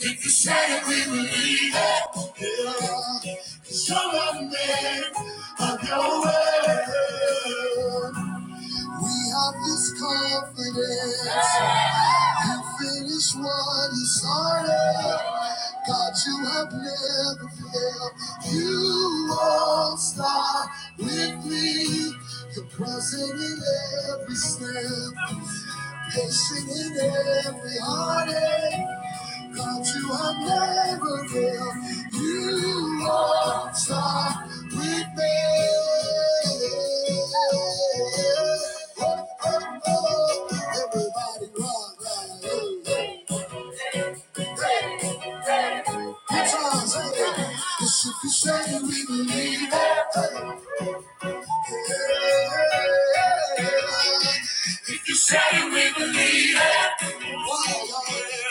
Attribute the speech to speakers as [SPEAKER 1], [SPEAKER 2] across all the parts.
[SPEAKER 1] If you say we believe it. Yeah. Show us a man of your word. We have this confidence. You finish what you started. God, you have never failed. You won't stop with me. You're present in every step. And singing every heartache. God, you have never failed. You are start with me. Oh, oh, oh. Everybody rock, rock, hey, hey. Good times, hey. Yes, if you say we believe it. hey. If you say it, we believe it.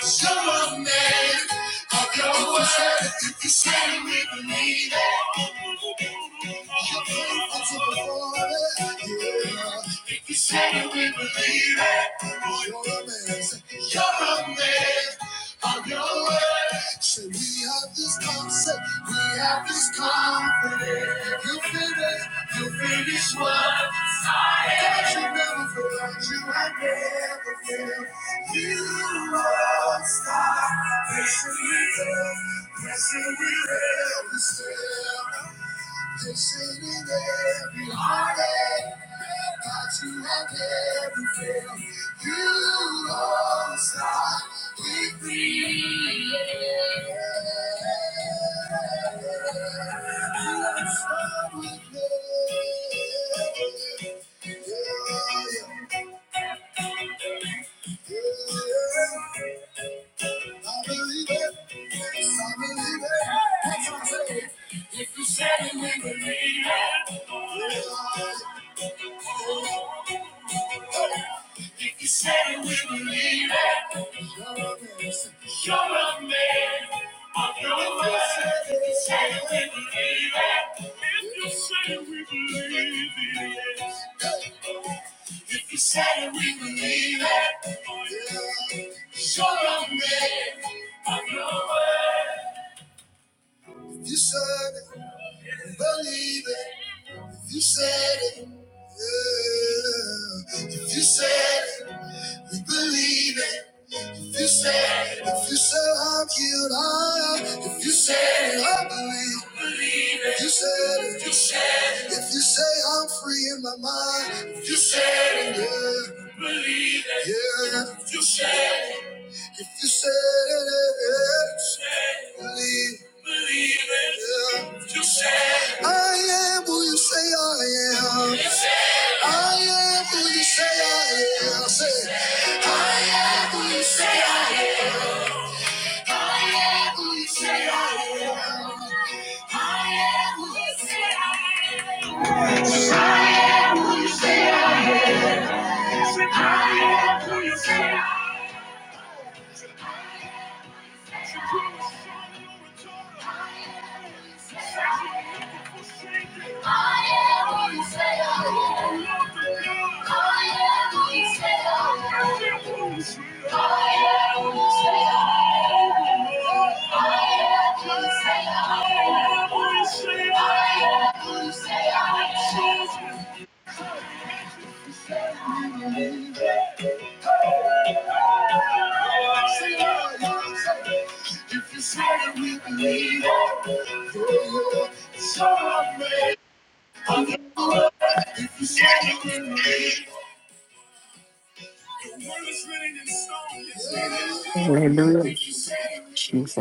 [SPEAKER 1] Show a man of your word. If you say it, we believe it. If you say it, we believe it. You're a man. You're a man of your word. Say we have this concept. We have this confidence. You finish. You finish what started. God, you never failed. You have never failed. You are a star. Yes, we will. Yes, we will. Yes, they say that every heartache that you have ever felt, you don't stop with me. You don't stop with me. Yeah, yeah. I believe it. I believe it. That's what I'm saying. If you said it, we believe it. If you said it, we believe it. You're a man of your word. If you said it, we believe it. If you said it, we believe it. If you said it, we believe it. Yeah. Show up, man, of your word. If you said it, believe it. If you said it, yeah. if you said it, we believe it. If you said it, if you said I'm healed, I am. If you said it, I believe. Believe it. If you said it, if you said it, if you say I'm free in my mind, if you said it, yeah. Believe it. Yeah. If you said it. If you said it, Say it. believe, believe it. Yeah. If you said I am who you say I am. You said I am who you say I am. I Say, I am who you say I am. I am who you say I am. I am who you say I am. I am who you say I am. Say, you say, If you said it, we believe it. Through you, it's
[SPEAKER 2] Hallelujah. Jesus.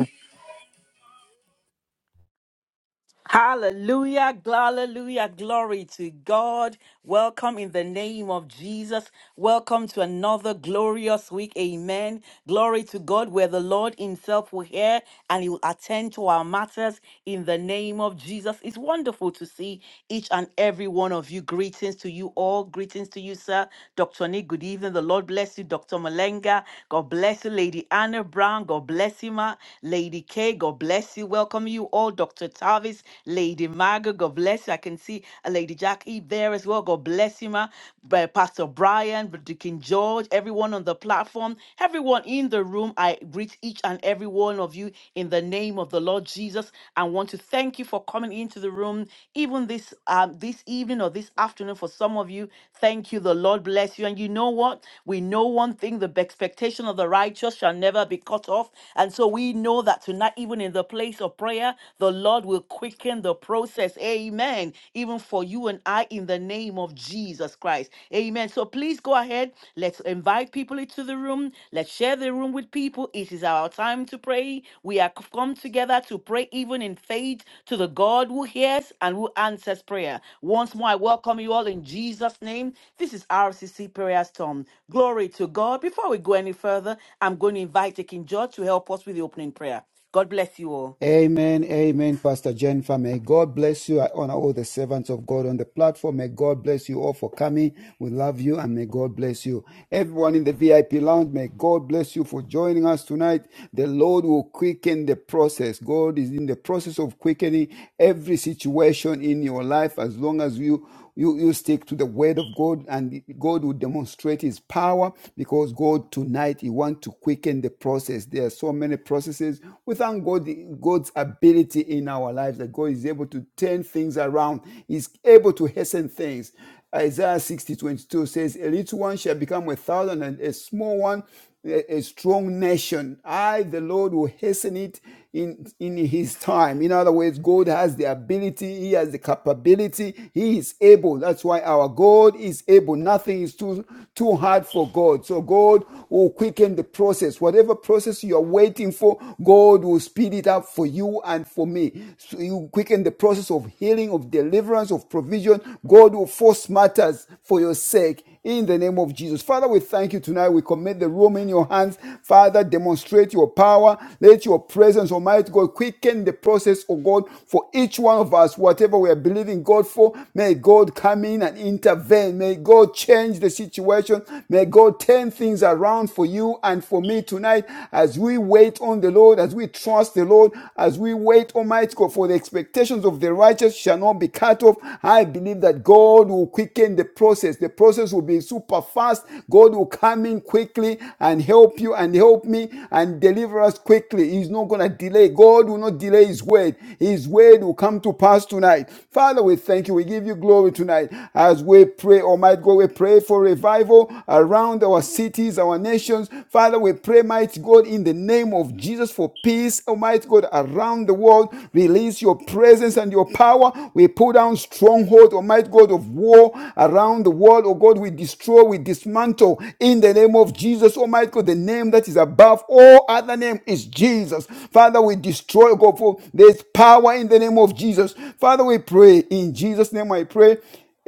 [SPEAKER 2] Hallelujah, gl- hallelujah, glory to God. Welcome in the name of Jesus. Welcome to another glorious week. Amen. Glory to God, where the Lord Himself will hear and He will attend to our matters in the name of Jesus. It's wonderful to see each and every one of you. Greetings to you all. Greetings to you, sir. Dr. Nick, good evening. The Lord bless you, Dr. Malenga. God bless you, Lady Anna Brown. God bless you, ma. Lady K. God bless you. Welcome you all. Paul, Dr. Tavis, Lady Margaret, God bless you. I can see uh, Lady Jackie there as well. God bless you, ma. By Pastor Brian, Brother King George, everyone on the platform, everyone in the room. I greet each and every one of you in the name of the Lord Jesus. I want to thank you for coming into the room, even this um, this evening or this afternoon. For some of you, thank you. The Lord bless you. And you know what? We know one thing: the expectation of the righteous shall never be cut off. And so we know that tonight, even in the place place of prayer, the Lord will quicken the process. Amen. Even for you and I in the name of Jesus Christ. Amen. So please go ahead. Let's invite people into the room. Let's share the room with people. It is our time to pray. We are come together to pray even in faith to the God who hears and who answers prayer. Once more, I welcome you all in Jesus' name. This is RCC Prayer Storm. Glory to God. Before we go any further, I'm going to invite Deacon George to help us with the opening prayer. God bless you all.
[SPEAKER 3] Amen, amen, Pastor Jennifer. May God bless you. I honor all the servants of God on the platform. May God bless you all for coming. We love you and may God bless you. Everyone in the VIP lounge, may God bless you for joining us tonight. The Lord will quicken the process. God is in the process of quickening every situation in your life as long as you you, you stick to the word of God and God will demonstrate his power because God tonight he wants to quicken the process. There are so many processes. We thank God God's ability in our lives that God is able to turn things around. He's able to hasten things. Isaiah sixty twenty two says, A little one shall become a thousand, and a small one a, a strong nation. I, the Lord, will hasten it in, in his time. In other words, God has the ability, he has the capability, he is able. That's why our God is able. Nothing is too, too hard for God. So God will quicken the process. Whatever process you are waiting for, God will speed it up for you and for me. So you quicken the process of miracles, of healing, of deliverance, of provision. God will force matters for your sake in the name of Jesus. Father, we thank you tonight. We commit the room in your hands. Father, demonstrate your power. Let your presence, Almighty God, quicken the process, of God, for each one of us, whatever we are believing God for. May God come in and intervene. May God change the situation. May God turn things around for you and for me tonight as we wait on the Lord, as we trust the the Lord as we wait, Almighty God, for the expectations of the righteous shall not be cut off. I believe that God will quicken the process. The process will be super fast. God will come in quickly and help you and help me and deliver us quickly. He's not going to delay. God will not delay His word. His word will come to pass tonight. Father, we thank you. We give you glory tonight as we pray, Almighty God. We pray for revival around our cities, our nations. Father, we pray, mighty God, in the name of Jesus for peace, almighty God, around the world. Release your presence and your power. We pull down stronghold, almighty God, of war around the world. Oh God, we destroy, we dismantle in the name of Jesus, almighty God, the name that is above all other name is Jesus. Father, we destroy, oh God, for there's power in the name of Jesus. Father, we pray in Jesus' name, I pray.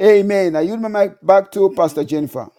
[SPEAKER 3] Amen. I yield my mic back to Pastor Jennifer.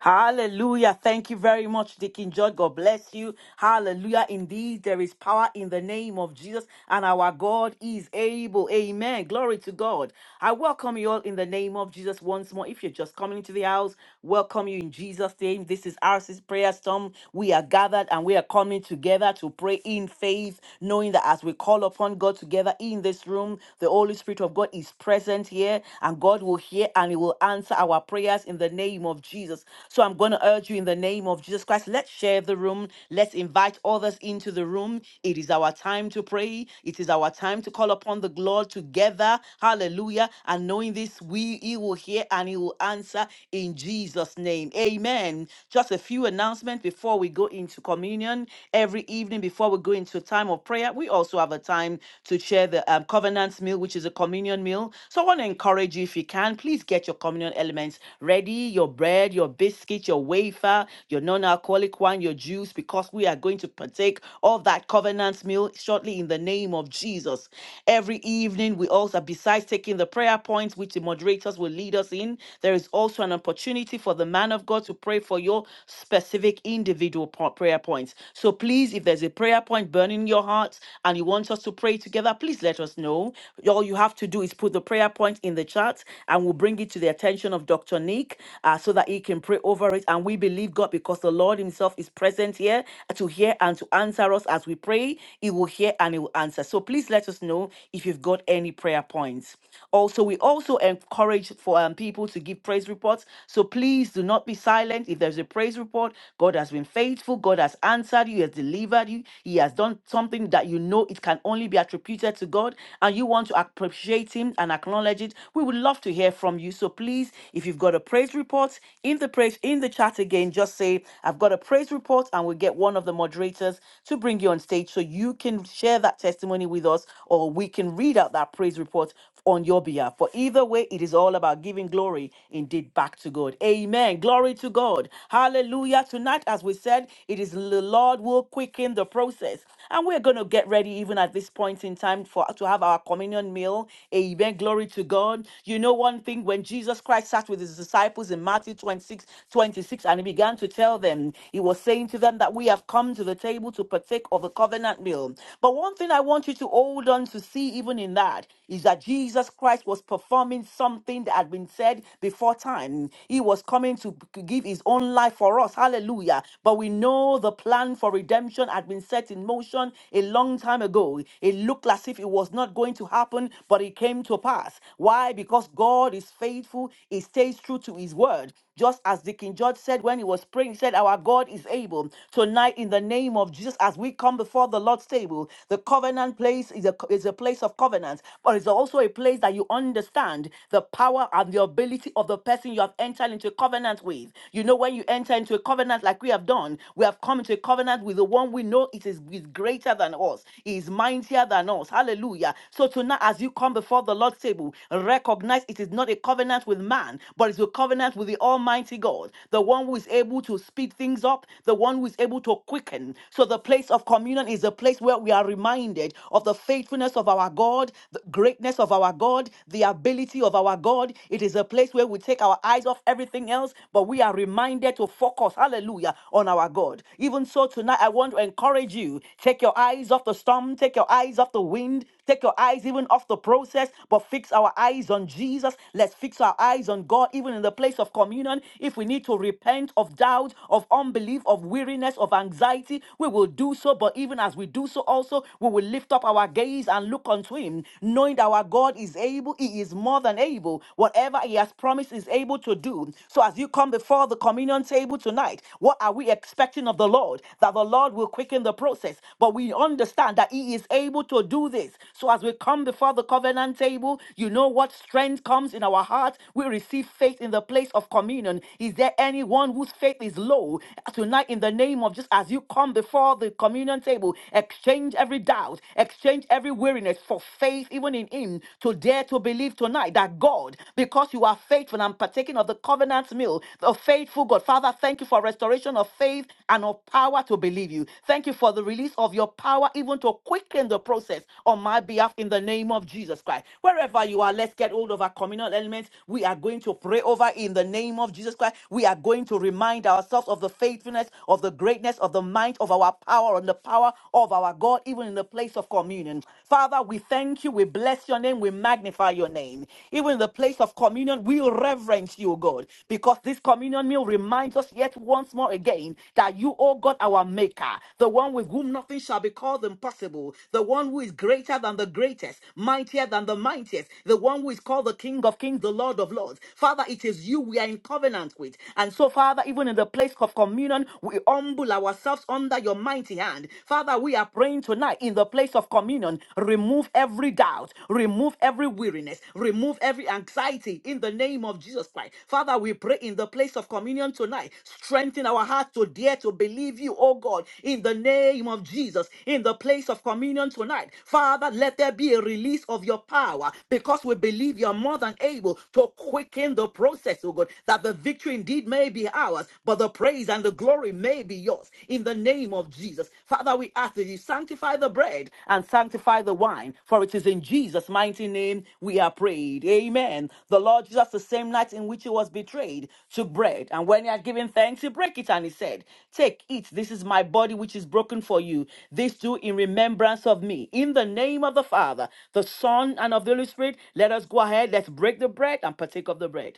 [SPEAKER 2] Hallelujah. Thank you very much, Deacon George. God bless you. Hallelujah. Indeed, there is power in the name of Jesus, and our God is able. Amen. Glory to God. I welcome you all in the name of Jesus once more. If you're just coming into the house, welcome you in Jesus' name. This is RC's prayer storm. We are gathered and we are coming together to pray in faith, knowing that as we call upon God together in this room, the Holy Spirit of God is present here, and God will hear and He will answer our prayers in the name of Jesus. Jesus. So I'm going to urge you in the name of Jesus Christ, let's share the room. Let's invite others into the room. It is our time to pray. It is our time to call upon the Lord together. Hallelujah. And knowing this, we he will hear and he will answer in Jesus' name. Amen. Just a few announcements before we go into communion. Every evening before we go into time of prayer, we also have a time to share the um, covenant meal, which is a communion meal. So I want to encourage you if you can, please get your communion elements ready, your bread, your your biscuit, your wafer, your non alcoholic one, your juice, because we are going to partake of that covenant meal shortly in the name of Jesus. Every evening, we also, besides taking the prayer points, which the moderators will lead us in, there is also an opportunity for the man of God to pray for your specific individual po- prayer points. So please, if there's a prayer point burning in your heart and you want us to pray together, please let us know. All you have to do is put the prayer point in the chat and we'll bring it to the attention of Dr. Nick uh, so that he can pray over it. And we believe God because the Lord Himself is present here to hear and to answer us as we pray. He will hear and He will answer. So please let us know if you've got any prayer points. Also, we also encourage for um, people to give praise reports. So please do not be silent. If there's a praise report, God has been faithful, God has answered you, He has delivered you, He has done something that you know it can only be attributed to God, and you want to appreciate Him and acknowledge it. We would love to hear from you. So please, if you've got a praise report, in the praise in the chat again just say i've got a praise report and we'll get one of the moderators to bring you on stage so you can share that testimony with us or we can read out that praise report on your behalf for either way it is all about giving glory indeed back to god amen glory to god hallelujah tonight as we said it is the lord will quicken the process and we're going to get ready even at this point in time for to have our communion meal amen glory to god you know one thing when jesus christ sat with his disciples in matthew 22, 26, twenty-six, and he began to tell them, he was saying to them that we have come to the table to partake of the covenant meal. But one thing I want you to hold on to see, even in that, is that Jesus Christ was performing something that had been said before time. He was coming to give his own life for us. Hallelujah. But we know the plan for redemption had been set in motion a long time ago. It looked as if it was not going to happen, but it came to pass. Why? Because God is faithful, He stays true to His word word. Just as Deacon George said when he was praying, he said, Our God is able. Tonight, in the name of Jesus, as we come before the Lord's table, the covenant place is a, is a place of covenant, but it's also a place that you understand the power and the ability of the person you have entered into a covenant with. You know, when you enter into a covenant like we have done, we have come into a covenant with the one we know it is, is greater than us, he is mightier than us. Hallelujah. So tonight, as you come before the Lord's table, recognize it is not a covenant with man, but it's a covenant with with the Almighty God, the one who is able to speed things up, the one who is able to quicken. So the place of communion is a place where we are reminded of the faithfulness of our God, the greatness of our God, the ability of our God. It is a place where we take our eyes off everything else, but we are reminded to focus, hallelujah, on our God. Even so, tonight I want to encourage you take your eyes off the storm, take your eyes off the wind, take your eyes even off the process, but fix our eyes on Jesus. Let's fix our eyes on God, even in the place of of communion, if we need to repent of doubt, of unbelief, of weariness, of anxiety, we will do so. But even as we do so, also, we will lift up our gaze and look unto Him, knowing that our God is able, He is more than able. Whatever He has promised is able to do. So as you come before the communion table tonight, what are we expecting of the Lord? That the Lord will quicken the process. But we understand that He is able to do this. So as we come before the covenant table, you know what strength comes in our heart. We receive faith in the place place of communion. Is there anyone whose faith is low? Tonight, in the name of just as you come before the communion table, exchange every doubt, exchange every weariness for faith, even in Him, to dare to believe tonight that God, because you are faithful and partaking of the covenant meal, the faithful God. Father, thank you for restoration of faith and of power to believe you. Thank you for the release of your power, even to quicken the process on my behalf in the name of Jesus Christ. Wherever you are, let's get hold of our communal elements. We are going to pray over Father, in the name of Jesus Christ, we are going to remind ourselves of the faithfulness, of the greatness, of the might of our power, and the power of our God, even in the place of communion. Father, we thank you, we bless your name, we magnify your name. Even in the place of communion, we reverence you, God, because this communion meal reminds us yet once more again that you, O God, our maker, the one with whom nothing shall be called impossible, the one who is greater than the greatest, mightier than the mightiest, the one who is called the King of Kings, the Lord of Lords. Father, it is it is you we are in covenant with. And so, Father, even in the place of communion, we humble ourselves under your mighty hand. Father, we are praying tonight in the place of communion. Remove every doubt, remove every weariness, remove every anxiety in the name of Jesus Christ. Father, we pray in the place of communion tonight. Strengthen our heart to dare to believe you, oh God, in the name of Jesus, in the place of communion tonight. Father, let there be a release of your power because we believe you're more than able to quicken the process process, oh God, that the victory indeed may be ours, but the praise and the glory may be yours in the name of Jesus. Father, we ask that you sanctify the bread and sanctify the wine, for it is in Jesus' mighty name we are prayed. Amen. The Lord Jesus, the same night in which he was betrayed, took bread, and when he had given thanks, he broke it and he said, Take, eat, this is my body which is broken for you. This do in remembrance of me. In the name of the Father, the Son, and of the Holy Spirit, let us go ahead, let's break the bread and partake of the bread.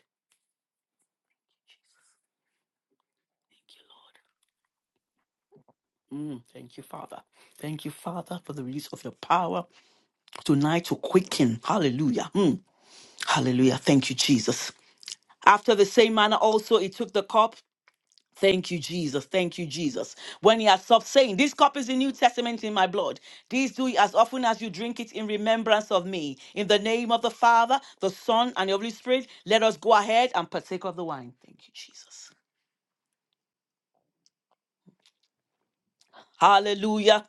[SPEAKER 2] Mm, thank you, Father. Thank you, Father, for the release of your power tonight to quicken. Hallelujah. Mm, hallelujah. Thank you, Jesus. After the same manner, also, he took the cup. Thank you, Jesus. Thank you, Jesus. When he had stopped saying, This cup is the New Testament in my blood. These do ye as often as you drink it in remembrance of me. In the name of the Father, the Son, and the Holy Spirit, let us go ahead and partake of the wine. Thank you, Jesus. Hallelujah.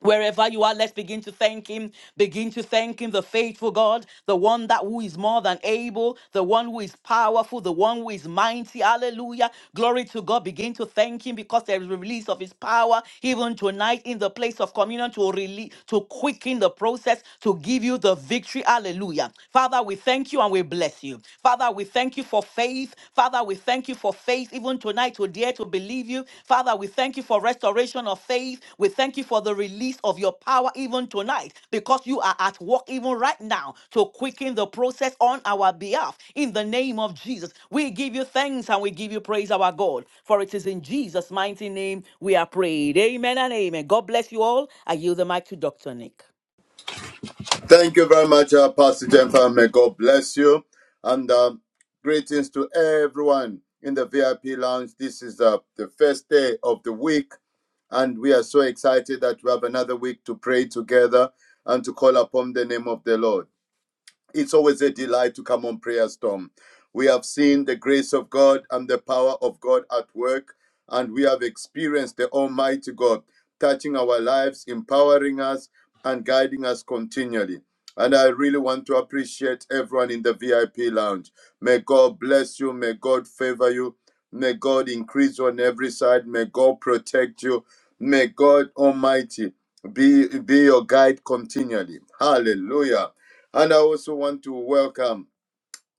[SPEAKER 2] Wherever you are, let's begin to thank him. Begin to thank him, the faithful God, the one that who is more than able, the one who is powerful, the one who is mighty. Hallelujah. Glory to God. Begin to thank him because there is a release of his power even tonight in the place of communion to release, to quicken the process, to give you the victory. Hallelujah. Father, we thank you and we bless you. Father, we thank you for faith. Father, we thank you for faith, even tonight, to dare to believe you. Father, we thank you for restoration of faith. We thank you for the release of your power, even tonight, because you are at work, even right now, to quicken the process on our behalf. In the name of Jesus, we give you thanks and we give you praise, our God, for it is in Jesus' mighty name we are prayed. Amen and amen. God bless you all. I yield the mic to Dr. Nick.
[SPEAKER 4] Thank you very much, uh, Pastor Jennifer. May God bless you. And uh, greetings to everyone in the VIP lounge. This is uh, the first day of the week, and we are so excited that we have another week to pray together and to call upon the name of the Lord. It's always a delight to come on Prayer Storm. We have seen the grace of God and the power of God at work, and we have experienced the Almighty God touching our lives, empowering us, and guiding us continually. And I really want to appreciate everyone in the VIP lounge. May God bless you. May God favor you. May God increase you on every side. May God protect you. May God Almighty be, be your guide continually. Hallelujah. And I also want to welcome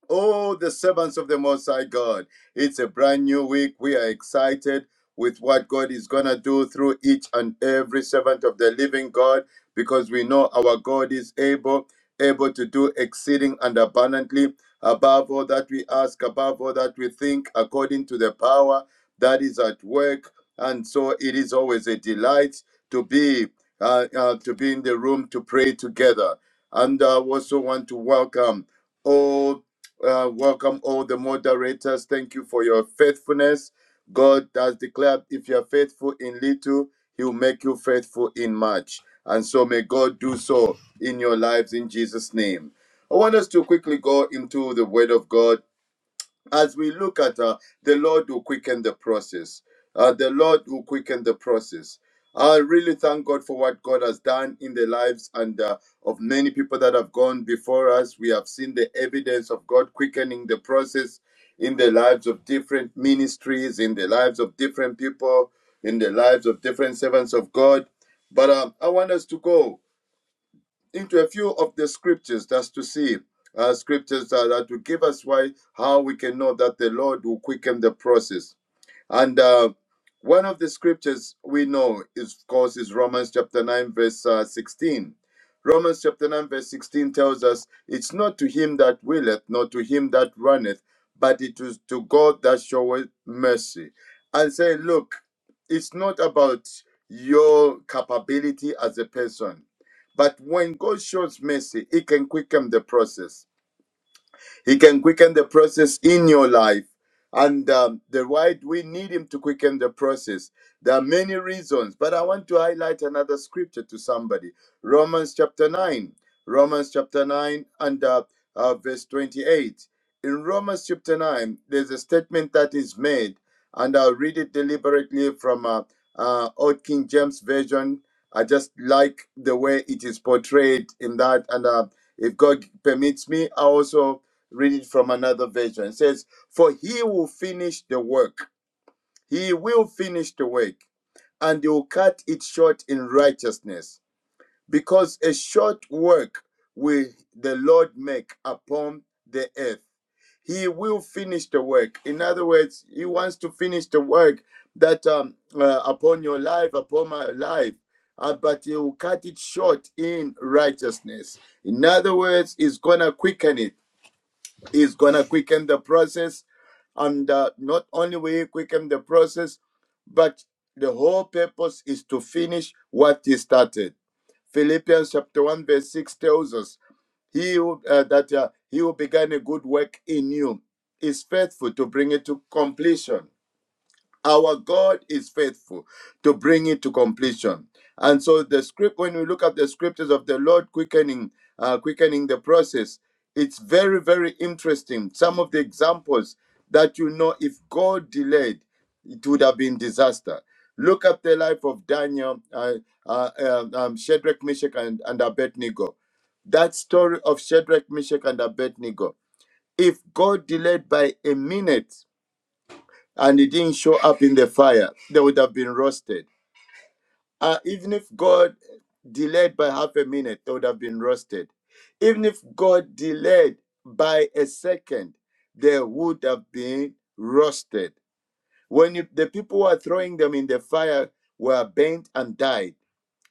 [SPEAKER 4] Oh, the servants of the Most High God. It's a brand new week. We are excited with what God is going to do through each and every servant of the living God because we know our God is able, able to do exceeding and abundantly above all that we ask, above all that we think, according to the power that is at work. And so it is always a delight to be. Uh, uh, to be in the room to pray together. And I also want to welcome all uh, welcome all the moderators. Thank you for your faithfulness. God has declared if you are faithful in little, He will make you faithful in much. And so may God do so in your lives in Jesus' name. I want us to quickly go into the Word of God as we look at uh, the Lord will quicken the process. Uh, the Lord will quicken the process. I really thank God for what God has done in the lives and uh, of many people that have gone before us. We have seen the evidence of God quickening the process in the lives of different ministries, in the lives of different people, in the lives of different servants of God. But um, I want us to go into a few of the scriptures just to see uh, scriptures that, that will give us why how we can know that the Lord will quicken the process and uh, one of the scriptures we know is, of course, is Romans chapter 9, verse uh, 16. Romans chapter 9, verse 16 tells us, It's not to him that willeth, nor to him that runneth, but it is to God that showeth mercy. And say, Look, it's not about your capability as a person, but when God shows mercy, it can quicken the process he can quicken the process in your life. And um, the right, we need Him to quicken the process. There are many reasons, but I want to highlight another scripture to somebody Romans chapter 9. Romans chapter 9 and uh, uh, verse 28. In Romans chapter 9, there's a statement that is made, and I'll read it deliberately from uh, uh, Old King James Version. I just like the way it is portrayed in that. And uh, if God permits me, I also read it from another version. It says, For he will finish the work. He will finish the work, and he will cut it short in righteousness. Because a short work will the Lord make upon the earth. He will finish the work. In other words, he wants to finish the work that um, uh, upon your life, upon my life. Uh, but he will cut it short in righteousness. In other words, he's gonna quicken it He's going to quicken the process. And uh, not only will He quicken the process, but the whole purpose is to finish what He started. Philippians chapter 1, verse 6 tells us he who, uh, that uh, he who began a good work in you is faithful to bring it to completion. Our God is faithful to bring it to completion. And so the script, when we look at the scriptures of the Lord quickening, uh, quickening the process, it's very, very interesting. Some of the examples that you know, if God delayed, it would have been disaster. Look at the life of Daniel, uh, uh, um, um, Shadrach, Meshach, and, and Abednego. That story of Shadrach, Meshach, and Abednego. If God delayed by a minute, and it didn't show up in the fire, they would have been roasted. Uh, even if God delayed by half a minute, they would have been roasted. Even if God delayed by a second, they would have been roasted. When you, the people who are throwing them in the fire were burnt and died,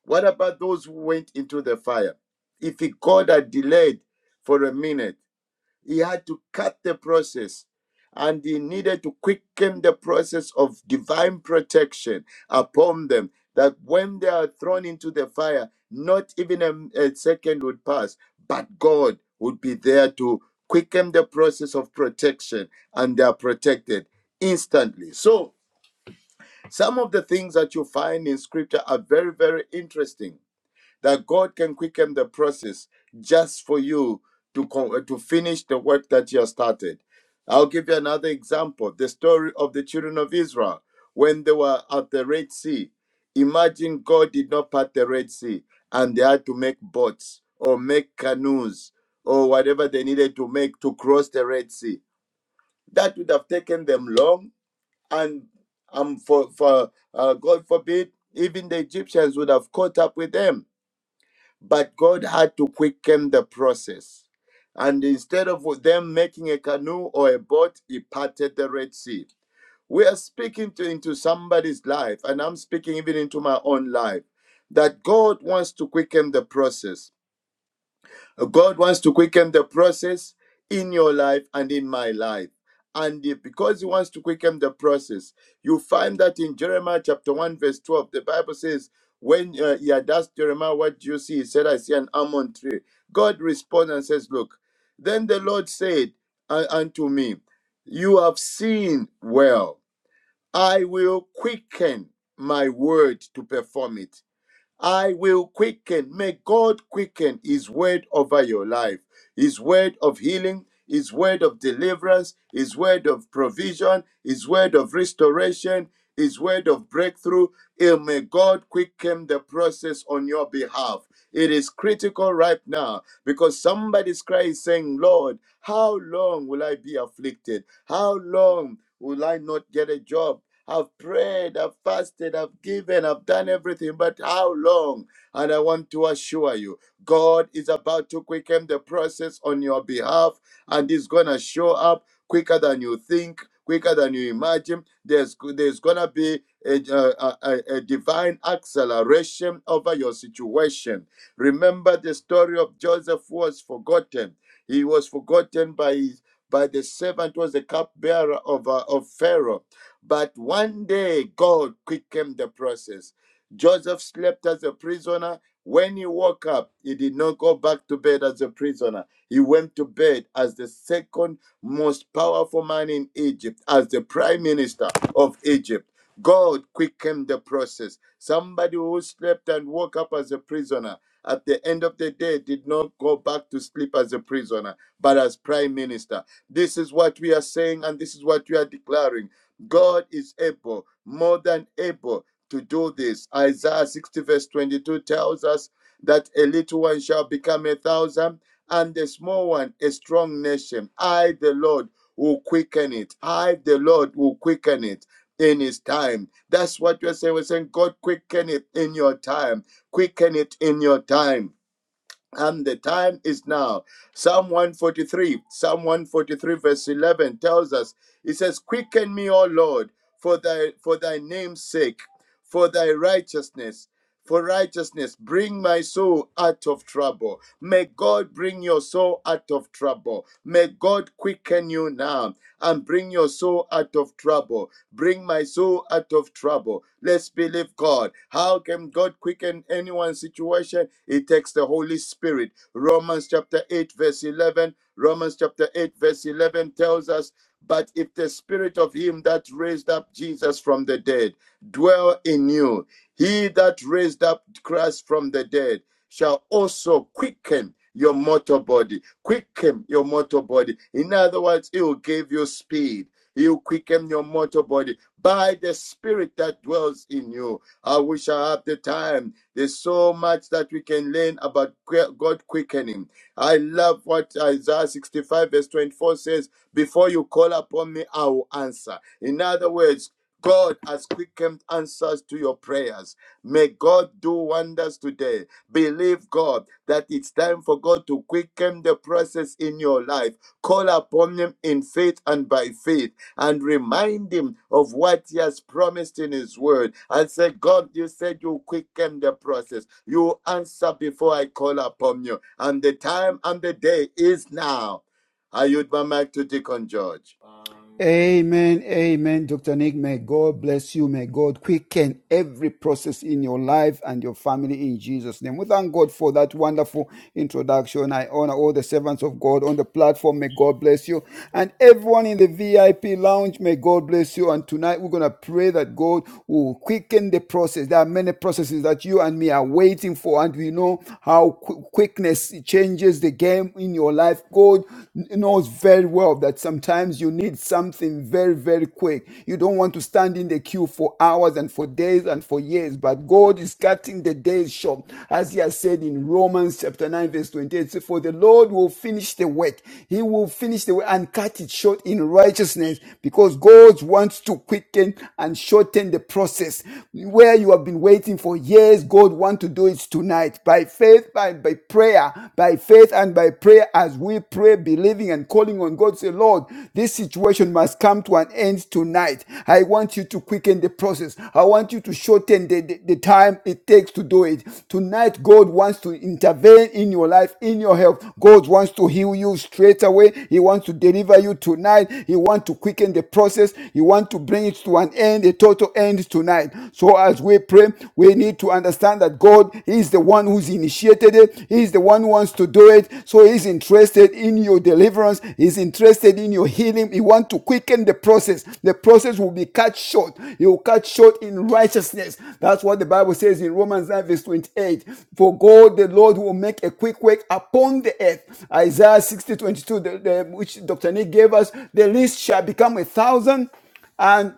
[SPEAKER 4] what about those who went into the fire? If God had delayed for a minute, he had to cut the process and he needed to quicken the process of divine protection upon them that when they are thrown into the fire, not even a, a second would pass, but God would be there to quicken the process of protection and they are protected instantly. So, some of the things that you find in scripture are very, very interesting that God can quicken the process just for you to co- uh, to finish the work that you have started. I'll give you another example: the story of the children of Israel when they were at the Red Sea. Imagine God did not part the Red Sea, and they had to make boats or make canoes or whatever they needed to make to cross the Red Sea. That would have taken them long, and um, for for uh, God forbid, even the Egyptians would have caught up with them but God had to quicken the process. And instead of them making a canoe or a boat, he parted the Red Sea. We are speaking to, into somebody's life, and I'm speaking even into my own life, that God wants to quicken the process. God wants to quicken the process in your life and in my life. And if- because he wants to quicken the process, you find that in Jeremiah chapter 1, verse 12, the Bible says, When uh, he had asked Jeremiah, What do you see? He said, I see an almond tree. God responds and says, Look, then the Lord said uh, unto me, You have seen well. I will quicken my word to perform it. I will quicken. May God quicken His word over your life, His word of healing, His word of deliverance, His word of provision, His word of restoration, His word of breakthrough. And may God quicken the process on your behalf. It is critical right now because somebody's cry is saying, Lord, how long will I be afflicted? How long will I not get a job? I've prayed, I've fasted, I've given, I've done everything, but how long? And I want to assure you, God is about to quicken the process on your behalf and is going to show up quicker than you think, quicker than you imagine. There's, there's going to be a, a, a a divine acceleration over your situation. Remember the story of Joseph was forgotten. He was forgotten by his by the servant was the cupbearer of, uh, of Pharaoh but one day, God quickened the process. Joseph slept as a prisoner. When he woke up, he did not go back to bed as a prisoner. He went to bed as the second most powerful man in Egypt, as the prime minister of Egypt. God quickened the process. Somebody who slept and woke up as a prisoner at the end of the day did not go back to sleep as a prisoner, but as prime minister. This is what we are saying, and this is what we are declaring God is able, more than able to do this. Isaiah 60, verse 22 tells us that a little one shall become a thousand, and a small one a strong nation. I, the Lord, will quicken it. I, the Lord, will quicken it in his time. That's what we're saying. We're saying, God, quicken it in your time. Quicken it in your time and the time is now. Psalm 143, Psalm 143, verse 11 tells us, it says, Quicken me, O Lord, for thy, for thy name's sake, for thy righteousness, for righteousness, bring my soul out of trouble. May God bring your soul out of trouble. May God quicken you now and bring your soul out of trouble. Bring my soul out of trouble. Let's believe God. How can God quicken anyone's situation? It takes the Holy Spirit. Romans chapter 8, verse 11. Romans chapter 8, verse 11 tells us, But if the spirit of him that raised up Jesus from the dead dwell in you, he that raised up Christ from the dead shall also quicken your mortal body. Quicken your mortal body. In other words, it will give you speed. He'll quicken your mortal body by the spirit that dwells in you. I wish I had the time. There's so much that we can learn about God quickening. I love what Isaiah 65 verse 24 says, before you call upon me, I will answer. In other words, God has quickened answers to your prayers. May God do wonders today. Believe God that it's time for God to quicken the process in your life. Call upon Him in faith and by faith and remind him of what he has promised in his word and say, God, you said you quicken the process. You answer before I call upon you. And the time and the day is now. I yield my mic to Deacon George.
[SPEAKER 3] Amen, amen, Dr. Nick. May God bless you. May God quicken every process in your life and your family in Jesus' name. We thank God for that wonderful introduction. I honor all the servants of God on the platform. May God bless you. And everyone in the VIP lounge, may God bless you. And tonight we're going to pray that God will quicken the process. There are many processes that you and me are waiting for, and we know how qu- quickness changes the game in your life life, God knows very well that sometimes you need something very, very quick. You don't want to stand in the queue for hours and for days and for years, but God is cutting the days short, as He has said in Romans chapter 9, verse 28. "So For the Lord will finish the work, He will finish the work and cut it short in righteousness, because God wants to quicken and shorten the process. Where you have been waiting for years, God wants to do it tonight by by faith, by, by prayer, by faith and by prayer as we pray, believing and calling on God. Say, Lord, this situation must come to an end tonight. I want you to quicken the process. I want you to shorten the, the, the time it takes to do it. Tonight, God wants to intervene in your life, in your health. God wants to heal you straight away. He wants to deliver you tonight. He wants to quicken the process. He wants to bring it to an end, a total end tonight. So as as we pray, we need to understand that God is the one who's initiated it. He's the one who wants to do it. So he's interested in your deliverance. He's interested in your healing. He wants to quicken the process. The process will be cut short. He will cut short in righteousness. That's what the Bible says in Romans 9 verse 28. For God the Lord will make a quick work upon the earth. Isaiah sixty, twenty-two, the, the- which Dr. Nick gave us, the least shall become a thousand and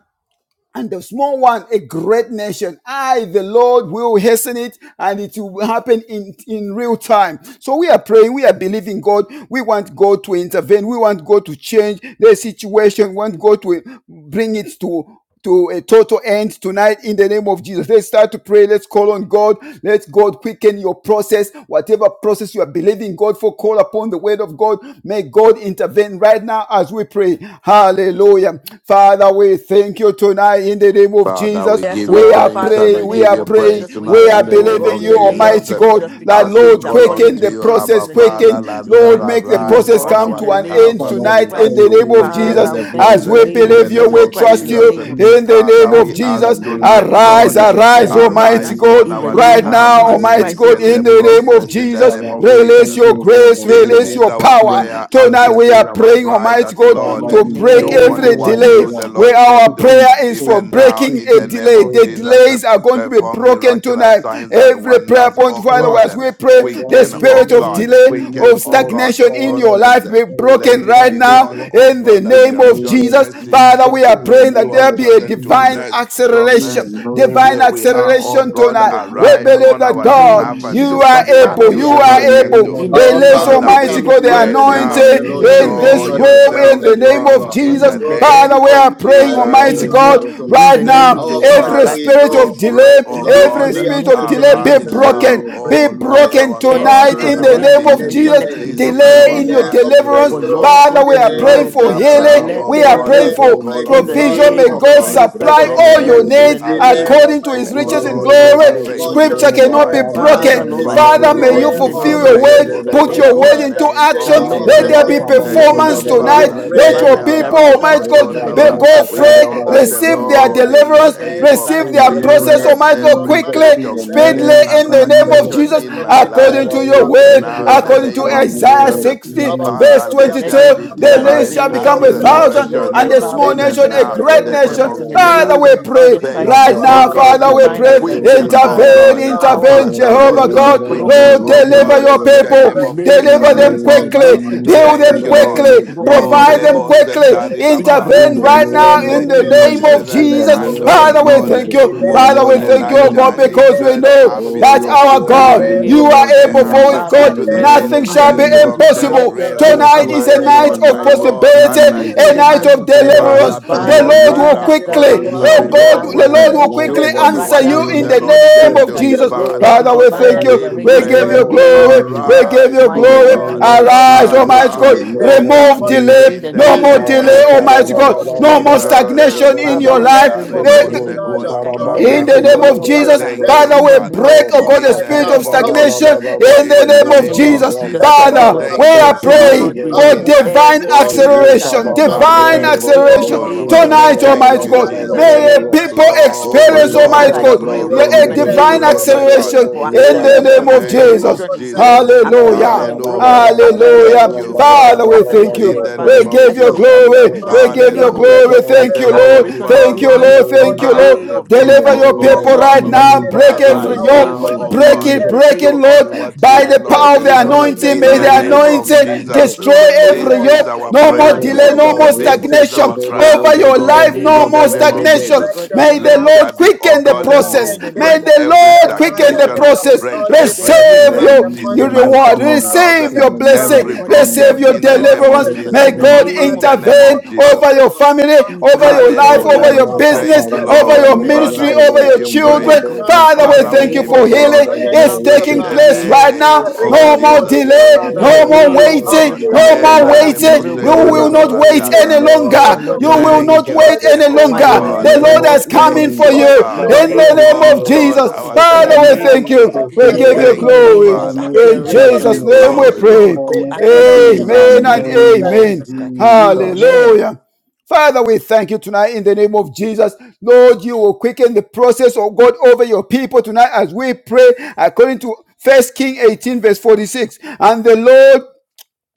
[SPEAKER 3] and the small one a great nation. I, the Lord, will hasten it and it will happen in, in real time. So we are praying, we are believing God. We want God to intervene. We want God to change the situation. We want God to bring it to to a total end tonight in the name of Jesus. Let's start to pray. Let's call on God. Let God quicken your process. Whatever process you are believing God for, call upon the word of God. May God intervene right now right now as we pray. Hallelujah. Father, we thank you tonight in the name of
[SPEAKER 5] Father,
[SPEAKER 3] Jesus.
[SPEAKER 5] we
[SPEAKER 2] Yes,
[SPEAKER 5] give you
[SPEAKER 3] We
[SPEAKER 2] Lord,
[SPEAKER 3] are
[SPEAKER 5] thanks
[SPEAKER 2] Father, in
[SPEAKER 5] and
[SPEAKER 2] the
[SPEAKER 5] we
[SPEAKER 3] praying, we
[SPEAKER 5] give
[SPEAKER 3] are
[SPEAKER 2] name
[SPEAKER 5] you
[SPEAKER 2] of
[SPEAKER 3] praying,
[SPEAKER 5] praise
[SPEAKER 2] Jesus, we
[SPEAKER 3] we
[SPEAKER 5] tonight
[SPEAKER 3] are
[SPEAKER 5] in
[SPEAKER 2] thank
[SPEAKER 5] the
[SPEAKER 2] you, oh
[SPEAKER 5] name
[SPEAKER 3] believing
[SPEAKER 2] God,
[SPEAKER 5] of
[SPEAKER 2] in
[SPEAKER 3] you,
[SPEAKER 2] the
[SPEAKER 6] in the
[SPEAKER 2] name of
[SPEAKER 5] Jesus.
[SPEAKER 3] Almighty
[SPEAKER 6] name of
[SPEAKER 3] God,
[SPEAKER 2] Jesus,
[SPEAKER 6] God,
[SPEAKER 3] that
[SPEAKER 2] because
[SPEAKER 6] bless
[SPEAKER 5] As we
[SPEAKER 6] the
[SPEAKER 3] Lord,
[SPEAKER 2] things are
[SPEAKER 5] call
[SPEAKER 6] Lord.
[SPEAKER 5] on
[SPEAKER 2] falling
[SPEAKER 3] quicken
[SPEAKER 5] to
[SPEAKER 3] the
[SPEAKER 2] into
[SPEAKER 5] you,
[SPEAKER 2] place in
[SPEAKER 3] process,
[SPEAKER 5] Abba
[SPEAKER 2] the
[SPEAKER 6] Jesus,
[SPEAKER 2] name of
[SPEAKER 5] Father,
[SPEAKER 6] in
[SPEAKER 3] quicken.
[SPEAKER 5] let
[SPEAKER 2] Jesus
[SPEAKER 6] the
[SPEAKER 5] that
[SPEAKER 3] Lord,
[SPEAKER 6] name of
[SPEAKER 3] make
[SPEAKER 2] Christ.
[SPEAKER 3] the
[SPEAKER 2] Even
[SPEAKER 5] arise
[SPEAKER 3] process
[SPEAKER 2] for
[SPEAKER 6] Jesus.
[SPEAKER 5] on
[SPEAKER 2] us,
[SPEAKER 3] come
[SPEAKER 2] in
[SPEAKER 5] our
[SPEAKER 3] to
[SPEAKER 2] the
[SPEAKER 3] an
[SPEAKER 2] name of
[SPEAKER 3] end
[SPEAKER 5] behalf, uh,
[SPEAKER 6] Father,
[SPEAKER 2] Jesus
[SPEAKER 6] we
[SPEAKER 3] tonight in
[SPEAKER 5] that
[SPEAKER 2] Christ,
[SPEAKER 3] the
[SPEAKER 6] thank
[SPEAKER 5] you
[SPEAKER 6] you,
[SPEAKER 3] name
[SPEAKER 6] O
[SPEAKER 3] of
[SPEAKER 5] quicken
[SPEAKER 6] Lord,
[SPEAKER 3] Jesus.
[SPEAKER 2] Father, we
[SPEAKER 5] the
[SPEAKER 6] that we
[SPEAKER 2] thank you
[SPEAKER 6] do
[SPEAKER 2] in
[SPEAKER 3] As
[SPEAKER 2] the
[SPEAKER 3] we
[SPEAKER 6] what
[SPEAKER 5] process
[SPEAKER 2] name
[SPEAKER 5] in
[SPEAKER 2] of
[SPEAKER 6] no
[SPEAKER 5] the
[SPEAKER 3] believe you,
[SPEAKER 5] name
[SPEAKER 3] we
[SPEAKER 2] Jesus
[SPEAKER 6] Lord,
[SPEAKER 5] of
[SPEAKER 6] that
[SPEAKER 2] Christ, in
[SPEAKER 3] trust
[SPEAKER 2] the
[SPEAKER 3] you
[SPEAKER 5] Jesus.
[SPEAKER 2] name
[SPEAKER 6] you
[SPEAKER 2] of
[SPEAKER 6] do.
[SPEAKER 2] Jesus
[SPEAKER 3] in the
[SPEAKER 2] Christ.
[SPEAKER 5] Father,
[SPEAKER 3] name
[SPEAKER 2] I
[SPEAKER 3] of
[SPEAKER 5] we
[SPEAKER 2] we
[SPEAKER 6] In
[SPEAKER 2] believe
[SPEAKER 6] the
[SPEAKER 3] Jesus.
[SPEAKER 5] ask
[SPEAKER 2] you,
[SPEAKER 6] name
[SPEAKER 2] God,
[SPEAKER 6] of
[SPEAKER 5] tonight,
[SPEAKER 2] even the
[SPEAKER 3] Arise,
[SPEAKER 5] Lord, uh,
[SPEAKER 2] place of
[SPEAKER 6] Jesus,
[SPEAKER 2] prayer,
[SPEAKER 3] arise,
[SPEAKER 6] in the
[SPEAKER 2] even
[SPEAKER 3] Almighty
[SPEAKER 2] tonight,
[SPEAKER 6] name
[SPEAKER 5] arise
[SPEAKER 6] of
[SPEAKER 3] God,
[SPEAKER 5] on
[SPEAKER 2] in the
[SPEAKER 5] our
[SPEAKER 3] right
[SPEAKER 2] name
[SPEAKER 6] Jesus,
[SPEAKER 2] of
[SPEAKER 6] in
[SPEAKER 5] behalf
[SPEAKER 3] now,
[SPEAKER 6] the
[SPEAKER 2] Jesus
[SPEAKER 5] and
[SPEAKER 6] name
[SPEAKER 3] Almighty
[SPEAKER 6] of
[SPEAKER 2] Christ, oh
[SPEAKER 3] God,
[SPEAKER 5] quicken
[SPEAKER 3] in
[SPEAKER 2] God,
[SPEAKER 5] the
[SPEAKER 3] the
[SPEAKER 6] Jesus.
[SPEAKER 2] we
[SPEAKER 3] name
[SPEAKER 2] thank
[SPEAKER 3] of
[SPEAKER 5] process in the
[SPEAKER 3] Jesus.
[SPEAKER 5] name
[SPEAKER 6] Father,
[SPEAKER 5] of
[SPEAKER 6] we
[SPEAKER 3] Release
[SPEAKER 6] thank
[SPEAKER 5] Jesus.
[SPEAKER 6] you,
[SPEAKER 3] your
[SPEAKER 6] O Lord,
[SPEAKER 3] grace,
[SPEAKER 6] that
[SPEAKER 5] This
[SPEAKER 6] you
[SPEAKER 3] release
[SPEAKER 6] are
[SPEAKER 5] is
[SPEAKER 3] your
[SPEAKER 5] our
[SPEAKER 3] power.
[SPEAKER 6] fixing the
[SPEAKER 5] prayer and
[SPEAKER 3] Tonight
[SPEAKER 5] this
[SPEAKER 3] we
[SPEAKER 5] is
[SPEAKER 3] are
[SPEAKER 6] processes
[SPEAKER 5] our
[SPEAKER 6] of
[SPEAKER 3] praying,
[SPEAKER 5] cry
[SPEAKER 3] Almighty
[SPEAKER 5] that,
[SPEAKER 3] God,
[SPEAKER 2] you.
[SPEAKER 5] Lord,
[SPEAKER 2] In
[SPEAKER 6] Father
[SPEAKER 2] the
[SPEAKER 3] to
[SPEAKER 6] in
[SPEAKER 3] break
[SPEAKER 5] do
[SPEAKER 6] every
[SPEAKER 2] name
[SPEAKER 5] only
[SPEAKER 3] every
[SPEAKER 2] of
[SPEAKER 6] area of
[SPEAKER 5] what
[SPEAKER 6] my
[SPEAKER 5] you,
[SPEAKER 3] delay.
[SPEAKER 2] Jesus,
[SPEAKER 5] the
[SPEAKER 6] life. You
[SPEAKER 3] Where
[SPEAKER 6] are
[SPEAKER 5] Lord,
[SPEAKER 3] our
[SPEAKER 5] can do
[SPEAKER 6] fixing the
[SPEAKER 3] prayer is for
[SPEAKER 5] even
[SPEAKER 6] process,
[SPEAKER 5] now
[SPEAKER 3] breaking
[SPEAKER 5] in
[SPEAKER 3] a
[SPEAKER 5] the
[SPEAKER 6] fixing the
[SPEAKER 5] name
[SPEAKER 3] delay.
[SPEAKER 5] of
[SPEAKER 3] The
[SPEAKER 6] process.
[SPEAKER 5] Jesus. eh,
[SPEAKER 3] delays are going to be
[SPEAKER 5] Perform
[SPEAKER 3] broken
[SPEAKER 5] miraculous
[SPEAKER 3] tonight.
[SPEAKER 5] signs and
[SPEAKER 3] Every prayer
[SPEAKER 5] wonders,
[SPEAKER 3] point,
[SPEAKER 5] oh
[SPEAKER 3] Father,
[SPEAKER 6] Yes,
[SPEAKER 5] God.
[SPEAKER 3] as
[SPEAKER 5] eh,
[SPEAKER 3] we
[SPEAKER 6] uh,
[SPEAKER 3] pray, the
[SPEAKER 6] thou
[SPEAKER 5] Quicken,
[SPEAKER 2] in the
[SPEAKER 6] God,
[SPEAKER 5] oh
[SPEAKER 3] spirit of
[SPEAKER 2] name
[SPEAKER 6] um,
[SPEAKER 5] God,
[SPEAKER 3] delay,
[SPEAKER 6] female
[SPEAKER 5] quicken,
[SPEAKER 3] of
[SPEAKER 5] oh
[SPEAKER 6] God,
[SPEAKER 5] God, the
[SPEAKER 3] stagnation in your
[SPEAKER 6] Father, that
[SPEAKER 5] process.
[SPEAKER 3] life
[SPEAKER 5] eh.
[SPEAKER 3] be
[SPEAKER 6] ever
[SPEAKER 3] broken
[SPEAKER 5] Let it
[SPEAKER 3] right
[SPEAKER 5] be
[SPEAKER 6] happened
[SPEAKER 3] now
[SPEAKER 5] known,
[SPEAKER 6] to us
[SPEAKER 5] oh
[SPEAKER 3] in the
[SPEAKER 5] God,
[SPEAKER 6] in
[SPEAKER 5] that
[SPEAKER 6] the
[SPEAKER 5] you
[SPEAKER 3] name
[SPEAKER 5] have
[SPEAKER 3] of
[SPEAKER 6] name
[SPEAKER 5] shown
[SPEAKER 6] of
[SPEAKER 3] Jesus.
[SPEAKER 5] mercy
[SPEAKER 3] Father,
[SPEAKER 6] Jesus,
[SPEAKER 3] we are
[SPEAKER 5] to
[SPEAKER 6] in the
[SPEAKER 3] praying
[SPEAKER 5] whom
[SPEAKER 6] name
[SPEAKER 3] that
[SPEAKER 5] you
[SPEAKER 3] there
[SPEAKER 5] have
[SPEAKER 6] of
[SPEAKER 3] be a
[SPEAKER 5] chosen to
[SPEAKER 3] divine
[SPEAKER 6] Jesus,
[SPEAKER 5] mer- show
[SPEAKER 6] in the
[SPEAKER 3] acceleration,
[SPEAKER 5] mercy.
[SPEAKER 6] name
[SPEAKER 3] divine
[SPEAKER 6] of
[SPEAKER 5] Here we
[SPEAKER 3] acceleration
[SPEAKER 5] are, oh
[SPEAKER 3] acceleration
[SPEAKER 6] Jesus,
[SPEAKER 5] God,
[SPEAKER 3] tonight.
[SPEAKER 6] in the
[SPEAKER 3] We
[SPEAKER 6] name
[SPEAKER 5] arise
[SPEAKER 6] of
[SPEAKER 3] believe
[SPEAKER 5] on
[SPEAKER 3] that
[SPEAKER 5] our
[SPEAKER 2] name
[SPEAKER 3] God,
[SPEAKER 5] behalf
[SPEAKER 2] of
[SPEAKER 3] you
[SPEAKER 5] and
[SPEAKER 6] Jesus,
[SPEAKER 2] Jesus
[SPEAKER 5] do
[SPEAKER 3] are
[SPEAKER 5] only
[SPEAKER 2] Christ.
[SPEAKER 5] what
[SPEAKER 2] Father,
[SPEAKER 3] able,
[SPEAKER 5] you,
[SPEAKER 2] we
[SPEAKER 3] you
[SPEAKER 5] the
[SPEAKER 2] are
[SPEAKER 6] in
[SPEAKER 3] are
[SPEAKER 6] the
[SPEAKER 5] Lord,
[SPEAKER 2] praying
[SPEAKER 5] can
[SPEAKER 3] able.
[SPEAKER 6] name
[SPEAKER 5] do.
[SPEAKER 6] of
[SPEAKER 2] in the
[SPEAKER 4] Our
[SPEAKER 2] name
[SPEAKER 3] Release
[SPEAKER 2] of the
[SPEAKER 4] Father,
[SPEAKER 6] Jesus,
[SPEAKER 5] Father,
[SPEAKER 4] we
[SPEAKER 5] we
[SPEAKER 3] Almighty
[SPEAKER 2] quickening
[SPEAKER 4] come
[SPEAKER 2] the
[SPEAKER 4] to
[SPEAKER 3] God, the
[SPEAKER 4] you in
[SPEAKER 5] pray
[SPEAKER 4] the
[SPEAKER 6] in
[SPEAKER 4] name
[SPEAKER 3] anointing
[SPEAKER 6] the
[SPEAKER 2] process,
[SPEAKER 4] of
[SPEAKER 5] now.
[SPEAKER 4] the Lord
[SPEAKER 6] name
[SPEAKER 2] even
[SPEAKER 6] of
[SPEAKER 2] in
[SPEAKER 3] in
[SPEAKER 2] the
[SPEAKER 4] Jesus
[SPEAKER 5] Show
[SPEAKER 3] this
[SPEAKER 2] name
[SPEAKER 4] Christ,
[SPEAKER 2] of
[SPEAKER 4] the
[SPEAKER 6] Jesus,
[SPEAKER 3] room
[SPEAKER 4] Son
[SPEAKER 2] Jesus.
[SPEAKER 6] in
[SPEAKER 4] of
[SPEAKER 3] in
[SPEAKER 5] yourself
[SPEAKER 6] the
[SPEAKER 4] the
[SPEAKER 3] the name
[SPEAKER 4] living
[SPEAKER 6] name of
[SPEAKER 5] strong
[SPEAKER 3] of
[SPEAKER 4] God.
[SPEAKER 2] Father,
[SPEAKER 5] in
[SPEAKER 3] Jesus.
[SPEAKER 5] the
[SPEAKER 2] Lord,
[SPEAKER 6] Jesus,
[SPEAKER 4] Though
[SPEAKER 2] let
[SPEAKER 4] the
[SPEAKER 5] name
[SPEAKER 3] Father, we
[SPEAKER 4] vision
[SPEAKER 2] everything
[SPEAKER 3] are
[SPEAKER 5] of
[SPEAKER 4] may
[SPEAKER 6] Father,
[SPEAKER 3] praying,
[SPEAKER 4] tarry,
[SPEAKER 5] Jesus.
[SPEAKER 2] be
[SPEAKER 4] it
[SPEAKER 3] Almighty
[SPEAKER 6] oh
[SPEAKER 4] shall
[SPEAKER 3] God,
[SPEAKER 2] removed
[SPEAKER 6] God,
[SPEAKER 4] come to
[SPEAKER 6] you
[SPEAKER 2] in
[SPEAKER 4] pass.
[SPEAKER 3] right
[SPEAKER 2] the
[SPEAKER 6] are
[SPEAKER 2] name
[SPEAKER 3] now.
[SPEAKER 5] Thank
[SPEAKER 2] of
[SPEAKER 6] speaking,
[SPEAKER 4] Our
[SPEAKER 5] you,
[SPEAKER 6] oh
[SPEAKER 2] Jesus
[SPEAKER 4] Father,
[SPEAKER 3] Every
[SPEAKER 5] Father.
[SPEAKER 6] God,
[SPEAKER 4] we
[SPEAKER 2] Christ.
[SPEAKER 6] in
[SPEAKER 3] spirit
[SPEAKER 6] the
[SPEAKER 5] We
[SPEAKER 4] know,
[SPEAKER 3] of
[SPEAKER 6] name
[SPEAKER 5] pray,
[SPEAKER 3] delay,
[SPEAKER 4] Almighty
[SPEAKER 5] oh
[SPEAKER 6] of
[SPEAKER 4] God,
[SPEAKER 2] They
[SPEAKER 6] Jesus.
[SPEAKER 3] every
[SPEAKER 2] be
[SPEAKER 4] we
[SPEAKER 5] God,
[SPEAKER 4] have
[SPEAKER 3] spirit
[SPEAKER 2] removed
[SPEAKER 3] of
[SPEAKER 2] in the
[SPEAKER 3] delay
[SPEAKER 4] personal
[SPEAKER 2] name
[SPEAKER 3] be
[SPEAKER 6] In
[SPEAKER 2] of
[SPEAKER 6] the
[SPEAKER 5] arise
[SPEAKER 4] desires,
[SPEAKER 6] name
[SPEAKER 5] now,
[SPEAKER 6] of
[SPEAKER 3] broken,
[SPEAKER 4] corporate
[SPEAKER 3] be
[SPEAKER 5] oh Lord,
[SPEAKER 4] desires,
[SPEAKER 6] Jesus,
[SPEAKER 3] broken
[SPEAKER 5] our
[SPEAKER 4] but
[SPEAKER 2] Every
[SPEAKER 6] in the
[SPEAKER 5] God
[SPEAKER 3] tonight
[SPEAKER 2] spirit of
[SPEAKER 5] and
[SPEAKER 3] in
[SPEAKER 6] name
[SPEAKER 4] Father,
[SPEAKER 6] of
[SPEAKER 3] the
[SPEAKER 4] there
[SPEAKER 2] delay
[SPEAKER 5] our
[SPEAKER 4] has
[SPEAKER 2] and
[SPEAKER 3] name
[SPEAKER 4] been
[SPEAKER 5] King.
[SPEAKER 3] of
[SPEAKER 4] a
[SPEAKER 2] stagnation,
[SPEAKER 3] Jesus.
[SPEAKER 6] Jesus,
[SPEAKER 2] let it
[SPEAKER 4] delay,
[SPEAKER 2] be
[SPEAKER 6] in
[SPEAKER 5] This
[SPEAKER 6] the
[SPEAKER 5] is
[SPEAKER 2] broken
[SPEAKER 4] and
[SPEAKER 2] in the
[SPEAKER 3] Delay
[SPEAKER 5] our
[SPEAKER 6] name
[SPEAKER 2] name
[SPEAKER 3] in
[SPEAKER 2] of
[SPEAKER 3] your
[SPEAKER 6] of
[SPEAKER 4] delay
[SPEAKER 5] cry
[SPEAKER 2] Jesus.
[SPEAKER 4] of
[SPEAKER 5] to
[SPEAKER 6] Jesus,
[SPEAKER 3] deliverance.
[SPEAKER 5] you,
[SPEAKER 2] For
[SPEAKER 4] breakthrough,
[SPEAKER 2] Lord
[SPEAKER 5] Lord.
[SPEAKER 3] Father,
[SPEAKER 2] God,
[SPEAKER 3] we
[SPEAKER 2] in the
[SPEAKER 3] are
[SPEAKER 4] delay
[SPEAKER 2] name
[SPEAKER 4] of
[SPEAKER 3] praying
[SPEAKER 6] Lord,
[SPEAKER 2] of
[SPEAKER 5] Rise
[SPEAKER 3] for
[SPEAKER 5] up
[SPEAKER 2] Jesus Christ,
[SPEAKER 4] turnaround,
[SPEAKER 5] now,
[SPEAKER 3] healing.
[SPEAKER 2] let
[SPEAKER 5] oh
[SPEAKER 3] We
[SPEAKER 2] there
[SPEAKER 3] are
[SPEAKER 5] God,
[SPEAKER 2] be, O
[SPEAKER 3] praying
[SPEAKER 4] delay,
[SPEAKER 6] Rakabarabaraba,
[SPEAKER 5] as we
[SPEAKER 2] God,
[SPEAKER 3] for
[SPEAKER 5] call
[SPEAKER 2] in
[SPEAKER 4] Almighty
[SPEAKER 5] on
[SPEAKER 2] the
[SPEAKER 6] Zimbereba,
[SPEAKER 5] to
[SPEAKER 4] God,
[SPEAKER 3] Provision
[SPEAKER 5] you,
[SPEAKER 3] may
[SPEAKER 2] name
[SPEAKER 4] yes,
[SPEAKER 5] oh
[SPEAKER 2] of
[SPEAKER 3] God
[SPEAKER 5] God,
[SPEAKER 4] Almighty
[SPEAKER 6] Sikatani,
[SPEAKER 2] Jesus Christ,
[SPEAKER 4] Father
[SPEAKER 3] supply
[SPEAKER 4] of
[SPEAKER 2] let
[SPEAKER 6] Broskin,
[SPEAKER 3] all
[SPEAKER 5] knowing
[SPEAKER 2] there
[SPEAKER 3] your
[SPEAKER 4] healing,
[SPEAKER 6] Bali,
[SPEAKER 5] that
[SPEAKER 2] be, in
[SPEAKER 5] you
[SPEAKER 2] the
[SPEAKER 3] needs
[SPEAKER 6] Broskin,
[SPEAKER 5] are
[SPEAKER 4] delay,
[SPEAKER 2] name of
[SPEAKER 3] according to
[SPEAKER 2] Jesus
[SPEAKER 5] faithful,
[SPEAKER 3] his
[SPEAKER 2] Christ,
[SPEAKER 4] Almighty
[SPEAKER 5] oh
[SPEAKER 3] riches
[SPEAKER 4] God
[SPEAKER 2] even
[SPEAKER 3] in
[SPEAKER 5] Lord, you
[SPEAKER 4] of
[SPEAKER 2] today,
[SPEAKER 3] glory.
[SPEAKER 2] in
[SPEAKER 5] are
[SPEAKER 2] the
[SPEAKER 6] Libereba,
[SPEAKER 2] name of
[SPEAKER 5] faithful.
[SPEAKER 3] Scripture
[SPEAKER 4] promotion,
[SPEAKER 2] Jesus Christ.
[SPEAKER 6] Zimbereba,
[SPEAKER 3] cannot
[SPEAKER 4] delay
[SPEAKER 3] be
[SPEAKER 4] of
[SPEAKER 6] Kara,
[SPEAKER 5] Righteous
[SPEAKER 3] broken.
[SPEAKER 2] Father,
[SPEAKER 5] and
[SPEAKER 2] Lord,
[SPEAKER 4] increase,
[SPEAKER 2] I
[SPEAKER 6] Rabalenda,
[SPEAKER 5] powerful
[SPEAKER 3] Father,
[SPEAKER 2] pray,
[SPEAKER 3] may
[SPEAKER 2] God,
[SPEAKER 6] Rababa,
[SPEAKER 3] you
[SPEAKER 5] God,
[SPEAKER 4] delay
[SPEAKER 2] in
[SPEAKER 5] you
[SPEAKER 2] the
[SPEAKER 4] of
[SPEAKER 5] are
[SPEAKER 3] fulfill
[SPEAKER 2] name
[SPEAKER 6] Shikoto,
[SPEAKER 3] your
[SPEAKER 2] of
[SPEAKER 4] fruitfulness.
[SPEAKER 2] Jesus
[SPEAKER 3] word,
[SPEAKER 5] faithful.
[SPEAKER 2] Christ,
[SPEAKER 3] put
[SPEAKER 2] there,
[SPEAKER 3] your
[SPEAKER 4] Our
[SPEAKER 5] In
[SPEAKER 6] Broskin,
[SPEAKER 5] the
[SPEAKER 2] God,
[SPEAKER 6] Broskin,
[SPEAKER 3] word into
[SPEAKER 4] Father,
[SPEAKER 5] name
[SPEAKER 4] in the
[SPEAKER 3] action.
[SPEAKER 5] of
[SPEAKER 2] that
[SPEAKER 4] name of
[SPEAKER 2] Lord,
[SPEAKER 3] Let
[SPEAKER 4] the
[SPEAKER 5] Jesus.
[SPEAKER 3] there
[SPEAKER 2] let
[SPEAKER 6] Araba,
[SPEAKER 4] Lord
[SPEAKER 3] be
[SPEAKER 2] there
[SPEAKER 6] Kaba,
[SPEAKER 2] be, O
[SPEAKER 4] Jesus
[SPEAKER 5] Thank
[SPEAKER 2] God,
[SPEAKER 4] Christ.
[SPEAKER 6] Yanda,
[SPEAKER 2] in
[SPEAKER 3] performance
[SPEAKER 5] you,
[SPEAKER 2] the
[SPEAKER 4] We
[SPEAKER 2] name
[SPEAKER 3] tonight.
[SPEAKER 2] of
[SPEAKER 5] Father.
[SPEAKER 2] the
[SPEAKER 4] pray,
[SPEAKER 3] Let
[SPEAKER 5] Le
[SPEAKER 2] divine
[SPEAKER 3] your
[SPEAKER 4] Heavenly
[SPEAKER 6] Rababa,
[SPEAKER 3] people,
[SPEAKER 4] Father,
[SPEAKER 2] acceleration,
[SPEAKER 3] Almighty
[SPEAKER 4] right
[SPEAKER 5] kalabrokotori
[SPEAKER 2] in
[SPEAKER 6] Eba,
[SPEAKER 3] God,
[SPEAKER 2] the
[SPEAKER 4] now.
[SPEAKER 3] be,
[SPEAKER 5] baba.
[SPEAKER 2] name of
[SPEAKER 3] go
[SPEAKER 6] Raka,
[SPEAKER 5] We
[SPEAKER 2] Jesus
[SPEAKER 6] Kara,
[SPEAKER 3] free,
[SPEAKER 4] Arise,
[SPEAKER 5] know
[SPEAKER 2] Christ,
[SPEAKER 5] that
[SPEAKER 6] Rababa,
[SPEAKER 5] the
[SPEAKER 4] Almighty
[SPEAKER 3] receive their
[SPEAKER 4] God,
[SPEAKER 5] Lord
[SPEAKER 4] and
[SPEAKER 5] is
[SPEAKER 6] Zimbereba,
[SPEAKER 3] deliverance,
[SPEAKER 2] let there be
[SPEAKER 4] intervene
[SPEAKER 5] able.
[SPEAKER 2] divine
[SPEAKER 4] and
[SPEAKER 3] receive
[SPEAKER 6] in the
[SPEAKER 3] their
[SPEAKER 5] We
[SPEAKER 4] break
[SPEAKER 2] acceleration in the
[SPEAKER 5] pray
[SPEAKER 6] name
[SPEAKER 3] process,
[SPEAKER 2] name
[SPEAKER 6] of
[SPEAKER 2] of
[SPEAKER 5] that
[SPEAKER 4] every
[SPEAKER 3] Almighty God,
[SPEAKER 4] strong
[SPEAKER 5] every
[SPEAKER 4] man
[SPEAKER 6] Jesus,
[SPEAKER 3] quickly,
[SPEAKER 4] of
[SPEAKER 5] spirit
[SPEAKER 6] in the
[SPEAKER 5] of
[SPEAKER 4] delay,
[SPEAKER 2] let there
[SPEAKER 6] name
[SPEAKER 3] speedily,
[SPEAKER 5] delay
[SPEAKER 2] be
[SPEAKER 6] of
[SPEAKER 5] and
[SPEAKER 3] in
[SPEAKER 2] divine
[SPEAKER 3] the
[SPEAKER 4] break
[SPEAKER 3] name
[SPEAKER 6] Jesus,
[SPEAKER 4] the
[SPEAKER 3] of
[SPEAKER 5] stagnation
[SPEAKER 2] restoration
[SPEAKER 3] Jesus,
[SPEAKER 2] in
[SPEAKER 4] effect
[SPEAKER 2] the
[SPEAKER 5] in
[SPEAKER 4] of
[SPEAKER 5] my
[SPEAKER 2] name of
[SPEAKER 4] delay,
[SPEAKER 6] Father,
[SPEAKER 5] life
[SPEAKER 3] according
[SPEAKER 6] I
[SPEAKER 5] be
[SPEAKER 3] to
[SPEAKER 2] Jesus.
[SPEAKER 3] your
[SPEAKER 6] always
[SPEAKER 4] and
[SPEAKER 6] pray
[SPEAKER 5] broken
[SPEAKER 2] Let
[SPEAKER 3] word,
[SPEAKER 6] to
[SPEAKER 2] there be
[SPEAKER 5] now
[SPEAKER 4] cancel
[SPEAKER 6] your
[SPEAKER 5] in
[SPEAKER 4] the
[SPEAKER 5] the
[SPEAKER 2] divine
[SPEAKER 3] according
[SPEAKER 6] God
[SPEAKER 3] to
[SPEAKER 5] name
[SPEAKER 6] in
[SPEAKER 4] power of
[SPEAKER 6] the
[SPEAKER 5] of
[SPEAKER 2] restoration in the
[SPEAKER 6] name
[SPEAKER 3] Isaiah
[SPEAKER 2] name
[SPEAKER 5] Jesus.
[SPEAKER 6] of
[SPEAKER 4] delay.
[SPEAKER 2] of
[SPEAKER 3] 60
[SPEAKER 2] Jesus.
[SPEAKER 4] Our
[SPEAKER 6] Jesus.
[SPEAKER 3] verse
[SPEAKER 5] Father,
[SPEAKER 4] Father, we are
[SPEAKER 5] let
[SPEAKER 3] 22,
[SPEAKER 2] Let
[SPEAKER 5] there
[SPEAKER 2] there be
[SPEAKER 4] looking
[SPEAKER 5] be
[SPEAKER 4] unto
[SPEAKER 3] the
[SPEAKER 2] divine
[SPEAKER 6] Lord,
[SPEAKER 4] you,
[SPEAKER 6] God,
[SPEAKER 3] least
[SPEAKER 5] divine
[SPEAKER 3] shall
[SPEAKER 6] pray
[SPEAKER 2] acceleration
[SPEAKER 3] become
[SPEAKER 2] in
[SPEAKER 6] to
[SPEAKER 3] a
[SPEAKER 4] knowing
[SPEAKER 2] the name
[SPEAKER 4] that
[SPEAKER 6] me,
[SPEAKER 2] of
[SPEAKER 6] to
[SPEAKER 4] our
[SPEAKER 3] thousand
[SPEAKER 6] me,
[SPEAKER 2] Jesus
[SPEAKER 4] God,
[SPEAKER 5] acceleration
[SPEAKER 3] and
[SPEAKER 2] Christ.
[SPEAKER 4] you
[SPEAKER 6] Lord,
[SPEAKER 3] the
[SPEAKER 4] are
[SPEAKER 6] that is
[SPEAKER 2] Father,
[SPEAKER 3] small
[SPEAKER 2] we
[SPEAKER 4] able,
[SPEAKER 6] in
[SPEAKER 3] nation
[SPEAKER 5] even
[SPEAKER 6] power,
[SPEAKER 2] pray
[SPEAKER 3] a
[SPEAKER 5] now
[SPEAKER 6] Lord,
[SPEAKER 5] in
[SPEAKER 4] able
[SPEAKER 3] great
[SPEAKER 2] even
[SPEAKER 5] the
[SPEAKER 6] yes,
[SPEAKER 4] to
[SPEAKER 2] for
[SPEAKER 4] do
[SPEAKER 6] and
[SPEAKER 5] name
[SPEAKER 6] I
[SPEAKER 3] nation.
[SPEAKER 2] this
[SPEAKER 5] of
[SPEAKER 2] in the
[SPEAKER 6] will not.
[SPEAKER 4] exceeding
[SPEAKER 3] Father,
[SPEAKER 5] Jesus.
[SPEAKER 2] name
[SPEAKER 4] and
[SPEAKER 3] we
[SPEAKER 2] of
[SPEAKER 3] pray
[SPEAKER 2] Jesus
[SPEAKER 4] abundantly
[SPEAKER 2] Christ.
[SPEAKER 6] Lord,
[SPEAKER 5] Thank
[SPEAKER 3] right
[SPEAKER 5] you,
[SPEAKER 6] God,
[SPEAKER 5] oh
[SPEAKER 3] now,
[SPEAKER 2] Let
[SPEAKER 4] above
[SPEAKER 6] reach
[SPEAKER 2] there
[SPEAKER 6] us
[SPEAKER 2] be
[SPEAKER 4] all
[SPEAKER 5] God.
[SPEAKER 3] Father,
[SPEAKER 6] to
[SPEAKER 4] that
[SPEAKER 3] we
[SPEAKER 6] the
[SPEAKER 4] we
[SPEAKER 2] divine
[SPEAKER 3] pray,
[SPEAKER 4] are
[SPEAKER 6] brothers
[SPEAKER 4] asking
[SPEAKER 5] Quicken,
[SPEAKER 2] acceleration.
[SPEAKER 6] in
[SPEAKER 4] of
[SPEAKER 6] the
[SPEAKER 5] oh
[SPEAKER 4] God.
[SPEAKER 2] Father,
[SPEAKER 6] river,
[SPEAKER 2] let
[SPEAKER 3] intervene,
[SPEAKER 2] the
[SPEAKER 5] God.
[SPEAKER 6] and
[SPEAKER 4] Father,
[SPEAKER 6] Father,
[SPEAKER 4] we
[SPEAKER 2] power
[SPEAKER 3] intervene,
[SPEAKER 2] of
[SPEAKER 6] Lord,
[SPEAKER 5] Father,
[SPEAKER 6] I
[SPEAKER 4] pray
[SPEAKER 3] Jehovah
[SPEAKER 5] Lord
[SPEAKER 6] will
[SPEAKER 2] delay
[SPEAKER 6] not,
[SPEAKER 2] be
[SPEAKER 5] God,
[SPEAKER 3] God.
[SPEAKER 6] I will
[SPEAKER 5] quicken,
[SPEAKER 2] broken
[SPEAKER 6] not,
[SPEAKER 3] Lord,
[SPEAKER 2] in
[SPEAKER 4] the
[SPEAKER 6] yes,
[SPEAKER 5] oh
[SPEAKER 2] the
[SPEAKER 6] and
[SPEAKER 2] name
[SPEAKER 6] I
[SPEAKER 3] deliver
[SPEAKER 5] God,
[SPEAKER 3] your
[SPEAKER 4] Father.
[SPEAKER 6] will
[SPEAKER 5] in
[SPEAKER 6] not.
[SPEAKER 5] the
[SPEAKER 3] people,
[SPEAKER 5] name
[SPEAKER 4] Break
[SPEAKER 5] of
[SPEAKER 4] in
[SPEAKER 2] delay of
[SPEAKER 6] In the
[SPEAKER 3] deliver
[SPEAKER 4] delay,
[SPEAKER 5] Jesus.
[SPEAKER 3] them
[SPEAKER 2] spirit of
[SPEAKER 6] name of
[SPEAKER 4] oh
[SPEAKER 2] delay,
[SPEAKER 4] God.
[SPEAKER 3] quickly,
[SPEAKER 2] spirit of
[SPEAKER 6] Jesus,
[SPEAKER 3] heal
[SPEAKER 6] in
[SPEAKER 4] Break
[SPEAKER 3] them
[SPEAKER 5] Thank you,
[SPEAKER 2] stagnation,
[SPEAKER 6] the
[SPEAKER 2] let it
[SPEAKER 4] every
[SPEAKER 5] Lord.
[SPEAKER 6] name
[SPEAKER 2] be
[SPEAKER 6] of
[SPEAKER 3] quickly,
[SPEAKER 4] delay,
[SPEAKER 2] broken
[SPEAKER 5] Oh,
[SPEAKER 2] in the
[SPEAKER 3] provide
[SPEAKER 6] Jesus,
[SPEAKER 3] them
[SPEAKER 5] Lebo
[SPEAKER 2] name
[SPEAKER 4] every
[SPEAKER 2] of
[SPEAKER 3] quickly,
[SPEAKER 4] delay
[SPEAKER 2] Jesus.
[SPEAKER 5] Setari
[SPEAKER 4] in
[SPEAKER 2] Be
[SPEAKER 4] our
[SPEAKER 5] Baba.
[SPEAKER 6] in
[SPEAKER 4] lives.
[SPEAKER 3] intervene
[SPEAKER 6] the
[SPEAKER 2] broken
[SPEAKER 3] right
[SPEAKER 5] First
[SPEAKER 2] total
[SPEAKER 4] Delay
[SPEAKER 3] now
[SPEAKER 6] name
[SPEAKER 2] in
[SPEAKER 5] Kings
[SPEAKER 2] the
[SPEAKER 6] of
[SPEAKER 4] of
[SPEAKER 3] in the
[SPEAKER 2] name of
[SPEAKER 3] name
[SPEAKER 4] miracles,
[SPEAKER 3] of
[SPEAKER 5] 1846,
[SPEAKER 2] Jesus
[SPEAKER 6] Jesus,
[SPEAKER 5] and
[SPEAKER 6] in
[SPEAKER 2] Christ,
[SPEAKER 5] the
[SPEAKER 6] the
[SPEAKER 4] delay
[SPEAKER 2] my
[SPEAKER 4] of
[SPEAKER 3] Jesus.
[SPEAKER 5] hand
[SPEAKER 6] name
[SPEAKER 5] of
[SPEAKER 2] Lord
[SPEAKER 6] of
[SPEAKER 5] the
[SPEAKER 2] and
[SPEAKER 3] Father,
[SPEAKER 2] my
[SPEAKER 3] we
[SPEAKER 4] breakthrough,
[SPEAKER 5] Lord
[SPEAKER 2] God.
[SPEAKER 3] thank
[SPEAKER 2] In
[SPEAKER 6] Jesus,
[SPEAKER 2] the
[SPEAKER 3] you,
[SPEAKER 6] in the
[SPEAKER 2] name
[SPEAKER 4] delay
[SPEAKER 2] of
[SPEAKER 5] was
[SPEAKER 3] Father,
[SPEAKER 4] of
[SPEAKER 2] Jesus,
[SPEAKER 3] we
[SPEAKER 5] on
[SPEAKER 6] name
[SPEAKER 2] I
[SPEAKER 6] of
[SPEAKER 3] thank
[SPEAKER 2] pray,
[SPEAKER 3] you, oh
[SPEAKER 4] increase,
[SPEAKER 2] God.
[SPEAKER 5] Elijah,
[SPEAKER 2] In
[SPEAKER 3] God,
[SPEAKER 2] the
[SPEAKER 5] and
[SPEAKER 6] Jesus.
[SPEAKER 5] he
[SPEAKER 2] name
[SPEAKER 3] because
[SPEAKER 2] of
[SPEAKER 4] delay
[SPEAKER 3] we
[SPEAKER 2] Jesus
[SPEAKER 5] girded
[SPEAKER 4] of
[SPEAKER 2] Christ,
[SPEAKER 3] know
[SPEAKER 2] even
[SPEAKER 5] up
[SPEAKER 2] for
[SPEAKER 6] Oh,
[SPEAKER 2] this,
[SPEAKER 5] his
[SPEAKER 2] oh
[SPEAKER 3] that
[SPEAKER 2] God.
[SPEAKER 6] yes,
[SPEAKER 4] testimonies,
[SPEAKER 3] our
[SPEAKER 5] loins
[SPEAKER 3] God.
[SPEAKER 2] In
[SPEAKER 6] Lord,
[SPEAKER 5] and
[SPEAKER 2] the
[SPEAKER 6] in the
[SPEAKER 4] delay
[SPEAKER 3] God.
[SPEAKER 5] ran
[SPEAKER 3] You
[SPEAKER 4] of
[SPEAKER 2] name
[SPEAKER 6] name
[SPEAKER 2] of
[SPEAKER 3] are
[SPEAKER 5] before
[SPEAKER 6] of
[SPEAKER 2] Jesus
[SPEAKER 3] able,
[SPEAKER 4] marriages,
[SPEAKER 2] Christ,
[SPEAKER 3] for
[SPEAKER 5] Ahab
[SPEAKER 3] with
[SPEAKER 6] Jesus,
[SPEAKER 2] Father,
[SPEAKER 3] God,
[SPEAKER 6] in
[SPEAKER 2] I
[SPEAKER 6] the
[SPEAKER 5] to the
[SPEAKER 4] delay
[SPEAKER 2] pray.
[SPEAKER 6] name
[SPEAKER 4] of
[SPEAKER 3] nothing
[SPEAKER 6] of
[SPEAKER 2] In the
[SPEAKER 3] shall be
[SPEAKER 2] name
[SPEAKER 5] entrance
[SPEAKER 6] Jesus.
[SPEAKER 4] finances.
[SPEAKER 2] of
[SPEAKER 5] of
[SPEAKER 2] Jesus, let
[SPEAKER 3] impossible.
[SPEAKER 4] Father,
[SPEAKER 2] there
[SPEAKER 5] Jezreel.
[SPEAKER 2] be,
[SPEAKER 4] right
[SPEAKER 2] oh
[SPEAKER 6] Yes,
[SPEAKER 2] God,
[SPEAKER 4] now,
[SPEAKER 3] Tonight is
[SPEAKER 5] My
[SPEAKER 3] a
[SPEAKER 6] Lord,
[SPEAKER 4] break
[SPEAKER 6] in the
[SPEAKER 3] night
[SPEAKER 4] the
[SPEAKER 5] Lord,
[SPEAKER 3] of
[SPEAKER 5] my
[SPEAKER 6] name
[SPEAKER 4] power
[SPEAKER 6] of
[SPEAKER 5] God,
[SPEAKER 4] of
[SPEAKER 3] possibility,
[SPEAKER 5] and
[SPEAKER 2] but
[SPEAKER 5] my
[SPEAKER 4] delay
[SPEAKER 6] Jesus.
[SPEAKER 2] in
[SPEAKER 3] a
[SPEAKER 2] the
[SPEAKER 5] King,
[SPEAKER 4] by
[SPEAKER 3] night
[SPEAKER 2] name
[SPEAKER 3] of
[SPEAKER 2] of
[SPEAKER 6] Father,
[SPEAKER 2] Jesus,
[SPEAKER 4] prayer,
[SPEAKER 3] deliverance.
[SPEAKER 5] Father,
[SPEAKER 6] hasten
[SPEAKER 4] by
[SPEAKER 3] The
[SPEAKER 2] divine,
[SPEAKER 4] the
[SPEAKER 6] your
[SPEAKER 5] perform
[SPEAKER 3] Lord
[SPEAKER 6] word
[SPEAKER 2] divine
[SPEAKER 3] will
[SPEAKER 6] to
[SPEAKER 4] anointing
[SPEAKER 3] quickly,
[SPEAKER 5] miracles,
[SPEAKER 6] perform
[SPEAKER 4] power
[SPEAKER 6] it,
[SPEAKER 4] of
[SPEAKER 2] acceleration,
[SPEAKER 3] oh
[SPEAKER 6] O
[SPEAKER 4] the
[SPEAKER 5] signs,
[SPEAKER 6] God,
[SPEAKER 5] and
[SPEAKER 3] God,
[SPEAKER 4] Holy
[SPEAKER 2] divine
[SPEAKER 3] the
[SPEAKER 6] over
[SPEAKER 5] wonders.
[SPEAKER 3] Lord
[SPEAKER 6] my
[SPEAKER 4] Spirit.
[SPEAKER 3] will
[SPEAKER 6] life,
[SPEAKER 2] acceleration
[SPEAKER 3] quickly
[SPEAKER 5] Do
[SPEAKER 4] Let
[SPEAKER 6] over
[SPEAKER 4] the
[SPEAKER 5] only
[SPEAKER 6] my
[SPEAKER 2] right
[SPEAKER 3] answer
[SPEAKER 5] what
[SPEAKER 3] you
[SPEAKER 2] now in
[SPEAKER 5] you,
[SPEAKER 2] the
[SPEAKER 3] in
[SPEAKER 4] anointing
[SPEAKER 5] the
[SPEAKER 6] family.
[SPEAKER 3] the
[SPEAKER 2] name
[SPEAKER 5] Lord,
[SPEAKER 2] of
[SPEAKER 4] destroy
[SPEAKER 3] name
[SPEAKER 5] can
[SPEAKER 2] Jesus
[SPEAKER 3] of
[SPEAKER 5] do.
[SPEAKER 6] Hasten
[SPEAKER 2] Christ.
[SPEAKER 6] your
[SPEAKER 4] the
[SPEAKER 3] Jesus.
[SPEAKER 2] Let
[SPEAKER 4] roots
[SPEAKER 6] word
[SPEAKER 2] there
[SPEAKER 5] Father,
[SPEAKER 4] of
[SPEAKER 6] to
[SPEAKER 2] be
[SPEAKER 3] Father, we
[SPEAKER 5] Lord,
[SPEAKER 2] divine
[SPEAKER 3] thank
[SPEAKER 4] delay
[SPEAKER 6] perform
[SPEAKER 3] you.
[SPEAKER 6] it
[SPEAKER 5] we
[SPEAKER 6] in the
[SPEAKER 3] We
[SPEAKER 2] acceleration in
[SPEAKER 3] give
[SPEAKER 4] destroy
[SPEAKER 6] name
[SPEAKER 2] the
[SPEAKER 5] pray.
[SPEAKER 3] you
[SPEAKER 6] of
[SPEAKER 4] the
[SPEAKER 2] name
[SPEAKER 4] root
[SPEAKER 3] glory.
[SPEAKER 2] of
[SPEAKER 4] of
[SPEAKER 2] Jesus
[SPEAKER 3] We
[SPEAKER 6] Jesus.
[SPEAKER 2] Christ,
[SPEAKER 4] delay,
[SPEAKER 3] give
[SPEAKER 5] Arise,
[SPEAKER 3] you
[SPEAKER 2] my
[SPEAKER 6] In
[SPEAKER 5] O
[SPEAKER 6] the
[SPEAKER 3] glory.
[SPEAKER 2] Lord
[SPEAKER 4] delay
[SPEAKER 2] and
[SPEAKER 6] name
[SPEAKER 5] God.
[SPEAKER 2] my
[SPEAKER 4] of
[SPEAKER 6] of
[SPEAKER 2] God, my
[SPEAKER 3] Arise,
[SPEAKER 4] contracts,
[SPEAKER 6] Jesus,
[SPEAKER 3] Almighty
[SPEAKER 2] Kabusha.
[SPEAKER 6] in the
[SPEAKER 5] Arise,
[SPEAKER 3] God.
[SPEAKER 5] O
[SPEAKER 4] delay
[SPEAKER 6] name
[SPEAKER 4] of
[SPEAKER 6] of
[SPEAKER 3] Remove
[SPEAKER 5] God,
[SPEAKER 3] delay.
[SPEAKER 6] Jesus.
[SPEAKER 4] contracts.
[SPEAKER 2] In
[SPEAKER 5] in
[SPEAKER 2] the
[SPEAKER 5] the
[SPEAKER 3] No
[SPEAKER 4] Let
[SPEAKER 2] name
[SPEAKER 3] more
[SPEAKER 4] it
[SPEAKER 2] of
[SPEAKER 6] ra
[SPEAKER 4] come
[SPEAKER 3] delay,
[SPEAKER 6] ra
[SPEAKER 2] Jesus
[SPEAKER 4] to a
[SPEAKER 6] ra
[SPEAKER 2] Christ,
[SPEAKER 6] ra
[SPEAKER 2] oh
[SPEAKER 5] name
[SPEAKER 3] Almighty
[SPEAKER 2] God,
[SPEAKER 3] God.
[SPEAKER 6] ra
[SPEAKER 4] perpetual
[SPEAKER 2] in
[SPEAKER 5] of
[SPEAKER 6] ra
[SPEAKER 2] the
[SPEAKER 6] ra
[SPEAKER 3] No
[SPEAKER 4] end
[SPEAKER 2] name
[SPEAKER 3] more
[SPEAKER 6] ra
[SPEAKER 2] of
[SPEAKER 6] ra
[SPEAKER 4] right
[SPEAKER 6] ra ra
[SPEAKER 5] Jesus.
[SPEAKER 4] now.
[SPEAKER 3] stagnation in
[SPEAKER 6] ra.
[SPEAKER 2] Father,
[SPEAKER 3] your
[SPEAKER 2] we are
[SPEAKER 4] Delay,
[SPEAKER 3] life.
[SPEAKER 2] praying
[SPEAKER 6] Arakararararararararararararara.
[SPEAKER 2] for
[SPEAKER 3] The,
[SPEAKER 2] that in
[SPEAKER 5] Mandareko
[SPEAKER 2] the
[SPEAKER 3] the,
[SPEAKER 4] Almighty
[SPEAKER 2] name of
[SPEAKER 4] God,
[SPEAKER 2] Jesus
[SPEAKER 4] of
[SPEAKER 2] Christ.
[SPEAKER 6] Lebrozuntaraba
[SPEAKER 5] sekolambra
[SPEAKER 4] growth
[SPEAKER 2] Let
[SPEAKER 4] and
[SPEAKER 2] it
[SPEAKER 3] in the
[SPEAKER 2] be oh
[SPEAKER 3] name
[SPEAKER 2] God
[SPEAKER 3] of
[SPEAKER 5] kalababa.
[SPEAKER 2] even
[SPEAKER 4] expansion.
[SPEAKER 2] right
[SPEAKER 3] Jesus,
[SPEAKER 2] now.
[SPEAKER 5] Thank
[SPEAKER 4] Let
[SPEAKER 6] yekenderererererere.
[SPEAKER 5] you,
[SPEAKER 3] Father,
[SPEAKER 4] it
[SPEAKER 2] In the
[SPEAKER 4] come
[SPEAKER 3] we
[SPEAKER 5] Father.
[SPEAKER 4] to
[SPEAKER 2] name
[SPEAKER 4] an
[SPEAKER 3] break,
[SPEAKER 2] of
[SPEAKER 3] oh
[SPEAKER 4] end
[SPEAKER 3] God,
[SPEAKER 2] Jesus
[SPEAKER 3] the
[SPEAKER 5] In
[SPEAKER 2] Christ,
[SPEAKER 4] right
[SPEAKER 5] the
[SPEAKER 3] spirit
[SPEAKER 2] let
[SPEAKER 4] now.
[SPEAKER 5] name
[SPEAKER 3] of
[SPEAKER 2] it
[SPEAKER 5] of
[SPEAKER 2] be
[SPEAKER 4] Our
[SPEAKER 3] stagnation.
[SPEAKER 5] Jesus.
[SPEAKER 4] Father, we
[SPEAKER 6] Orakatarararararararara.
[SPEAKER 4] are
[SPEAKER 3] In
[SPEAKER 5] In
[SPEAKER 3] the
[SPEAKER 4] calling
[SPEAKER 5] the
[SPEAKER 3] name of
[SPEAKER 5] name
[SPEAKER 4] upon
[SPEAKER 6] Zendeleba
[SPEAKER 2] name of
[SPEAKER 4] you
[SPEAKER 5] of
[SPEAKER 3] Jesus,
[SPEAKER 2] Jesus
[SPEAKER 4] that
[SPEAKER 5] Jesus.
[SPEAKER 2] Christ, oh
[SPEAKER 4] God
[SPEAKER 2] God.
[SPEAKER 3] Father, we
[SPEAKER 5] Thank
[SPEAKER 6] rakatarararaba
[SPEAKER 4] appear
[SPEAKER 3] are
[SPEAKER 5] you,
[SPEAKER 2] Let it, oh
[SPEAKER 4] now,
[SPEAKER 5] Father.
[SPEAKER 2] God,
[SPEAKER 3] praying
[SPEAKER 2] remove
[SPEAKER 3] for
[SPEAKER 6] zendererererere.
[SPEAKER 5] In
[SPEAKER 2] remove
[SPEAKER 4] appear
[SPEAKER 5] the
[SPEAKER 4] and
[SPEAKER 3] divine
[SPEAKER 5] name
[SPEAKER 2] every
[SPEAKER 5] of
[SPEAKER 4] remove
[SPEAKER 6] Oh,
[SPEAKER 2] spirit of
[SPEAKER 4] every
[SPEAKER 5] Jesus.
[SPEAKER 6] Rika
[SPEAKER 3] acceleration,
[SPEAKER 4] types
[SPEAKER 2] stagnation,
[SPEAKER 6] Baba
[SPEAKER 4] of
[SPEAKER 3] divine
[SPEAKER 4] delay,
[SPEAKER 6] Rondo
[SPEAKER 2] every
[SPEAKER 5] Mandarebo
[SPEAKER 2] spirit of
[SPEAKER 4] all
[SPEAKER 6] Robo
[SPEAKER 3] acceleration
[SPEAKER 4] forms
[SPEAKER 2] delay
[SPEAKER 5] sokorbaba.
[SPEAKER 2] be
[SPEAKER 4] of
[SPEAKER 6] Zinda la
[SPEAKER 3] tonight,
[SPEAKER 2] removed,
[SPEAKER 6] la
[SPEAKER 2] be
[SPEAKER 4] delay.
[SPEAKER 6] la
[SPEAKER 5] Thank
[SPEAKER 6] la
[SPEAKER 3] Almighty
[SPEAKER 5] you,
[SPEAKER 6] la
[SPEAKER 2] broken
[SPEAKER 3] God.
[SPEAKER 2] in
[SPEAKER 4] Father,
[SPEAKER 2] the
[SPEAKER 4] we
[SPEAKER 5] Jesus.
[SPEAKER 4] are
[SPEAKER 3] May your
[SPEAKER 2] name of
[SPEAKER 4] right
[SPEAKER 3] people
[SPEAKER 4] God
[SPEAKER 2] Jesus Christ.
[SPEAKER 6] Oh,
[SPEAKER 5] Glory,
[SPEAKER 2] But
[SPEAKER 3] experience,
[SPEAKER 4] constantly
[SPEAKER 6] Rika
[SPEAKER 2] Lord God,
[SPEAKER 3] Almighty
[SPEAKER 4] crying
[SPEAKER 5] glory,
[SPEAKER 2] I
[SPEAKER 3] God,
[SPEAKER 2] pray,
[SPEAKER 4] unto
[SPEAKER 6] Taraba
[SPEAKER 2] oh
[SPEAKER 5] glory
[SPEAKER 2] God,
[SPEAKER 4] you,
[SPEAKER 2] in
[SPEAKER 3] a
[SPEAKER 6] Zinda
[SPEAKER 2] the
[SPEAKER 5] unto
[SPEAKER 6] la
[SPEAKER 5] you,
[SPEAKER 4] saying,
[SPEAKER 5] the
[SPEAKER 3] divine
[SPEAKER 2] name of
[SPEAKER 5] Lord
[SPEAKER 4] Our
[SPEAKER 6] la
[SPEAKER 5] my
[SPEAKER 2] Jesus
[SPEAKER 6] la
[SPEAKER 5] God
[SPEAKER 2] Christ,
[SPEAKER 3] acceleration
[SPEAKER 4] Father,
[SPEAKER 2] for
[SPEAKER 4] you
[SPEAKER 6] Rika
[SPEAKER 3] in the
[SPEAKER 5] in
[SPEAKER 4] never
[SPEAKER 5] the
[SPEAKER 6] Raba
[SPEAKER 3] name
[SPEAKER 2] acceleration,
[SPEAKER 4] leave
[SPEAKER 3] of
[SPEAKER 4] us
[SPEAKER 5] name
[SPEAKER 6] Zinda.
[SPEAKER 4] nor
[SPEAKER 3] Jesus.
[SPEAKER 5] of
[SPEAKER 2] acceleration in
[SPEAKER 4] forsake
[SPEAKER 2] growth,
[SPEAKER 4] us.
[SPEAKER 5] Jesus.
[SPEAKER 6] Oh,
[SPEAKER 4] You
[SPEAKER 6] Raka
[SPEAKER 2] acceleration
[SPEAKER 3] Hallelujah.
[SPEAKER 6] la
[SPEAKER 4] not
[SPEAKER 2] in
[SPEAKER 6] la la
[SPEAKER 2] progress,
[SPEAKER 5] Hallelujah.
[SPEAKER 6] la la
[SPEAKER 4] abandon
[SPEAKER 6] la
[SPEAKER 4] us, O
[SPEAKER 2] acceleration in
[SPEAKER 3] Hallelujah.
[SPEAKER 5] Thank
[SPEAKER 6] la
[SPEAKER 4] God,
[SPEAKER 2] moving
[SPEAKER 5] you,
[SPEAKER 6] la la
[SPEAKER 4] but
[SPEAKER 6] la
[SPEAKER 2] forward,
[SPEAKER 3] Father,
[SPEAKER 6] la
[SPEAKER 5] Father.
[SPEAKER 4] we
[SPEAKER 3] we
[SPEAKER 4] have put
[SPEAKER 3] thank
[SPEAKER 2] acceleration in
[SPEAKER 5] In
[SPEAKER 4] our
[SPEAKER 5] the
[SPEAKER 3] you. We
[SPEAKER 5] name
[SPEAKER 4] trust
[SPEAKER 2] expansion,
[SPEAKER 5] of
[SPEAKER 4] in
[SPEAKER 3] give you
[SPEAKER 4] you.
[SPEAKER 2] acceleration
[SPEAKER 5] Jesus.
[SPEAKER 2] in
[SPEAKER 4] The
[SPEAKER 3] glory.
[SPEAKER 2] promotion
[SPEAKER 3] We
[SPEAKER 2] in the
[SPEAKER 4] Father,
[SPEAKER 3] give
[SPEAKER 4] you
[SPEAKER 3] you
[SPEAKER 4] are
[SPEAKER 2] name of
[SPEAKER 6] Take
[SPEAKER 5] Hallelujah.
[SPEAKER 4] able
[SPEAKER 3] glory.
[SPEAKER 2] Jesus
[SPEAKER 6] all
[SPEAKER 4] to
[SPEAKER 6] the
[SPEAKER 3] Thank
[SPEAKER 2] Christ,
[SPEAKER 3] you,
[SPEAKER 5] Thank
[SPEAKER 4] remove.
[SPEAKER 6] praise,
[SPEAKER 3] Lord.
[SPEAKER 5] you,
[SPEAKER 4] O
[SPEAKER 6] take
[SPEAKER 2] acceleration in
[SPEAKER 5] Father
[SPEAKER 4] Oh,
[SPEAKER 6] all
[SPEAKER 3] Thank
[SPEAKER 2] good
[SPEAKER 6] the
[SPEAKER 3] you,
[SPEAKER 5] Lord.
[SPEAKER 2] news
[SPEAKER 4] Father,
[SPEAKER 3] Lord.
[SPEAKER 2] in
[SPEAKER 4] Lord,
[SPEAKER 3] Thank
[SPEAKER 6] glory.
[SPEAKER 2] the
[SPEAKER 3] you,
[SPEAKER 4] chains
[SPEAKER 5] Ah,
[SPEAKER 2] name
[SPEAKER 3] Lord.
[SPEAKER 4] of
[SPEAKER 2] of
[SPEAKER 6] In
[SPEAKER 2] Jesus
[SPEAKER 6] the
[SPEAKER 3] Deliver
[SPEAKER 4] delay,
[SPEAKER 2] Christ.
[SPEAKER 5] lebrosco
[SPEAKER 3] your
[SPEAKER 6] name
[SPEAKER 4] all
[SPEAKER 5] kori
[SPEAKER 2] Yes,
[SPEAKER 6] of
[SPEAKER 3] people
[SPEAKER 5] baba
[SPEAKER 2] Lord,
[SPEAKER 4] forms
[SPEAKER 3] right
[SPEAKER 2] in the
[SPEAKER 5] baba.
[SPEAKER 4] of
[SPEAKER 3] now.
[SPEAKER 2] name of
[SPEAKER 6] Jesus,
[SPEAKER 3] Break
[SPEAKER 2] Jesus
[SPEAKER 4] delay.
[SPEAKER 6] in
[SPEAKER 2] Christ,
[SPEAKER 6] the
[SPEAKER 3] every
[SPEAKER 2] we
[SPEAKER 5] Arise
[SPEAKER 4] Our
[SPEAKER 2] pray,
[SPEAKER 3] yoke.
[SPEAKER 2] oh
[SPEAKER 6] name
[SPEAKER 5] now,
[SPEAKER 2] God,
[SPEAKER 6] of
[SPEAKER 4] God,
[SPEAKER 5] O
[SPEAKER 2] even for
[SPEAKER 3] Break
[SPEAKER 2] this
[SPEAKER 3] it.
[SPEAKER 5] God.
[SPEAKER 2] in
[SPEAKER 6] Jesus,
[SPEAKER 2] the
[SPEAKER 4] wherever
[SPEAKER 3] Break
[SPEAKER 2] name
[SPEAKER 3] it,
[SPEAKER 5] Do
[SPEAKER 2] of
[SPEAKER 4] delay
[SPEAKER 2] Jesus
[SPEAKER 5] only
[SPEAKER 2] Christ.
[SPEAKER 3] Lord.
[SPEAKER 4] has
[SPEAKER 5] what you,
[SPEAKER 4] come
[SPEAKER 3] By
[SPEAKER 5] the
[SPEAKER 4] in
[SPEAKER 3] the
[SPEAKER 2] Let there
[SPEAKER 6] oh,
[SPEAKER 5] Lord,
[SPEAKER 4] through
[SPEAKER 3] power of
[SPEAKER 2] be,
[SPEAKER 3] the
[SPEAKER 5] can
[SPEAKER 2] oh
[SPEAKER 5] do.
[SPEAKER 2] God,
[SPEAKER 4] error,
[SPEAKER 6] in
[SPEAKER 2] in the
[SPEAKER 3] anointing,
[SPEAKER 5] In
[SPEAKER 3] may
[SPEAKER 6] the
[SPEAKER 5] the
[SPEAKER 3] the
[SPEAKER 6] name
[SPEAKER 4] Father,
[SPEAKER 6] of
[SPEAKER 5] name
[SPEAKER 2] name
[SPEAKER 4] we
[SPEAKER 2] of
[SPEAKER 5] of
[SPEAKER 2] Jesus
[SPEAKER 4] break
[SPEAKER 2] Christ.
[SPEAKER 3] anointing
[SPEAKER 4] the
[SPEAKER 6] Jesus.
[SPEAKER 5] Jesus.
[SPEAKER 3] destroy
[SPEAKER 2] In
[SPEAKER 4] power
[SPEAKER 2] the
[SPEAKER 4] of
[SPEAKER 2] name
[SPEAKER 3] every
[SPEAKER 5] This
[SPEAKER 2] of
[SPEAKER 5] is
[SPEAKER 2] Jesus
[SPEAKER 4] error
[SPEAKER 3] yoke.
[SPEAKER 5] our
[SPEAKER 2] Christ.
[SPEAKER 6] Oh,
[SPEAKER 3] No
[SPEAKER 2] divine,
[SPEAKER 4] and
[SPEAKER 3] more
[SPEAKER 5] prayer
[SPEAKER 2] bind, oh
[SPEAKER 5] to
[SPEAKER 3] delay.
[SPEAKER 6] yes,
[SPEAKER 2] God,
[SPEAKER 5] you.
[SPEAKER 3] No
[SPEAKER 2] in
[SPEAKER 6] Lord,
[SPEAKER 2] the
[SPEAKER 4] deception.
[SPEAKER 3] more
[SPEAKER 2] name
[SPEAKER 5] This
[SPEAKER 2] of
[SPEAKER 4] Break
[SPEAKER 5] is
[SPEAKER 2] Jesus.
[SPEAKER 3] stagnation
[SPEAKER 4] the
[SPEAKER 5] our cry
[SPEAKER 2] Lamb.
[SPEAKER 5] to
[SPEAKER 3] over
[SPEAKER 4] power
[SPEAKER 5] you,
[SPEAKER 3] your
[SPEAKER 2] In
[SPEAKER 5] Lord.
[SPEAKER 4] of
[SPEAKER 2] the
[SPEAKER 3] life.
[SPEAKER 2] name
[SPEAKER 3] No
[SPEAKER 5] In
[SPEAKER 2] of
[SPEAKER 5] the
[SPEAKER 3] more
[SPEAKER 2] Jesus
[SPEAKER 5] name
[SPEAKER 2] Christ.
[SPEAKER 4] strongholds.
[SPEAKER 5] of
[SPEAKER 2] Let it be,
[SPEAKER 3] stagnation.
[SPEAKER 2] oh
[SPEAKER 5] Jesus.
[SPEAKER 4] Break
[SPEAKER 2] God,
[SPEAKER 4] the
[SPEAKER 2] in the
[SPEAKER 3] May the
[SPEAKER 2] name
[SPEAKER 5] Let
[SPEAKER 2] of
[SPEAKER 5] there
[SPEAKER 3] Lord
[SPEAKER 4] power
[SPEAKER 2] Jesus
[SPEAKER 5] be,
[SPEAKER 2] Christ.
[SPEAKER 5] O
[SPEAKER 3] quicken
[SPEAKER 4] of
[SPEAKER 3] the
[SPEAKER 2] No
[SPEAKER 5] God, a
[SPEAKER 2] more.
[SPEAKER 3] process.
[SPEAKER 2] In
[SPEAKER 4] marine
[SPEAKER 5] move.
[SPEAKER 2] the
[SPEAKER 3] May and
[SPEAKER 2] name
[SPEAKER 5] Break
[SPEAKER 2] of
[SPEAKER 4] kingdom,
[SPEAKER 2] Jesus
[SPEAKER 5] every
[SPEAKER 3] the
[SPEAKER 2] Christ.
[SPEAKER 4] that
[SPEAKER 3] Lord
[SPEAKER 2] But my
[SPEAKER 3] quicken
[SPEAKER 2] Lord
[SPEAKER 3] the
[SPEAKER 4] Father,
[SPEAKER 2] and
[SPEAKER 4] there
[SPEAKER 5] stagnation
[SPEAKER 2] my
[SPEAKER 4] shall be
[SPEAKER 2] God,
[SPEAKER 3] process.
[SPEAKER 5] break
[SPEAKER 4] no
[SPEAKER 2] let
[SPEAKER 5] every
[SPEAKER 2] there
[SPEAKER 4] delay,
[SPEAKER 6] in
[SPEAKER 2] be, oh
[SPEAKER 3] Receive
[SPEAKER 2] God, a
[SPEAKER 6] the
[SPEAKER 5] delay,
[SPEAKER 4] but
[SPEAKER 3] your
[SPEAKER 4] there
[SPEAKER 2] release.
[SPEAKER 4] only
[SPEAKER 3] new
[SPEAKER 6] name
[SPEAKER 4] be
[SPEAKER 6] of
[SPEAKER 3] reward.
[SPEAKER 5] dismantle, oh
[SPEAKER 6] Jesus,
[SPEAKER 5] God,
[SPEAKER 3] Receive
[SPEAKER 6] in
[SPEAKER 4] acceleration.
[SPEAKER 3] your
[SPEAKER 6] the
[SPEAKER 2] Christ,
[SPEAKER 6] name
[SPEAKER 3] blessing.
[SPEAKER 2] oh
[SPEAKER 5] every
[SPEAKER 6] of
[SPEAKER 4] Father,
[SPEAKER 2] God, even
[SPEAKER 4] begin
[SPEAKER 3] Receive
[SPEAKER 2] for
[SPEAKER 5] blockade
[SPEAKER 3] your
[SPEAKER 4] the
[SPEAKER 6] Jesus,
[SPEAKER 5] in the
[SPEAKER 2] divine
[SPEAKER 6] in the
[SPEAKER 5] name of
[SPEAKER 3] deliverance.
[SPEAKER 4] process.
[SPEAKER 2] acceleration
[SPEAKER 6] name
[SPEAKER 3] May
[SPEAKER 5] Jesus.
[SPEAKER 2] in the
[SPEAKER 4] Our
[SPEAKER 3] God
[SPEAKER 2] name
[SPEAKER 5] In
[SPEAKER 2] of
[SPEAKER 4] Father,
[SPEAKER 5] the
[SPEAKER 4] we
[SPEAKER 2] Jesus
[SPEAKER 5] name
[SPEAKER 4] are
[SPEAKER 2] Christ.
[SPEAKER 5] of
[SPEAKER 3] intervene
[SPEAKER 4] looking
[SPEAKER 3] over
[SPEAKER 5] Jesus.
[SPEAKER 4] unto
[SPEAKER 3] your
[SPEAKER 4] you.
[SPEAKER 3] family,
[SPEAKER 2] We
[SPEAKER 4] Fast
[SPEAKER 3] over
[SPEAKER 2] pray, oh
[SPEAKER 4] track
[SPEAKER 3] your
[SPEAKER 2] God, in
[SPEAKER 4] our
[SPEAKER 2] the
[SPEAKER 3] life,
[SPEAKER 5] Hallelujah.
[SPEAKER 3] over
[SPEAKER 2] name of
[SPEAKER 3] your
[SPEAKER 2] Jesus
[SPEAKER 4] breakthrough.
[SPEAKER 2] Christ, even
[SPEAKER 3] business,
[SPEAKER 5] Thank you,
[SPEAKER 2] for
[SPEAKER 4] Fast
[SPEAKER 2] this, oh
[SPEAKER 3] over
[SPEAKER 2] God,
[SPEAKER 4] track
[SPEAKER 3] your
[SPEAKER 2] in
[SPEAKER 5] Lord.
[SPEAKER 2] the
[SPEAKER 4] our
[SPEAKER 2] name
[SPEAKER 5] Father,
[SPEAKER 2] of
[SPEAKER 3] ministry,
[SPEAKER 5] we
[SPEAKER 2] Jesus
[SPEAKER 3] over
[SPEAKER 2] Christ.
[SPEAKER 5] give
[SPEAKER 4] breakthrough.
[SPEAKER 3] your
[SPEAKER 5] you
[SPEAKER 2] Oh my
[SPEAKER 3] children.
[SPEAKER 4] Right
[SPEAKER 5] praise.
[SPEAKER 2] God,
[SPEAKER 4] now,
[SPEAKER 2] I
[SPEAKER 3] Father,
[SPEAKER 2] pray in
[SPEAKER 3] we
[SPEAKER 2] the
[SPEAKER 5] Father, we
[SPEAKER 3] thank you
[SPEAKER 2] name
[SPEAKER 5] give
[SPEAKER 2] of
[SPEAKER 3] for
[SPEAKER 5] you
[SPEAKER 4] we
[SPEAKER 2] Jesus
[SPEAKER 3] healing.
[SPEAKER 2] Christ.
[SPEAKER 5] glory.
[SPEAKER 4] pray,
[SPEAKER 2] Let
[SPEAKER 3] It's
[SPEAKER 2] it be
[SPEAKER 4] Abba
[SPEAKER 2] so
[SPEAKER 5] In
[SPEAKER 3] taking
[SPEAKER 2] in the
[SPEAKER 5] the
[SPEAKER 3] place
[SPEAKER 4] Father.
[SPEAKER 2] name of
[SPEAKER 3] right now.
[SPEAKER 5] name
[SPEAKER 2] Jesus Christ
[SPEAKER 5] of
[SPEAKER 2] right
[SPEAKER 3] No
[SPEAKER 4] Marika
[SPEAKER 2] now.
[SPEAKER 3] more
[SPEAKER 5] Jesus.
[SPEAKER 4] Borika
[SPEAKER 3] delay.
[SPEAKER 2] In
[SPEAKER 3] No
[SPEAKER 2] the
[SPEAKER 5] Thank
[SPEAKER 3] more
[SPEAKER 4] Barakata.
[SPEAKER 2] name
[SPEAKER 5] you,
[SPEAKER 2] of
[SPEAKER 5] Lord.
[SPEAKER 2] Jesus
[SPEAKER 3] waiting.
[SPEAKER 4] Appear,
[SPEAKER 2] Christ.
[SPEAKER 3] No more
[SPEAKER 4] Lord
[SPEAKER 5] Ela
[SPEAKER 2] Father, we
[SPEAKER 4] Jesus.
[SPEAKER 5] rebo
[SPEAKER 2] pray, oh
[SPEAKER 3] waiting. You
[SPEAKER 5] se
[SPEAKER 2] God, in the
[SPEAKER 4] Holy
[SPEAKER 3] will not
[SPEAKER 2] name
[SPEAKER 5] kalambra
[SPEAKER 2] of
[SPEAKER 4] Spirit,
[SPEAKER 3] wait
[SPEAKER 2] Jesus.
[SPEAKER 3] any
[SPEAKER 5] katara
[SPEAKER 4] quicken
[SPEAKER 5] baba.
[SPEAKER 4] our
[SPEAKER 2] The
[SPEAKER 3] longer.
[SPEAKER 2] Lord,
[SPEAKER 4] mortal
[SPEAKER 3] You
[SPEAKER 2] in
[SPEAKER 3] will
[SPEAKER 2] the
[SPEAKER 3] will
[SPEAKER 4] bodies.
[SPEAKER 2] name of
[SPEAKER 5] Thank
[SPEAKER 3] not
[SPEAKER 5] you,
[SPEAKER 2] Jesus
[SPEAKER 3] wait
[SPEAKER 4] Holy
[SPEAKER 2] Christ.
[SPEAKER 3] any
[SPEAKER 4] Spirit,
[SPEAKER 2] My
[SPEAKER 5] Jehovah
[SPEAKER 3] longer.
[SPEAKER 2] God, we
[SPEAKER 4] quicken
[SPEAKER 3] The
[SPEAKER 5] God.
[SPEAKER 4] our
[SPEAKER 2] pray,
[SPEAKER 3] Lord
[SPEAKER 2] oh
[SPEAKER 6] of
[SPEAKER 2] God,
[SPEAKER 3] has
[SPEAKER 2] even
[SPEAKER 3] come
[SPEAKER 2] for
[SPEAKER 4] breakthrough.
[SPEAKER 3] in
[SPEAKER 5] Thank
[SPEAKER 2] this, oh
[SPEAKER 3] for
[SPEAKER 5] you,
[SPEAKER 6] Jesus.
[SPEAKER 2] God,
[SPEAKER 4] Holy
[SPEAKER 3] you in
[SPEAKER 2] in
[SPEAKER 4] Spirit,
[SPEAKER 2] the
[SPEAKER 5] Father.
[SPEAKER 6] Father, I
[SPEAKER 2] name of
[SPEAKER 6] hate
[SPEAKER 4] quicken
[SPEAKER 3] the
[SPEAKER 2] Jesus
[SPEAKER 5] Oh,
[SPEAKER 3] name
[SPEAKER 4] our
[SPEAKER 2] Christ,
[SPEAKER 3] of
[SPEAKER 2] that
[SPEAKER 6] you,
[SPEAKER 2] you
[SPEAKER 5] Lord,
[SPEAKER 6] Lord,
[SPEAKER 4] breakthrough.
[SPEAKER 6] to
[SPEAKER 3] Jesus.
[SPEAKER 2] also,
[SPEAKER 5] our
[SPEAKER 2] God, in
[SPEAKER 3] Father,
[SPEAKER 2] the
[SPEAKER 4] Right
[SPEAKER 6] perform
[SPEAKER 5] King.
[SPEAKER 3] we
[SPEAKER 2] name
[SPEAKER 4] now,
[SPEAKER 2] of
[SPEAKER 3] thank
[SPEAKER 4] oh
[SPEAKER 2] Jesus Christ,
[SPEAKER 5] Mm.
[SPEAKER 4] God,
[SPEAKER 3] you.
[SPEAKER 4] we
[SPEAKER 6] Testing
[SPEAKER 3] We
[SPEAKER 4] are
[SPEAKER 2] let
[SPEAKER 6] your
[SPEAKER 3] give
[SPEAKER 2] there
[SPEAKER 3] you
[SPEAKER 6] work
[SPEAKER 4] calling
[SPEAKER 2] be in
[SPEAKER 6] with
[SPEAKER 5] Thank
[SPEAKER 2] the
[SPEAKER 5] you,
[SPEAKER 4] upon
[SPEAKER 2] name of
[SPEAKER 4] you.
[SPEAKER 3] glory.
[SPEAKER 2] Jesus
[SPEAKER 5] Father.
[SPEAKER 6] performance.
[SPEAKER 3] In
[SPEAKER 4] Quicken
[SPEAKER 5] We
[SPEAKER 4] our
[SPEAKER 5] give
[SPEAKER 2] acceleration
[SPEAKER 6] Testing
[SPEAKER 3] Jesus'
[SPEAKER 5] you
[SPEAKER 6] your
[SPEAKER 3] name
[SPEAKER 2] by
[SPEAKER 6] work
[SPEAKER 3] we
[SPEAKER 2] the
[SPEAKER 5] glory,
[SPEAKER 6] with
[SPEAKER 4] vindication.
[SPEAKER 2] Spirit
[SPEAKER 3] pray.
[SPEAKER 5] Lord.
[SPEAKER 2] of God,
[SPEAKER 6] performance.
[SPEAKER 4] Quicken
[SPEAKER 5] In
[SPEAKER 4] our
[SPEAKER 6] In
[SPEAKER 2] acceleration
[SPEAKER 6] the
[SPEAKER 5] Jesus'
[SPEAKER 3] Amen
[SPEAKER 4] miracles
[SPEAKER 2] in the
[SPEAKER 3] and
[SPEAKER 5] name.
[SPEAKER 2] name
[SPEAKER 6] name
[SPEAKER 2] of
[SPEAKER 4] right
[SPEAKER 6] of
[SPEAKER 2] Jesus
[SPEAKER 4] now.
[SPEAKER 3] amen.
[SPEAKER 2] Christ.
[SPEAKER 6] Jesus.
[SPEAKER 2] Amen.
[SPEAKER 3] Hallelujah. Father, we thank you tonight in the name of Jesus. Lord, you will quicken the process of God over your people tonight as we pray according to First King 18 verse 46. And the Lord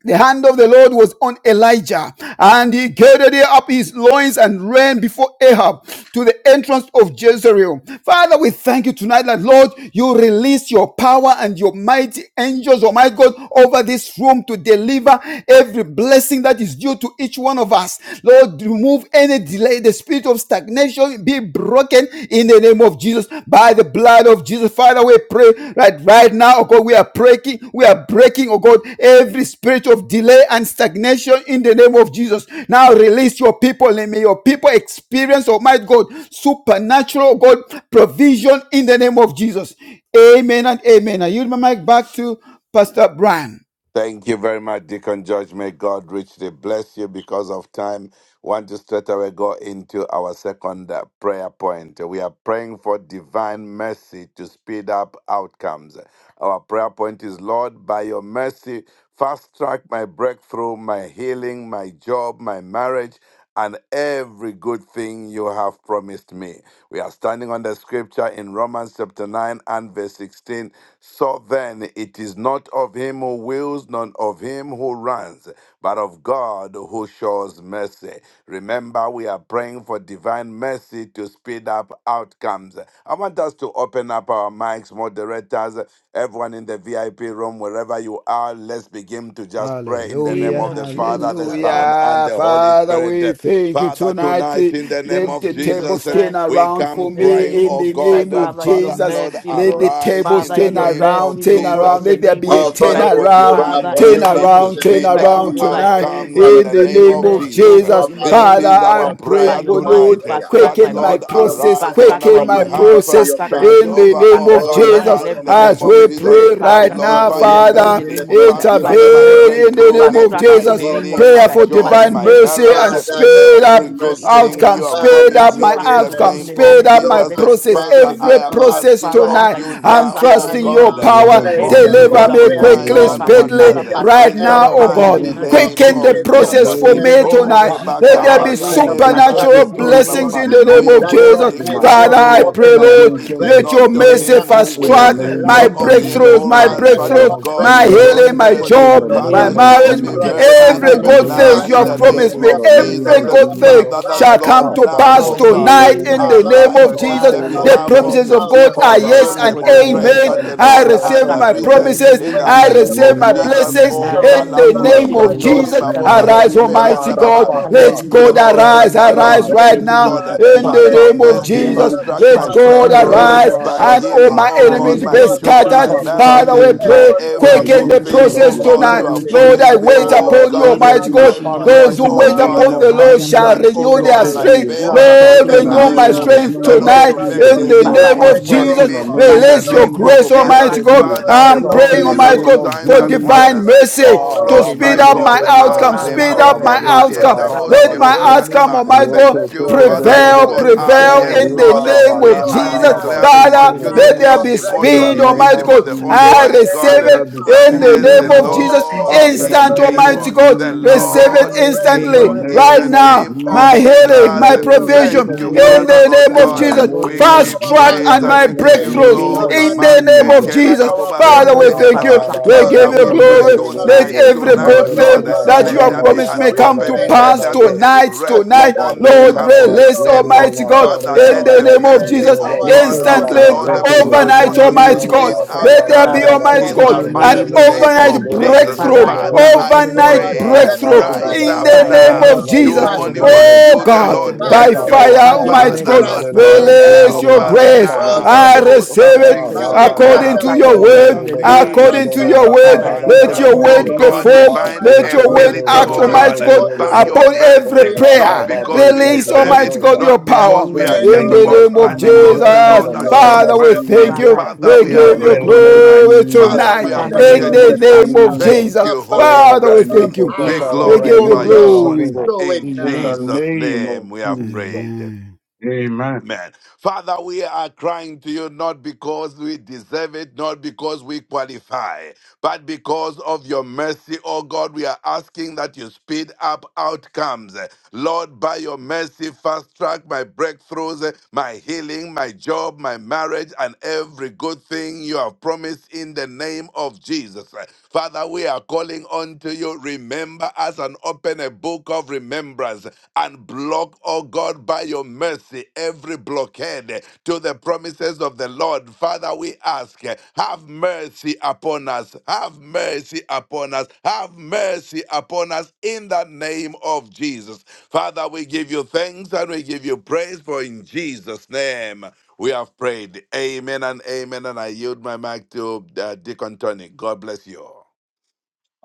[SPEAKER 3] the hand of the Lord was on Elijah, and he gathered up his loins and ran before Ahab to the entrance of Jezreel. Father, we thank you tonight that, Lord, you release your power and your mighty angels, oh my God, over this room to deliver every blessing that is due to each one of us. Lord, remove any delay, the spirit of stagnation be broken broken in the name of Jesus by the blood of Jesus. Father, we pray right right now, oh God, we are breaking, we are breaking, oh God, every spirit of delay and stagnation in the name of Jesus. Now release your people and may your people experience, oh my God, supernatural oh God provision in the name of Jesus. Amen and amen. I yield my mic back to Pastor Brian.
[SPEAKER 5] Thank you very much, Deacon George. May God richly bless you because of time want to straight away go into our second uh, prayer point. We are praying for divine mercy to speed up outcomes. Our prayer point is Lord, by your mercy, fast track my breakthrough, my healing, my job, my marriage. And every good thing you have promised me. We are standing on the scripture in Romans chapter 9 and verse 16. So then, it is not of him who wills, none of him who runs, but of God who shows mercy. Remember, we are praying for divine mercy to speed up outcomes. I want us to open up our mics, moderators, everyone in the VIP room, wherever you are. Let's begin to just pray in the name
[SPEAKER 3] Hallelujah,
[SPEAKER 5] of
[SPEAKER 2] Amen.
[SPEAKER 5] the Father,
[SPEAKER 2] Jesus,
[SPEAKER 5] the
[SPEAKER 2] Christ. God.
[SPEAKER 5] Son, and
[SPEAKER 3] hallelujah.
[SPEAKER 5] the Holy
[SPEAKER 3] Father, we
[SPEAKER 5] Spirit.
[SPEAKER 3] thank you
[SPEAKER 5] Father,
[SPEAKER 3] tonight.
[SPEAKER 5] tonight in the
[SPEAKER 2] In
[SPEAKER 5] name
[SPEAKER 2] the name of
[SPEAKER 3] Let
[SPEAKER 5] of
[SPEAKER 3] the
[SPEAKER 2] Jesus
[SPEAKER 5] Jesus,
[SPEAKER 3] tables
[SPEAKER 5] eh,
[SPEAKER 3] turn
[SPEAKER 2] Christ,
[SPEAKER 5] we
[SPEAKER 3] around for
[SPEAKER 5] come
[SPEAKER 2] in the
[SPEAKER 5] crying,
[SPEAKER 3] me
[SPEAKER 2] name
[SPEAKER 3] in
[SPEAKER 2] of
[SPEAKER 5] oh
[SPEAKER 3] the
[SPEAKER 2] Jesus
[SPEAKER 5] God,
[SPEAKER 2] Christ,
[SPEAKER 3] name
[SPEAKER 5] that
[SPEAKER 3] of
[SPEAKER 2] Father, in your
[SPEAKER 5] Father,
[SPEAKER 3] Jesus.
[SPEAKER 5] Lord,
[SPEAKER 2] mercy, O
[SPEAKER 3] Let
[SPEAKER 2] God,
[SPEAKER 3] the
[SPEAKER 5] arise
[SPEAKER 3] tables
[SPEAKER 5] in
[SPEAKER 2] Father,
[SPEAKER 5] the
[SPEAKER 2] in
[SPEAKER 3] turn
[SPEAKER 2] your
[SPEAKER 5] name
[SPEAKER 3] around,
[SPEAKER 5] of
[SPEAKER 2] mercy,
[SPEAKER 3] turn
[SPEAKER 2] O God,
[SPEAKER 3] around.
[SPEAKER 2] in
[SPEAKER 5] Jesus. Eh,
[SPEAKER 2] the
[SPEAKER 3] Let there
[SPEAKER 2] name
[SPEAKER 3] be
[SPEAKER 2] of
[SPEAKER 3] a
[SPEAKER 5] We
[SPEAKER 4] Our
[SPEAKER 2] Jesus
[SPEAKER 3] turn
[SPEAKER 5] pray
[SPEAKER 4] Father,
[SPEAKER 2] Christ,
[SPEAKER 4] we
[SPEAKER 5] for
[SPEAKER 4] are
[SPEAKER 3] around,
[SPEAKER 4] calling
[SPEAKER 5] divine
[SPEAKER 2] Father, in
[SPEAKER 4] upon
[SPEAKER 2] the
[SPEAKER 3] turn
[SPEAKER 4] you right
[SPEAKER 5] mercy
[SPEAKER 2] name
[SPEAKER 4] now
[SPEAKER 2] of
[SPEAKER 5] to
[SPEAKER 4] in
[SPEAKER 3] around,
[SPEAKER 4] the
[SPEAKER 3] turn
[SPEAKER 2] Jesus
[SPEAKER 4] name
[SPEAKER 5] speed
[SPEAKER 4] of
[SPEAKER 2] Christ, O
[SPEAKER 5] up
[SPEAKER 3] around
[SPEAKER 2] God,
[SPEAKER 4] Jesus
[SPEAKER 2] I
[SPEAKER 3] tonight
[SPEAKER 4] Christ,
[SPEAKER 2] pray, O
[SPEAKER 4] the
[SPEAKER 5] outcomes
[SPEAKER 2] God,
[SPEAKER 4] Son
[SPEAKER 5] in
[SPEAKER 3] in
[SPEAKER 4] of
[SPEAKER 5] the
[SPEAKER 4] the
[SPEAKER 3] the
[SPEAKER 2] in
[SPEAKER 5] name
[SPEAKER 2] your
[SPEAKER 3] name
[SPEAKER 4] living
[SPEAKER 5] of
[SPEAKER 3] of
[SPEAKER 4] God.
[SPEAKER 2] mercy, O
[SPEAKER 5] Jesus. Eh,
[SPEAKER 3] Jesus.
[SPEAKER 2] God,
[SPEAKER 4] Our
[SPEAKER 2] in the
[SPEAKER 4] Father,
[SPEAKER 5] This
[SPEAKER 3] Father,
[SPEAKER 4] this
[SPEAKER 2] name of
[SPEAKER 5] is
[SPEAKER 4] is
[SPEAKER 2] Jesus
[SPEAKER 5] our
[SPEAKER 4] our
[SPEAKER 3] I'm
[SPEAKER 2] Christ,
[SPEAKER 4] cry
[SPEAKER 2] by
[SPEAKER 5] prayer
[SPEAKER 3] praying, oh
[SPEAKER 2] your
[SPEAKER 4] and our
[SPEAKER 2] mercy,
[SPEAKER 3] Lord,
[SPEAKER 5] tonight eh,
[SPEAKER 4] prayer.
[SPEAKER 2] fast track
[SPEAKER 5] that,
[SPEAKER 2] my
[SPEAKER 3] quicken
[SPEAKER 4] That
[SPEAKER 3] my
[SPEAKER 5] Lord,
[SPEAKER 2] breakthrough,
[SPEAKER 4] Father, we
[SPEAKER 3] process,
[SPEAKER 5] arise
[SPEAKER 2] fast
[SPEAKER 4] thank
[SPEAKER 5] on
[SPEAKER 2] track
[SPEAKER 4] you,
[SPEAKER 5] our
[SPEAKER 3] quicken
[SPEAKER 2] my
[SPEAKER 3] my
[SPEAKER 4] Almighty
[SPEAKER 2] healing,
[SPEAKER 5] behalf.
[SPEAKER 4] God, for
[SPEAKER 5] eh,
[SPEAKER 2] fast
[SPEAKER 3] process
[SPEAKER 4] your
[SPEAKER 2] track my
[SPEAKER 5] Charge
[SPEAKER 3] in
[SPEAKER 2] job.
[SPEAKER 3] the
[SPEAKER 4] faithfulness.
[SPEAKER 5] over,
[SPEAKER 3] name
[SPEAKER 2] Fast
[SPEAKER 5] oh
[SPEAKER 2] track
[SPEAKER 3] of
[SPEAKER 2] the
[SPEAKER 4] Oh
[SPEAKER 5] God,
[SPEAKER 4] Lord
[SPEAKER 2] marriage
[SPEAKER 3] Jesus
[SPEAKER 2] and
[SPEAKER 4] God
[SPEAKER 5] ask in the
[SPEAKER 2] everything you have
[SPEAKER 5] name
[SPEAKER 3] as
[SPEAKER 4] Almighty,
[SPEAKER 5] of
[SPEAKER 4] we
[SPEAKER 3] we
[SPEAKER 2] promised me.
[SPEAKER 5] Jesus,
[SPEAKER 4] pray.
[SPEAKER 3] pray
[SPEAKER 2] Fast
[SPEAKER 5] that
[SPEAKER 3] right
[SPEAKER 2] track
[SPEAKER 4] It's
[SPEAKER 2] my
[SPEAKER 5] Lord,
[SPEAKER 4] not
[SPEAKER 3] now,
[SPEAKER 4] to
[SPEAKER 5] by your
[SPEAKER 2] enemies
[SPEAKER 4] him
[SPEAKER 2] healing
[SPEAKER 4] that
[SPEAKER 2] in
[SPEAKER 3] Father.
[SPEAKER 2] the
[SPEAKER 5] mercy,
[SPEAKER 2] name
[SPEAKER 4] willeth,
[SPEAKER 2] of Jesus
[SPEAKER 4] not to
[SPEAKER 2] Christ.
[SPEAKER 5] fast
[SPEAKER 4] him
[SPEAKER 2] By
[SPEAKER 5] track
[SPEAKER 4] that
[SPEAKER 2] your
[SPEAKER 5] my
[SPEAKER 4] runneth,
[SPEAKER 3] Intervene
[SPEAKER 2] mercy,
[SPEAKER 3] in the
[SPEAKER 5] breakthroughs,
[SPEAKER 4] but
[SPEAKER 3] name
[SPEAKER 5] eh,
[SPEAKER 2] fast
[SPEAKER 4] it
[SPEAKER 3] of
[SPEAKER 4] is
[SPEAKER 2] track
[SPEAKER 5] my
[SPEAKER 2] it
[SPEAKER 4] to
[SPEAKER 2] in the
[SPEAKER 3] Jesus.
[SPEAKER 4] God
[SPEAKER 2] name of
[SPEAKER 4] that
[SPEAKER 5] healing,
[SPEAKER 2] Jesus
[SPEAKER 3] Prayer
[SPEAKER 5] my
[SPEAKER 2] Christ.
[SPEAKER 3] for
[SPEAKER 4] showeth
[SPEAKER 2] By
[SPEAKER 5] job,
[SPEAKER 2] your
[SPEAKER 3] divine
[SPEAKER 5] my
[SPEAKER 4] mercy.
[SPEAKER 2] mercy,
[SPEAKER 3] mercy
[SPEAKER 2] fast
[SPEAKER 5] marriage,
[SPEAKER 3] and
[SPEAKER 5] eh,
[SPEAKER 2] track any
[SPEAKER 4] Father,
[SPEAKER 2] marriage,
[SPEAKER 3] speed
[SPEAKER 4] show
[SPEAKER 2] oh
[SPEAKER 4] me
[SPEAKER 5] every
[SPEAKER 3] up
[SPEAKER 2] God,
[SPEAKER 5] good
[SPEAKER 2] even
[SPEAKER 4] mercy.
[SPEAKER 2] our own
[SPEAKER 5] thing
[SPEAKER 3] outcome,
[SPEAKER 5] you have
[SPEAKER 2] partner.
[SPEAKER 3] speed
[SPEAKER 4] Father,
[SPEAKER 5] promised
[SPEAKER 3] up
[SPEAKER 2] Fast
[SPEAKER 5] me
[SPEAKER 3] my
[SPEAKER 4] show
[SPEAKER 2] track
[SPEAKER 4] me
[SPEAKER 5] in
[SPEAKER 2] it,
[SPEAKER 5] the
[SPEAKER 2] oh God,
[SPEAKER 3] outcome,
[SPEAKER 2] in
[SPEAKER 5] name
[SPEAKER 2] the
[SPEAKER 4] mercy.
[SPEAKER 2] name
[SPEAKER 3] speed
[SPEAKER 5] of
[SPEAKER 2] of
[SPEAKER 3] up
[SPEAKER 2] Jesus.
[SPEAKER 3] my
[SPEAKER 4] Show
[SPEAKER 5] Jesus.
[SPEAKER 2] Let
[SPEAKER 5] Eh,
[SPEAKER 4] us
[SPEAKER 2] that
[SPEAKER 3] process.
[SPEAKER 2] girl
[SPEAKER 5] Father,
[SPEAKER 2] joy
[SPEAKER 4] mercy,
[SPEAKER 2] be
[SPEAKER 5] I
[SPEAKER 4] O
[SPEAKER 3] Every
[SPEAKER 5] am
[SPEAKER 2] full.
[SPEAKER 4] God.
[SPEAKER 3] process
[SPEAKER 5] asking
[SPEAKER 2] Father,
[SPEAKER 4] Show
[SPEAKER 5] of
[SPEAKER 2] as
[SPEAKER 3] tonight,
[SPEAKER 2] I you
[SPEAKER 5] you
[SPEAKER 4] us
[SPEAKER 2] fast
[SPEAKER 3] I'm
[SPEAKER 5] now,
[SPEAKER 2] track
[SPEAKER 4] mercy
[SPEAKER 2] in
[SPEAKER 5] oh
[SPEAKER 2] the
[SPEAKER 4] right
[SPEAKER 3] trusting
[SPEAKER 2] name
[SPEAKER 3] your
[SPEAKER 2] of
[SPEAKER 5] God,
[SPEAKER 4] now
[SPEAKER 6] In
[SPEAKER 5] eh,
[SPEAKER 6] the
[SPEAKER 2] Jesus.
[SPEAKER 3] power.
[SPEAKER 6] name of
[SPEAKER 4] Mercy
[SPEAKER 2] Every
[SPEAKER 5] perform
[SPEAKER 2] good thing
[SPEAKER 4] upon
[SPEAKER 3] Deliver
[SPEAKER 6] Jesus.
[SPEAKER 2] you
[SPEAKER 3] me
[SPEAKER 5] miracle
[SPEAKER 2] have
[SPEAKER 6] In the
[SPEAKER 4] prayer
[SPEAKER 2] promised
[SPEAKER 5] signs
[SPEAKER 3] quickly,
[SPEAKER 2] my
[SPEAKER 6] name
[SPEAKER 4] storm.
[SPEAKER 6] of
[SPEAKER 5] and
[SPEAKER 2] family,
[SPEAKER 3] speedily,
[SPEAKER 2] Father,
[SPEAKER 5] wonders
[SPEAKER 6] Jesus.
[SPEAKER 4] Mercy
[SPEAKER 5] eh,
[SPEAKER 2] fast
[SPEAKER 4] upon
[SPEAKER 2] track
[SPEAKER 3] right
[SPEAKER 5] in
[SPEAKER 2] it.
[SPEAKER 5] the
[SPEAKER 3] now,
[SPEAKER 6] Father,
[SPEAKER 4] every
[SPEAKER 6] I
[SPEAKER 3] oh
[SPEAKER 2] Fast
[SPEAKER 6] come
[SPEAKER 2] track
[SPEAKER 3] God.
[SPEAKER 2] them
[SPEAKER 5] mighty
[SPEAKER 6] against
[SPEAKER 2] now, they
[SPEAKER 6] every
[SPEAKER 4] individual.
[SPEAKER 5] name
[SPEAKER 3] Quicken
[SPEAKER 6] spirit
[SPEAKER 3] the
[SPEAKER 2] breakthrough
[SPEAKER 6] of
[SPEAKER 5] of
[SPEAKER 4] Mercy
[SPEAKER 2] job.
[SPEAKER 3] process
[SPEAKER 4] upon
[SPEAKER 5] Jesus.
[SPEAKER 3] for
[SPEAKER 5] Eh,
[SPEAKER 6] delay.
[SPEAKER 2] In the
[SPEAKER 3] me
[SPEAKER 4] every
[SPEAKER 2] name
[SPEAKER 5] Oh,
[SPEAKER 2] of
[SPEAKER 3] tonight.
[SPEAKER 6] Ah,
[SPEAKER 4] person.
[SPEAKER 2] Jesus
[SPEAKER 3] Let
[SPEAKER 5] Rebecca
[SPEAKER 6] Father,
[SPEAKER 2] Christ,
[SPEAKER 3] there
[SPEAKER 2] I
[SPEAKER 4] Our
[SPEAKER 6] I
[SPEAKER 3] be
[SPEAKER 2] pray
[SPEAKER 6] come
[SPEAKER 2] that
[SPEAKER 4] Father,
[SPEAKER 5] Pariande
[SPEAKER 2] you
[SPEAKER 4] we are
[SPEAKER 6] against
[SPEAKER 2] fast track
[SPEAKER 4] calling
[SPEAKER 3] supernatural
[SPEAKER 6] every
[SPEAKER 2] this in the
[SPEAKER 6] spirit
[SPEAKER 4] upon
[SPEAKER 6] of
[SPEAKER 2] name
[SPEAKER 4] you
[SPEAKER 3] blessings
[SPEAKER 2] of
[SPEAKER 3] in the
[SPEAKER 2] Jesus
[SPEAKER 4] now
[SPEAKER 5] for
[SPEAKER 2] Christ.
[SPEAKER 3] name of
[SPEAKER 5] your
[SPEAKER 6] delay.
[SPEAKER 3] Jesus.
[SPEAKER 4] that
[SPEAKER 2] God,
[SPEAKER 5] word
[SPEAKER 4] your
[SPEAKER 3] Jesus.
[SPEAKER 2] I
[SPEAKER 6] In
[SPEAKER 2] do
[SPEAKER 6] my
[SPEAKER 5] declares
[SPEAKER 4] mercy
[SPEAKER 3] Father,
[SPEAKER 2] continue
[SPEAKER 6] family,
[SPEAKER 3] I
[SPEAKER 5] so.
[SPEAKER 6] I
[SPEAKER 4] will be
[SPEAKER 3] pray,
[SPEAKER 6] come
[SPEAKER 5] Then
[SPEAKER 6] against
[SPEAKER 5] it
[SPEAKER 3] Lord,
[SPEAKER 5] is
[SPEAKER 4] demonstrated
[SPEAKER 6] every
[SPEAKER 3] let your
[SPEAKER 5] not of
[SPEAKER 4] right
[SPEAKER 6] delay.
[SPEAKER 3] mercy
[SPEAKER 2] and
[SPEAKER 4] now
[SPEAKER 5] him who
[SPEAKER 2] fast
[SPEAKER 3] fast
[SPEAKER 4] in
[SPEAKER 2] track
[SPEAKER 6] In the
[SPEAKER 2] this
[SPEAKER 4] our
[SPEAKER 5] wills,
[SPEAKER 3] track
[SPEAKER 2] in the
[SPEAKER 6] name of
[SPEAKER 3] my
[SPEAKER 5] not
[SPEAKER 4] lives,
[SPEAKER 2] name of
[SPEAKER 4] O
[SPEAKER 5] of him
[SPEAKER 4] God.
[SPEAKER 6] Jesus,
[SPEAKER 2] Jesus
[SPEAKER 3] breakthroughs,
[SPEAKER 5] who
[SPEAKER 2] Christ.
[SPEAKER 3] my
[SPEAKER 6] in the
[SPEAKER 5] runs,
[SPEAKER 4] Father,
[SPEAKER 5] but
[SPEAKER 6] name
[SPEAKER 3] breakthroughs,
[SPEAKER 5] of
[SPEAKER 6] of
[SPEAKER 5] God
[SPEAKER 4] demonstrate
[SPEAKER 3] my
[SPEAKER 5] who
[SPEAKER 2] All
[SPEAKER 4] your
[SPEAKER 6] Jesus,
[SPEAKER 5] shows
[SPEAKER 2] upon
[SPEAKER 3] healing,
[SPEAKER 2] even
[SPEAKER 3] my
[SPEAKER 2] for
[SPEAKER 4] mercy
[SPEAKER 5] mercy.
[SPEAKER 2] this
[SPEAKER 6] in
[SPEAKER 2] in
[SPEAKER 6] the
[SPEAKER 3] job,
[SPEAKER 4] to
[SPEAKER 2] the
[SPEAKER 3] my
[SPEAKER 5] Father,
[SPEAKER 6] name
[SPEAKER 2] name of
[SPEAKER 6] of
[SPEAKER 4] quicken
[SPEAKER 5] show
[SPEAKER 4] the
[SPEAKER 3] marriage,
[SPEAKER 2] Jesus.
[SPEAKER 5] me
[SPEAKER 6] Jesus,
[SPEAKER 4] process, O
[SPEAKER 5] mercy
[SPEAKER 6] in
[SPEAKER 2] Father,
[SPEAKER 3] every
[SPEAKER 6] the
[SPEAKER 4] God.
[SPEAKER 2] let
[SPEAKER 5] even
[SPEAKER 3] good
[SPEAKER 2] there be
[SPEAKER 6] name of
[SPEAKER 5] now
[SPEAKER 3] thing you
[SPEAKER 2] fast
[SPEAKER 5] in
[SPEAKER 4] Father,
[SPEAKER 3] have
[SPEAKER 5] the
[SPEAKER 2] tracking
[SPEAKER 6] Jesus,
[SPEAKER 2] of
[SPEAKER 5] name
[SPEAKER 3] promised
[SPEAKER 4] quicken
[SPEAKER 2] it,
[SPEAKER 3] me,
[SPEAKER 6] in
[SPEAKER 4] the
[SPEAKER 2] of
[SPEAKER 5] of
[SPEAKER 6] the name
[SPEAKER 2] healing,
[SPEAKER 4] process,
[SPEAKER 3] every
[SPEAKER 6] of
[SPEAKER 5] Jesus.
[SPEAKER 4] O
[SPEAKER 2] of
[SPEAKER 3] good
[SPEAKER 4] God.
[SPEAKER 6] Jesus,
[SPEAKER 3] thing
[SPEAKER 2] healing,
[SPEAKER 5] Father,
[SPEAKER 2] of
[SPEAKER 5] that
[SPEAKER 3] shall
[SPEAKER 2] healing
[SPEAKER 4] Father,
[SPEAKER 3] come
[SPEAKER 5] Lord,
[SPEAKER 6] Oh,
[SPEAKER 3] to
[SPEAKER 2] in,
[SPEAKER 4] right
[SPEAKER 5] now,
[SPEAKER 6] Father,
[SPEAKER 2] in
[SPEAKER 3] pass
[SPEAKER 6] I
[SPEAKER 4] now.
[SPEAKER 5] oh
[SPEAKER 2] the
[SPEAKER 6] thank
[SPEAKER 5] God,
[SPEAKER 6] you,
[SPEAKER 4] Oh,
[SPEAKER 3] tonight
[SPEAKER 6] O
[SPEAKER 2] name
[SPEAKER 3] in
[SPEAKER 2] of
[SPEAKER 4] my
[SPEAKER 3] the
[SPEAKER 6] Lord.
[SPEAKER 2] Jesus.
[SPEAKER 4] God,
[SPEAKER 6] I
[SPEAKER 3] name
[SPEAKER 4] the
[SPEAKER 5] arise
[SPEAKER 3] of
[SPEAKER 6] thank
[SPEAKER 4] dead
[SPEAKER 6] you
[SPEAKER 5] on
[SPEAKER 3] Jesus.
[SPEAKER 4] one
[SPEAKER 5] the
[SPEAKER 6] so
[SPEAKER 2] Father,
[SPEAKER 4] shall
[SPEAKER 6] much,
[SPEAKER 2] Lord,
[SPEAKER 4] be
[SPEAKER 3] The
[SPEAKER 2] in the
[SPEAKER 5] behalf
[SPEAKER 6] Lord.
[SPEAKER 5] of
[SPEAKER 4] coming
[SPEAKER 2] name
[SPEAKER 3] promises
[SPEAKER 2] of
[SPEAKER 5] your
[SPEAKER 3] of
[SPEAKER 2] Jesus
[SPEAKER 4] out.
[SPEAKER 3] God
[SPEAKER 2] Christ,
[SPEAKER 5] people
[SPEAKER 3] are
[SPEAKER 6] Father,
[SPEAKER 2] Father, I
[SPEAKER 6] I
[SPEAKER 5] to
[SPEAKER 3] yes
[SPEAKER 2] pray,
[SPEAKER 6] thank
[SPEAKER 3] and
[SPEAKER 2] God, in
[SPEAKER 6] you,
[SPEAKER 2] the
[SPEAKER 4] Father,
[SPEAKER 2] name
[SPEAKER 6] Lord.
[SPEAKER 5] demonstrate
[SPEAKER 2] of
[SPEAKER 3] amen.
[SPEAKER 5] that
[SPEAKER 4] quicken
[SPEAKER 2] Jesus.
[SPEAKER 6] Thank
[SPEAKER 5] the
[SPEAKER 4] the
[SPEAKER 6] you,
[SPEAKER 3] I
[SPEAKER 5] Lord
[SPEAKER 6] Lord.
[SPEAKER 2] Fast
[SPEAKER 5] has
[SPEAKER 3] receive
[SPEAKER 2] track
[SPEAKER 6] Thank
[SPEAKER 3] my
[SPEAKER 2] to
[SPEAKER 6] you,
[SPEAKER 4] process.
[SPEAKER 2] God
[SPEAKER 5] arisen
[SPEAKER 6] Lord.
[SPEAKER 2] in the
[SPEAKER 3] promises,
[SPEAKER 5] in
[SPEAKER 2] name
[SPEAKER 5] the
[SPEAKER 2] of
[SPEAKER 3] I
[SPEAKER 6] In
[SPEAKER 4] Quicken
[SPEAKER 6] the
[SPEAKER 5] name
[SPEAKER 4] the
[SPEAKER 2] Jesus.
[SPEAKER 3] receive
[SPEAKER 5] of
[SPEAKER 6] name
[SPEAKER 3] my
[SPEAKER 4] process
[SPEAKER 6] of
[SPEAKER 2] Ah,
[SPEAKER 4] of
[SPEAKER 5] Jesus.
[SPEAKER 3] blessings
[SPEAKER 5] Oh,
[SPEAKER 6] Jesus.
[SPEAKER 4] breakthrough.
[SPEAKER 2] Lion,
[SPEAKER 3] in
[SPEAKER 2] the
[SPEAKER 3] the
[SPEAKER 6] In
[SPEAKER 2] little
[SPEAKER 4] Fast
[SPEAKER 5] Kalambra
[SPEAKER 6] the
[SPEAKER 3] name
[SPEAKER 2] shame,
[SPEAKER 3] of
[SPEAKER 2] the
[SPEAKER 4] track
[SPEAKER 6] name
[SPEAKER 2] little
[SPEAKER 6] of
[SPEAKER 4] our
[SPEAKER 5] Kotori
[SPEAKER 3] Jesus.
[SPEAKER 5] Babo
[SPEAKER 2] shikara, baba,
[SPEAKER 4] breakthrough.
[SPEAKER 6] Jesus.
[SPEAKER 2] the
[SPEAKER 3] Arise,
[SPEAKER 2] little
[SPEAKER 5] semperi
[SPEAKER 3] Almighty.
[SPEAKER 4] Fast
[SPEAKER 3] Almighty
[SPEAKER 5] anda
[SPEAKER 4] track
[SPEAKER 6] Father,
[SPEAKER 5] baba.
[SPEAKER 6] fast
[SPEAKER 3] God.
[SPEAKER 4] our
[SPEAKER 2] Malay,
[SPEAKER 6] track,
[SPEAKER 2] the
[SPEAKER 3] Let
[SPEAKER 5] Thank you,
[SPEAKER 4] breakthrough.
[SPEAKER 3] God
[SPEAKER 2] little
[SPEAKER 6] oh
[SPEAKER 2] shame,
[SPEAKER 5] Lord.
[SPEAKER 2] the
[SPEAKER 6] God.
[SPEAKER 3] arise,
[SPEAKER 2] little
[SPEAKER 5] Thank
[SPEAKER 4] Father,
[SPEAKER 5] you,
[SPEAKER 2] poor,
[SPEAKER 6] Father,
[SPEAKER 4] we
[SPEAKER 2] the
[SPEAKER 5] Lord.
[SPEAKER 6] my
[SPEAKER 3] arise
[SPEAKER 2] little
[SPEAKER 4] pray.
[SPEAKER 3] right
[SPEAKER 5] Thank
[SPEAKER 2] shame, the
[SPEAKER 5] you,
[SPEAKER 3] now
[SPEAKER 2] little
[SPEAKER 6] breakthrough.
[SPEAKER 5] Lord.
[SPEAKER 2] poor, the
[SPEAKER 4] Father,
[SPEAKER 2] little
[SPEAKER 3] in
[SPEAKER 4] in
[SPEAKER 5] By
[SPEAKER 6] Fast
[SPEAKER 3] the
[SPEAKER 2] shame.
[SPEAKER 4] the
[SPEAKER 5] your
[SPEAKER 6] track,
[SPEAKER 3] name
[SPEAKER 4] name
[SPEAKER 6] my
[SPEAKER 3] of
[SPEAKER 4] of
[SPEAKER 5] mercy,
[SPEAKER 2] Malian, the
[SPEAKER 3] Jesus.
[SPEAKER 5] fast
[SPEAKER 6] healing.
[SPEAKER 4] Jesus,
[SPEAKER 2] little
[SPEAKER 5] track my
[SPEAKER 3] Let
[SPEAKER 2] shaking.
[SPEAKER 6] Fast
[SPEAKER 4] fast
[SPEAKER 6] track,
[SPEAKER 3] God
[SPEAKER 2] In
[SPEAKER 4] track
[SPEAKER 6] oh
[SPEAKER 2] the
[SPEAKER 5] breakthroughs,
[SPEAKER 4] our
[SPEAKER 5] eh,
[SPEAKER 6] God,
[SPEAKER 2] name
[SPEAKER 3] arise
[SPEAKER 2] of
[SPEAKER 5] by
[SPEAKER 4] breakthrough
[SPEAKER 6] Father.
[SPEAKER 3] and
[SPEAKER 2] Jesus.
[SPEAKER 4] right
[SPEAKER 3] all
[SPEAKER 5] healing,
[SPEAKER 6] My
[SPEAKER 3] my
[SPEAKER 5] oh
[SPEAKER 4] now.
[SPEAKER 5] God,
[SPEAKER 2] Malay,
[SPEAKER 3] enemies
[SPEAKER 6] academic
[SPEAKER 2] the
[SPEAKER 5] my
[SPEAKER 3] be
[SPEAKER 4] Because
[SPEAKER 2] little
[SPEAKER 6] pursuit.
[SPEAKER 4] you
[SPEAKER 5] job,
[SPEAKER 4] are
[SPEAKER 2] shame,
[SPEAKER 5] my
[SPEAKER 3] scattered.
[SPEAKER 2] the
[SPEAKER 6] Fast
[SPEAKER 2] little poor,
[SPEAKER 6] track,
[SPEAKER 4] able,
[SPEAKER 5] marriage,
[SPEAKER 3] Father,
[SPEAKER 2] the
[SPEAKER 5] eh,
[SPEAKER 6] oh
[SPEAKER 3] we
[SPEAKER 2] little shame.
[SPEAKER 5] my
[SPEAKER 6] God.
[SPEAKER 3] pray,
[SPEAKER 4] able to
[SPEAKER 5] every
[SPEAKER 4] do
[SPEAKER 6] Every
[SPEAKER 2] Mali
[SPEAKER 3] quicken
[SPEAKER 5] good
[SPEAKER 3] the
[SPEAKER 6] good thing
[SPEAKER 5] thing,
[SPEAKER 4] exceeding
[SPEAKER 2] mubushende
[SPEAKER 6] that
[SPEAKER 5] oh
[SPEAKER 3] process
[SPEAKER 4] and
[SPEAKER 6] you have
[SPEAKER 5] God,
[SPEAKER 2] bukuru
[SPEAKER 5] you have
[SPEAKER 3] tonight.
[SPEAKER 4] abundantly.
[SPEAKER 6] promised me.
[SPEAKER 3] Lord,
[SPEAKER 2] bubushende
[SPEAKER 3] I
[SPEAKER 5] promised me,
[SPEAKER 3] wait
[SPEAKER 2] bukuru.
[SPEAKER 6] Oh
[SPEAKER 4] Above
[SPEAKER 5] oh
[SPEAKER 4] all
[SPEAKER 6] Lord,
[SPEAKER 3] upon you,
[SPEAKER 4] that
[SPEAKER 6] let
[SPEAKER 4] we
[SPEAKER 5] God.
[SPEAKER 2] Lere
[SPEAKER 5] eh,
[SPEAKER 6] there be
[SPEAKER 3] Almighty
[SPEAKER 4] ask,
[SPEAKER 6] a
[SPEAKER 3] God.
[SPEAKER 4] O
[SPEAKER 5] I
[SPEAKER 2] bubushende
[SPEAKER 6] fast
[SPEAKER 4] God.
[SPEAKER 5] pray,
[SPEAKER 3] Those
[SPEAKER 2] bukuru
[SPEAKER 6] track
[SPEAKER 3] who
[SPEAKER 6] in the
[SPEAKER 5] oh
[SPEAKER 3] wait
[SPEAKER 4] Above
[SPEAKER 2] bushende.
[SPEAKER 4] all
[SPEAKER 5] God,
[SPEAKER 6] name
[SPEAKER 3] upon
[SPEAKER 5] eh,
[SPEAKER 6] of
[SPEAKER 4] that
[SPEAKER 3] the
[SPEAKER 5] fast
[SPEAKER 2] Mali
[SPEAKER 3] Lord
[SPEAKER 4] we
[SPEAKER 6] Jesus.
[SPEAKER 2] amene
[SPEAKER 3] shall
[SPEAKER 4] think.
[SPEAKER 5] track, oh
[SPEAKER 2] bushende
[SPEAKER 3] renew
[SPEAKER 4] The
[SPEAKER 6] Let
[SPEAKER 3] their
[SPEAKER 5] God,
[SPEAKER 6] there
[SPEAKER 2] bukuru.
[SPEAKER 4] time
[SPEAKER 5] my
[SPEAKER 6] be
[SPEAKER 4] is
[SPEAKER 6] a
[SPEAKER 3] strength.
[SPEAKER 2] Ora
[SPEAKER 5] favor
[SPEAKER 6] fast
[SPEAKER 4] now.
[SPEAKER 2] baba
[SPEAKER 6] track
[SPEAKER 5] in
[SPEAKER 3] Lord,
[SPEAKER 5] the
[SPEAKER 6] in
[SPEAKER 4] The
[SPEAKER 6] the
[SPEAKER 2] sekere
[SPEAKER 3] renew
[SPEAKER 5] eyes
[SPEAKER 3] my
[SPEAKER 6] name
[SPEAKER 5] of
[SPEAKER 4] Father,
[SPEAKER 6] of
[SPEAKER 2] bushende.
[SPEAKER 3] strength
[SPEAKER 5] men
[SPEAKER 4] you
[SPEAKER 5] that
[SPEAKER 2] Let
[SPEAKER 6] Jesus.
[SPEAKER 4] will
[SPEAKER 5] ought
[SPEAKER 2] there
[SPEAKER 3] tonight
[SPEAKER 5] to
[SPEAKER 2] be a
[SPEAKER 4] fast
[SPEAKER 6] Let
[SPEAKER 5] make
[SPEAKER 2] God.
[SPEAKER 3] in
[SPEAKER 6] there
[SPEAKER 4] track
[SPEAKER 2] In
[SPEAKER 3] the
[SPEAKER 6] be
[SPEAKER 2] fact,
[SPEAKER 6] a
[SPEAKER 4] our
[SPEAKER 5] decisions
[SPEAKER 2] by
[SPEAKER 3] name
[SPEAKER 2] your
[SPEAKER 6] fast
[SPEAKER 3] of
[SPEAKER 6] track
[SPEAKER 4] breakthrough,
[SPEAKER 5] concerning
[SPEAKER 4] oh
[SPEAKER 2] mercy,
[SPEAKER 3] Jesus.
[SPEAKER 6] in the
[SPEAKER 5] me
[SPEAKER 4] God.
[SPEAKER 2] by
[SPEAKER 6] name
[SPEAKER 5] in
[SPEAKER 2] your
[SPEAKER 5] the
[SPEAKER 6] of
[SPEAKER 3] Release your
[SPEAKER 4] Lord,
[SPEAKER 5] name
[SPEAKER 2] mercy,
[SPEAKER 4] we
[SPEAKER 6] Jesus.
[SPEAKER 5] of
[SPEAKER 2] go
[SPEAKER 3] grace,
[SPEAKER 6] Let
[SPEAKER 2] fast
[SPEAKER 4] pray.
[SPEAKER 5] Jesus.
[SPEAKER 3] Almighty
[SPEAKER 2] track
[SPEAKER 6] there
[SPEAKER 3] God.
[SPEAKER 6] be a
[SPEAKER 2] healing
[SPEAKER 4] Lord,
[SPEAKER 5] Father,
[SPEAKER 6] fast
[SPEAKER 4] that
[SPEAKER 3] I'm
[SPEAKER 2] in
[SPEAKER 6] track
[SPEAKER 4] your
[SPEAKER 2] the
[SPEAKER 5] perform
[SPEAKER 3] praying,
[SPEAKER 6] in the
[SPEAKER 2] name
[SPEAKER 3] Almighty
[SPEAKER 4] mercy
[SPEAKER 2] of
[SPEAKER 6] name
[SPEAKER 5] miracles,
[SPEAKER 6] of
[SPEAKER 3] God,
[SPEAKER 5] signs
[SPEAKER 3] for
[SPEAKER 2] Jesus.
[SPEAKER 4] fast
[SPEAKER 5] and
[SPEAKER 6] Jesus.
[SPEAKER 4] track
[SPEAKER 3] divine
[SPEAKER 5] wonders. eh.
[SPEAKER 4] my
[SPEAKER 3] mercy
[SPEAKER 5] Oh
[SPEAKER 6] Ah,
[SPEAKER 2] In
[SPEAKER 3] to
[SPEAKER 4] breakthrough
[SPEAKER 6] la
[SPEAKER 5] Lord,
[SPEAKER 2] the
[SPEAKER 6] ba
[SPEAKER 3] speed
[SPEAKER 5] my
[SPEAKER 2] name
[SPEAKER 4] and
[SPEAKER 2] of
[SPEAKER 3] up
[SPEAKER 6] le
[SPEAKER 4] the
[SPEAKER 5] God.
[SPEAKER 3] my
[SPEAKER 6] ke
[SPEAKER 2] Jesus.
[SPEAKER 6] ne
[SPEAKER 4] breakthrough of
[SPEAKER 6] mo
[SPEAKER 5] Ah,
[SPEAKER 3] outcome,
[SPEAKER 4] my
[SPEAKER 6] zon
[SPEAKER 2] Father,
[SPEAKER 6] pa
[SPEAKER 3] speed
[SPEAKER 2] free
[SPEAKER 6] ra
[SPEAKER 3] up
[SPEAKER 2] Your
[SPEAKER 4] family
[SPEAKER 5] lebroske
[SPEAKER 6] ba
[SPEAKER 3] my
[SPEAKER 2] here.
[SPEAKER 6] re
[SPEAKER 4] and the
[SPEAKER 2] Father,
[SPEAKER 6] ba
[SPEAKER 3] outcome.
[SPEAKER 5] parienda
[SPEAKER 6] ra
[SPEAKER 2] strike
[SPEAKER 4] breakthrough
[SPEAKER 6] ba
[SPEAKER 2] it
[SPEAKER 4] of
[SPEAKER 6] ra
[SPEAKER 2] to
[SPEAKER 5] boske
[SPEAKER 3] Let
[SPEAKER 4] my
[SPEAKER 6] ba
[SPEAKER 3] my
[SPEAKER 2] God in
[SPEAKER 6] ke.
[SPEAKER 2] the
[SPEAKER 4] husband
[SPEAKER 2] name
[SPEAKER 3] outcome,
[SPEAKER 5] poriandaba.
[SPEAKER 2] of
[SPEAKER 4] and
[SPEAKER 3] Almighty
[SPEAKER 6] Re
[SPEAKER 2] Jesus.
[SPEAKER 4] the
[SPEAKER 3] God,
[SPEAKER 5] Thank you,
[SPEAKER 4] breakthrough of
[SPEAKER 6] re
[SPEAKER 4] the
[SPEAKER 2] Father,
[SPEAKER 6] re
[SPEAKER 5] Father,
[SPEAKER 6] re
[SPEAKER 2] Lord,
[SPEAKER 5] Lord
[SPEAKER 2] I
[SPEAKER 3] prevail,
[SPEAKER 6] bo.
[SPEAKER 5] God.
[SPEAKER 4] ministry
[SPEAKER 2] pray, God,
[SPEAKER 5] Ah,
[SPEAKER 4] and
[SPEAKER 2] in
[SPEAKER 3] prevail
[SPEAKER 2] the
[SPEAKER 4] the
[SPEAKER 6] Oh,
[SPEAKER 5] yes,
[SPEAKER 3] in
[SPEAKER 2] name
[SPEAKER 6] re
[SPEAKER 2] of
[SPEAKER 3] the
[SPEAKER 4] breakthrough
[SPEAKER 6] ka
[SPEAKER 5] Lord.
[SPEAKER 4] of
[SPEAKER 5] eh,
[SPEAKER 6] ra
[SPEAKER 2] Jesus.
[SPEAKER 6] ba
[SPEAKER 3] name
[SPEAKER 4] prayer
[SPEAKER 5] We
[SPEAKER 3] of
[SPEAKER 6] yan
[SPEAKER 4] storm.
[SPEAKER 6] da
[SPEAKER 5] are
[SPEAKER 2] Father, I
[SPEAKER 3] Jesus.
[SPEAKER 6] ba
[SPEAKER 2] pray
[SPEAKER 4] Father,
[SPEAKER 2] for
[SPEAKER 5] declaring
[SPEAKER 6] zon
[SPEAKER 2] this
[SPEAKER 4] fast
[SPEAKER 6] te
[SPEAKER 2] in
[SPEAKER 3] Father,
[SPEAKER 2] the
[SPEAKER 6] le
[SPEAKER 5] unto the
[SPEAKER 2] name
[SPEAKER 4] track
[SPEAKER 3] let
[SPEAKER 2] of
[SPEAKER 3] there
[SPEAKER 5] King,
[SPEAKER 4] our
[SPEAKER 3] be
[SPEAKER 2] Jesus.
[SPEAKER 6] In
[SPEAKER 5] immortal,
[SPEAKER 6] the
[SPEAKER 3] speed,
[SPEAKER 4] breakthrough right
[SPEAKER 6] name
[SPEAKER 3] Almighty
[SPEAKER 6] of
[SPEAKER 5] invisible,
[SPEAKER 3] God.
[SPEAKER 4] now.
[SPEAKER 5] the only
[SPEAKER 4] We
[SPEAKER 3] I
[SPEAKER 6] Jesus.
[SPEAKER 5] wise
[SPEAKER 4] pray,
[SPEAKER 3] receive
[SPEAKER 5] God,
[SPEAKER 6] Let
[SPEAKER 5] eh,
[SPEAKER 4] Abba
[SPEAKER 6] there
[SPEAKER 3] it
[SPEAKER 6] be
[SPEAKER 2] Just
[SPEAKER 5] that
[SPEAKER 3] in the
[SPEAKER 4] Father,
[SPEAKER 2] in
[SPEAKER 6] speed,
[SPEAKER 5] yes,
[SPEAKER 2] the
[SPEAKER 6] oh
[SPEAKER 5] the
[SPEAKER 3] name
[SPEAKER 2] name
[SPEAKER 3] of
[SPEAKER 4] fast
[SPEAKER 6] God.
[SPEAKER 2] of
[SPEAKER 3] Jesus.
[SPEAKER 4] track our
[SPEAKER 5] Lord
[SPEAKER 6] Ah,
[SPEAKER 2] Jesus
[SPEAKER 6] in the
[SPEAKER 2] Christ,
[SPEAKER 5] is
[SPEAKER 3] Instant,
[SPEAKER 2] in
[SPEAKER 4] breakthrough
[SPEAKER 2] the
[SPEAKER 4] in the
[SPEAKER 6] name of
[SPEAKER 3] Almighty
[SPEAKER 2] name
[SPEAKER 5] able.
[SPEAKER 2] of
[SPEAKER 4] ministry.
[SPEAKER 2] Jesus,
[SPEAKER 5] The
[SPEAKER 3] God,
[SPEAKER 2] Christ.
[SPEAKER 4] Fast
[SPEAKER 3] receive
[SPEAKER 6] Jesus.
[SPEAKER 4] track
[SPEAKER 3] it
[SPEAKER 2] Father,
[SPEAKER 5] Lord
[SPEAKER 4] our
[SPEAKER 5] is
[SPEAKER 2] Lord, in the
[SPEAKER 6] In
[SPEAKER 4] breakthrough
[SPEAKER 6] the
[SPEAKER 3] instantly
[SPEAKER 5] able.
[SPEAKER 2] name
[SPEAKER 4] right
[SPEAKER 2] of
[SPEAKER 5] In
[SPEAKER 4] now.
[SPEAKER 3] right
[SPEAKER 5] the
[SPEAKER 6] name
[SPEAKER 2] Jesus,
[SPEAKER 6] of
[SPEAKER 5] name
[SPEAKER 3] now.
[SPEAKER 5] of
[SPEAKER 4] Fast
[SPEAKER 3] My
[SPEAKER 6] Jesus,
[SPEAKER 4] track
[SPEAKER 6] in the
[SPEAKER 4] our
[SPEAKER 3] healing,
[SPEAKER 5] Jesus.
[SPEAKER 3] my
[SPEAKER 5] eh,
[SPEAKER 6] name
[SPEAKER 4] breakthrough
[SPEAKER 6] of
[SPEAKER 4] right
[SPEAKER 2] in
[SPEAKER 3] provision
[SPEAKER 2] the
[SPEAKER 5] Thank
[SPEAKER 4] now,
[SPEAKER 5] you,
[SPEAKER 4] oh
[SPEAKER 3] in
[SPEAKER 6] Jesus,
[SPEAKER 2] name
[SPEAKER 5] Father,
[SPEAKER 2] of
[SPEAKER 4] God.
[SPEAKER 3] the
[SPEAKER 2] Jesus,
[SPEAKER 5] Lord
[SPEAKER 3] name
[SPEAKER 2] Christ.
[SPEAKER 3] of
[SPEAKER 6] in
[SPEAKER 5] God.
[SPEAKER 6] the
[SPEAKER 5] eh,
[SPEAKER 2] Father,
[SPEAKER 3] Jesus.
[SPEAKER 2] Lord, in
[SPEAKER 5] We
[SPEAKER 2] the
[SPEAKER 6] name of
[SPEAKER 2] name of
[SPEAKER 5] give
[SPEAKER 3] Fast
[SPEAKER 2] Jesus,
[SPEAKER 4] Our
[SPEAKER 2] Christ.
[SPEAKER 3] track
[SPEAKER 4] Father,
[SPEAKER 5] praise
[SPEAKER 3] and
[SPEAKER 4] we
[SPEAKER 5] and
[SPEAKER 6] Jesus,
[SPEAKER 3] my
[SPEAKER 5] we
[SPEAKER 2] Father,
[SPEAKER 3] breakthrough
[SPEAKER 6] in
[SPEAKER 2] Lord,
[SPEAKER 5] give
[SPEAKER 6] the
[SPEAKER 5] you
[SPEAKER 2] in
[SPEAKER 4] pray
[SPEAKER 2] the
[SPEAKER 5] glory
[SPEAKER 3] breakthroughs
[SPEAKER 6] name
[SPEAKER 2] name
[SPEAKER 4] that
[SPEAKER 2] of
[SPEAKER 5] glory.
[SPEAKER 6] of
[SPEAKER 2] Jesus,
[SPEAKER 3] in
[SPEAKER 4] Father,
[SPEAKER 2] Christ.
[SPEAKER 4] you
[SPEAKER 5] Make
[SPEAKER 3] the name
[SPEAKER 4] fast
[SPEAKER 3] of
[SPEAKER 6] Jesus.
[SPEAKER 5] kele
[SPEAKER 4] track
[SPEAKER 3] Jesus.
[SPEAKER 4] our
[SPEAKER 5] baboba
[SPEAKER 3] Father,
[SPEAKER 2] Father,
[SPEAKER 6] Oh,
[SPEAKER 3] we
[SPEAKER 2] Lord,
[SPEAKER 5] samperi
[SPEAKER 4] breakthrough.
[SPEAKER 3] thank
[SPEAKER 6] raka
[SPEAKER 2] fast
[SPEAKER 3] you.
[SPEAKER 5] andaba.
[SPEAKER 6] da
[SPEAKER 4] We
[SPEAKER 6] da
[SPEAKER 2] track it
[SPEAKER 6] da
[SPEAKER 3] We
[SPEAKER 4] call
[SPEAKER 2] over
[SPEAKER 6] da,
[SPEAKER 5] Father,
[SPEAKER 3] give
[SPEAKER 2] in
[SPEAKER 3] you
[SPEAKER 5] we
[SPEAKER 2] the
[SPEAKER 4] upon you,
[SPEAKER 6] zumba
[SPEAKER 5] pray
[SPEAKER 2] name
[SPEAKER 4] the
[SPEAKER 6] da
[SPEAKER 3] glory.
[SPEAKER 2] of
[SPEAKER 6] da
[SPEAKER 4] King
[SPEAKER 6] da
[SPEAKER 2] Jesus,
[SPEAKER 4] of
[SPEAKER 6] da,
[SPEAKER 2] Christ.
[SPEAKER 3] Let
[SPEAKER 5] tonight,
[SPEAKER 4] Kings.
[SPEAKER 6] bo,
[SPEAKER 3] every
[SPEAKER 2] Father,
[SPEAKER 6] zumba
[SPEAKER 2] I
[SPEAKER 5] tonight,
[SPEAKER 4] Oh
[SPEAKER 3] good
[SPEAKER 6] da
[SPEAKER 2] pray
[SPEAKER 6] da,
[SPEAKER 4] Lord
[SPEAKER 2] for
[SPEAKER 3] thing
[SPEAKER 5] Lord,
[SPEAKER 4] God
[SPEAKER 2] this in
[SPEAKER 6] raka
[SPEAKER 2] the
[SPEAKER 3] that you
[SPEAKER 5] let
[SPEAKER 6] da
[SPEAKER 3] have
[SPEAKER 5] there
[SPEAKER 2] name
[SPEAKER 6] da
[SPEAKER 2] of
[SPEAKER 5] be
[SPEAKER 4] Almighty,
[SPEAKER 6] da
[SPEAKER 3] promised
[SPEAKER 2] Jesus.
[SPEAKER 5] an
[SPEAKER 6] da
[SPEAKER 3] may
[SPEAKER 4] we
[SPEAKER 6] da
[SPEAKER 3] come
[SPEAKER 6] da
[SPEAKER 3] to
[SPEAKER 4] pray
[SPEAKER 6] da
[SPEAKER 4] in
[SPEAKER 5] opening,
[SPEAKER 6] da
[SPEAKER 4] the
[SPEAKER 5] let
[SPEAKER 3] pass
[SPEAKER 6] da,
[SPEAKER 5] there
[SPEAKER 4] name
[SPEAKER 5] be
[SPEAKER 4] of
[SPEAKER 6] bo.
[SPEAKER 5] a
[SPEAKER 3] tonight.
[SPEAKER 4] Jesus
[SPEAKER 6] La
[SPEAKER 5] breakthrough
[SPEAKER 3] Tonight,
[SPEAKER 4] that
[SPEAKER 5] on the
[SPEAKER 4] you
[SPEAKER 3] Lord,
[SPEAKER 6] baronda
[SPEAKER 4] fast
[SPEAKER 5] behalf
[SPEAKER 6] da
[SPEAKER 5] of
[SPEAKER 6] ba
[SPEAKER 4] track
[SPEAKER 5] your
[SPEAKER 3] release
[SPEAKER 4] our
[SPEAKER 6] zumba da
[SPEAKER 5] people.
[SPEAKER 3] Almighty
[SPEAKER 6] ba,
[SPEAKER 3] God
[SPEAKER 4] breakthrough,
[SPEAKER 5] Father,
[SPEAKER 6] korea da
[SPEAKER 3] in
[SPEAKER 5] let
[SPEAKER 6] da
[SPEAKER 4] our
[SPEAKER 3] the
[SPEAKER 5] the
[SPEAKER 6] ba
[SPEAKER 3] name of
[SPEAKER 4] healing,
[SPEAKER 6] zumba
[SPEAKER 5] mercy,
[SPEAKER 3] Jesus
[SPEAKER 6] da
[SPEAKER 5] O
[SPEAKER 6] ba,
[SPEAKER 4] our
[SPEAKER 2] Let
[SPEAKER 5] God
[SPEAKER 2] there
[SPEAKER 6] chita
[SPEAKER 2] be a
[SPEAKER 4] job,
[SPEAKER 5] of
[SPEAKER 6] la
[SPEAKER 5] the
[SPEAKER 6] ba
[SPEAKER 2] fast
[SPEAKER 3] instantly,
[SPEAKER 5] Lord,
[SPEAKER 4] our,
[SPEAKER 2] tracking,
[SPEAKER 5] be
[SPEAKER 2] oh
[SPEAKER 6] rekende.
[SPEAKER 4] our
[SPEAKER 2] God, in
[SPEAKER 3] overnight,
[SPEAKER 5] upon
[SPEAKER 2] the
[SPEAKER 5] us
[SPEAKER 4] careers,
[SPEAKER 5] to
[SPEAKER 3] Almighty
[SPEAKER 6] Oh,
[SPEAKER 2] name of
[SPEAKER 5] speed
[SPEAKER 3] God.
[SPEAKER 2] Jesus.
[SPEAKER 6] la
[SPEAKER 4] our
[SPEAKER 6] ka
[SPEAKER 3] Let
[SPEAKER 6] da da
[SPEAKER 3] there
[SPEAKER 4] businesses,
[SPEAKER 3] be,
[SPEAKER 5] outcomes
[SPEAKER 2] Father,
[SPEAKER 6] da
[SPEAKER 2] I
[SPEAKER 6] da,
[SPEAKER 2] pray, oh
[SPEAKER 3] Almighty
[SPEAKER 4] our
[SPEAKER 5] in
[SPEAKER 2] God,
[SPEAKER 6] zoom
[SPEAKER 2] in
[SPEAKER 5] the
[SPEAKER 3] God,
[SPEAKER 6] do
[SPEAKER 2] the
[SPEAKER 6] do
[SPEAKER 3] an
[SPEAKER 6] do
[SPEAKER 4] marriages,
[SPEAKER 2] name
[SPEAKER 5] mighty
[SPEAKER 6] do
[SPEAKER 2] of
[SPEAKER 4] and
[SPEAKER 2] Jesus
[SPEAKER 6] do,
[SPEAKER 5] name
[SPEAKER 2] Christ,
[SPEAKER 6] zoom
[SPEAKER 2] oh
[SPEAKER 3] overnight
[SPEAKER 4] every
[SPEAKER 5] of
[SPEAKER 6] do
[SPEAKER 2] God.
[SPEAKER 6] do
[SPEAKER 4] good
[SPEAKER 6] do
[SPEAKER 5] Jesus.
[SPEAKER 4] thing
[SPEAKER 6] do
[SPEAKER 2] Father,
[SPEAKER 6] do
[SPEAKER 4] that
[SPEAKER 3] breakthrough,
[SPEAKER 2] I
[SPEAKER 6] do
[SPEAKER 4] you have
[SPEAKER 2] pray,
[SPEAKER 6] do.
[SPEAKER 2] oh
[SPEAKER 5] Father,
[SPEAKER 2] God, in
[SPEAKER 5] I
[SPEAKER 4] promised,
[SPEAKER 2] the
[SPEAKER 4] oh
[SPEAKER 2] name
[SPEAKER 6] Oh,
[SPEAKER 2] of
[SPEAKER 4] God.
[SPEAKER 3] overnight
[SPEAKER 6] la
[SPEAKER 5] pray,
[SPEAKER 6] ka
[SPEAKER 4] Let
[SPEAKER 2] fast
[SPEAKER 6] ba
[SPEAKER 3] breakthrough
[SPEAKER 2] track,
[SPEAKER 4] your
[SPEAKER 2] oh
[SPEAKER 6] da da
[SPEAKER 2] God.
[SPEAKER 4] fast
[SPEAKER 5] rise
[SPEAKER 6] da
[SPEAKER 3] in
[SPEAKER 4] track
[SPEAKER 5] up
[SPEAKER 6] da
[SPEAKER 3] the
[SPEAKER 2] By
[SPEAKER 6] da
[SPEAKER 4] it
[SPEAKER 2] your
[SPEAKER 6] da
[SPEAKER 3] name
[SPEAKER 5] now
[SPEAKER 6] da
[SPEAKER 3] of
[SPEAKER 4] now.
[SPEAKER 6] da,
[SPEAKER 2] mercy,
[SPEAKER 5] do
[SPEAKER 3] Jesus.
[SPEAKER 6] yes
[SPEAKER 2] by
[SPEAKER 6] do
[SPEAKER 4] Fast
[SPEAKER 2] your
[SPEAKER 5] only
[SPEAKER 6] do
[SPEAKER 4] track
[SPEAKER 5] what
[SPEAKER 4] it
[SPEAKER 2] mercy,
[SPEAKER 6] do.
[SPEAKER 3] Oh
[SPEAKER 5] you,
[SPEAKER 2] fast
[SPEAKER 5] the
[SPEAKER 2] track
[SPEAKER 4] now.
[SPEAKER 2] the
[SPEAKER 6] Oh,
[SPEAKER 3] God,
[SPEAKER 5] Lord,
[SPEAKER 6] la
[SPEAKER 3] by
[SPEAKER 2] marriage,
[SPEAKER 5] can
[SPEAKER 6] ka
[SPEAKER 4] Father,
[SPEAKER 2] oh.
[SPEAKER 6] da
[SPEAKER 4] we
[SPEAKER 3] fire,
[SPEAKER 5] do.
[SPEAKER 6] da
[SPEAKER 2] by
[SPEAKER 6] da,
[SPEAKER 2] your
[SPEAKER 4] pray
[SPEAKER 6] yes
[SPEAKER 3] Almighty
[SPEAKER 6] do
[SPEAKER 5] Father,
[SPEAKER 2] mercy,
[SPEAKER 3] God,
[SPEAKER 6] do
[SPEAKER 2] fast
[SPEAKER 5] Lord
[SPEAKER 6] do
[SPEAKER 2] track
[SPEAKER 6] do,
[SPEAKER 5] God,
[SPEAKER 4] frustrated,
[SPEAKER 6] zoom do
[SPEAKER 3] release
[SPEAKER 2] anything.
[SPEAKER 4] oh
[SPEAKER 6] do
[SPEAKER 5] help
[SPEAKER 3] your
[SPEAKER 6] da,
[SPEAKER 5] us
[SPEAKER 4] God.
[SPEAKER 2] Even
[SPEAKER 6] la
[SPEAKER 2] this
[SPEAKER 6] ka
[SPEAKER 3] grace.
[SPEAKER 6] ba
[SPEAKER 4] Oh
[SPEAKER 5] now.
[SPEAKER 4] Lord,
[SPEAKER 6] zoom
[SPEAKER 3] I
[SPEAKER 2] pre-section
[SPEAKER 6] do.
[SPEAKER 2] I
[SPEAKER 4] quick
[SPEAKER 5] Do
[SPEAKER 2] would up
[SPEAKER 3] receive
[SPEAKER 2] to their
[SPEAKER 4] them,
[SPEAKER 2] own
[SPEAKER 6] Ah,
[SPEAKER 5] something
[SPEAKER 3] it
[SPEAKER 6] la
[SPEAKER 4] but
[SPEAKER 2] person.
[SPEAKER 5] new
[SPEAKER 4] quick
[SPEAKER 6] ba da
[SPEAKER 4] them
[SPEAKER 6] da
[SPEAKER 3] according
[SPEAKER 5] now.
[SPEAKER 2] Fast
[SPEAKER 4] the
[SPEAKER 3] to
[SPEAKER 6] da,
[SPEAKER 2] track it,
[SPEAKER 3] your
[SPEAKER 2] oh
[SPEAKER 6] zoom
[SPEAKER 5] Do
[SPEAKER 2] God,
[SPEAKER 6] do
[SPEAKER 4] process,
[SPEAKER 3] word,
[SPEAKER 2] in
[SPEAKER 6] do
[SPEAKER 2] the
[SPEAKER 6] do
[SPEAKER 5] something
[SPEAKER 6] do,
[SPEAKER 4] fast
[SPEAKER 2] name of
[SPEAKER 6] zoom
[SPEAKER 4] track
[SPEAKER 5] mighty
[SPEAKER 3] according
[SPEAKER 6] do
[SPEAKER 2] Jesus
[SPEAKER 3] to
[SPEAKER 6] do
[SPEAKER 4] the
[SPEAKER 3] your
[SPEAKER 6] da,
[SPEAKER 5] now.
[SPEAKER 6] ka
[SPEAKER 3] word.
[SPEAKER 2] Father,
[SPEAKER 6] da
[SPEAKER 2] I
[SPEAKER 4] process
[SPEAKER 6] da
[SPEAKER 2] pray
[SPEAKER 5] Grant
[SPEAKER 6] da
[SPEAKER 2] for
[SPEAKER 3] Let
[SPEAKER 6] da
[SPEAKER 4] right
[SPEAKER 3] your
[SPEAKER 5] us,
[SPEAKER 2] in
[SPEAKER 6] da,
[SPEAKER 2] the
[SPEAKER 4] now,
[SPEAKER 5] oh
[SPEAKER 3] word
[SPEAKER 6] zoom.
[SPEAKER 4] not by
[SPEAKER 5] God,
[SPEAKER 2] name of
[SPEAKER 4] might,
[SPEAKER 3] perform.
[SPEAKER 6] Ah,
[SPEAKER 4] not
[SPEAKER 2] Jesus
[SPEAKER 4] by
[SPEAKER 5] divine
[SPEAKER 2] Christ.
[SPEAKER 6] yes
[SPEAKER 3] Let
[SPEAKER 6] do
[SPEAKER 3] your
[SPEAKER 4] power,
[SPEAKER 6] do
[SPEAKER 2] Lord,
[SPEAKER 3] word
[SPEAKER 2] we
[SPEAKER 6] do
[SPEAKER 5] ability,
[SPEAKER 6] do
[SPEAKER 2] call
[SPEAKER 4] but
[SPEAKER 6] do
[SPEAKER 3] act,
[SPEAKER 5] oh
[SPEAKER 2] upon
[SPEAKER 4] by
[SPEAKER 6] do
[SPEAKER 3] Almighty
[SPEAKER 4] the
[SPEAKER 6] do
[SPEAKER 5] God,
[SPEAKER 3] God,
[SPEAKER 6] do
[SPEAKER 4] Holy
[SPEAKER 6] do
[SPEAKER 5] by
[SPEAKER 6] do.
[SPEAKER 5] your
[SPEAKER 3] upon
[SPEAKER 4] Spirit.
[SPEAKER 3] every
[SPEAKER 6] Oh,
[SPEAKER 5] mercy,
[SPEAKER 4] We are
[SPEAKER 6] la ka
[SPEAKER 5] not
[SPEAKER 3] prayer.
[SPEAKER 4] praying
[SPEAKER 6] ba
[SPEAKER 4] unto
[SPEAKER 6] do
[SPEAKER 5] because we
[SPEAKER 6] do
[SPEAKER 4] the
[SPEAKER 3] Release,
[SPEAKER 6] do
[SPEAKER 5] deserve
[SPEAKER 4] Jehovah.
[SPEAKER 5] it,
[SPEAKER 2] traffic,
[SPEAKER 3] Almighty
[SPEAKER 6] do
[SPEAKER 2] oh
[SPEAKER 3] God,
[SPEAKER 6] do.
[SPEAKER 2] God,
[SPEAKER 3] your
[SPEAKER 5] not
[SPEAKER 2] in
[SPEAKER 4] We
[SPEAKER 2] the
[SPEAKER 4] are
[SPEAKER 5] because
[SPEAKER 3] power.
[SPEAKER 5] we
[SPEAKER 6] In
[SPEAKER 2] name
[SPEAKER 5] are
[SPEAKER 6] the
[SPEAKER 2] of
[SPEAKER 4] praying
[SPEAKER 3] In
[SPEAKER 4] on
[SPEAKER 2] Jesus
[SPEAKER 3] the
[SPEAKER 6] name
[SPEAKER 4] the
[SPEAKER 5] capable,
[SPEAKER 6] of
[SPEAKER 2] Christ.
[SPEAKER 3] name of
[SPEAKER 5] but
[SPEAKER 2] Father,
[SPEAKER 4] Father
[SPEAKER 2] Lord,
[SPEAKER 5] because
[SPEAKER 2] in
[SPEAKER 5] the
[SPEAKER 6] Jesus,
[SPEAKER 2] the
[SPEAKER 6] in
[SPEAKER 4] that
[SPEAKER 3] Jesus.
[SPEAKER 5] Lord
[SPEAKER 6] the
[SPEAKER 2] name of
[SPEAKER 5] has
[SPEAKER 4] Lord
[SPEAKER 6] name
[SPEAKER 5] shown
[SPEAKER 4] let
[SPEAKER 3] Father,
[SPEAKER 6] of
[SPEAKER 2] Jesus
[SPEAKER 3] we
[SPEAKER 2] Christ.
[SPEAKER 4] the
[SPEAKER 5] mercy.
[SPEAKER 3] thank
[SPEAKER 4] fast
[SPEAKER 2] Father,
[SPEAKER 6] Jesus,
[SPEAKER 2] I
[SPEAKER 4] track
[SPEAKER 3] you.
[SPEAKER 2] pray
[SPEAKER 5] Father,
[SPEAKER 4] the
[SPEAKER 3] We
[SPEAKER 2] for
[SPEAKER 5] we
[SPEAKER 6] in
[SPEAKER 5] are
[SPEAKER 2] this,
[SPEAKER 6] the
[SPEAKER 2] oh
[SPEAKER 3] give you
[SPEAKER 2] God,
[SPEAKER 4] process
[SPEAKER 2] in the
[SPEAKER 4] of
[SPEAKER 5] grateful
[SPEAKER 6] name of
[SPEAKER 2] name of
[SPEAKER 4] God.
[SPEAKER 5] tonight.
[SPEAKER 3] glory
[SPEAKER 2] Jesus.
[SPEAKER 4] Fast
[SPEAKER 6] Jesus,
[SPEAKER 5] Father,
[SPEAKER 3] tonight.
[SPEAKER 5] we
[SPEAKER 6] in
[SPEAKER 4] track
[SPEAKER 6] the
[SPEAKER 2] Father,
[SPEAKER 4] the
[SPEAKER 2] let
[SPEAKER 3] In
[SPEAKER 6] name
[SPEAKER 2] there
[SPEAKER 5] appreciate you
[SPEAKER 3] the
[SPEAKER 2] be
[SPEAKER 6] of
[SPEAKER 2] a
[SPEAKER 4] process of
[SPEAKER 5] tonight.
[SPEAKER 3] name
[SPEAKER 2] fast track,
[SPEAKER 3] of
[SPEAKER 4] God.
[SPEAKER 2] oh
[SPEAKER 6] Jesus.
[SPEAKER 2] God.
[SPEAKER 5] Thank
[SPEAKER 3] Jesus.
[SPEAKER 5] you,
[SPEAKER 4] Abba
[SPEAKER 5] Holy
[SPEAKER 6] Oh,
[SPEAKER 3] Father,
[SPEAKER 4] Father
[SPEAKER 6] that
[SPEAKER 3] we
[SPEAKER 5] Spirit.
[SPEAKER 3] thank
[SPEAKER 6] little
[SPEAKER 3] you.
[SPEAKER 5] We
[SPEAKER 2] Yes,
[SPEAKER 4] somehow.
[SPEAKER 3] We
[SPEAKER 2] Lord, in
[SPEAKER 6] Sakaraba,
[SPEAKER 2] the
[SPEAKER 3] give you
[SPEAKER 4] Oh
[SPEAKER 5] glorify
[SPEAKER 6] yes,
[SPEAKER 2] name
[SPEAKER 5] you,
[SPEAKER 2] of
[SPEAKER 4] Lord,
[SPEAKER 5] Lord.
[SPEAKER 2] Jesus
[SPEAKER 3] glory.
[SPEAKER 2] Christ.
[SPEAKER 4] do it
[SPEAKER 5] In
[SPEAKER 6] in
[SPEAKER 4] now.
[SPEAKER 6] the
[SPEAKER 2] Amen.
[SPEAKER 5] Jesus'
[SPEAKER 6] name of
[SPEAKER 5] name we have
[SPEAKER 6] Jesus.
[SPEAKER 5] prayed.
[SPEAKER 3] Amen.
[SPEAKER 6] Amen.
[SPEAKER 5] Amen. Father, we are crying to you not because we deserve it, not because we qualify, but because of your mercy, oh God. We are asking that you speed up outcomes. Lord, by your mercy, fast track my breakthroughs, my healing, my job, my marriage, and every good thing you have promised in the name of Jesus. Father, we are calling on to you. Remember us and open a book of remembrance remembrance and block, oh God, by your mercy, every blockade to the promises of the Lord. Father, we ask, have mercy upon us, have mercy upon us, have mercy upon us in the name of Jesus. Father, we give you thanks and we give you praise for in Jesus' name. We have prayed. Amen and amen. And I yield my mic to uh, Deacon Tony. God bless you.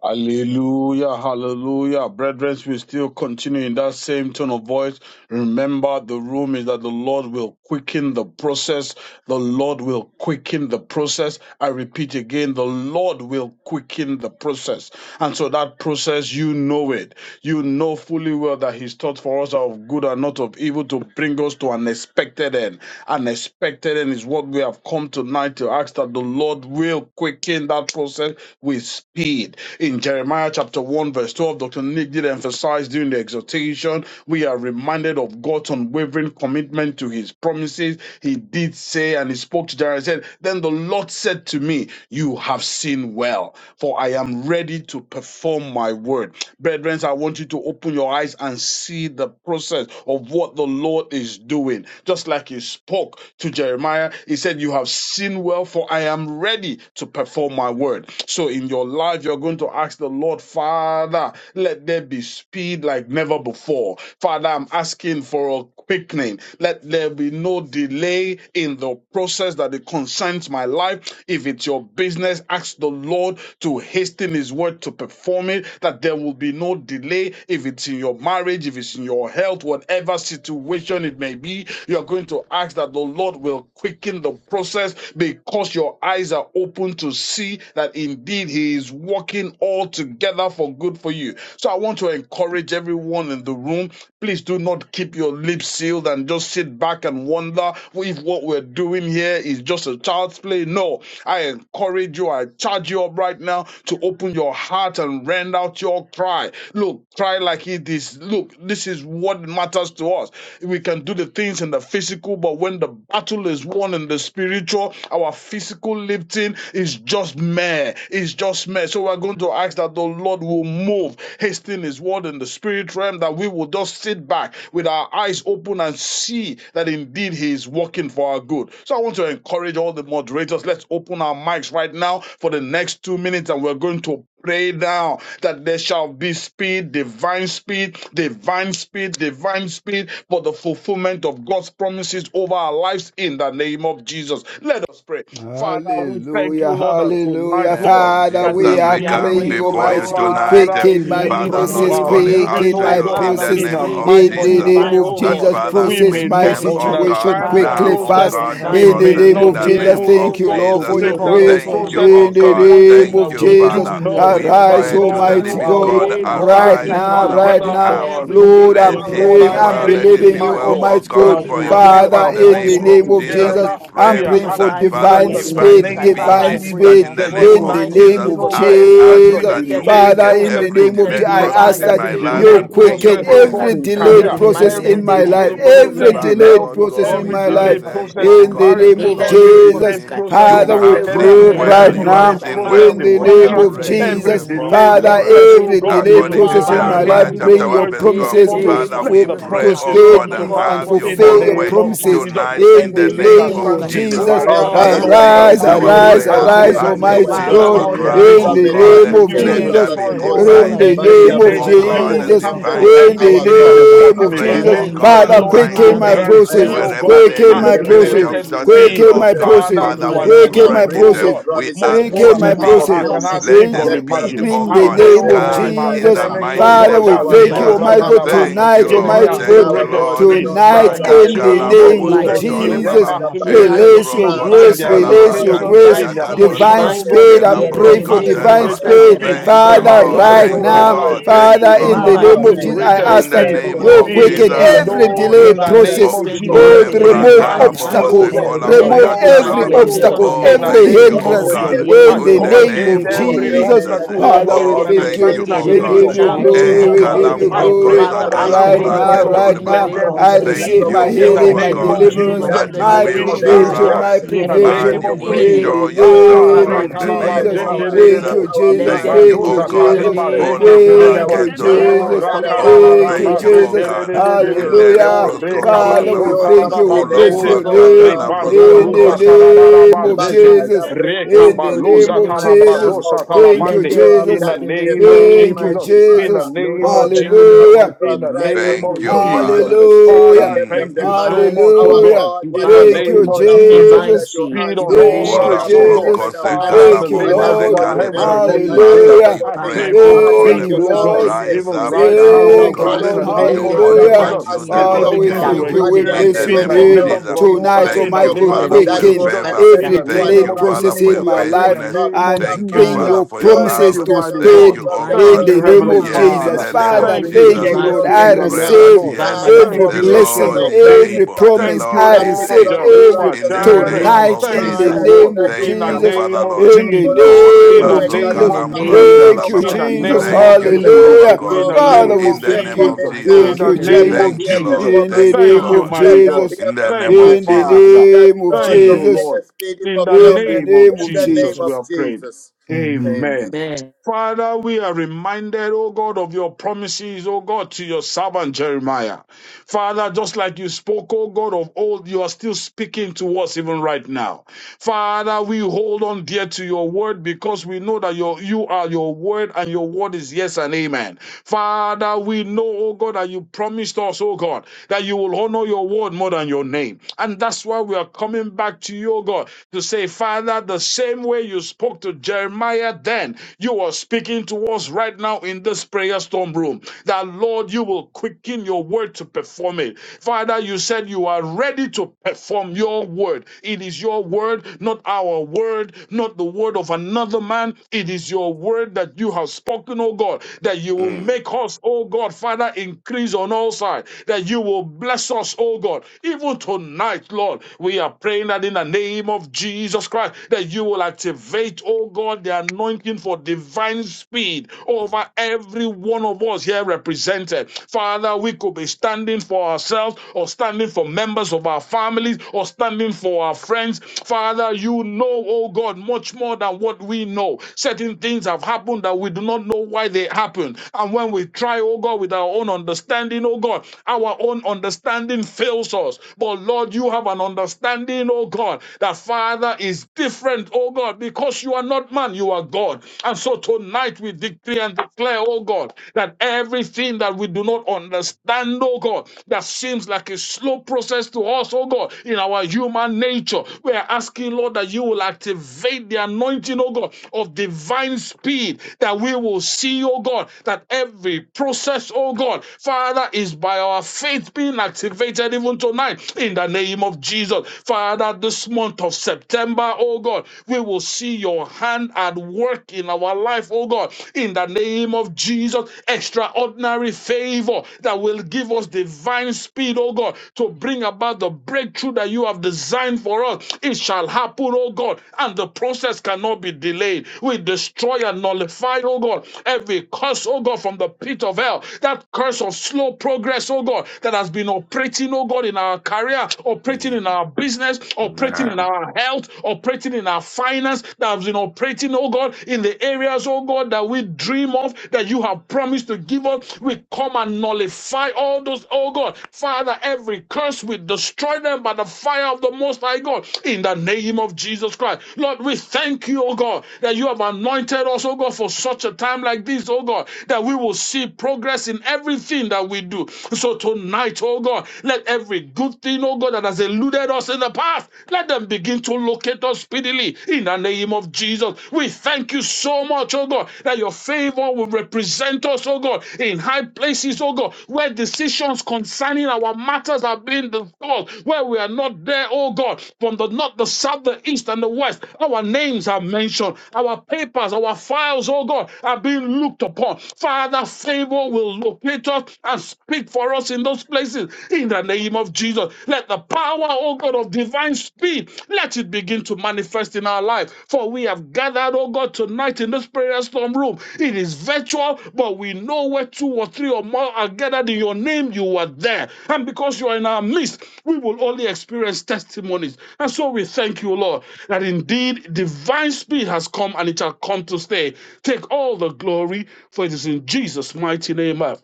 [SPEAKER 6] Hallelujah, hallelujah. Brethren, we still continue in that same tone of voice. Remember, the room is that the Lord will quicken the process. The Lord will quicken the process. I repeat again, the Lord will quicken the process. And so that process, you know it. You know fully well that His thoughts for us are of good and not of evil to bring us to an expected end. An expected end is what we have come tonight to ask that the Lord will quicken that process with speed. In Jeremiah chapter 1, verse 12, Dr. Nick did emphasize during the exhortation, we are reminded of God's unwavering commitment to his promises. He did say, and he spoke to Jeremiah and said, Then the Lord said to me, You have seen well now, for I am ready to perform my word. Brethren, I want you to open your eyes and see the process of what the Lord is doing. Just like He spoke to Jeremiah, He said, You have seen well, for I am ready to perform my word. So in your life, you're going to ask the Lord, Father, let there be speed like never before. Father, I'm asking for a quickening. Let there be no delay in the process that that it concerns my life, if it's your business, ask the Lord to hasten His word to perform it, that there will be no delay. If it's in your marriage, if it's in your health, whatever situation it may be, you're going to ask that the Lord will quicken the process because your eyes are open to see that indeed He is working all together for good for you. So I want to encourage everyone in the room please do not keep your lips sealed concealed and just sit back and wonder if what we're doing here is just a child's play. No, I encourage you, I charge you up right now to open your heart and rend out your cry. Look, cry like it is. Look, this is what matters to us. We can do the things in the physical, but when the battle is won in the spiritual, our physical lifting is just meh. It's just meh. So we're going to ask that the Lord will move, hasten his his word in the spirit realm that we will just sit back with our eyes open and see that indeed he is working for our good. So I want to encourage all the moderators, let's open our mics right now for the next two minutes and we're going to pray now that there shall be speed, divine speed, divine speed, divine speed for the fulfillment of God's promises over our lives in the name of Jesus. Let us pray. Father, we thank you,
[SPEAKER 3] Hallelujah,
[SPEAKER 6] Lord, that
[SPEAKER 3] hallelujah.
[SPEAKER 6] tonight,
[SPEAKER 5] name
[SPEAKER 6] Lord,
[SPEAKER 5] of
[SPEAKER 3] Father,
[SPEAKER 6] that
[SPEAKER 3] we
[SPEAKER 5] Jesus,
[SPEAKER 2] Jesus,
[SPEAKER 3] are
[SPEAKER 5] we
[SPEAKER 2] we are
[SPEAKER 5] come
[SPEAKER 6] indeed,
[SPEAKER 3] praying,
[SPEAKER 2] praying, oh
[SPEAKER 5] before
[SPEAKER 6] that
[SPEAKER 5] you
[SPEAKER 3] Almighty
[SPEAKER 2] God,
[SPEAKER 3] God,
[SPEAKER 2] even
[SPEAKER 5] tonight.
[SPEAKER 6] Father,
[SPEAKER 2] today.
[SPEAKER 3] quicken my
[SPEAKER 2] In
[SPEAKER 6] indeed
[SPEAKER 5] Father,
[SPEAKER 2] the
[SPEAKER 6] you
[SPEAKER 3] process,
[SPEAKER 5] Lord,
[SPEAKER 2] name
[SPEAKER 6] are
[SPEAKER 2] of
[SPEAKER 5] calling
[SPEAKER 6] moving,
[SPEAKER 5] out
[SPEAKER 2] Jesus
[SPEAKER 3] quicken
[SPEAKER 5] to
[SPEAKER 6] oh
[SPEAKER 3] my
[SPEAKER 2] Christ,
[SPEAKER 5] you
[SPEAKER 6] God,
[SPEAKER 5] in
[SPEAKER 2] Father,
[SPEAKER 5] the
[SPEAKER 2] we
[SPEAKER 3] process.
[SPEAKER 6] in
[SPEAKER 5] name
[SPEAKER 6] a
[SPEAKER 2] pray
[SPEAKER 5] of
[SPEAKER 6] mighty
[SPEAKER 3] In
[SPEAKER 2] for
[SPEAKER 3] the
[SPEAKER 5] Jesus.
[SPEAKER 6] way,
[SPEAKER 3] name
[SPEAKER 2] divine
[SPEAKER 3] of
[SPEAKER 6] oh
[SPEAKER 5] That
[SPEAKER 2] speed
[SPEAKER 6] God.
[SPEAKER 3] Jesus,
[SPEAKER 2] in the
[SPEAKER 5] Father,
[SPEAKER 6] We
[SPEAKER 2] name
[SPEAKER 3] process
[SPEAKER 6] may
[SPEAKER 2] of
[SPEAKER 3] my
[SPEAKER 6] not
[SPEAKER 5] quicken,
[SPEAKER 2] Jesus
[SPEAKER 5] oh
[SPEAKER 2] Christ.
[SPEAKER 3] situation
[SPEAKER 5] God,
[SPEAKER 6] understand the
[SPEAKER 2] Father,
[SPEAKER 5] now,
[SPEAKER 3] quickly,
[SPEAKER 2] we
[SPEAKER 5] oh
[SPEAKER 2] pray
[SPEAKER 6] process.
[SPEAKER 2] for
[SPEAKER 3] fast.
[SPEAKER 5] God, the
[SPEAKER 6] We
[SPEAKER 2] divine
[SPEAKER 3] In the
[SPEAKER 6] may
[SPEAKER 2] speed
[SPEAKER 5] process
[SPEAKER 2] in
[SPEAKER 3] name
[SPEAKER 5] in
[SPEAKER 2] the
[SPEAKER 3] of
[SPEAKER 6] not
[SPEAKER 5] the
[SPEAKER 6] be
[SPEAKER 2] name
[SPEAKER 3] Jesus,
[SPEAKER 2] of
[SPEAKER 5] name
[SPEAKER 6] able,
[SPEAKER 3] thank
[SPEAKER 6] oh
[SPEAKER 5] of
[SPEAKER 2] Jesus
[SPEAKER 3] you,
[SPEAKER 2] Christ.
[SPEAKER 6] God,
[SPEAKER 3] Lord,
[SPEAKER 6] to
[SPEAKER 3] for
[SPEAKER 5] Jesus.
[SPEAKER 2] We
[SPEAKER 6] break
[SPEAKER 3] your
[SPEAKER 2] call
[SPEAKER 6] down the
[SPEAKER 3] grace.
[SPEAKER 5] Thank
[SPEAKER 2] upon you
[SPEAKER 5] you,
[SPEAKER 6] process.
[SPEAKER 5] oh
[SPEAKER 3] In the
[SPEAKER 6] But
[SPEAKER 5] God.
[SPEAKER 6] one thing
[SPEAKER 3] name
[SPEAKER 5] Thank
[SPEAKER 3] of
[SPEAKER 6] that
[SPEAKER 5] you,
[SPEAKER 6] we do
[SPEAKER 3] Jesus,
[SPEAKER 5] Father.
[SPEAKER 6] know,
[SPEAKER 5] We
[SPEAKER 2] God
[SPEAKER 6] that
[SPEAKER 3] arise,
[SPEAKER 5] pray to
[SPEAKER 6] Lord,
[SPEAKER 5] the
[SPEAKER 2] going be
[SPEAKER 6] you
[SPEAKER 3] Almighty
[SPEAKER 2] the
[SPEAKER 5] living
[SPEAKER 6] are
[SPEAKER 3] God,
[SPEAKER 5] God,
[SPEAKER 2] name
[SPEAKER 6] working
[SPEAKER 2] of
[SPEAKER 6] all
[SPEAKER 2] Jesus
[SPEAKER 3] right
[SPEAKER 5] arise
[SPEAKER 2] Christ,
[SPEAKER 6] things
[SPEAKER 3] now,
[SPEAKER 5] on
[SPEAKER 2] Father,
[SPEAKER 5] our
[SPEAKER 3] right
[SPEAKER 6] together
[SPEAKER 3] now.
[SPEAKER 2] taking
[SPEAKER 5] behalf.
[SPEAKER 6] for our
[SPEAKER 2] every
[SPEAKER 6] good.
[SPEAKER 2] delay
[SPEAKER 3] Lord, I'm
[SPEAKER 5] Let
[SPEAKER 6] And
[SPEAKER 2] process
[SPEAKER 5] it
[SPEAKER 6] Lord,
[SPEAKER 5] be
[SPEAKER 3] praying,
[SPEAKER 6] I
[SPEAKER 2] over,
[SPEAKER 3] I'm
[SPEAKER 5] well,
[SPEAKER 2] every
[SPEAKER 6] pray
[SPEAKER 5] let it
[SPEAKER 2] delay
[SPEAKER 3] believing
[SPEAKER 5] be
[SPEAKER 3] you,
[SPEAKER 6] tonight,
[SPEAKER 5] well,
[SPEAKER 2] process,
[SPEAKER 6] Lord,
[SPEAKER 5] oh
[SPEAKER 3] Almighty
[SPEAKER 6] that
[SPEAKER 5] God,
[SPEAKER 6] as
[SPEAKER 3] God.
[SPEAKER 2] quicking
[SPEAKER 5] for
[SPEAKER 6] we
[SPEAKER 5] your
[SPEAKER 2] and bring
[SPEAKER 6] join
[SPEAKER 2] your
[SPEAKER 5] people
[SPEAKER 3] Father,
[SPEAKER 5] in
[SPEAKER 6] our
[SPEAKER 5] the
[SPEAKER 2] promises
[SPEAKER 3] in
[SPEAKER 2] to
[SPEAKER 5] name
[SPEAKER 3] the
[SPEAKER 6] voices
[SPEAKER 2] speedy
[SPEAKER 3] name
[SPEAKER 5] of
[SPEAKER 3] of
[SPEAKER 5] Jesus.
[SPEAKER 3] Jesus,
[SPEAKER 2] fulfillment
[SPEAKER 6] together,
[SPEAKER 5] We
[SPEAKER 7] Thank
[SPEAKER 3] I'm
[SPEAKER 5] pray
[SPEAKER 7] you,
[SPEAKER 6] we
[SPEAKER 2] in
[SPEAKER 6] are
[SPEAKER 8] Yeah,
[SPEAKER 3] praying
[SPEAKER 2] my
[SPEAKER 3] for
[SPEAKER 5] that
[SPEAKER 2] life.
[SPEAKER 6] asking,
[SPEAKER 2] In
[SPEAKER 5] Father,
[SPEAKER 2] the
[SPEAKER 8] he
[SPEAKER 6] Lord,
[SPEAKER 3] divine
[SPEAKER 6] that
[SPEAKER 8] did it.
[SPEAKER 2] name
[SPEAKER 6] in the
[SPEAKER 2] of
[SPEAKER 8] It.
[SPEAKER 5] divine
[SPEAKER 8] It. It.
[SPEAKER 2] Jesus
[SPEAKER 3] speed,
[SPEAKER 8] It.
[SPEAKER 2] Christ,
[SPEAKER 6] name
[SPEAKER 8] The
[SPEAKER 6] of
[SPEAKER 2] Father,
[SPEAKER 5] speed,
[SPEAKER 3] divine
[SPEAKER 2] I
[SPEAKER 8] Bashir. The
[SPEAKER 6] Jesus,
[SPEAKER 2] pray
[SPEAKER 5] that
[SPEAKER 3] speed,
[SPEAKER 5] in the
[SPEAKER 6] that
[SPEAKER 2] for
[SPEAKER 8] Bashir.
[SPEAKER 6] you
[SPEAKER 5] name
[SPEAKER 8] He
[SPEAKER 3] in
[SPEAKER 6] will
[SPEAKER 8] did
[SPEAKER 3] the
[SPEAKER 5] of
[SPEAKER 2] divine
[SPEAKER 8] it. It. It. It.
[SPEAKER 3] name
[SPEAKER 2] speed, oh
[SPEAKER 6] quickening,
[SPEAKER 5] Jesus,
[SPEAKER 3] of
[SPEAKER 2] God,
[SPEAKER 6] oh
[SPEAKER 8] It. The
[SPEAKER 6] God,
[SPEAKER 5] I
[SPEAKER 8] Bashir.
[SPEAKER 2] quicking, Lord
[SPEAKER 8] He
[SPEAKER 6] every
[SPEAKER 5] ask
[SPEAKER 2] God,
[SPEAKER 8] did
[SPEAKER 3] Jesus.
[SPEAKER 8] it. It. It.
[SPEAKER 2] let
[SPEAKER 5] that
[SPEAKER 2] there
[SPEAKER 5] you
[SPEAKER 2] be a
[SPEAKER 8] It. It.
[SPEAKER 6] delayed
[SPEAKER 3] Father,
[SPEAKER 8] The
[SPEAKER 5] quicken
[SPEAKER 2] quickening
[SPEAKER 3] in
[SPEAKER 2] of
[SPEAKER 8] Bashir.
[SPEAKER 2] the
[SPEAKER 3] the
[SPEAKER 6] process
[SPEAKER 5] every
[SPEAKER 3] name
[SPEAKER 6] in
[SPEAKER 3] of
[SPEAKER 2] process
[SPEAKER 3] Jesus,
[SPEAKER 5] delayed
[SPEAKER 3] I
[SPEAKER 6] business,
[SPEAKER 8] Yeah, yeah, da
[SPEAKER 2] by
[SPEAKER 5] process
[SPEAKER 3] ask
[SPEAKER 8] da
[SPEAKER 5] in
[SPEAKER 2] your
[SPEAKER 8] da
[SPEAKER 3] that
[SPEAKER 6] every
[SPEAKER 5] my
[SPEAKER 2] spirit,
[SPEAKER 8] da
[SPEAKER 2] oh
[SPEAKER 5] life
[SPEAKER 8] da
[SPEAKER 3] you
[SPEAKER 8] da
[SPEAKER 2] God,
[SPEAKER 6] delayed
[SPEAKER 5] and
[SPEAKER 2] in the
[SPEAKER 5] bring
[SPEAKER 8] basha-
[SPEAKER 5] your
[SPEAKER 3] quicken
[SPEAKER 8] da
[SPEAKER 6] process,
[SPEAKER 2] name
[SPEAKER 8] da
[SPEAKER 2] of
[SPEAKER 6] oh
[SPEAKER 8] da
[SPEAKER 2] Jesus
[SPEAKER 6] God,
[SPEAKER 3] every
[SPEAKER 2] Christ,
[SPEAKER 5] promises
[SPEAKER 6] in
[SPEAKER 2] to
[SPEAKER 5] to
[SPEAKER 8] Yeah,
[SPEAKER 5] a
[SPEAKER 3] delayed
[SPEAKER 2] bring
[SPEAKER 6] career,
[SPEAKER 8] da
[SPEAKER 2] the
[SPEAKER 8] da da
[SPEAKER 5] speedy
[SPEAKER 3] process
[SPEAKER 8] da
[SPEAKER 6] every
[SPEAKER 8] da
[SPEAKER 3] in
[SPEAKER 8] da-
[SPEAKER 3] my
[SPEAKER 2] manifestation,
[SPEAKER 3] life,
[SPEAKER 2] oh
[SPEAKER 6] delayed
[SPEAKER 8] basha-
[SPEAKER 5] fulfillment.
[SPEAKER 2] God,
[SPEAKER 8] da-
[SPEAKER 2] a
[SPEAKER 3] every
[SPEAKER 6] process
[SPEAKER 8] Yes,
[SPEAKER 6] in
[SPEAKER 2] fulfillment
[SPEAKER 5] Father,
[SPEAKER 8] God.
[SPEAKER 6] health,
[SPEAKER 3] delayed
[SPEAKER 2] of
[SPEAKER 5] Lord
[SPEAKER 2] your
[SPEAKER 3] process
[SPEAKER 5] God,
[SPEAKER 8] In
[SPEAKER 3] in
[SPEAKER 6] every
[SPEAKER 5] we
[SPEAKER 8] every
[SPEAKER 3] my
[SPEAKER 2] promise, oh God.
[SPEAKER 8] delay
[SPEAKER 5] ask
[SPEAKER 3] life,
[SPEAKER 6] delayed
[SPEAKER 5] then,
[SPEAKER 8] purpose, oh
[SPEAKER 6] process
[SPEAKER 5] oh
[SPEAKER 6] in
[SPEAKER 8] God,
[SPEAKER 3] in
[SPEAKER 8] in
[SPEAKER 3] the
[SPEAKER 8] the
[SPEAKER 5] God,
[SPEAKER 6] marriage,
[SPEAKER 8] name
[SPEAKER 5] that
[SPEAKER 3] name
[SPEAKER 5] the
[SPEAKER 8] of
[SPEAKER 2] In
[SPEAKER 3] of
[SPEAKER 2] the
[SPEAKER 5] Lord
[SPEAKER 6] every
[SPEAKER 2] name
[SPEAKER 5] said
[SPEAKER 8] Jesus.
[SPEAKER 5] to
[SPEAKER 2] of
[SPEAKER 3] Jesus.
[SPEAKER 2] Jesus
[SPEAKER 6] delayed
[SPEAKER 5] me,
[SPEAKER 2] Christ,
[SPEAKER 6] process in
[SPEAKER 8] Yet
[SPEAKER 5] You
[SPEAKER 2] we
[SPEAKER 3] Father,
[SPEAKER 8] it
[SPEAKER 3] we
[SPEAKER 2] pray,
[SPEAKER 5] have
[SPEAKER 2] God,
[SPEAKER 6] academia,
[SPEAKER 2] in
[SPEAKER 3] pray
[SPEAKER 5] seen
[SPEAKER 2] the
[SPEAKER 8] yeah, da- da-
[SPEAKER 6] every
[SPEAKER 3] right
[SPEAKER 5] well,
[SPEAKER 2] name
[SPEAKER 8] da-
[SPEAKER 5] you
[SPEAKER 2] of
[SPEAKER 8] da-
[SPEAKER 5] have
[SPEAKER 2] Jesus
[SPEAKER 8] da-
[SPEAKER 3] now
[SPEAKER 6] delayed
[SPEAKER 2] Christ.
[SPEAKER 5] seen
[SPEAKER 8] basha-
[SPEAKER 5] well,
[SPEAKER 6] process
[SPEAKER 2] Father,
[SPEAKER 8] da-
[SPEAKER 3] in
[SPEAKER 2] we
[SPEAKER 8] da-
[SPEAKER 6] in
[SPEAKER 3] the
[SPEAKER 2] pray
[SPEAKER 8] da-
[SPEAKER 5] for
[SPEAKER 2] for
[SPEAKER 5] I
[SPEAKER 3] name
[SPEAKER 8] sha-
[SPEAKER 5] am
[SPEAKER 2] this
[SPEAKER 6] contract,
[SPEAKER 3] of
[SPEAKER 2] in
[SPEAKER 8] da-
[SPEAKER 2] the
[SPEAKER 8] da-
[SPEAKER 5] ready
[SPEAKER 8] da-
[SPEAKER 5] to
[SPEAKER 2] name of
[SPEAKER 8] da-
[SPEAKER 6] every
[SPEAKER 3] Jesus.
[SPEAKER 2] Jesus
[SPEAKER 8] da-
[SPEAKER 2] Christ.
[SPEAKER 8] da-
[SPEAKER 5] perform
[SPEAKER 6] delayed
[SPEAKER 5] my
[SPEAKER 8] basha-
[SPEAKER 3] Father,
[SPEAKER 8] da-
[SPEAKER 2] Let
[SPEAKER 8] da-
[SPEAKER 2] there
[SPEAKER 6] process,
[SPEAKER 8] da.
[SPEAKER 5] word.
[SPEAKER 2] be a
[SPEAKER 6] oh
[SPEAKER 3] every
[SPEAKER 6] God.
[SPEAKER 2] quickening,
[SPEAKER 3] delayed
[SPEAKER 2] oh
[SPEAKER 8] Yeah,
[SPEAKER 5] According
[SPEAKER 8] da-
[SPEAKER 5] to
[SPEAKER 2] God,
[SPEAKER 8] da-
[SPEAKER 3] process
[SPEAKER 8] da-
[SPEAKER 3] in
[SPEAKER 2] by
[SPEAKER 8] da-
[SPEAKER 6] Father,
[SPEAKER 3] my
[SPEAKER 2] your
[SPEAKER 8] da-
[SPEAKER 3] life,
[SPEAKER 8] da-
[SPEAKER 5] Jeremiah
[SPEAKER 2] spirit,
[SPEAKER 6] hasten
[SPEAKER 2] oh
[SPEAKER 3] bring
[SPEAKER 6] your
[SPEAKER 5] chapter
[SPEAKER 2] God.
[SPEAKER 8] basha-
[SPEAKER 3] your
[SPEAKER 8] da-
[SPEAKER 5] 1,
[SPEAKER 6] word
[SPEAKER 5] verse
[SPEAKER 6] to
[SPEAKER 8] da-
[SPEAKER 2] In
[SPEAKER 8] da-
[SPEAKER 5] 12,
[SPEAKER 2] the
[SPEAKER 3] promises
[SPEAKER 8] sha-
[SPEAKER 6] perform
[SPEAKER 3] to,
[SPEAKER 6] it.
[SPEAKER 8] da-
[SPEAKER 2] name
[SPEAKER 8] da-
[SPEAKER 5] Father,
[SPEAKER 2] of
[SPEAKER 6] Let
[SPEAKER 8] da-
[SPEAKER 5] we
[SPEAKER 3] full,
[SPEAKER 8] da-
[SPEAKER 6] the
[SPEAKER 2] Jesus
[SPEAKER 8] da-
[SPEAKER 2] Christ.
[SPEAKER 8] da-
[SPEAKER 5] pray,
[SPEAKER 3] to
[SPEAKER 5] oh
[SPEAKER 6] promises
[SPEAKER 8] basha- da-
[SPEAKER 2] Lord,
[SPEAKER 6] come
[SPEAKER 3] speed
[SPEAKER 5] God,
[SPEAKER 6] come
[SPEAKER 8] da-
[SPEAKER 2] we
[SPEAKER 6] to
[SPEAKER 3] in,
[SPEAKER 8] da-
[SPEAKER 2] call
[SPEAKER 6] pass
[SPEAKER 3] and
[SPEAKER 8] sha-
[SPEAKER 5] have
[SPEAKER 2] upon
[SPEAKER 5] your
[SPEAKER 8] da-
[SPEAKER 2] you,
[SPEAKER 6] in
[SPEAKER 8] da-
[SPEAKER 6] the
[SPEAKER 2] but
[SPEAKER 3] fulfill
[SPEAKER 8] da-
[SPEAKER 5] own
[SPEAKER 3] your
[SPEAKER 8] da-
[SPEAKER 6] name
[SPEAKER 2] nobody
[SPEAKER 8] da-
[SPEAKER 5] way
[SPEAKER 2] even
[SPEAKER 8] da-
[SPEAKER 6] of
[SPEAKER 2] this
[SPEAKER 3] promises
[SPEAKER 2] time.
[SPEAKER 8] basha-
[SPEAKER 6] Jesus.
[SPEAKER 8] da.
[SPEAKER 2] in
[SPEAKER 5] tonight
[SPEAKER 3] in
[SPEAKER 5] in
[SPEAKER 2] the
[SPEAKER 5] the
[SPEAKER 3] the
[SPEAKER 8] In
[SPEAKER 2] name
[SPEAKER 6] Anything
[SPEAKER 8] every
[SPEAKER 2] of
[SPEAKER 5] name
[SPEAKER 6] that
[SPEAKER 3] name
[SPEAKER 2] Jesus
[SPEAKER 5] of
[SPEAKER 8] delay,
[SPEAKER 3] of
[SPEAKER 6] stands
[SPEAKER 2] Christ.
[SPEAKER 6] in the
[SPEAKER 5] Jesus.
[SPEAKER 3] Jesus.
[SPEAKER 2] Oh
[SPEAKER 4] Oh,
[SPEAKER 6] barrier,
[SPEAKER 2] God,
[SPEAKER 4] Father,
[SPEAKER 8] Everything
[SPEAKER 4] we
[SPEAKER 5] This
[SPEAKER 6] Lord
[SPEAKER 4] have
[SPEAKER 2] answer
[SPEAKER 4] come
[SPEAKER 8] that's
[SPEAKER 3] Arise,
[SPEAKER 5] is
[SPEAKER 4] to
[SPEAKER 8] been
[SPEAKER 2] in the
[SPEAKER 5] our
[SPEAKER 6] Almighty,
[SPEAKER 4] you
[SPEAKER 8] delayed,
[SPEAKER 3] arise,
[SPEAKER 8] oh
[SPEAKER 2] name
[SPEAKER 6] I
[SPEAKER 2] of
[SPEAKER 5] prayer
[SPEAKER 4] because
[SPEAKER 8] God,
[SPEAKER 4] we
[SPEAKER 8] I
[SPEAKER 2] Jesus
[SPEAKER 6] pray
[SPEAKER 3] arise,
[SPEAKER 4] have
[SPEAKER 8] thank
[SPEAKER 6] that
[SPEAKER 5] and
[SPEAKER 4] put
[SPEAKER 2] Christ.
[SPEAKER 8] you.
[SPEAKER 6] you
[SPEAKER 4] our
[SPEAKER 5] this
[SPEAKER 6] will
[SPEAKER 3] Almighty
[SPEAKER 8] Look at
[SPEAKER 5] is
[SPEAKER 8] it
[SPEAKER 2] Father,
[SPEAKER 4] trust
[SPEAKER 3] God,
[SPEAKER 8] in
[SPEAKER 5] our
[SPEAKER 4] in
[SPEAKER 8] the
[SPEAKER 6] destroy
[SPEAKER 2] Lord, in
[SPEAKER 4] you.
[SPEAKER 8] name
[SPEAKER 2] the
[SPEAKER 5] cry,
[SPEAKER 8] of
[SPEAKER 6] every
[SPEAKER 3] in
[SPEAKER 5] oh
[SPEAKER 2] name
[SPEAKER 4] Some
[SPEAKER 2] of
[SPEAKER 3] the
[SPEAKER 8] Jesus.
[SPEAKER 4] may
[SPEAKER 2] Jesus
[SPEAKER 6] delay.
[SPEAKER 8] Come
[SPEAKER 5] God.
[SPEAKER 2] Christ,
[SPEAKER 4] trust
[SPEAKER 3] name
[SPEAKER 8] through
[SPEAKER 4] in
[SPEAKER 2] and
[SPEAKER 3] of
[SPEAKER 6] You
[SPEAKER 2] let
[SPEAKER 6] will
[SPEAKER 8] speedily.
[SPEAKER 4] chariots,
[SPEAKER 5] Let
[SPEAKER 2] there be
[SPEAKER 5] there
[SPEAKER 3] Jesus.
[SPEAKER 2] you,
[SPEAKER 4] others
[SPEAKER 5] be
[SPEAKER 6] destroy,
[SPEAKER 4] in
[SPEAKER 8] No
[SPEAKER 6] oh
[SPEAKER 8] more
[SPEAKER 4] horses,
[SPEAKER 6] God,
[SPEAKER 3] In
[SPEAKER 5] divine
[SPEAKER 3] the
[SPEAKER 8] delay.
[SPEAKER 4] but
[SPEAKER 6] every
[SPEAKER 4] we
[SPEAKER 5] speed,
[SPEAKER 4] have
[SPEAKER 3] name of
[SPEAKER 6] delay.
[SPEAKER 5] oh
[SPEAKER 4] remembered
[SPEAKER 6] You
[SPEAKER 4] the
[SPEAKER 5] God,
[SPEAKER 6] will
[SPEAKER 4] name
[SPEAKER 3] Jesus,
[SPEAKER 4] of the
[SPEAKER 6] cancel
[SPEAKER 5] divine
[SPEAKER 4] Lord
[SPEAKER 3] in the
[SPEAKER 4] our
[SPEAKER 5] speed.
[SPEAKER 6] everything that
[SPEAKER 4] God.
[SPEAKER 6] is
[SPEAKER 8] Yedididabababashidikobrashitidididida.
[SPEAKER 5] We
[SPEAKER 3] name
[SPEAKER 6] causing
[SPEAKER 3] of
[SPEAKER 4] And
[SPEAKER 6] a
[SPEAKER 5] pray,
[SPEAKER 8] In the
[SPEAKER 3] Jesus,
[SPEAKER 4] Father,
[SPEAKER 5] oh
[SPEAKER 6] delay.
[SPEAKER 4] in
[SPEAKER 8] name of
[SPEAKER 2] Jesus
[SPEAKER 4] the
[SPEAKER 5] God,
[SPEAKER 6] And
[SPEAKER 3] Father,
[SPEAKER 2] Christ.
[SPEAKER 4] name
[SPEAKER 6] Lord,
[SPEAKER 4] of
[SPEAKER 6] you
[SPEAKER 8] Jesus,
[SPEAKER 5] divine
[SPEAKER 3] quicken
[SPEAKER 8] in
[SPEAKER 6] will
[SPEAKER 8] the
[SPEAKER 3] my
[SPEAKER 4] Jesus,
[SPEAKER 2] Father,
[SPEAKER 8] name
[SPEAKER 5] speed.
[SPEAKER 2] we
[SPEAKER 6] grant
[SPEAKER 8] of
[SPEAKER 2] pray,
[SPEAKER 6] me,
[SPEAKER 4] I
[SPEAKER 3] process
[SPEAKER 8] Jesus,
[SPEAKER 2] God,
[SPEAKER 6] oh
[SPEAKER 4] ask you
[SPEAKER 5] Wherever
[SPEAKER 6] God,
[SPEAKER 4] to
[SPEAKER 5] there is
[SPEAKER 2] quickening
[SPEAKER 3] quicken
[SPEAKER 5] a
[SPEAKER 2] in
[SPEAKER 3] my
[SPEAKER 2] the
[SPEAKER 4] quicken
[SPEAKER 8] quicken,
[SPEAKER 5] spirit
[SPEAKER 2] name
[SPEAKER 3] process,
[SPEAKER 2] of
[SPEAKER 4] every
[SPEAKER 5] of
[SPEAKER 6] accelerated
[SPEAKER 2] Jesus
[SPEAKER 4] delayed
[SPEAKER 2] Christ.
[SPEAKER 5] tortoise,
[SPEAKER 6] speed,
[SPEAKER 3] quicken
[SPEAKER 5] oh
[SPEAKER 3] my
[SPEAKER 8] quicken,
[SPEAKER 4] process
[SPEAKER 5] God,
[SPEAKER 3] process,
[SPEAKER 6] Father,
[SPEAKER 4] in
[SPEAKER 5] Father,
[SPEAKER 6] to
[SPEAKER 4] my
[SPEAKER 5] we
[SPEAKER 4] life
[SPEAKER 3] quicken
[SPEAKER 6] achieve,
[SPEAKER 4] and
[SPEAKER 3] my
[SPEAKER 8] yedidididabababa.
[SPEAKER 5] break
[SPEAKER 4] bring
[SPEAKER 5] it.
[SPEAKER 6] oh
[SPEAKER 4] your
[SPEAKER 3] process,
[SPEAKER 6] God,
[SPEAKER 5] We
[SPEAKER 6] much
[SPEAKER 4] promises
[SPEAKER 5] ask
[SPEAKER 4] to
[SPEAKER 6] more
[SPEAKER 5] for
[SPEAKER 3] quicken
[SPEAKER 6] than
[SPEAKER 3] my
[SPEAKER 8] quicken
[SPEAKER 4] speedy
[SPEAKER 6] ever
[SPEAKER 8] my
[SPEAKER 5] speed.
[SPEAKER 6] I
[SPEAKER 3] process.
[SPEAKER 6] can
[SPEAKER 4] fulfillment.
[SPEAKER 6] ask,
[SPEAKER 8] process, oh
[SPEAKER 5] Let
[SPEAKER 6] think,
[SPEAKER 3] In
[SPEAKER 5] the
[SPEAKER 6] or
[SPEAKER 8] God,
[SPEAKER 4] Let there
[SPEAKER 5] speed,
[SPEAKER 4] be
[SPEAKER 6] imagine.
[SPEAKER 8] quicken
[SPEAKER 5] oh
[SPEAKER 3] in
[SPEAKER 8] my
[SPEAKER 6] I
[SPEAKER 3] the
[SPEAKER 4] speedy
[SPEAKER 5] God,
[SPEAKER 6] pray,
[SPEAKER 3] name
[SPEAKER 8] process.
[SPEAKER 6] oh
[SPEAKER 3] of
[SPEAKER 6] God,
[SPEAKER 4] fulfillment
[SPEAKER 6] in
[SPEAKER 5] catch
[SPEAKER 6] my
[SPEAKER 4] right
[SPEAKER 5] in
[SPEAKER 2] In
[SPEAKER 3] Jesus,
[SPEAKER 5] the
[SPEAKER 2] the
[SPEAKER 4] now
[SPEAKER 6] pandemics, oh
[SPEAKER 5] mighty
[SPEAKER 8] Yedidididababashana.
[SPEAKER 2] name
[SPEAKER 3] Father,
[SPEAKER 2] of
[SPEAKER 6] God,
[SPEAKER 5] name
[SPEAKER 4] because
[SPEAKER 3] we
[SPEAKER 6] that
[SPEAKER 5] of
[SPEAKER 4] our
[SPEAKER 2] Jesus
[SPEAKER 6] let
[SPEAKER 3] thank
[SPEAKER 2] Christ,
[SPEAKER 3] you,
[SPEAKER 6] those
[SPEAKER 4] God,
[SPEAKER 5] Jesus.
[SPEAKER 6] that
[SPEAKER 2] Father,
[SPEAKER 4] we
[SPEAKER 3] Almighty
[SPEAKER 2] we
[SPEAKER 4] have
[SPEAKER 6] are
[SPEAKER 3] God,
[SPEAKER 2] pray
[SPEAKER 4] trusted
[SPEAKER 5] Thank you,
[SPEAKER 3] tonight,
[SPEAKER 2] in
[SPEAKER 4] you.
[SPEAKER 6] give
[SPEAKER 2] the
[SPEAKER 6] me
[SPEAKER 5] Lord.
[SPEAKER 3] Almighty
[SPEAKER 2] name
[SPEAKER 4] And
[SPEAKER 2] of
[SPEAKER 3] God,
[SPEAKER 5] Thank you,
[SPEAKER 4] our
[SPEAKER 6] accelerated
[SPEAKER 4] God, we
[SPEAKER 5] Lord.
[SPEAKER 6] speed
[SPEAKER 4] know
[SPEAKER 2] Jesus
[SPEAKER 4] that
[SPEAKER 2] Christ,
[SPEAKER 6] for
[SPEAKER 3] tonight,
[SPEAKER 2] that
[SPEAKER 4] you
[SPEAKER 6] my
[SPEAKER 2] you
[SPEAKER 4] are
[SPEAKER 3] in
[SPEAKER 8] Yedididididabashidikobrashitididididababasha.
[SPEAKER 4] able
[SPEAKER 3] the
[SPEAKER 4] to
[SPEAKER 5] Makakala
[SPEAKER 2] quicken
[SPEAKER 6] children.
[SPEAKER 4] do
[SPEAKER 3] name
[SPEAKER 7] Jesus.
[SPEAKER 5] bobo
[SPEAKER 2] by
[SPEAKER 3] of
[SPEAKER 6] Lord,
[SPEAKER 2] the
[SPEAKER 6] give
[SPEAKER 5] setori
[SPEAKER 2] Lord
[SPEAKER 4] exceeding
[SPEAKER 6] them
[SPEAKER 3] Jesus.
[SPEAKER 5] baba.
[SPEAKER 4] and
[SPEAKER 8] Yedididididababashana.
[SPEAKER 2] grant
[SPEAKER 4] abundantly.
[SPEAKER 6] accelerated
[SPEAKER 8] Quicken
[SPEAKER 3] Release
[SPEAKER 2] unto me
[SPEAKER 8] the
[SPEAKER 6] speed
[SPEAKER 3] your
[SPEAKER 5] Elembroco
[SPEAKER 6] in
[SPEAKER 2] divine
[SPEAKER 4] Father,
[SPEAKER 5] se
[SPEAKER 8] process,
[SPEAKER 3] grace,
[SPEAKER 8] oh
[SPEAKER 6] their
[SPEAKER 4] oh
[SPEAKER 2] speed,
[SPEAKER 8] God.
[SPEAKER 5] calabra
[SPEAKER 3] release
[SPEAKER 4] Lord,
[SPEAKER 3] your
[SPEAKER 6] education,
[SPEAKER 3] grace,
[SPEAKER 2] divine
[SPEAKER 4] right
[SPEAKER 6] in
[SPEAKER 5] canderia
[SPEAKER 6] their
[SPEAKER 4] now
[SPEAKER 2] speed,
[SPEAKER 5] cator
[SPEAKER 8] Yedidididababashana.
[SPEAKER 6] pursuit,
[SPEAKER 4] quicken
[SPEAKER 3] divine
[SPEAKER 7] Glorify,
[SPEAKER 5] baba.
[SPEAKER 2] divine
[SPEAKER 6] oh
[SPEAKER 7] be
[SPEAKER 6] God.
[SPEAKER 4] every
[SPEAKER 3] speed.
[SPEAKER 2] speed
[SPEAKER 3] I'm
[SPEAKER 6] Give
[SPEAKER 4] delayed
[SPEAKER 8] Yere
[SPEAKER 2] in
[SPEAKER 8] de
[SPEAKER 6] them
[SPEAKER 3] praying
[SPEAKER 2] the
[SPEAKER 8] de de
[SPEAKER 7] glorified.
[SPEAKER 3] for
[SPEAKER 5] Elambroco
[SPEAKER 4] process
[SPEAKER 2] name
[SPEAKER 8] la
[SPEAKER 5] ter
[SPEAKER 2] of
[SPEAKER 4] in
[SPEAKER 3] divine
[SPEAKER 4] my
[SPEAKER 2] Jesus
[SPEAKER 5] baba.
[SPEAKER 2] Christ,
[SPEAKER 8] başarı
[SPEAKER 6] accelerated
[SPEAKER 4] life
[SPEAKER 7] Yeah,
[SPEAKER 3] speed,
[SPEAKER 2] let there
[SPEAKER 6] speed
[SPEAKER 2] be
[SPEAKER 8] korra
[SPEAKER 5] Thank
[SPEAKER 4] and
[SPEAKER 5] you,
[SPEAKER 6] for
[SPEAKER 2] divine
[SPEAKER 8] şekli
[SPEAKER 6] my
[SPEAKER 3] Father,
[SPEAKER 8] de
[SPEAKER 4] bring
[SPEAKER 2] speed,
[SPEAKER 5] Lord.
[SPEAKER 8] de
[SPEAKER 2] oh
[SPEAKER 6] wife,
[SPEAKER 8] de de
[SPEAKER 4] your
[SPEAKER 3] right
[SPEAKER 2] God,
[SPEAKER 6] oh
[SPEAKER 5] Thank
[SPEAKER 2] in
[SPEAKER 8] la
[SPEAKER 5] you,
[SPEAKER 2] the
[SPEAKER 7] Yeah,
[SPEAKER 3] now.
[SPEAKER 6] God. I
[SPEAKER 2] name
[SPEAKER 4] promises
[SPEAKER 2] of
[SPEAKER 8] başarı.
[SPEAKER 5] Lord.
[SPEAKER 2] Jesus
[SPEAKER 4] to
[SPEAKER 6] pray,
[SPEAKER 2] Christ.
[SPEAKER 5] Thank
[SPEAKER 3] Father,
[SPEAKER 5] you,
[SPEAKER 4] speedy
[SPEAKER 6] give
[SPEAKER 3] in
[SPEAKER 5] Lord.
[SPEAKER 8] Yere
[SPEAKER 3] the
[SPEAKER 8] de
[SPEAKER 2] Father, I
[SPEAKER 6] her
[SPEAKER 3] name
[SPEAKER 8] de
[SPEAKER 2] pray
[SPEAKER 3] of
[SPEAKER 4] fulfillment.
[SPEAKER 8] de
[SPEAKER 2] for
[SPEAKER 3] Jesus,
[SPEAKER 8] de
[SPEAKER 3] I
[SPEAKER 8] la
[SPEAKER 6] accelerated
[SPEAKER 4] We
[SPEAKER 2] divine
[SPEAKER 5] In
[SPEAKER 3] ask
[SPEAKER 5] the
[SPEAKER 3] that
[SPEAKER 8] başarı
[SPEAKER 4] pray
[SPEAKER 6] speed.
[SPEAKER 2] speed, oh
[SPEAKER 5] name
[SPEAKER 4] for
[SPEAKER 2] God,
[SPEAKER 8] korra
[SPEAKER 3] you
[SPEAKER 2] in
[SPEAKER 5] of
[SPEAKER 2] the
[SPEAKER 6] Speed,
[SPEAKER 4] speedy
[SPEAKER 8] şekli
[SPEAKER 7] Yeah,
[SPEAKER 3] quicken
[SPEAKER 2] name
[SPEAKER 8] de
[SPEAKER 2] of
[SPEAKER 6] speed,
[SPEAKER 8] de
[SPEAKER 2] Jesus
[SPEAKER 5] Jesus.
[SPEAKER 8] de
[SPEAKER 2] Christ.
[SPEAKER 3] every
[SPEAKER 8] la
[SPEAKER 4] fulfillment.
[SPEAKER 6] oh,
[SPEAKER 8] la
[SPEAKER 3] delay
[SPEAKER 6] in
[SPEAKER 2] Let
[SPEAKER 6] the
[SPEAKER 8] başarı.
[SPEAKER 2] me
[SPEAKER 4] Father,
[SPEAKER 6] name
[SPEAKER 5] Oh,
[SPEAKER 3] process.
[SPEAKER 6] of
[SPEAKER 4] speedy
[SPEAKER 2] experience
[SPEAKER 5] oh,
[SPEAKER 6] Jesus.
[SPEAKER 2] divine
[SPEAKER 8] Yere
[SPEAKER 3] Lord,
[SPEAKER 8] de
[SPEAKER 4] fulfillment
[SPEAKER 2] speed, oh
[SPEAKER 8] de
[SPEAKER 5] lembra
[SPEAKER 4] of
[SPEAKER 8] de
[SPEAKER 2] God.
[SPEAKER 3] remove
[SPEAKER 8] de
[SPEAKER 7] Yeah,
[SPEAKER 2] By
[SPEAKER 6] Divine
[SPEAKER 4] God,
[SPEAKER 8] de la
[SPEAKER 2] divine
[SPEAKER 6] speed,
[SPEAKER 5] kalabobo
[SPEAKER 4] of
[SPEAKER 6] oh
[SPEAKER 5] se
[SPEAKER 8] başarı
[SPEAKER 3] obstacles,
[SPEAKER 2] speed,
[SPEAKER 6] God
[SPEAKER 8] Every
[SPEAKER 4] breakthrough,
[SPEAKER 2] let
[SPEAKER 6] on
[SPEAKER 8] delay.
[SPEAKER 3] remove
[SPEAKER 2] there
[SPEAKER 5] kolambria
[SPEAKER 2] be a
[SPEAKER 6] all
[SPEAKER 4] speedy
[SPEAKER 3] every
[SPEAKER 6] sides,
[SPEAKER 5] kalababa.
[SPEAKER 8] Every
[SPEAKER 6] oh God.
[SPEAKER 2] manifestation
[SPEAKER 3] obstacles,
[SPEAKER 2] of
[SPEAKER 4] fulfillment
[SPEAKER 2] your
[SPEAKER 7] Yeah,
[SPEAKER 5] Oh,
[SPEAKER 4] of
[SPEAKER 6] In the
[SPEAKER 4] God,
[SPEAKER 3] every
[SPEAKER 5] thank
[SPEAKER 2] promise,
[SPEAKER 5] you,
[SPEAKER 6] name
[SPEAKER 4] of
[SPEAKER 5] oh
[SPEAKER 6] of
[SPEAKER 2] of
[SPEAKER 4] new
[SPEAKER 3] hindrance
[SPEAKER 2] your
[SPEAKER 5] God.
[SPEAKER 6] Jesus, I
[SPEAKER 3] in
[SPEAKER 2] word, your
[SPEAKER 3] the
[SPEAKER 5] In
[SPEAKER 4] testimony,
[SPEAKER 6] come
[SPEAKER 5] the
[SPEAKER 2] word of
[SPEAKER 3] name
[SPEAKER 6] against
[SPEAKER 4] See
[SPEAKER 5] name
[SPEAKER 3] of
[SPEAKER 2] minister,
[SPEAKER 4] the
[SPEAKER 5] of
[SPEAKER 6] every
[SPEAKER 3] Jesus.
[SPEAKER 4] fulfillment,
[SPEAKER 2] Amy.
[SPEAKER 5] Jesus.
[SPEAKER 4] of
[SPEAKER 6] obstacle, oh
[SPEAKER 4] God,
[SPEAKER 2] Let
[SPEAKER 3] Father,
[SPEAKER 6] God,
[SPEAKER 2] there
[SPEAKER 3] we
[SPEAKER 2] be a
[SPEAKER 4] of
[SPEAKER 5] Oh,
[SPEAKER 6] that is
[SPEAKER 3] thank
[SPEAKER 5] thank
[SPEAKER 3] you.
[SPEAKER 5] you,
[SPEAKER 6] standing
[SPEAKER 4] healing,
[SPEAKER 5] oh
[SPEAKER 2] manifestation
[SPEAKER 3] We
[SPEAKER 2] of
[SPEAKER 6] against
[SPEAKER 4] See
[SPEAKER 2] it
[SPEAKER 5] God.
[SPEAKER 4] the
[SPEAKER 3] give
[SPEAKER 6] your
[SPEAKER 3] you
[SPEAKER 7] Yeah,
[SPEAKER 2] now in
[SPEAKER 8] distraction
[SPEAKER 2] the
[SPEAKER 8] and
[SPEAKER 6] promises,
[SPEAKER 4] fulfillment,
[SPEAKER 5] Eh,
[SPEAKER 3] glory.
[SPEAKER 6] oh
[SPEAKER 4] of
[SPEAKER 2] name
[SPEAKER 3] We
[SPEAKER 2] of
[SPEAKER 8] obstacle,
[SPEAKER 6] God.
[SPEAKER 4] God,
[SPEAKER 3] give
[SPEAKER 2] Jesus
[SPEAKER 3] you
[SPEAKER 8] everything
[SPEAKER 6] I
[SPEAKER 2] Christ.
[SPEAKER 8] that
[SPEAKER 5] kalambro
[SPEAKER 4] of
[SPEAKER 8] will
[SPEAKER 6] pray,
[SPEAKER 3] glory
[SPEAKER 5] kosa
[SPEAKER 2] Father,
[SPEAKER 6] Lord, that
[SPEAKER 4] breakthrough,
[SPEAKER 2] I
[SPEAKER 6] even
[SPEAKER 3] right
[SPEAKER 8] stop,
[SPEAKER 2] pray
[SPEAKER 5] kalambra
[SPEAKER 4] oh,
[SPEAKER 2] even
[SPEAKER 6] tonight,
[SPEAKER 3] now.
[SPEAKER 8] hold
[SPEAKER 2] for
[SPEAKER 4] see
[SPEAKER 6] Lord,
[SPEAKER 8] up,
[SPEAKER 2] this
[SPEAKER 4] this
[SPEAKER 3] Right
[SPEAKER 5] ketori
[SPEAKER 2] in the
[SPEAKER 6] let
[SPEAKER 4] night
[SPEAKER 3] now,
[SPEAKER 8] and
[SPEAKER 5] bababa.
[SPEAKER 6] there
[SPEAKER 2] name
[SPEAKER 4] of,
[SPEAKER 2] of
[SPEAKER 8] cause
[SPEAKER 6] be
[SPEAKER 3] I
[SPEAKER 2] Jesus.
[SPEAKER 4] the
[SPEAKER 2] Christ.
[SPEAKER 4] night
[SPEAKER 8] delay,
[SPEAKER 3] receive
[SPEAKER 5] Thank
[SPEAKER 6] speed
[SPEAKER 4] of
[SPEAKER 5] you,
[SPEAKER 3] my
[SPEAKER 8] God,
[SPEAKER 2] Oh
[SPEAKER 6] in
[SPEAKER 2] God,
[SPEAKER 6] the
[SPEAKER 8] we
[SPEAKER 4] fulfillment,
[SPEAKER 3] healing,
[SPEAKER 2] that
[SPEAKER 5] Jehovah
[SPEAKER 2] you
[SPEAKER 3] my
[SPEAKER 4] of
[SPEAKER 8] actually
[SPEAKER 2] will
[SPEAKER 6] name
[SPEAKER 8] move
[SPEAKER 5] God,
[SPEAKER 6] of
[SPEAKER 2] do
[SPEAKER 4] God,
[SPEAKER 8] it
[SPEAKER 2] this, oh
[SPEAKER 8] even
[SPEAKER 2] God,
[SPEAKER 3] deliverance,
[SPEAKER 8] right
[SPEAKER 4] that
[SPEAKER 2] in
[SPEAKER 6] Jesus.
[SPEAKER 8] in
[SPEAKER 5] that
[SPEAKER 8] the
[SPEAKER 2] the
[SPEAKER 5] you
[SPEAKER 8] name
[SPEAKER 3] my
[SPEAKER 4] Father
[SPEAKER 8] of
[SPEAKER 2] name
[SPEAKER 4] of
[SPEAKER 5] will
[SPEAKER 6] Speed,
[SPEAKER 2] of
[SPEAKER 6] oh
[SPEAKER 8] Jesus.
[SPEAKER 2] Jesus.
[SPEAKER 3] provision,
[SPEAKER 6] God,
[SPEAKER 3] my
[SPEAKER 5] arise
[SPEAKER 4] elevation,
[SPEAKER 6] in the
[SPEAKER 8] Quicken
[SPEAKER 4] of
[SPEAKER 8] it,
[SPEAKER 6] name
[SPEAKER 3] provision
[SPEAKER 5] and you
[SPEAKER 6] of
[SPEAKER 2] In
[SPEAKER 5] will
[SPEAKER 7] Yeah,
[SPEAKER 2] the
[SPEAKER 4] vindication,
[SPEAKER 3] in
[SPEAKER 8] quicken
[SPEAKER 6] Jesus.
[SPEAKER 2] name
[SPEAKER 5] show
[SPEAKER 3] the
[SPEAKER 2] of
[SPEAKER 4] of
[SPEAKER 2] Jesus Christ,
[SPEAKER 8] it,
[SPEAKER 5] yourself
[SPEAKER 6] Ah,
[SPEAKER 2] Father,
[SPEAKER 3] name
[SPEAKER 4] empowered,
[SPEAKER 2] I
[SPEAKER 5] strong
[SPEAKER 3] of
[SPEAKER 5] in the
[SPEAKER 2] pray,
[SPEAKER 4] of
[SPEAKER 2] God, in
[SPEAKER 5] name
[SPEAKER 2] the
[SPEAKER 3] Jesus.
[SPEAKER 5] of
[SPEAKER 2] name of
[SPEAKER 4] empowering.
[SPEAKER 2] Jesus
[SPEAKER 3] Thank
[SPEAKER 2] Christ,
[SPEAKER 3] you,
[SPEAKER 5] Jesus.
[SPEAKER 6] rekarabazenderebo,
[SPEAKER 4] Our
[SPEAKER 2] let
[SPEAKER 3] Jesus.
[SPEAKER 2] there
[SPEAKER 5] Thank
[SPEAKER 4] Father,
[SPEAKER 5] you,
[SPEAKER 2] be,
[SPEAKER 3] Thank
[SPEAKER 2] oh
[SPEAKER 3] you,
[SPEAKER 5] oh
[SPEAKER 4] this
[SPEAKER 6] libandoza
[SPEAKER 2] God,
[SPEAKER 4] is
[SPEAKER 2] in
[SPEAKER 5] God.
[SPEAKER 2] the
[SPEAKER 4] our
[SPEAKER 3] Jesus.
[SPEAKER 6] tarima
[SPEAKER 7] Oh,
[SPEAKER 5] Oh,
[SPEAKER 2] name
[SPEAKER 4] prayer
[SPEAKER 2] of Jesus
[SPEAKER 4] and
[SPEAKER 5] lambra
[SPEAKER 2] Christ.
[SPEAKER 3] Thank
[SPEAKER 6] reketerebo,
[SPEAKER 4] our
[SPEAKER 3] you,
[SPEAKER 5] ketori
[SPEAKER 4] cry
[SPEAKER 2] Lord God,
[SPEAKER 6] oh
[SPEAKER 2] I
[SPEAKER 5] bababa.
[SPEAKER 3] Jesus.
[SPEAKER 4] that
[SPEAKER 2] call
[SPEAKER 4] our
[SPEAKER 2] upon you in
[SPEAKER 5] Oh,
[SPEAKER 2] the
[SPEAKER 4] God,
[SPEAKER 3] Thank you,
[SPEAKER 5] thank
[SPEAKER 4] you
[SPEAKER 2] name
[SPEAKER 5] you,
[SPEAKER 2] of
[SPEAKER 5] oh
[SPEAKER 2] Jesus
[SPEAKER 3] Jesus.
[SPEAKER 4] answer
[SPEAKER 2] Christ.
[SPEAKER 5] God.
[SPEAKER 4] us
[SPEAKER 7] Yeah,
[SPEAKER 6] rakararabazeterebe,
[SPEAKER 2] Lord
[SPEAKER 4] now
[SPEAKER 2] God, that you
[SPEAKER 5] Indele
[SPEAKER 6] oh
[SPEAKER 3] Hallelujah.
[SPEAKER 2] do in
[SPEAKER 5] brosco
[SPEAKER 2] the
[SPEAKER 5] core
[SPEAKER 3] Father,
[SPEAKER 2] name
[SPEAKER 3] we
[SPEAKER 4] you
[SPEAKER 2] of
[SPEAKER 4] will
[SPEAKER 5] baba.
[SPEAKER 3] thank
[SPEAKER 4] not
[SPEAKER 2] Jesus
[SPEAKER 3] you.
[SPEAKER 2] Christ.
[SPEAKER 3] We
[SPEAKER 4] delay
[SPEAKER 3] bless
[SPEAKER 2] Oh
[SPEAKER 5] Olombro
[SPEAKER 6] rekabazontarabazente.
[SPEAKER 3] your
[SPEAKER 4] on
[SPEAKER 2] God,
[SPEAKER 4] our
[SPEAKER 3] name
[SPEAKER 2] help
[SPEAKER 5] kakala
[SPEAKER 2] me,
[SPEAKER 4] uh,
[SPEAKER 2] God,
[SPEAKER 4] on
[SPEAKER 6] Rebando
[SPEAKER 2] in the
[SPEAKER 4] our
[SPEAKER 5] brosco
[SPEAKER 3] in
[SPEAKER 7] Yeah,
[SPEAKER 2] name of
[SPEAKER 3] the
[SPEAKER 6] ruka
[SPEAKER 5] core
[SPEAKER 4] watch, oh
[SPEAKER 2] Jesus.
[SPEAKER 5] baba.
[SPEAKER 4] God.
[SPEAKER 3] name
[SPEAKER 6] tarararaba
[SPEAKER 3] of
[SPEAKER 2] Of
[SPEAKER 4] But
[SPEAKER 6] zeze.
[SPEAKER 2] Jesus
[SPEAKER 3] Jesus.
[SPEAKER 4] Father,
[SPEAKER 7] Sen
[SPEAKER 2] Christ.
[SPEAKER 4] bring a
[SPEAKER 7] Fulvia,
[SPEAKER 6] Reka
[SPEAKER 2] Oh
[SPEAKER 3] In
[SPEAKER 7] what
[SPEAKER 3] the
[SPEAKER 7] are
[SPEAKER 2] God,
[SPEAKER 7] you
[SPEAKER 2] in
[SPEAKER 4] speedy
[SPEAKER 2] the
[SPEAKER 3] name
[SPEAKER 7] getting?
[SPEAKER 3] of
[SPEAKER 2] name of
[SPEAKER 4] answer,
[SPEAKER 3] Jesus.
[SPEAKER 2] Jesus
[SPEAKER 4] oh
[SPEAKER 6] talabradosa
[SPEAKER 2] Christ.
[SPEAKER 4] God.
[SPEAKER 3] Thank
[SPEAKER 7] Korean.
[SPEAKER 3] you,
[SPEAKER 2] Let
[SPEAKER 6] talamande.
[SPEAKER 4] You
[SPEAKER 2] there be,
[SPEAKER 4] have
[SPEAKER 2] oh
[SPEAKER 6] In
[SPEAKER 3] Jesus.
[SPEAKER 6] the
[SPEAKER 2] God,
[SPEAKER 4] done
[SPEAKER 2] in
[SPEAKER 4] it
[SPEAKER 2] the
[SPEAKER 6] name of
[SPEAKER 4] before,
[SPEAKER 3] Thank
[SPEAKER 2] name
[SPEAKER 3] you,
[SPEAKER 2] of
[SPEAKER 6] Jesus.
[SPEAKER 4] Almighty
[SPEAKER 2] Jesus.
[SPEAKER 6] In the
[SPEAKER 4] Father.
[SPEAKER 3] Jesus.
[SPEAKER 2] Lord
[SPEAKER 6] name
[SPEAKER 4] For
[SPEAKER 6] of
[SPEAKER 2] God,
[SPEAKER 4] the
[SPEAKER 2] now we
[SPEAKER 4] children of
[SPEAKER 6] Jesus.
[SPEAKER 2] call
[SPEAKER 3] Hallelujah.
[SPEAKER 6] In
[SPEAKER 2] upon
[SPEAKER 4] Israel
[SPEAKER 2] you.
[SPEAKER 6] the
[SPEAKER 4] cried
[SPEAKER 2] Let there
[SPEAKER 6] name
[SPEAKER 2] be, oh
[SPEAKER 4] unto
[SPEAKER 5] Thank
[SPEAKER 6] of
[SPEAKER 5] you,
[SPEAKER 2] God,
[SPEAKER 4] you,
[SPEAKER 2] in the
[SPEAKER 4] and
[SPEAKER 6] Jesus.
[SPEAKER 2] name
[SPEAKER 5] Father.
[SPEAKER 2] of
[SPEAKER 4] you
[SPEAKER 2] Jesus Christ.
[SPEAKER 4] speedily
[SPEAKER 6] Father, I
[SPEAKER 3] Hallelujah.
[SPEAKER 4] gave
[SPEAKER 5] Mm.
[SPEAKER 2] Yes,
[SPEAKER 4] them
[SPEAKER 6] thank
[SPEAKER 4] the
[SPEAKER 6] you
[SPEAKER 4] manna.
[SPEAKER 6] so
[SPEAKER 2] divine
[SPEAKER 6] much, oh
[SPEAKER 2] speed
[SPEAKER 4] Our
[SPEAKER 6] God.
[SPEAKER 3] Hallelujah.
[SPEAKER 4] God,
[SPEAKER 6] In the
[SPEAKER 2] divine
[SPEAKER 4] whatever
[SPEAKER 3] Thank
[SPEAKER 4] we
[SPEAKER 3] you,
[SPEAKER 6] name
[SPEAKER 2] speed,
[SPEAKER 4] call
[SPEAKER 6] of
[SPEAKER 4] upon, you
[SPEAKER 6] Jesus.
[SPEAKER 2] divine
[SPEAKER 4] said
[SPEAKER 3] Jesus.
[SPEAKER 4] you
[SPEAKER 2] speed
[SPEAKER 6] Speed
[SPEAKER 2] in
[SPEAKER 6] on
[SPEAKER 4] answer.
[SPEAKER 2] the
[SPEAKER 5] se
[SPEAKER 6] all
[SPEAKER 2] name
[SPEAKER 3] Thank
[SPEAKER 2] of
[SPEAKER 4] Call
[SPEAKER 3] you,
[SPEAKER 6] sides, oh
[SPEAKER 4] upon
[SPEAKER 2] Jesus.
[SPEAKER 4] me
[SPEAKER 6] God.
[SPEAKER 3] Jesus.
[SPEAKER 4] and I'll
[SPEAKER 5] se
[SPEAKER 2] Divine
[SPEAKER 6] Father,
[SPEAKER 4] answer
[SPEAKER 5] kala
[SPEAKER 3] Thank
[SPEAKER 6] the
[SPEAKER 3] you,
[SPEAKER 2] speed
[SPEAKER 5] bobo
[SPEAKER 4] and I'll
[SPEAKER 6] labors
[SPEAKER 2] now,
[SPEAKER 6] of
[SPEAKER 3] Lord.
[SPEAKER 2] oh
[SPEAKER 4] show
[SPEAKER 6] our
[SPEAKER 4] you
[SPEAKER 2] God,
[SPEAKER 6] hands
[SPEAKER 2] in
[SPEAKER 4] men
[SPEAKER 5] Olambrokosekalabobosekalebra.
[SPEAKER 6] are
[SPEAKER 2] the
[SPEAKER 6] not
[SPEAKER 4] great
[SPEAKER 2] name
[SPEAKER 4] and
[SPEAKER 6] in
[SPEAKER 2] of Jesus.
[SPEAKER 6] vain.
[SPEAKER 5] Father, we
[SPEAKER 3] Hallelujah.
[SPEAKER 4] unsearchable
[SPEAKER 6] I
[SPEAKER 2] Father,
[SPEAKER 5] pray,
[SPEAKER 4] things.
[SPEAKER 6] pray
[SPEAKER 2] I
[SPEAKER 5] oh
[SPEAKER 2] call
[SPEAKER 6] for
[SPEAKER 4] Ask
[SPEAKER 2] upon
[SPEAKER 5] God,
[SPEAKER 4] and
[SPEAKER 3] Thank
[SPEAKER 2] you,
[SPEAKER 6] speed,
[SPEAKER 3] you,
[SPEAKER 4] you
[SPEAKER 2] God,
[SPEAKER 6] oh
[SPEAKER 4] shall
[SPEAKER 2] in
[SPEAKER 6] God.
[SPEAKER 3] Lord.
[SPEAKER 4] receive.
[SPEAKER 5] rise
[SPEAKER 2] Jesus'
[SPEAKER 6] Even
[SPEAKER 5] up
[SPEAKER 2] name,
[SPEAKER 4] Seek
[SPEAKER 6] right
[SPEAKER 4] and
[SPEAKER 5] now,
[SPEAKER 4] you
[SPEAKER 6] now,
[SPEAKER 5] oh
[SPEAKER 2] even
[SPEAKER 6] oh
[SPEAKER 4] shall
[SPEAKER 3] Thank
[SPEAKER 2] for
[SPEAKER 3] you,
[SPEAKER 6] God,
[SPEAKER 5] God.
[SPEAKER 4] find.
[SPEAKER 2] this,
[SPEAKER 6] in
[SPEAKER 2] oh
[SPEAKER 3] Lord.
[SPEAKER 6] the
[SPEAKER 2] God,
[SPEAKER 4] Our
[SPEAKER 6] name
[SPEAKER 2] let
[SPEAKER 5] Do
[SPEAKER 2] there
[SPEAKER 6] of
[SPEAKER 2] be
[SPEAKER 4] Father,
[SPEAKER 5] only
[SPEAKER 4] we
[SPEAKER 3] Hallelujah.
[SPEAKER 4] are
[SPEAKER 2] divine
[SPEAKER 5] what
[SPEAKER 6] Jesus,
[SPEAKER 5] you,
[SPEAKER 2] speed,
[SPEAKER 5] the
[SPEAKER 2] oh
[SPEAKER 6] let
[SPEAKER 4] asking you,
[SPEAKER 6] me
[SPEAKER 2] God,
[SPEAKER 3] Father,
[SPEAKER 4] oh
[SPEAKER 5] Lord,
[SPEAKER 3] we
[SPEAKER 6] begin
[SPEAKER 5] can
[SPEAKER 4] God,
[SPEAKER 2] that
[SPEAKER 6] to
[SPEAKER 3] thank
[SPEAKER 5] do.
[SPEAKER 3] you.
[SPEAKER 2] brings
[SPEAKER 4] and
[SPEAKER 2] the
[SPEAKER 3] We
[SPEAKER 4] we are
[SPEAKER 6] experience
[SPEAKER 5] In
[SPEAKER 3] bless
[SPEAKER 5] the
[SPEAKER 6] speed
[SPEAKER 3] your
[SPEAKER 5] name
[SPEAKER 6] like
[SPEAKER 2] manifestation
[SPEAKER 4] believing
[SPEAKER 5] of
[SPEAKER 2] of
[SPEAKER 3] name
[SPEAKER 4] you.
[SPEAKER 6] never
[SPEAKER 2] your
[SPEAKER 5] Jesus.
[SPEAKER 4] We
[SPEAKER 6] before.
[SPEAKER 2] promise, oh
[SPEAKER 3] tonight.
[SPEAKER 4] trust
[SPEAKER 2] God,
[SPEAKER 6] In
[SPEAKER 5] Thank
[SPEAKER 4] you,
[SPEAKER 6] the
[SPEAKER 3] Almighty
[SPEAKER 4] oh
[SPEAKER 5] you,
[SPEAKER 3] God,
[SPEAKER 2] in
[SPEAKER 4] God,
[SPEAKER 6] name
[SPEAKER 2] the
[SPEAKER 5] Father,
[SPEAKER 6] of
[SPEAKER 5] for
[SPEAKER 2] name
[SPEAKER 4] that
[SPEAKER 5] your
[SPEAKER 2] of
[SPEAKER 4] you
[SPEAKER 3] quicken
[SPEAKER 4] will
[SPEAKER 2] Jesus,
[SPEAKER 6] Jesus,
[SPEAKER 2] that
[SPEAKER 5] favor.
[SPEAKER 4] answer
[SPEAKER 6] in
[SPEAKER 2] that
[SPEAKER 3] every
[SPEAKER 6] the
[SPEAKER 4] each one
[SPEAKER 2] brings
[SPEAKER 6] name
[SPEAKER 5] Thank
[SPEAKER 4] of
[SPEAKER 3] delayed
[SPEAKER 5] you,
[SPEAKER 6] of
[SPEAKER 4] us
[SPEAKER 5] Father,
[SPEAKER 3] process
[SPEAKER 5] for
[SPEAKER 3] in
[SPEAKER 6] Jesus,
[SPEAKER 5] your
[SPEAKER 4] speedily,
[SPEAKER 3] my
[SPEAKER 6] in the
[SPEAKER 3] life
[SPEAKER 4] Almighty
[SPEAKER 5] faithfulness.
[SPEAKER 4] God.
[SPEAKER 6] name of
[SPEAKER 3] and
[SPEAKER 4] The
[SPEAKER 5] Thank you,
[SPEAKER 3] bring
[SPEAKER 6] Jesus.
[SPEAKER 4] Father,
[SPEAKER 5] Father,
[SPEAKER 3] your
[SPEAKER 5] for your
[SPEAKER 4] you
[SPEAKER 6] Thank
[SPEAKER 3] promises
[SPEAKER 5] love.
[SPEAKER 6] you,
[SPEAKER 3] to
[SPEAKER 4] quicken,
[SPEAKER 6] mighty
[SPEAKER 2] every
[SPEAKER 5] Thank
[SPEAKER 4] Almighty
[SPEAKER 6] God.
[SPEAKER 3] speed
[SPEAKER 5] you,
[SPEAKER 4] God,
[SPEAKER 5] oh
[SPEAKER 2] divine
[SPEAKER 4] the
[SPEAKER 6] Thank
[SPEAKER 3] in
[SPEAKER 5] God.
[SPEAKER 3] the
[SPEAKER 2] speed,
[SPEAKER 6] you,
[SPEAKER 2] oh
[SPEAKER 4] process
[SPEAKER 3] name
[SPEAKER 2] God,
[SPEAKER 6] Heavenly
[SPEAKER 2] in
[SPEAKER 3] of
[SPEAKER 4] now
[SPEAKER 2] the
[SPEAKER 5] Yes,
[SPEAKER 2] name
[SPEAKER 5] in
[SPEAKER 4] and
[SPEAKER 2] of
[SPEAKER 6] Father.
[SPEAKER 3] Jesus.
[SPEAKER 5] the
[SPEAKER 2] Jesus,
[SPEAKER 4] bring
[SPEAKER 5] name
[SPEAKER 2] that
[SPEAKER 4] a
[SPEAKER 5] of
[SPEAKER 3] Father,
[SPEAKER 6] Thank
[SPEAKER 2] bring a
[SPEAKER 6] you,
[SPEAKER 4] speedy
[SPEAKER 3] thank
[SPEAKER 5] Jesus,
[SPEAKER 6] King
[SPEAKER 3] you,
[SPEAKER 2] divine
[SPEAKER 6] of
[SPEAKER 3] Lord.
[SPEAKER 4] fulfillment,
[SPEAKER 3] I
[SPEAKER 5] we
[SPEAKER 6] Kings
[SPEAKER 4] oh
[SPEAKER 6] and
[SPEAKER 2] fulfillment,
[SPEAKER 5] pray
[SPEAKER 6] Lord of
[SPEAKER 4] God.
[SPEAKER 5] that,
[SPEAKER 3] receive
[SPEAKER 6] Lords.
[SPEAKER 2] divine
[SPEAKER 5] yes,
[SPEAKER 4] Father,
[SPEAKER 6] Thank
[SPEAKER 3] every
[SPEAKER 5] the
[SPEAKER 6] you,
[SPEAKER 4] complete
[SPEAKER 2] manifestation,
[SPEAKER 4] the
[SPEAKER 6] Ancient
[SPEAKER 3] blessing,
[SPEAKER 5] Lord
[SPEAKER 2] your
[SPEAKER 4] work
[SPEAKER 6] of
[SPEAKER 5] is
[SPEAKER 4] that
[SPEAKER 2] prayer,
[SPEAKER 4] you
[SPEAKER 6] Days.
[SPEAKER 3] every
[SPEAKER 5] able. The
[SPEAKER 4] started.
[SPEAKER 6] Thank
[SPEAKER 3] promise.
[SPEAKER 6] you,
[SPEAKER 3] I
[SPEAKER 5] Lord
[SPEAKER 4] Cut
[SPEAKER 5] is
[SPEAKER 4] it
[SPEAKER 6] Lord
[SPEAKER 3] receive
[SPEAKER 4] short
[SPEAKER 5] able.
[SPEAKER 4] in
[SPEAKER 3] every
[SPEAKER 6] Jehovah
[SPEAKER 5] In
[SPEAKER 2] in
[SPEAKER 5] the
[SPEAKER 4] righteousness,
[SPEAKER 2] the
[SPEAKER 4] O
[SPEAKER 6] Jireh.
[SPEAKER 5] name
[SPEAKER 4] God.
[SPEAKER 2] name of
[SPEAKER 3] tonight
[SPEAKER 5] of
[SPEAKER 3] in
[SPEAKER 6] Thank
[SPEAKER 2] Jesus.
[SPEAKER 3] the
[SPEAKER 6] you,
[SPEAKER 5] Jesus.
[SPEAKER 4] Father, you
[SPEAKER 6] Lord.
[SPEAKER 3] name
[SPEAKER 4] said
[SPEAKER 3] of
[SPEAKER 4] you
[SPEAKER 6] In
[SPEAKER 5] Thank
[SPEAKER 6] the
[SPEAKER 4] come
[SPEAKER 5] you,
[SPEAKER 3] Jesus.
[SPEAKER 4] that
[SPEAKER 6] name
[SPEAKER 5] Father
[SPEAKER 4] God,
[SPEAKER 6] of
[SPEAKER 5] Lord.
[SPEAKER 3] In
[SPEAKER 4] you're
[SPEAKER 3] the
[SPEAKER 4] going
[SPEAKER 6] Jesus.
[SPEAKER 4] to finish
[SPEAKER 5] Kore
[SPEAKER 6] In
[SPEAKER 4] the
[SPEAKER 3] name
[SPEAKER 6] the
[SPEAKER 2] pray.
[SPEAKER 3] of
[SPEAKER 4] work
[SPEAKER 5] baso
[SPEAKER 4] that
[SPEAKER 6] name
[SPEAKER 2] In
[SPEAKER 3] Jesus.
[SPEAKER 4] you
[SPEAKER 2] the
[SPEAKER 6] of
[SPEAKER 4] started.
[SPEAKER 5] kalambra
[SPEAKER 2] name
[SPEAKER 6] Jesus.
[SPEAKER 2] of
[SPEAKER 3] Thank
[SPEAKER 4] You
[SPEAKER 3] you,
[SPEAKER 2] Jesus
[SPEAKER 6] In
[SPEAKER 5] kalababa.
[SPEAKER 2] Christ,
[SPEAKER 4] kept
[SPEAKER 6] the
[SPEAKER 4] the
[SPEAKER 2] eh,
[SPEAKER 4] church
[SPEAKER 3] Jesus.
[SPEAKER 2] Lord,
[SPEAKER 6] name
[SPEAKER 2] I
[SPEAKER 4] in
[SPEAKER 5] Thank
[SPEAKER 6] of
[SPEAKER 5] you,
[SPEAKER 2] call upon you,
[SPEAKER 4] righteousness.
[SPEAKER 6] Jesus.
[SPEAKER 5] Jehovah
[SPEAKER 2] God.
[SPEAKER 3] Hallelujah.
[SPEAKER 2] In the
[SPEAKER 6] In
[SPEAKER 5] God.
[SPEAKER 4] Our
[SPEAKER 6] the
[SPEAKER 2] name
[SPEAKER 4] Father,
[SPEAKER 3] Father,
[SPEAKER 2] of
[SPEAKER 6] name
[SPEAKER 3] we
[SPEAKER 2] Jesus
[SPEAKER 5] In
[SPEAKER 6] of
[SPEAKER 5] the
[SPEAKER 2] Christ,
[SPEAKER 3] thank
[SPEAKER 5] name
[SPEAKER 3] you.
[SPEAKER 4] perform
[SPEAKER 5] of
[SPEAKER 6] Jesus.
[SPEAKER 4] it
[SPEAKER 2] my
[SPEAKER 6] In
[SPEAKER 4] now.
[SPEAKER 2] God.
[SPEAKER 3] Thank
[SPEAKER 5] Jesus.
[SPEAKER 6] the
[SPEAKER 2] In
[SPEAKER 3] you,
[SPEAKER 2] the
[SPEAKER 4] Let
[SPEAKER 6] name
[SPEAKER 2] name
[SPEAKER 4] there
[SPEAKER 3] Jesus.
[SPEAKER 6] of
[SPEAKER 2] of
[SPEAKER 4] be
[SPEAKER 5] Thank you,
[SPEAKER 4] a
[SPEAKER 2] Jesus
[SPEAKER 6] Jesus.
[SPEAKER 5] Lord.
[SPEAKER 2] Christ,
[SPEAKER 3] In the
[SPEAKER 4] performance
[SPEAKER 5] Thank you,
[SPEAKER 6] Thank
[SPEAKER 3] name
[SPEAKER 4] now.
[SPEAKER 6] you,
[SPEAKER 3] of
[SPEAKER 5] Lord.
[SPEAKER 4] Let
[SPEAKER 6] mighty
[SPEAKER 4] there
[SPEAKER 6] God.
[SPEAKER 4] be
[SPEAKER 3] Jesus.
[SPEAKER 4] a
[SPEAKER 5] In the name
[SPEAKER 6] Thank you,
[SPEAKER 5] of
[SPEAKER 4] performance
[SPEAKER 3] In the
[SPEAKER 4] now.
[SPEAKER 5] Jesus.
[SPEAKER 6] Father.
[SPEAKER 4] That
[SPEAKER 3] name of
[SPEAKER 4] Lord,
[SPEAKER 6] Thank you,
[SPEAKER 4] you bring
[SPEAKER 5] Mm,
[SPEAKER 3] Jesus.
[SPEAKER 6] Lord.
[SPEAKER 4] a speedy
[SPEAKER 6] In the
[SPEAKER 3] In the
[SPEAKER 4] fulfillment
[SPEAKER 6] name of
[SPEAKER 3] name
[SPEAKER 4] in
[SPEAKER 3] of
[SPEAKER 4] the name
[SPEAKER 6] Jesus, we
[SPEAKER 4] of
[SPEAKER 3] Jesus.
[SPEAKER 6] have prayed.
[SPEAKER 4] Jesus.
[SPEAKER 3] Amen.
[SPEAKER 4] Amen.
[SPEAKER 6] Amen.
[SPEAKER 2] Amen.
[SPEAKER 6] Father, we are reminded, O God, of your promises, O God, to your servant Jeremiah. Father, just like you spoke, oh God, of old, you are still speaking to us even right now. Father, we hold on dear to your word because we know that your, you are your word and your word is yes and amen. Father, we know, oh God, that you promised us, oh God, that you will honor your word more than your name. And that's why we are coming back to you, oh God, to say, Father, the same way you spoke to Jeremiah then, you are speaking to us right now in this prayer storm room. That, Lord, you will quicken your word to perform it. Father, you said, You are ready to perform your word. It is your word, not our word, not the word of another man. It is your word that you have spoken, O God, that you will
[SPEAKER 5] mm,
[SPEAKER 6] make us, O God, Father, increase on all sides, that you will bless us, O God. Even tonight, Lord, we are praying that in the name of Jesus Christ, that you will activate, O God, the anointing for divine speed over every one of us here represented represented. Father, we could be standing for ourselves or standing for members of our families or standing for our friends. Father, you know, oh God, much more than what we know. Certain things have happened that we do not know why they happened. And when we try, oh God, with our own understanding, oh God, our own understanding fails us. But Lord, you have an understanding, oh God, that Father is different, oh God, because you are not man, you are God. And and so tonight we decree and declare, oh God, that everything that we do not understand, oh God, that seems like a slow process to us, oh God, in our human nature, we are asking, Lord, that you will activate the anointing, oh God, of divine speed, that we will see, oh God, that every process, oh God, Father, is by our faith being activated even tonight in the name of Jesus. Father, this month of September. September, oh God, we will see your hand at work in our life, oh God, in the name of Jesus. Extraordinary favor that will give us divine speed, oh God, to bring about the breakthrough that you have designed for us. It shall happen, oh God, and the process cannot be delayed. We destroy and nullify, oh God, every curse, oh God, from the pit of hell, that curse of slow progress, oh God, that has been operating, oh God, in in our career, operating in
[SPEAKER 5] mm.
[SPEAKER 6] our business, operating
[SPEAKER 5] Amen.
[SPEAKER 6] in our health, operating in our finance, that have been operating, oh God, in the areas, oh God, that we dream of, that you have promised to give us. We come and nullify all those, oh God. Father, every curse, we destroy them by the fire of the Most High God, in the name of Jesus Christ. Lord, we thank you, oh God, that you have anointed us, oh God, for such a time like this, oh God, that we will see progress in in everything that we do. So tonight, oh God, let every good thing, oh God, that has eluded us in the past, let them begin to locate us speedily in the name of Jesus. We thank you so much, oh God, that your favor will represent us, oh God, in high places, oh God, where decisions concerning our matters are being discussed, where we are not there, oh God, from the north, the south, the east, and the west. Our names are mentioned, our papers, our files files, oh God, are being looked upon. Father, favor will locate us and speak for us in those places in the name of Jesus. Let the power, oh God, of divine speed, let it begin to manifest in our life. For we have gathered, oh God, tonight in this prayer storm room. It is virtual, but we know where two or three or more are gathered in your name, you are there. And because you are in our midst, we will only experience testimonies. And so we thank you, Lord, that indeed divine speed has come and it shall come to stay Take all the glory, for it is in Jesus' mighty name I've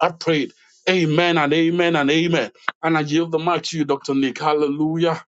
[SPEAKER 6] I prayed. Amen and amen and amen. And I give the mic to you, Dr. Nick. Hallelujah.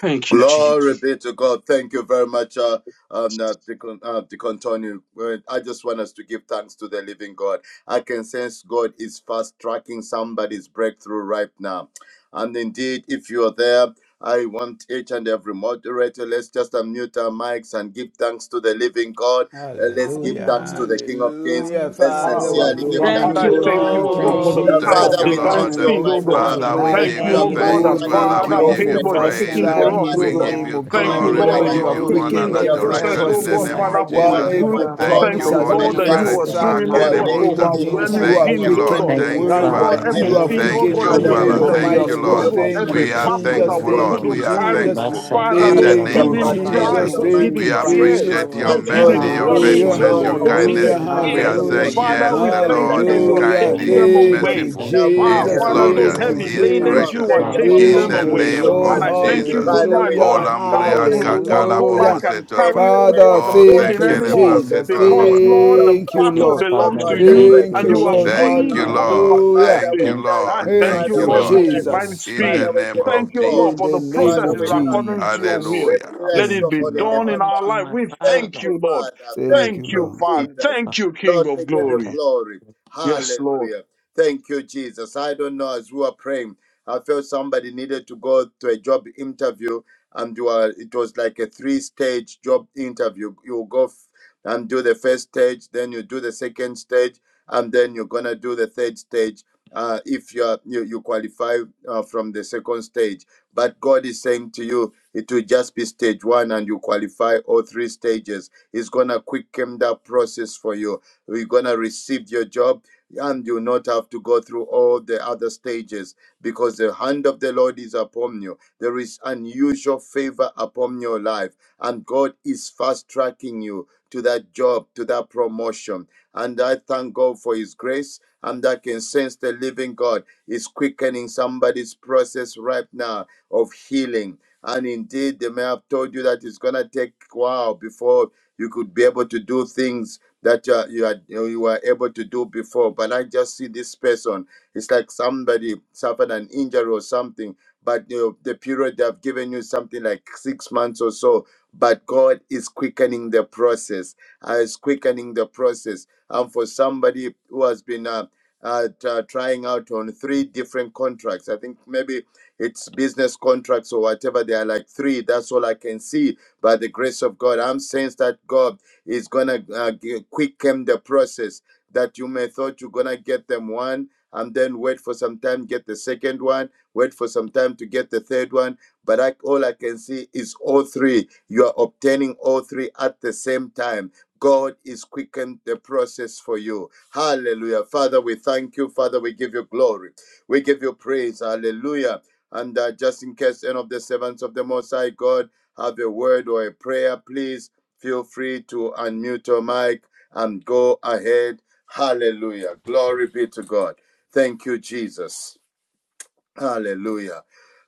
[SPEAKER 6] Thank you, Jesus.
[SPEAKER 4] Glory be to God. Thank you very much, uh, um, uh, Deacon, uh, Deacon Tony. Well, I just want us to give thanks to the living God. I can sense God is fast tracking somebody's breakthrough right now. And indeed, if you are there, I want each and every moderator, let's just unmute our mics and give thanks to the living God. Uh, let's give
[SPEAKER 3] Hallelujah,
[SPEAKER 4] thanks to
[SPEAKER 8] Hallelujah.
[SPEAKER 4] the King of Kings.
[SPEAKER 3] hallelujah.
[SPEAKER 4] Let's
[SPEAKER 8] Hallelujah.
[SPEAKER 6] Ah,
[SPEAKER 3] Father, we
[SPEAKER 8] Glory
[SPEAKER 4] sincerely
[SPEAKER 8] to
[SPEAKER 4] give
[SPEAKER 6] Raluba.
[SPEAKER 3] thank you,
[SPEAKER 4] thanks
[SPEAKER 6] Father,
[SPEAKER 8] God.
[SPEAKER 2] Thank
[SPEAKER 4] to
[SPEAKER 6] I
[SPEAKER 4] the
[SPEAKER 2] you,
[SPEAKER 8] Lord,
[SPEAKER 3] Lord.
[SPEAKER 6] thank
[SPEAKER 8] we
[SPEAKER 9] Hallelujah.
[SPEAKER 6] you,
[SPEAKER 4] Almighty
[SPEAKER 6] O
[SPEAKER 3] Thank
[SPEAKER 4] God.
[SPEAKER 3] you,
[SPEAKER 6] God,
[SPEAKER 8] praise
[SPEAKER 6] for
[SPEAKER 9] Thank
[SPEAKER 8] you.
[SPEAKER 6] the
[SPEAKER 8] We
[SPEAKER 9] you,
[SPEAKER 2] Lord.
[SPEAKER 4] Uh,
[SPEAKER 6] power
[SPEAKER 3] Jesus.
[SPEAKER 5] Thank
[SPEAKER 4] Father,
[SPEAKER 6] of
[SPEAKER 9] Father
[SPEAKER 5] you,
[SPEAKER 8] glorify,
[SPEAKER 4] we
[SPEAKER 3] Thank
[SPEAKER 6] divine
[SPEAKER 4] thank
[SPEAKER 8] magnify
[SPEAKER 9] God.
[SPEAKER 5] Lord.
[SPEAKER 3] you,
[SPEAKER 4] you,
[SPEAKER 6] speed,
[SPEAKER 3] Lord,
[SPEAKER 6] O
[SPEAKER 8] your
[SPEAKER 4] Almighty
[SPEAKER 3] for
[SPEAKER 6] God.
[SPEAKER 9] We
[SPEAKER 4] God,
[SPEAKER 8] name.
[SPEAKER 2] Father,
[SPEAKER 5] Father,
[SPEAKER 2] we
[SPEAKER 5] we
[SPEAKER 4] that
[SPEAKER 3] tonight.
[SPEAKER 6] Thank
[SPEAKER 5] give
[SPEAKER 2] thank
[SPEAKER 4] you
[SPEAKER 9] glorify
[SPEAKER 6] you,
[SPEAKER 5] you
[SPEAKER 8] Thank
[SPEAKER 4] are
[SPEAKER 6] O
[SPEAKER 8] you
[SPEAKER 2] you.
[SPEAKER 9] your
[SPEAKER 8] for
[SPEAKER 6] God,
[SPEAKER 4] fast
[SPEAKER 6] that
[SPEAKER 5] thanks.
[SPEAKER 8] what
[SPEAKER 3] Lord,
[SPEAKER 8] you're
[SPEAKER 9] name. We
[SPEAKER 4] tracking
[SPEAKER 5] Father,
[SPEAKER 3] thank
[SPEAKER 8] doing.
[SPEAKER 5] we
[SPEAKER 6] Father,
[SPEAKER 3] you,
[SPEAKER 9] thank
[SPEAKER 3] Lord,
[SPEAKER 8] Thank
[SPEAKER 4] our
[SPEAKER 8] you
[SPEAKER 5] give
[SPEAKER 8] for
[SPEAKER 9] you,
[SPEAKER 3] for
[SPEAKER 5] you
[SPEAKER 8] the
[SPEAKER 6] favor is
[SPEAKER 9] Lord.
[SPEAKER 4] breakthrough.
[SPEAKER 3] fast
[SPEAKER 5] praise.
[SPEAKER 6] speaking
[SPEAKER 8] breakthrough.
[SPEAKER 9] Thank
[SPEAKER 4] You are
[SPEAKER 6] for
[SPEAKER 3] track
[SPEAKER 9] you,
[SPEAKER 8] Thank
[SPEAKER 6] us,
[SPEAKER 3] in
[SPEAKER 8] you,
[SPEAKER 4] fast
[SPEAKER 6] O
[SPEAKER 3] the
[SPEAKER 5] We
[SPEAKER 8] Lord
[SPEAKER 6] God.
[SPEAKER 9] Jesus.
[SPEAKER 5] give
[SPEAKER 8] God.
[SPEAKER 3] name
[SPEAKER 5] you
[SPEAKER 4] tracking,
[SPEAKER 3] of
[SPEAKER 6] Thank
[SPEAKER 3] Jesus.
[SPEAKER 4] Almighty
[SPEAKER 2] Thank
[SPEAKER 6] you,
[SPEAKER 3] The
[SPEAKER 2] you,
[SPEAKER 5] glory.
[SPEAKER 4] God,
[SPEAKER 8] Yeah,
[SPEAKER 9] Thank
[SPEAKER 6] Lord,
[SPEAKER 5] We
[SPEAKER 6] that
[SPEAKER 3] Lord,
[SPEAKER 4] our
[SPEAKER 8] Lord
[SPEAKER 9] you,
[SPEAKER 3] you
[SPEAKER 5] give
[SPEAKER 6] you're
[SPEAKER 8] God,
[SPEAKER 3] have
[SPEAKER 5] you
[SPEAKER 8] Lord
[SPEAKER 2] Lord.
[SPEAKER 4] healing.
[SPEAKER 2] In
[SPEAKER 5] honor
[SPEAKER 8] God, for
[SPEAKER 2] the
[SPEAKER 3] quickened
[SPEAKER 6] taking
[SPEAKER 5] and
[SPEAKER 9] Jesus,
[SPEAKER 6] the
[SPEAKER 4] You are
[SPEAKER 2] name
[SPEAKER 9] for
[SPEAKER 3] every
[SPEAKER 2] of
[SPEAKER 4] fast
[SPEAKER 6] process,
[SPEAKER 5] adoration
[SPEAKER 8] all
[SPEAKER 6] O
[SPEAKER 5] in
[SPEAKER 4] tracking,
[SPEAKER 5] the
[SPEAKER 8] that
[SPEAKER 2] Jesus
[SPEAKER 6] God,
[SPEAKER 8] you're
[SPEAKER 3] process.
[SPEAKER 9] everything.
[SPEAKER 5] name
[SPEAKER 8] doing,
[SPEAKER 2] Christ.
[SPEAKER 6] Father,
[SPEAKER 5] of
[SPEAKER 8] all
[SPEAKER 4] Almighty
[SPEAKER 6] for
[SPEAKER 8] that
[SPEAKER 6] my
[SPEAKER 9] Thank
[SPEAKER 3] While
[SPEAKER 4] God,
[SPEAKER 8] you're
[SPEAKER 5] Jesus.
[SPEAKER 8] going to
[SPEAKER 9] you,
[SPEAKER 8] do,
[SPEAKER 6] good.
[SPEAKER 4] our
[SPEAKER 3] every
[SPEAKER 8] oh
[SPEAKER 9] God,
[SPEAKER 8] God,
[SPEAKER 9] for
[SPEAKER 8] in
[SPEAKER 4] joy,
[SPEAKER 8] the
[SPEAKER 5] Thank
[SPEAKER 6] Thank
[SPEAKER 3] promise
[SPEAKER 2] In
[SPEAKER 5] you,
[SPEAKER 2] the
[SPEAKER 6] you,
[SPEAKER 8] lives
[SPEAKER 3] has
[SPEAKER 8] of
[SPEAKER 4] our
[SPEAKER 5] Holy
[SPEAKER 8] your
[SPEAKER 9] quickening
[SPEAKER 6] Lord,
[SPEAKER 3] been
[SPEAKER 9] the
[SPEAKER 6] that
[SPEAKER 2] name
[SPEAKER 6] you
[SPEAKER 5] Spirit.
[SPEAKER 2] of
[SPEAKER 6] are
[SPEAKER 3] fast
[SPEAKER 8] people.
[SPEAKER 9] process
[SPEAKER 4] testimony,
[SPEAKER 8] one
[SPEAKER 9] for
[SPEAKER 8] of
[SPEAKER 3] tracked
[SPEAKER 6] doing,
[SPEAKER 8] this
[SPEAKER 6] O
[SPEAKER 2] Jesus
[SPEAKER 3] in
[SPEAKER 9] my
[SPEAKER 4] our
[SPEAKER 3] the
[SPEAKER 8] day.
[SPEAKER 6] God,
[SPEAKER 2] Christ,
[SPEAKER 9] life,
[SPEAKER 3] name
[SPEAKER 2] thank
[SPEAKER 5] Makerebosta.
[SPEAKER 8] Thank
[SPEAKER 3] of
[SPEAKER 2] you,
[SPEAKER 8] you for the
[SPEAKER 9] for
[SPEAKER 4] vindication,
[SPEAKER 3] Jesus,
[SPEAKER 2] Lord.
[SPEAKER 6] overwhelming
[SPEAKER 3] you
[SPEAKER 8] testimonies
[SPEAKER 3] have
[SPEAKER 5] Thank
[SPEAKER 8] that
[SPEAKER 5] you,
[SPEAKER 6] things,
[SPEAKER 4] our
[SPEAKER 8] will
[SPEAKER 9] everyone
[SPEAKER 6] O
[SPEAKER 3] quickened
[SPEAKER 8] come
[SPEAKER 5] Lord.
[SPEAKER 6] God.
[SPEAKER 9] here
[SPEAKER 10] Thank
[SPEAKER 3] your
[SPEAKER 8] forth,
[SPEAKER 9] from
[SPEAKER 4] breakthrough,
[SPEAKER 10] you,
[SPEAKER 8] oh
[SPEAKER 9] the
[SPEAKER 5] Thank you,
[SPEAKER 6] That,
[SPEAKER 3] word.
[SPEAKER 8] God,
[SPEAKER 9] sound
[SPEAKER 4] our
[SPEAKER 6] Lord,
[SPEAKER 9] of
[SPEAKER 5] Father.
[SPEAKER 10] Father.
[SPEAKER 9] my
[SPEAKER 8] in
[SPEAKER 3] You
[SPEAKER 10] Thank
[SPEAKER 8] the
[SPEAKER 3] have
[SPEAKER 4] turnaround.
[SPEAKER 6] everything,
[SPEAKER 9] voice,
[SPEAKER 8] name
[SPEAKER 10] you
[SPEAKER 6] O
[SPEAKER 8] of
[SPEAKER 5] Thank
[SPEAKER 3] quickened
[SPEAKER 6] God,
[SPEAKER 3] your
[SPEAKER 5] you,
[SPEAKER 10] for
[SPEAKER 2] In
[SPEAKER 9] in
[SPEAKER 4] Father,
[SPEAKER 2] the
[SPEAKER 10] your
[SPEAKER 8] Jesus.
[SPEAKER 4] we
[SPEAKER 9] the
[SPEAKER 3] word,
[SPEAKER 5] Father.
[SPEAKER 4] are
[SPEAKER 6] everything
[SPEAKER 8] Thank
[SPEAKER 6] that
[SPEAKER 4] saying
[SPEAKER 6] we
[SPEAKER 9] mighty
[SPEAKER 8] you,
[SPEAKER 5] Thank
[SPEAKER 10] mercy.
[SPEAKER 6] have
[SPEAKER 5] you,
[SPEAKER 4] thank
[SPEAKER 3] Almighty
[SPEAKER 2] name of
[SPEAKER 8] God.
[SPEAKER 9] name
[SPEAKER 10] All
[SPEAKER 3] God.
[SPEAKER 4] you,
[SPEAKER 5] Lord.
[SPEAKER 9] of
[SPEAKER 10] of
[SPEAKER 6] struggled,
[SPEAKER 10] our
[SPEAKER 2] Jesus
[SPEAKER 3] Thank
[SPEAKER 2] Christ,
[SPEAKER 6] every
[SPEAKER 3] you,
[SPEAKER 5] We
[SPEAKER 4] Almighty
[SPEAKER 5] are
[SPEAKER 10] children
[SPEAKER 2] thank
[SPEAKER 9] Jesus.
[SPEAKER 4] God,
[SPEAKER 2] you,
[SPEAKER 6] battle
[SPEAKER 10] beyond
[SPEAKER 3] Jesus.
[SPEAKER 6] that
[SPEAKER 5] thankful,
[SPEAKER 2] Lord.
[SPEAKER 6] we
[SPEAKER 10] all
[SPEAKER 4] for
[SPEAKER 9] Thank
[SPEAKER 4] the
[SPEAKER 3] Thank
[SPEAKER 5] Lord.
[SPEAKER 10] of us.
[SPEAKER 3] you,
[SPEAKER 9] you,
[SPEAKER 5] We
[SPEAKER 6] couldn't
[SPEAKER 4] fast
[SPEAKER 5] are
[SPEAKER 9] Father
[SPEAKER 6] carry.
[SPEAKER 3] Jesus.
[SPEAKER 4] tracking.
[SPEAKER 2] We
[SPEAKER 5] thankful
[SPEAKER 9] God.
[SPEAKER 10] Masa
[SPEAKER 2] thank
[SPEAKER 6] Father,
[SPEAKER 2] you,
[SPEAKER 5] in
[SPEAKER 9] We
[SPEAKER 5] the
[SPEAKER 6] those
[SPEAKER 2] Lord.
[SPEAKER 4] Father,
[SPEAKER 2] In
[SPEAKER 10] tatala
[SPEAKER 2] the
[SPEAKER 3] Thank
[SPEAKER 4] you
[SPEAKER 10] ba
[SPEAKER 5] name
[SPEAKER 4] have
[SPEAKER 3] you,
[SPEAKER 2] name
[SPEAKER 4] fast
[SPEAKER 6] hidden
[SPEAKER 5] of
[SPEAKER 2] of
[SPEAKER 10] yende
[SPEAKER 9] glorify your
[SPEAKER 4] tracked,
[SPEAKER 6] cries,
[SPEAKER 3] Jesus.
[SPEAKER 5] Jesus.
[SPEAKER 6] those
[SPEAKER 10] rebo.
[SPEAKER 2] Jesus.
[SPEAKER 9] name.
[SPEAKER 3] Thank
[SPEAKER 9] We
[SPEAKER 4] Almighty
[SPEAKER 5] We
[SPEAKER 3] you,
[SPEAKER 6] hidden
[SPEAKER 4] God,
[SPEAKER 9] thank
[SPEAKER 6] tears,
[SPEAKER 9] you,
[SPEAKER 3] Jesus.
[SPEAKER 5] appreciate
[SPEAKER 9] Lord.
[SPEAKER 5] your
[SPEAKER 4] answers,
[SPEAKER 6] those
[SPEAKER 5] mercy,
[SPEAKER 6] hidden
[SPEAKER 10] Makara
[SPEAKER 4] Almighty
[SPEAKER 10] ba
[SPEAKER 5] your
[SPEAKER 4] God,
[SPEAKER 3] Hallelujah,
[SPEAKER 6] worries, oh
[SPEAKER 5] faithfulness,
[SPEAKER 10] shanda
[SPEAKER 4] long
[SPEAKER 5] your
[SPEAKER 6] God,
[SPEAKER 10] ba
[SPEAKER 6] those
[SPEAKER 9] Hallelujah.
[SPEAKER 2] In
[SPEAKER 5] kindness.
[SPEAKER 3] hallelujah,
[SPEAKER 2] the
[SPEAKER 4] awaited
[SPEAKER 6] hidden
[SPEAKER 10] basa
[SPEAKER 5] We
[SPEAKER 4] answers,
[SPEAKER 6] fears.
[SPEAKER 5] are
[SPEAKER 2] name
[SPEAKER 10] kutele
[SPEAKER 4] of
[SPEAKER 2] of
[SPEAKER 3] hallelujah,
[SPEAKER 4] God.
[SPEAKER 5] saying,
[SPEAKER 10] yende
[SPEAKER 6] Father,
[SPEAKER 2] Jesus,
[SPEAKER 5] Yes,
[SPEAKER 6] we
[SPEAKER 4] Father,
[SPEAKER 9] Hallelujah.
[SPEAKER 5] the
[SPEAKER 6] thank you
[SPEAKER 4] by
[SPEAKER 5] Lord
[SPEAKER 6] that
[SPEAKER 5] is
[SPEAKER 6] you
[SPEAKER 10] Lord
[SPEAKER 6] are
[SPEAKER 4] faith
[SPEAKER 9] Thank
[SPEAKER 3] hallelujah.
[SPEAKER 5] kind,
[SPEAKER 4] we
[SPEAKER 6] taking
[SPEAKER 5] He
[SPEAKER 10] Father,
[SPEAKER 9] you,
[SPEAKER 6] them
[SPEAKER 5] is
[SPEAKER 4] believe
[SPEAKER 10] Lord,
[SPEAKER 3] Thank
[SPEAKER 4] you.
[SPEAKER 10] we
[SPEAKER 6] away.
[SPEAKER 3] you,
[SPEAKER 5] merciful,
[SPEAKER 10] thank
[SPEAKER 9] Jesus,
[SPEAKER 4] Now,
[SPEAKER 10] you,
[SPEAKER 2] thank
[SPEAKER 9] for
[SPEAKER 5] He
[SPEAKER 6] Ah,
[SPEAKER 2] you,
[SPEAKER 5] is
[SPEAKER 10] Lord,
[SPEAKER 3] Jesus.
[SPEAKER 4] Father,
[SPEAKER 10] for
[SPEAKER 6] Father,
[SPEAKER 10] the
[SPEAKER 6] those
[SPEAKER 9] everything.
[SPEAKER 3] Thank
[SPEAKER 5] glorious,
[SPEAKER 3] you,
[SPEAKER 6] heavy
[SPEAKER 5] He
[SPEAKER 2] Lord.
[SPEAKER 10] mercy.
[SPEAKER 5] is
[SPEAKER 4] you
[SPEAKER 6] ladens,
[SPEAKER 9] Thank
[SPEAKER 4] have
[SPEAKER 3] Jesus.
[SPEAKER 9] you,
[SPEAKER 6] you
[SPEAKER 5] gracious.
[SPEAKER 6] are
[SPEAKER 4] turned
[SPEAKER 10] La
[SPEAKER 9] Father
[SPEAKER 2] Thank
[SPEAKER 4] our
[SPEAKER 2] you,
[SPEAKER 6] taking
[SPEAKER 10] kara
[SPEAKER 5] In
[SPEAKER 6] them
[SPEAKER 9] God.
[SPEAKER 3] Thank
[SPEAKER 5] the
[SPEAKER 4] morning
[SPEAKER 10] ba
[SPEAKER 3] you,
[SPEAKER 6] away.
[SPEAKER 4] into
[SPEAKER 5] name
[SPEAKER 3] Lord.
[SPEAKER 2] Jesus.
[SPEAKER 6] And
[SPEAKER 10] shanda
[SPEAKER 5] of
[SPEAKER 6] I
[SPEAKER 9] Amen.
[SPEAKER 4] dancing.
[SPEAKER 10] ba
[SPEAKER 6] thank you
[SPEAKER 10] rebo.
[SPEAKER 5] Jesus.
[SPEAKER 9] Amen.
[SPEAKER 4] Father,
[SPEAKER 6] tonight,
[SPEAKER 4] we
[SPEAKER 3] Hallelujah,
[SPEAKER 6] Lord,
[SPEAKER 4] thank you,
[SPEAKER 6] that
[SPEAKER 10] You are
[SPEAKER 6] Lord,
[SPEAKER 5] Olambria
[SPEAKER 6] we
[SPEAKER 4] Almighty
[SPEAKER 6] will
[SPEAKER 4] God,
[SPEAKER 6] not
[SPEAKER 5] kakala
[SPEAKER 10] satara
[SPEAKER 6] go
[SPEAKER 4] that
[SPEAKER 10] ba.
[SPEAKER 6] back
[SPEAKER 5] bobo
[SPEAKER 3] hallelujah.
[SPEAKER 4] you have
[SPEAKER 6] and
[SPEAKER 4] made
[SPEAKER 5] setorba.
[SPEAKER 6] carry,
[SPEAKER 4] a
[SPEAKER 6] oh
[SPEAKER 4] way
[SPEAKER 3] Father,
[SPEAKER 6] God, the
[SPEAKER 5] Oh,
[SPEAKER 10] So
[SPEAKER 4] where
[SPEAKER 3] thank
[SPEAKER 6] burden
[SPEAKER 5] thank
[SPEAKER 4] there
[SPEAKER 5] you,
[SPEAKER 3] you,
[SPEAKER 10] kutele
[SPEAKER 4] seemed
[SPEAKER 5] Lebra
[SPEAKER 6] anymore.
[SPEAKER 4] to be
[SPEAKER 3] Jesus.
[SPEAKER 10] yende
[SPEAKER 4] no
[SPEAKER 6] Because,
[SPEAKER 4] way.
[SPEAKER 5] Setorba.
[SPEAKER 10] rebo.
[SPEAKER 6] Lord,
[SPEAKER 4] You have
[SPEAKER 6] the
[SPEAKER 3] Thank you,
[SPEAKER 6] battle
[SPEAKER 10] Yes,
[SPEAKER 3] Lord.
[SPEAKER 4] frustrated, oh
[SPEAKER 6] belongs
[SPEAKER 10] Father,
[SPEAKER 2] In
[SPEAKER 6] to
[SPEAKER 4] God,
[SPEAKER 10] we
[SPEAKER 2] the
[SPEAKER 4] the
[SPEAKER 6] you
[SPEAKER 10] thank
[SPEAKER 2] name of
[SPEAKER 10] you,
[SPEAKER 3] Thank
[SPEAKER 6] and
[SPEAKER 3] you,
[SPEAKER 10] we
[SPEAKER 4] breakthrough
[SPEAKER 6] you have
[SPEAKER 3] Lord.
[SPEAKER 10] thank
[SPEAKER 2] Jesus,
[SPEAKER 4] for
[SPEAKER 10] you,
[SPEAKER 2] we
[SPEAKER 5] Thank
[SPEAKER 6] eased
[SPEAKER 5] you,
[SPEAKER 2] thank
[SPEAKER 6] all
[SPEAKER 2] you,
[SPEAKER 4] someone.
[SPEAKER 10] Father.
[SPEAKER 6] our
[SPEAKER 2] Lord.
[SPEAKER 5] Lord.
[SPEAKER 3] Hallelujah.
[SPEAKER 4] Father,
[SPEAKER 5] Thank you,
[SPEAKER 6] burden.
[SPEAKER 4] we
[SPEAKER 10] Thank you,
[SPEAKER 4] thank
[SPEAKER 6] I
[SPEAKER 5] Lord.
[SPEAKER 4] you.
[SPEAKER 6] thank
[SPEAKER 3] Thank
[SPEAKER 5] Thank
[SPEAKER 6] you,
[SPEAKER 10] Jesus.
[SPEAKER 4] Father,
[SPEAKER 5] you,
[SPEAKER 3] you,
[SPEAKER 4] we
[SPEAKER 6] Lord,
[SPEAKER 5] Lord.
[SPEAKER 6] for
[SPEAKER 10] Thank
[SPEAKER 4] bless you.
[SPEAKER 6] divine
[SPEAKER 10] you.
[SPEAKER 3] Jesus.
[SPEAKER 5] In the
[SPEAKER 4] Father,
[SPEAKER 6] speed.
[SPEAKER 10] Thank
[SPEAKER 4] we
[SPEAKER 5] name
[SPEAKER 4] give
[SPEAKER 10] you.
[SPEAKER 4] you
[SPEAKER 5] of
[SPEAKER 6] Thank you, oh God,
[SPEAKER 4] glory.
[SPEAKER 3] In
[SPEAKER 6] for
[SPEAKER 3] the
[SPEAKER 6] the
[SPEAKER 10] Thank
[SPEAKER 5] Jesus.
[SPEAKER 3] name
[SPEAKER 10] you,
[SPEAKER 4] Father,
[SPEAKER 6] processes
[SPEAKER 3] of
[SPEAKER 4] we
[SPEAKER 10] Lord.
[SPEAKER 4] thank
[SPEAKER 6] according to
[SPEAKER 4] you.
[SPEAKER 6] your
[SPEAKER 3] Jesus.
[SPEAKER 4] We
[SPEAKER 6] will.
[SPEAKER 5] Hallelujah.
[SPEAKER 6] Let
[SPEAKER 4] bless
[SPEAKER 6] it
[SPEAKER 4] your
[SPEAKER 3] Thank
[SPEAKER 6] be
[SPEAKER 3] you,
[SPEAKER 4] holy name,
[SPEAKER 6] done
[SPEAKER 4] O
[SPEAKER 3] Lord.
[SPEAKER 6] in
[SPEAKER 2] Thank
[SPEAKER 6] our
[SPEAKER 2] you,
[SPEAKER 4] God.
[SPEAKER 6] life.
[SPEAKER 2] my
[SPEAKER 6] We
[SPEAKER 4] Thank
[SPEAKER 6] thank
[SPEAKER 2] Father.
[SPEAKER 4] you,
[SPEAKER 6] you, Lord.
[SPEAKER 4] Father. Thank
[SPEAKER 3] Thank you,
[SPEAKER 6] Thank
[SPEAKER 4] you,
[SPEAKER 6] you,
[SPEAKER 3] Lord.
[SPEAKER 10] Thank
[SPEAKER 6] Father.
[SPEAKER 10] you,
[SPEAKER 4] Jesus.
[SPEAKER 6] Thank you,
[SPEAKER 4] Lord,
[SPEAKER 6] King
[SPEAKER 4] we
[SPEAKER 6] of
[SPEAKER 4] give you
[SPEAKER 10] Father.
[SPEAKER 6] Glory.
[SPEAKER 4] glory.
[SPEAKER 6] Yes, Lord.
[SPEAKER 4] Hallelujah. Thank you, Jesus. I don't know as we are praying. I felt somebody needed to go to a job interview, and you are, it was like a three-stage job interview. You go f- and do the first stage, then you do the second stage, and then you're gonna do the third stage. Uh, if you, are, you you qualify uh, from the second stage, but God is saying to you, it will just be stage one, and you qualify all three stages. He's gonna quicken that process for you. You're gonna receive your job, and you not have to go through all the other stages because the hand of the Lord is upon you. There is unusual favor upon your life, and God is fast tracking you to that job, to that promotion. And I thank God for His grace, and I can sense the living God is quickening somebody's process right now of healing. And indeed, they may have told you that it's going to take a while before you could be able to do things that uh, you, are, you were able to do before. But I just see this person it's like somebody suffered an injury or something, but you know, the period they have given you something like six months or so. But God is quickening the process. Uh, is quickening the process. And for somebody who has been uh, uh, t- uh, trying out on three different contracts, I think maybe it's business contracts or whatever. They are like three. That's all I can see. By the grace of God, I'm saying that God is gonna uh, g- quicken the process that you may thought you're gonna get them one and then wait for some time get the second one wait for some time to get the third one but I, all i can see is all three you are obtaining all three at the same time God is quickening the process for you. Hallelujah. Father, we thank you. Father, we give you glory. We give you praise. Hallelujah. And uh, just in case any of the servants of the Most High God have a word or a prayer, please feel free to unmute your mic and go ahead. Hallelujah. Glory be to God. Thank you, Jesus. Hallelujah.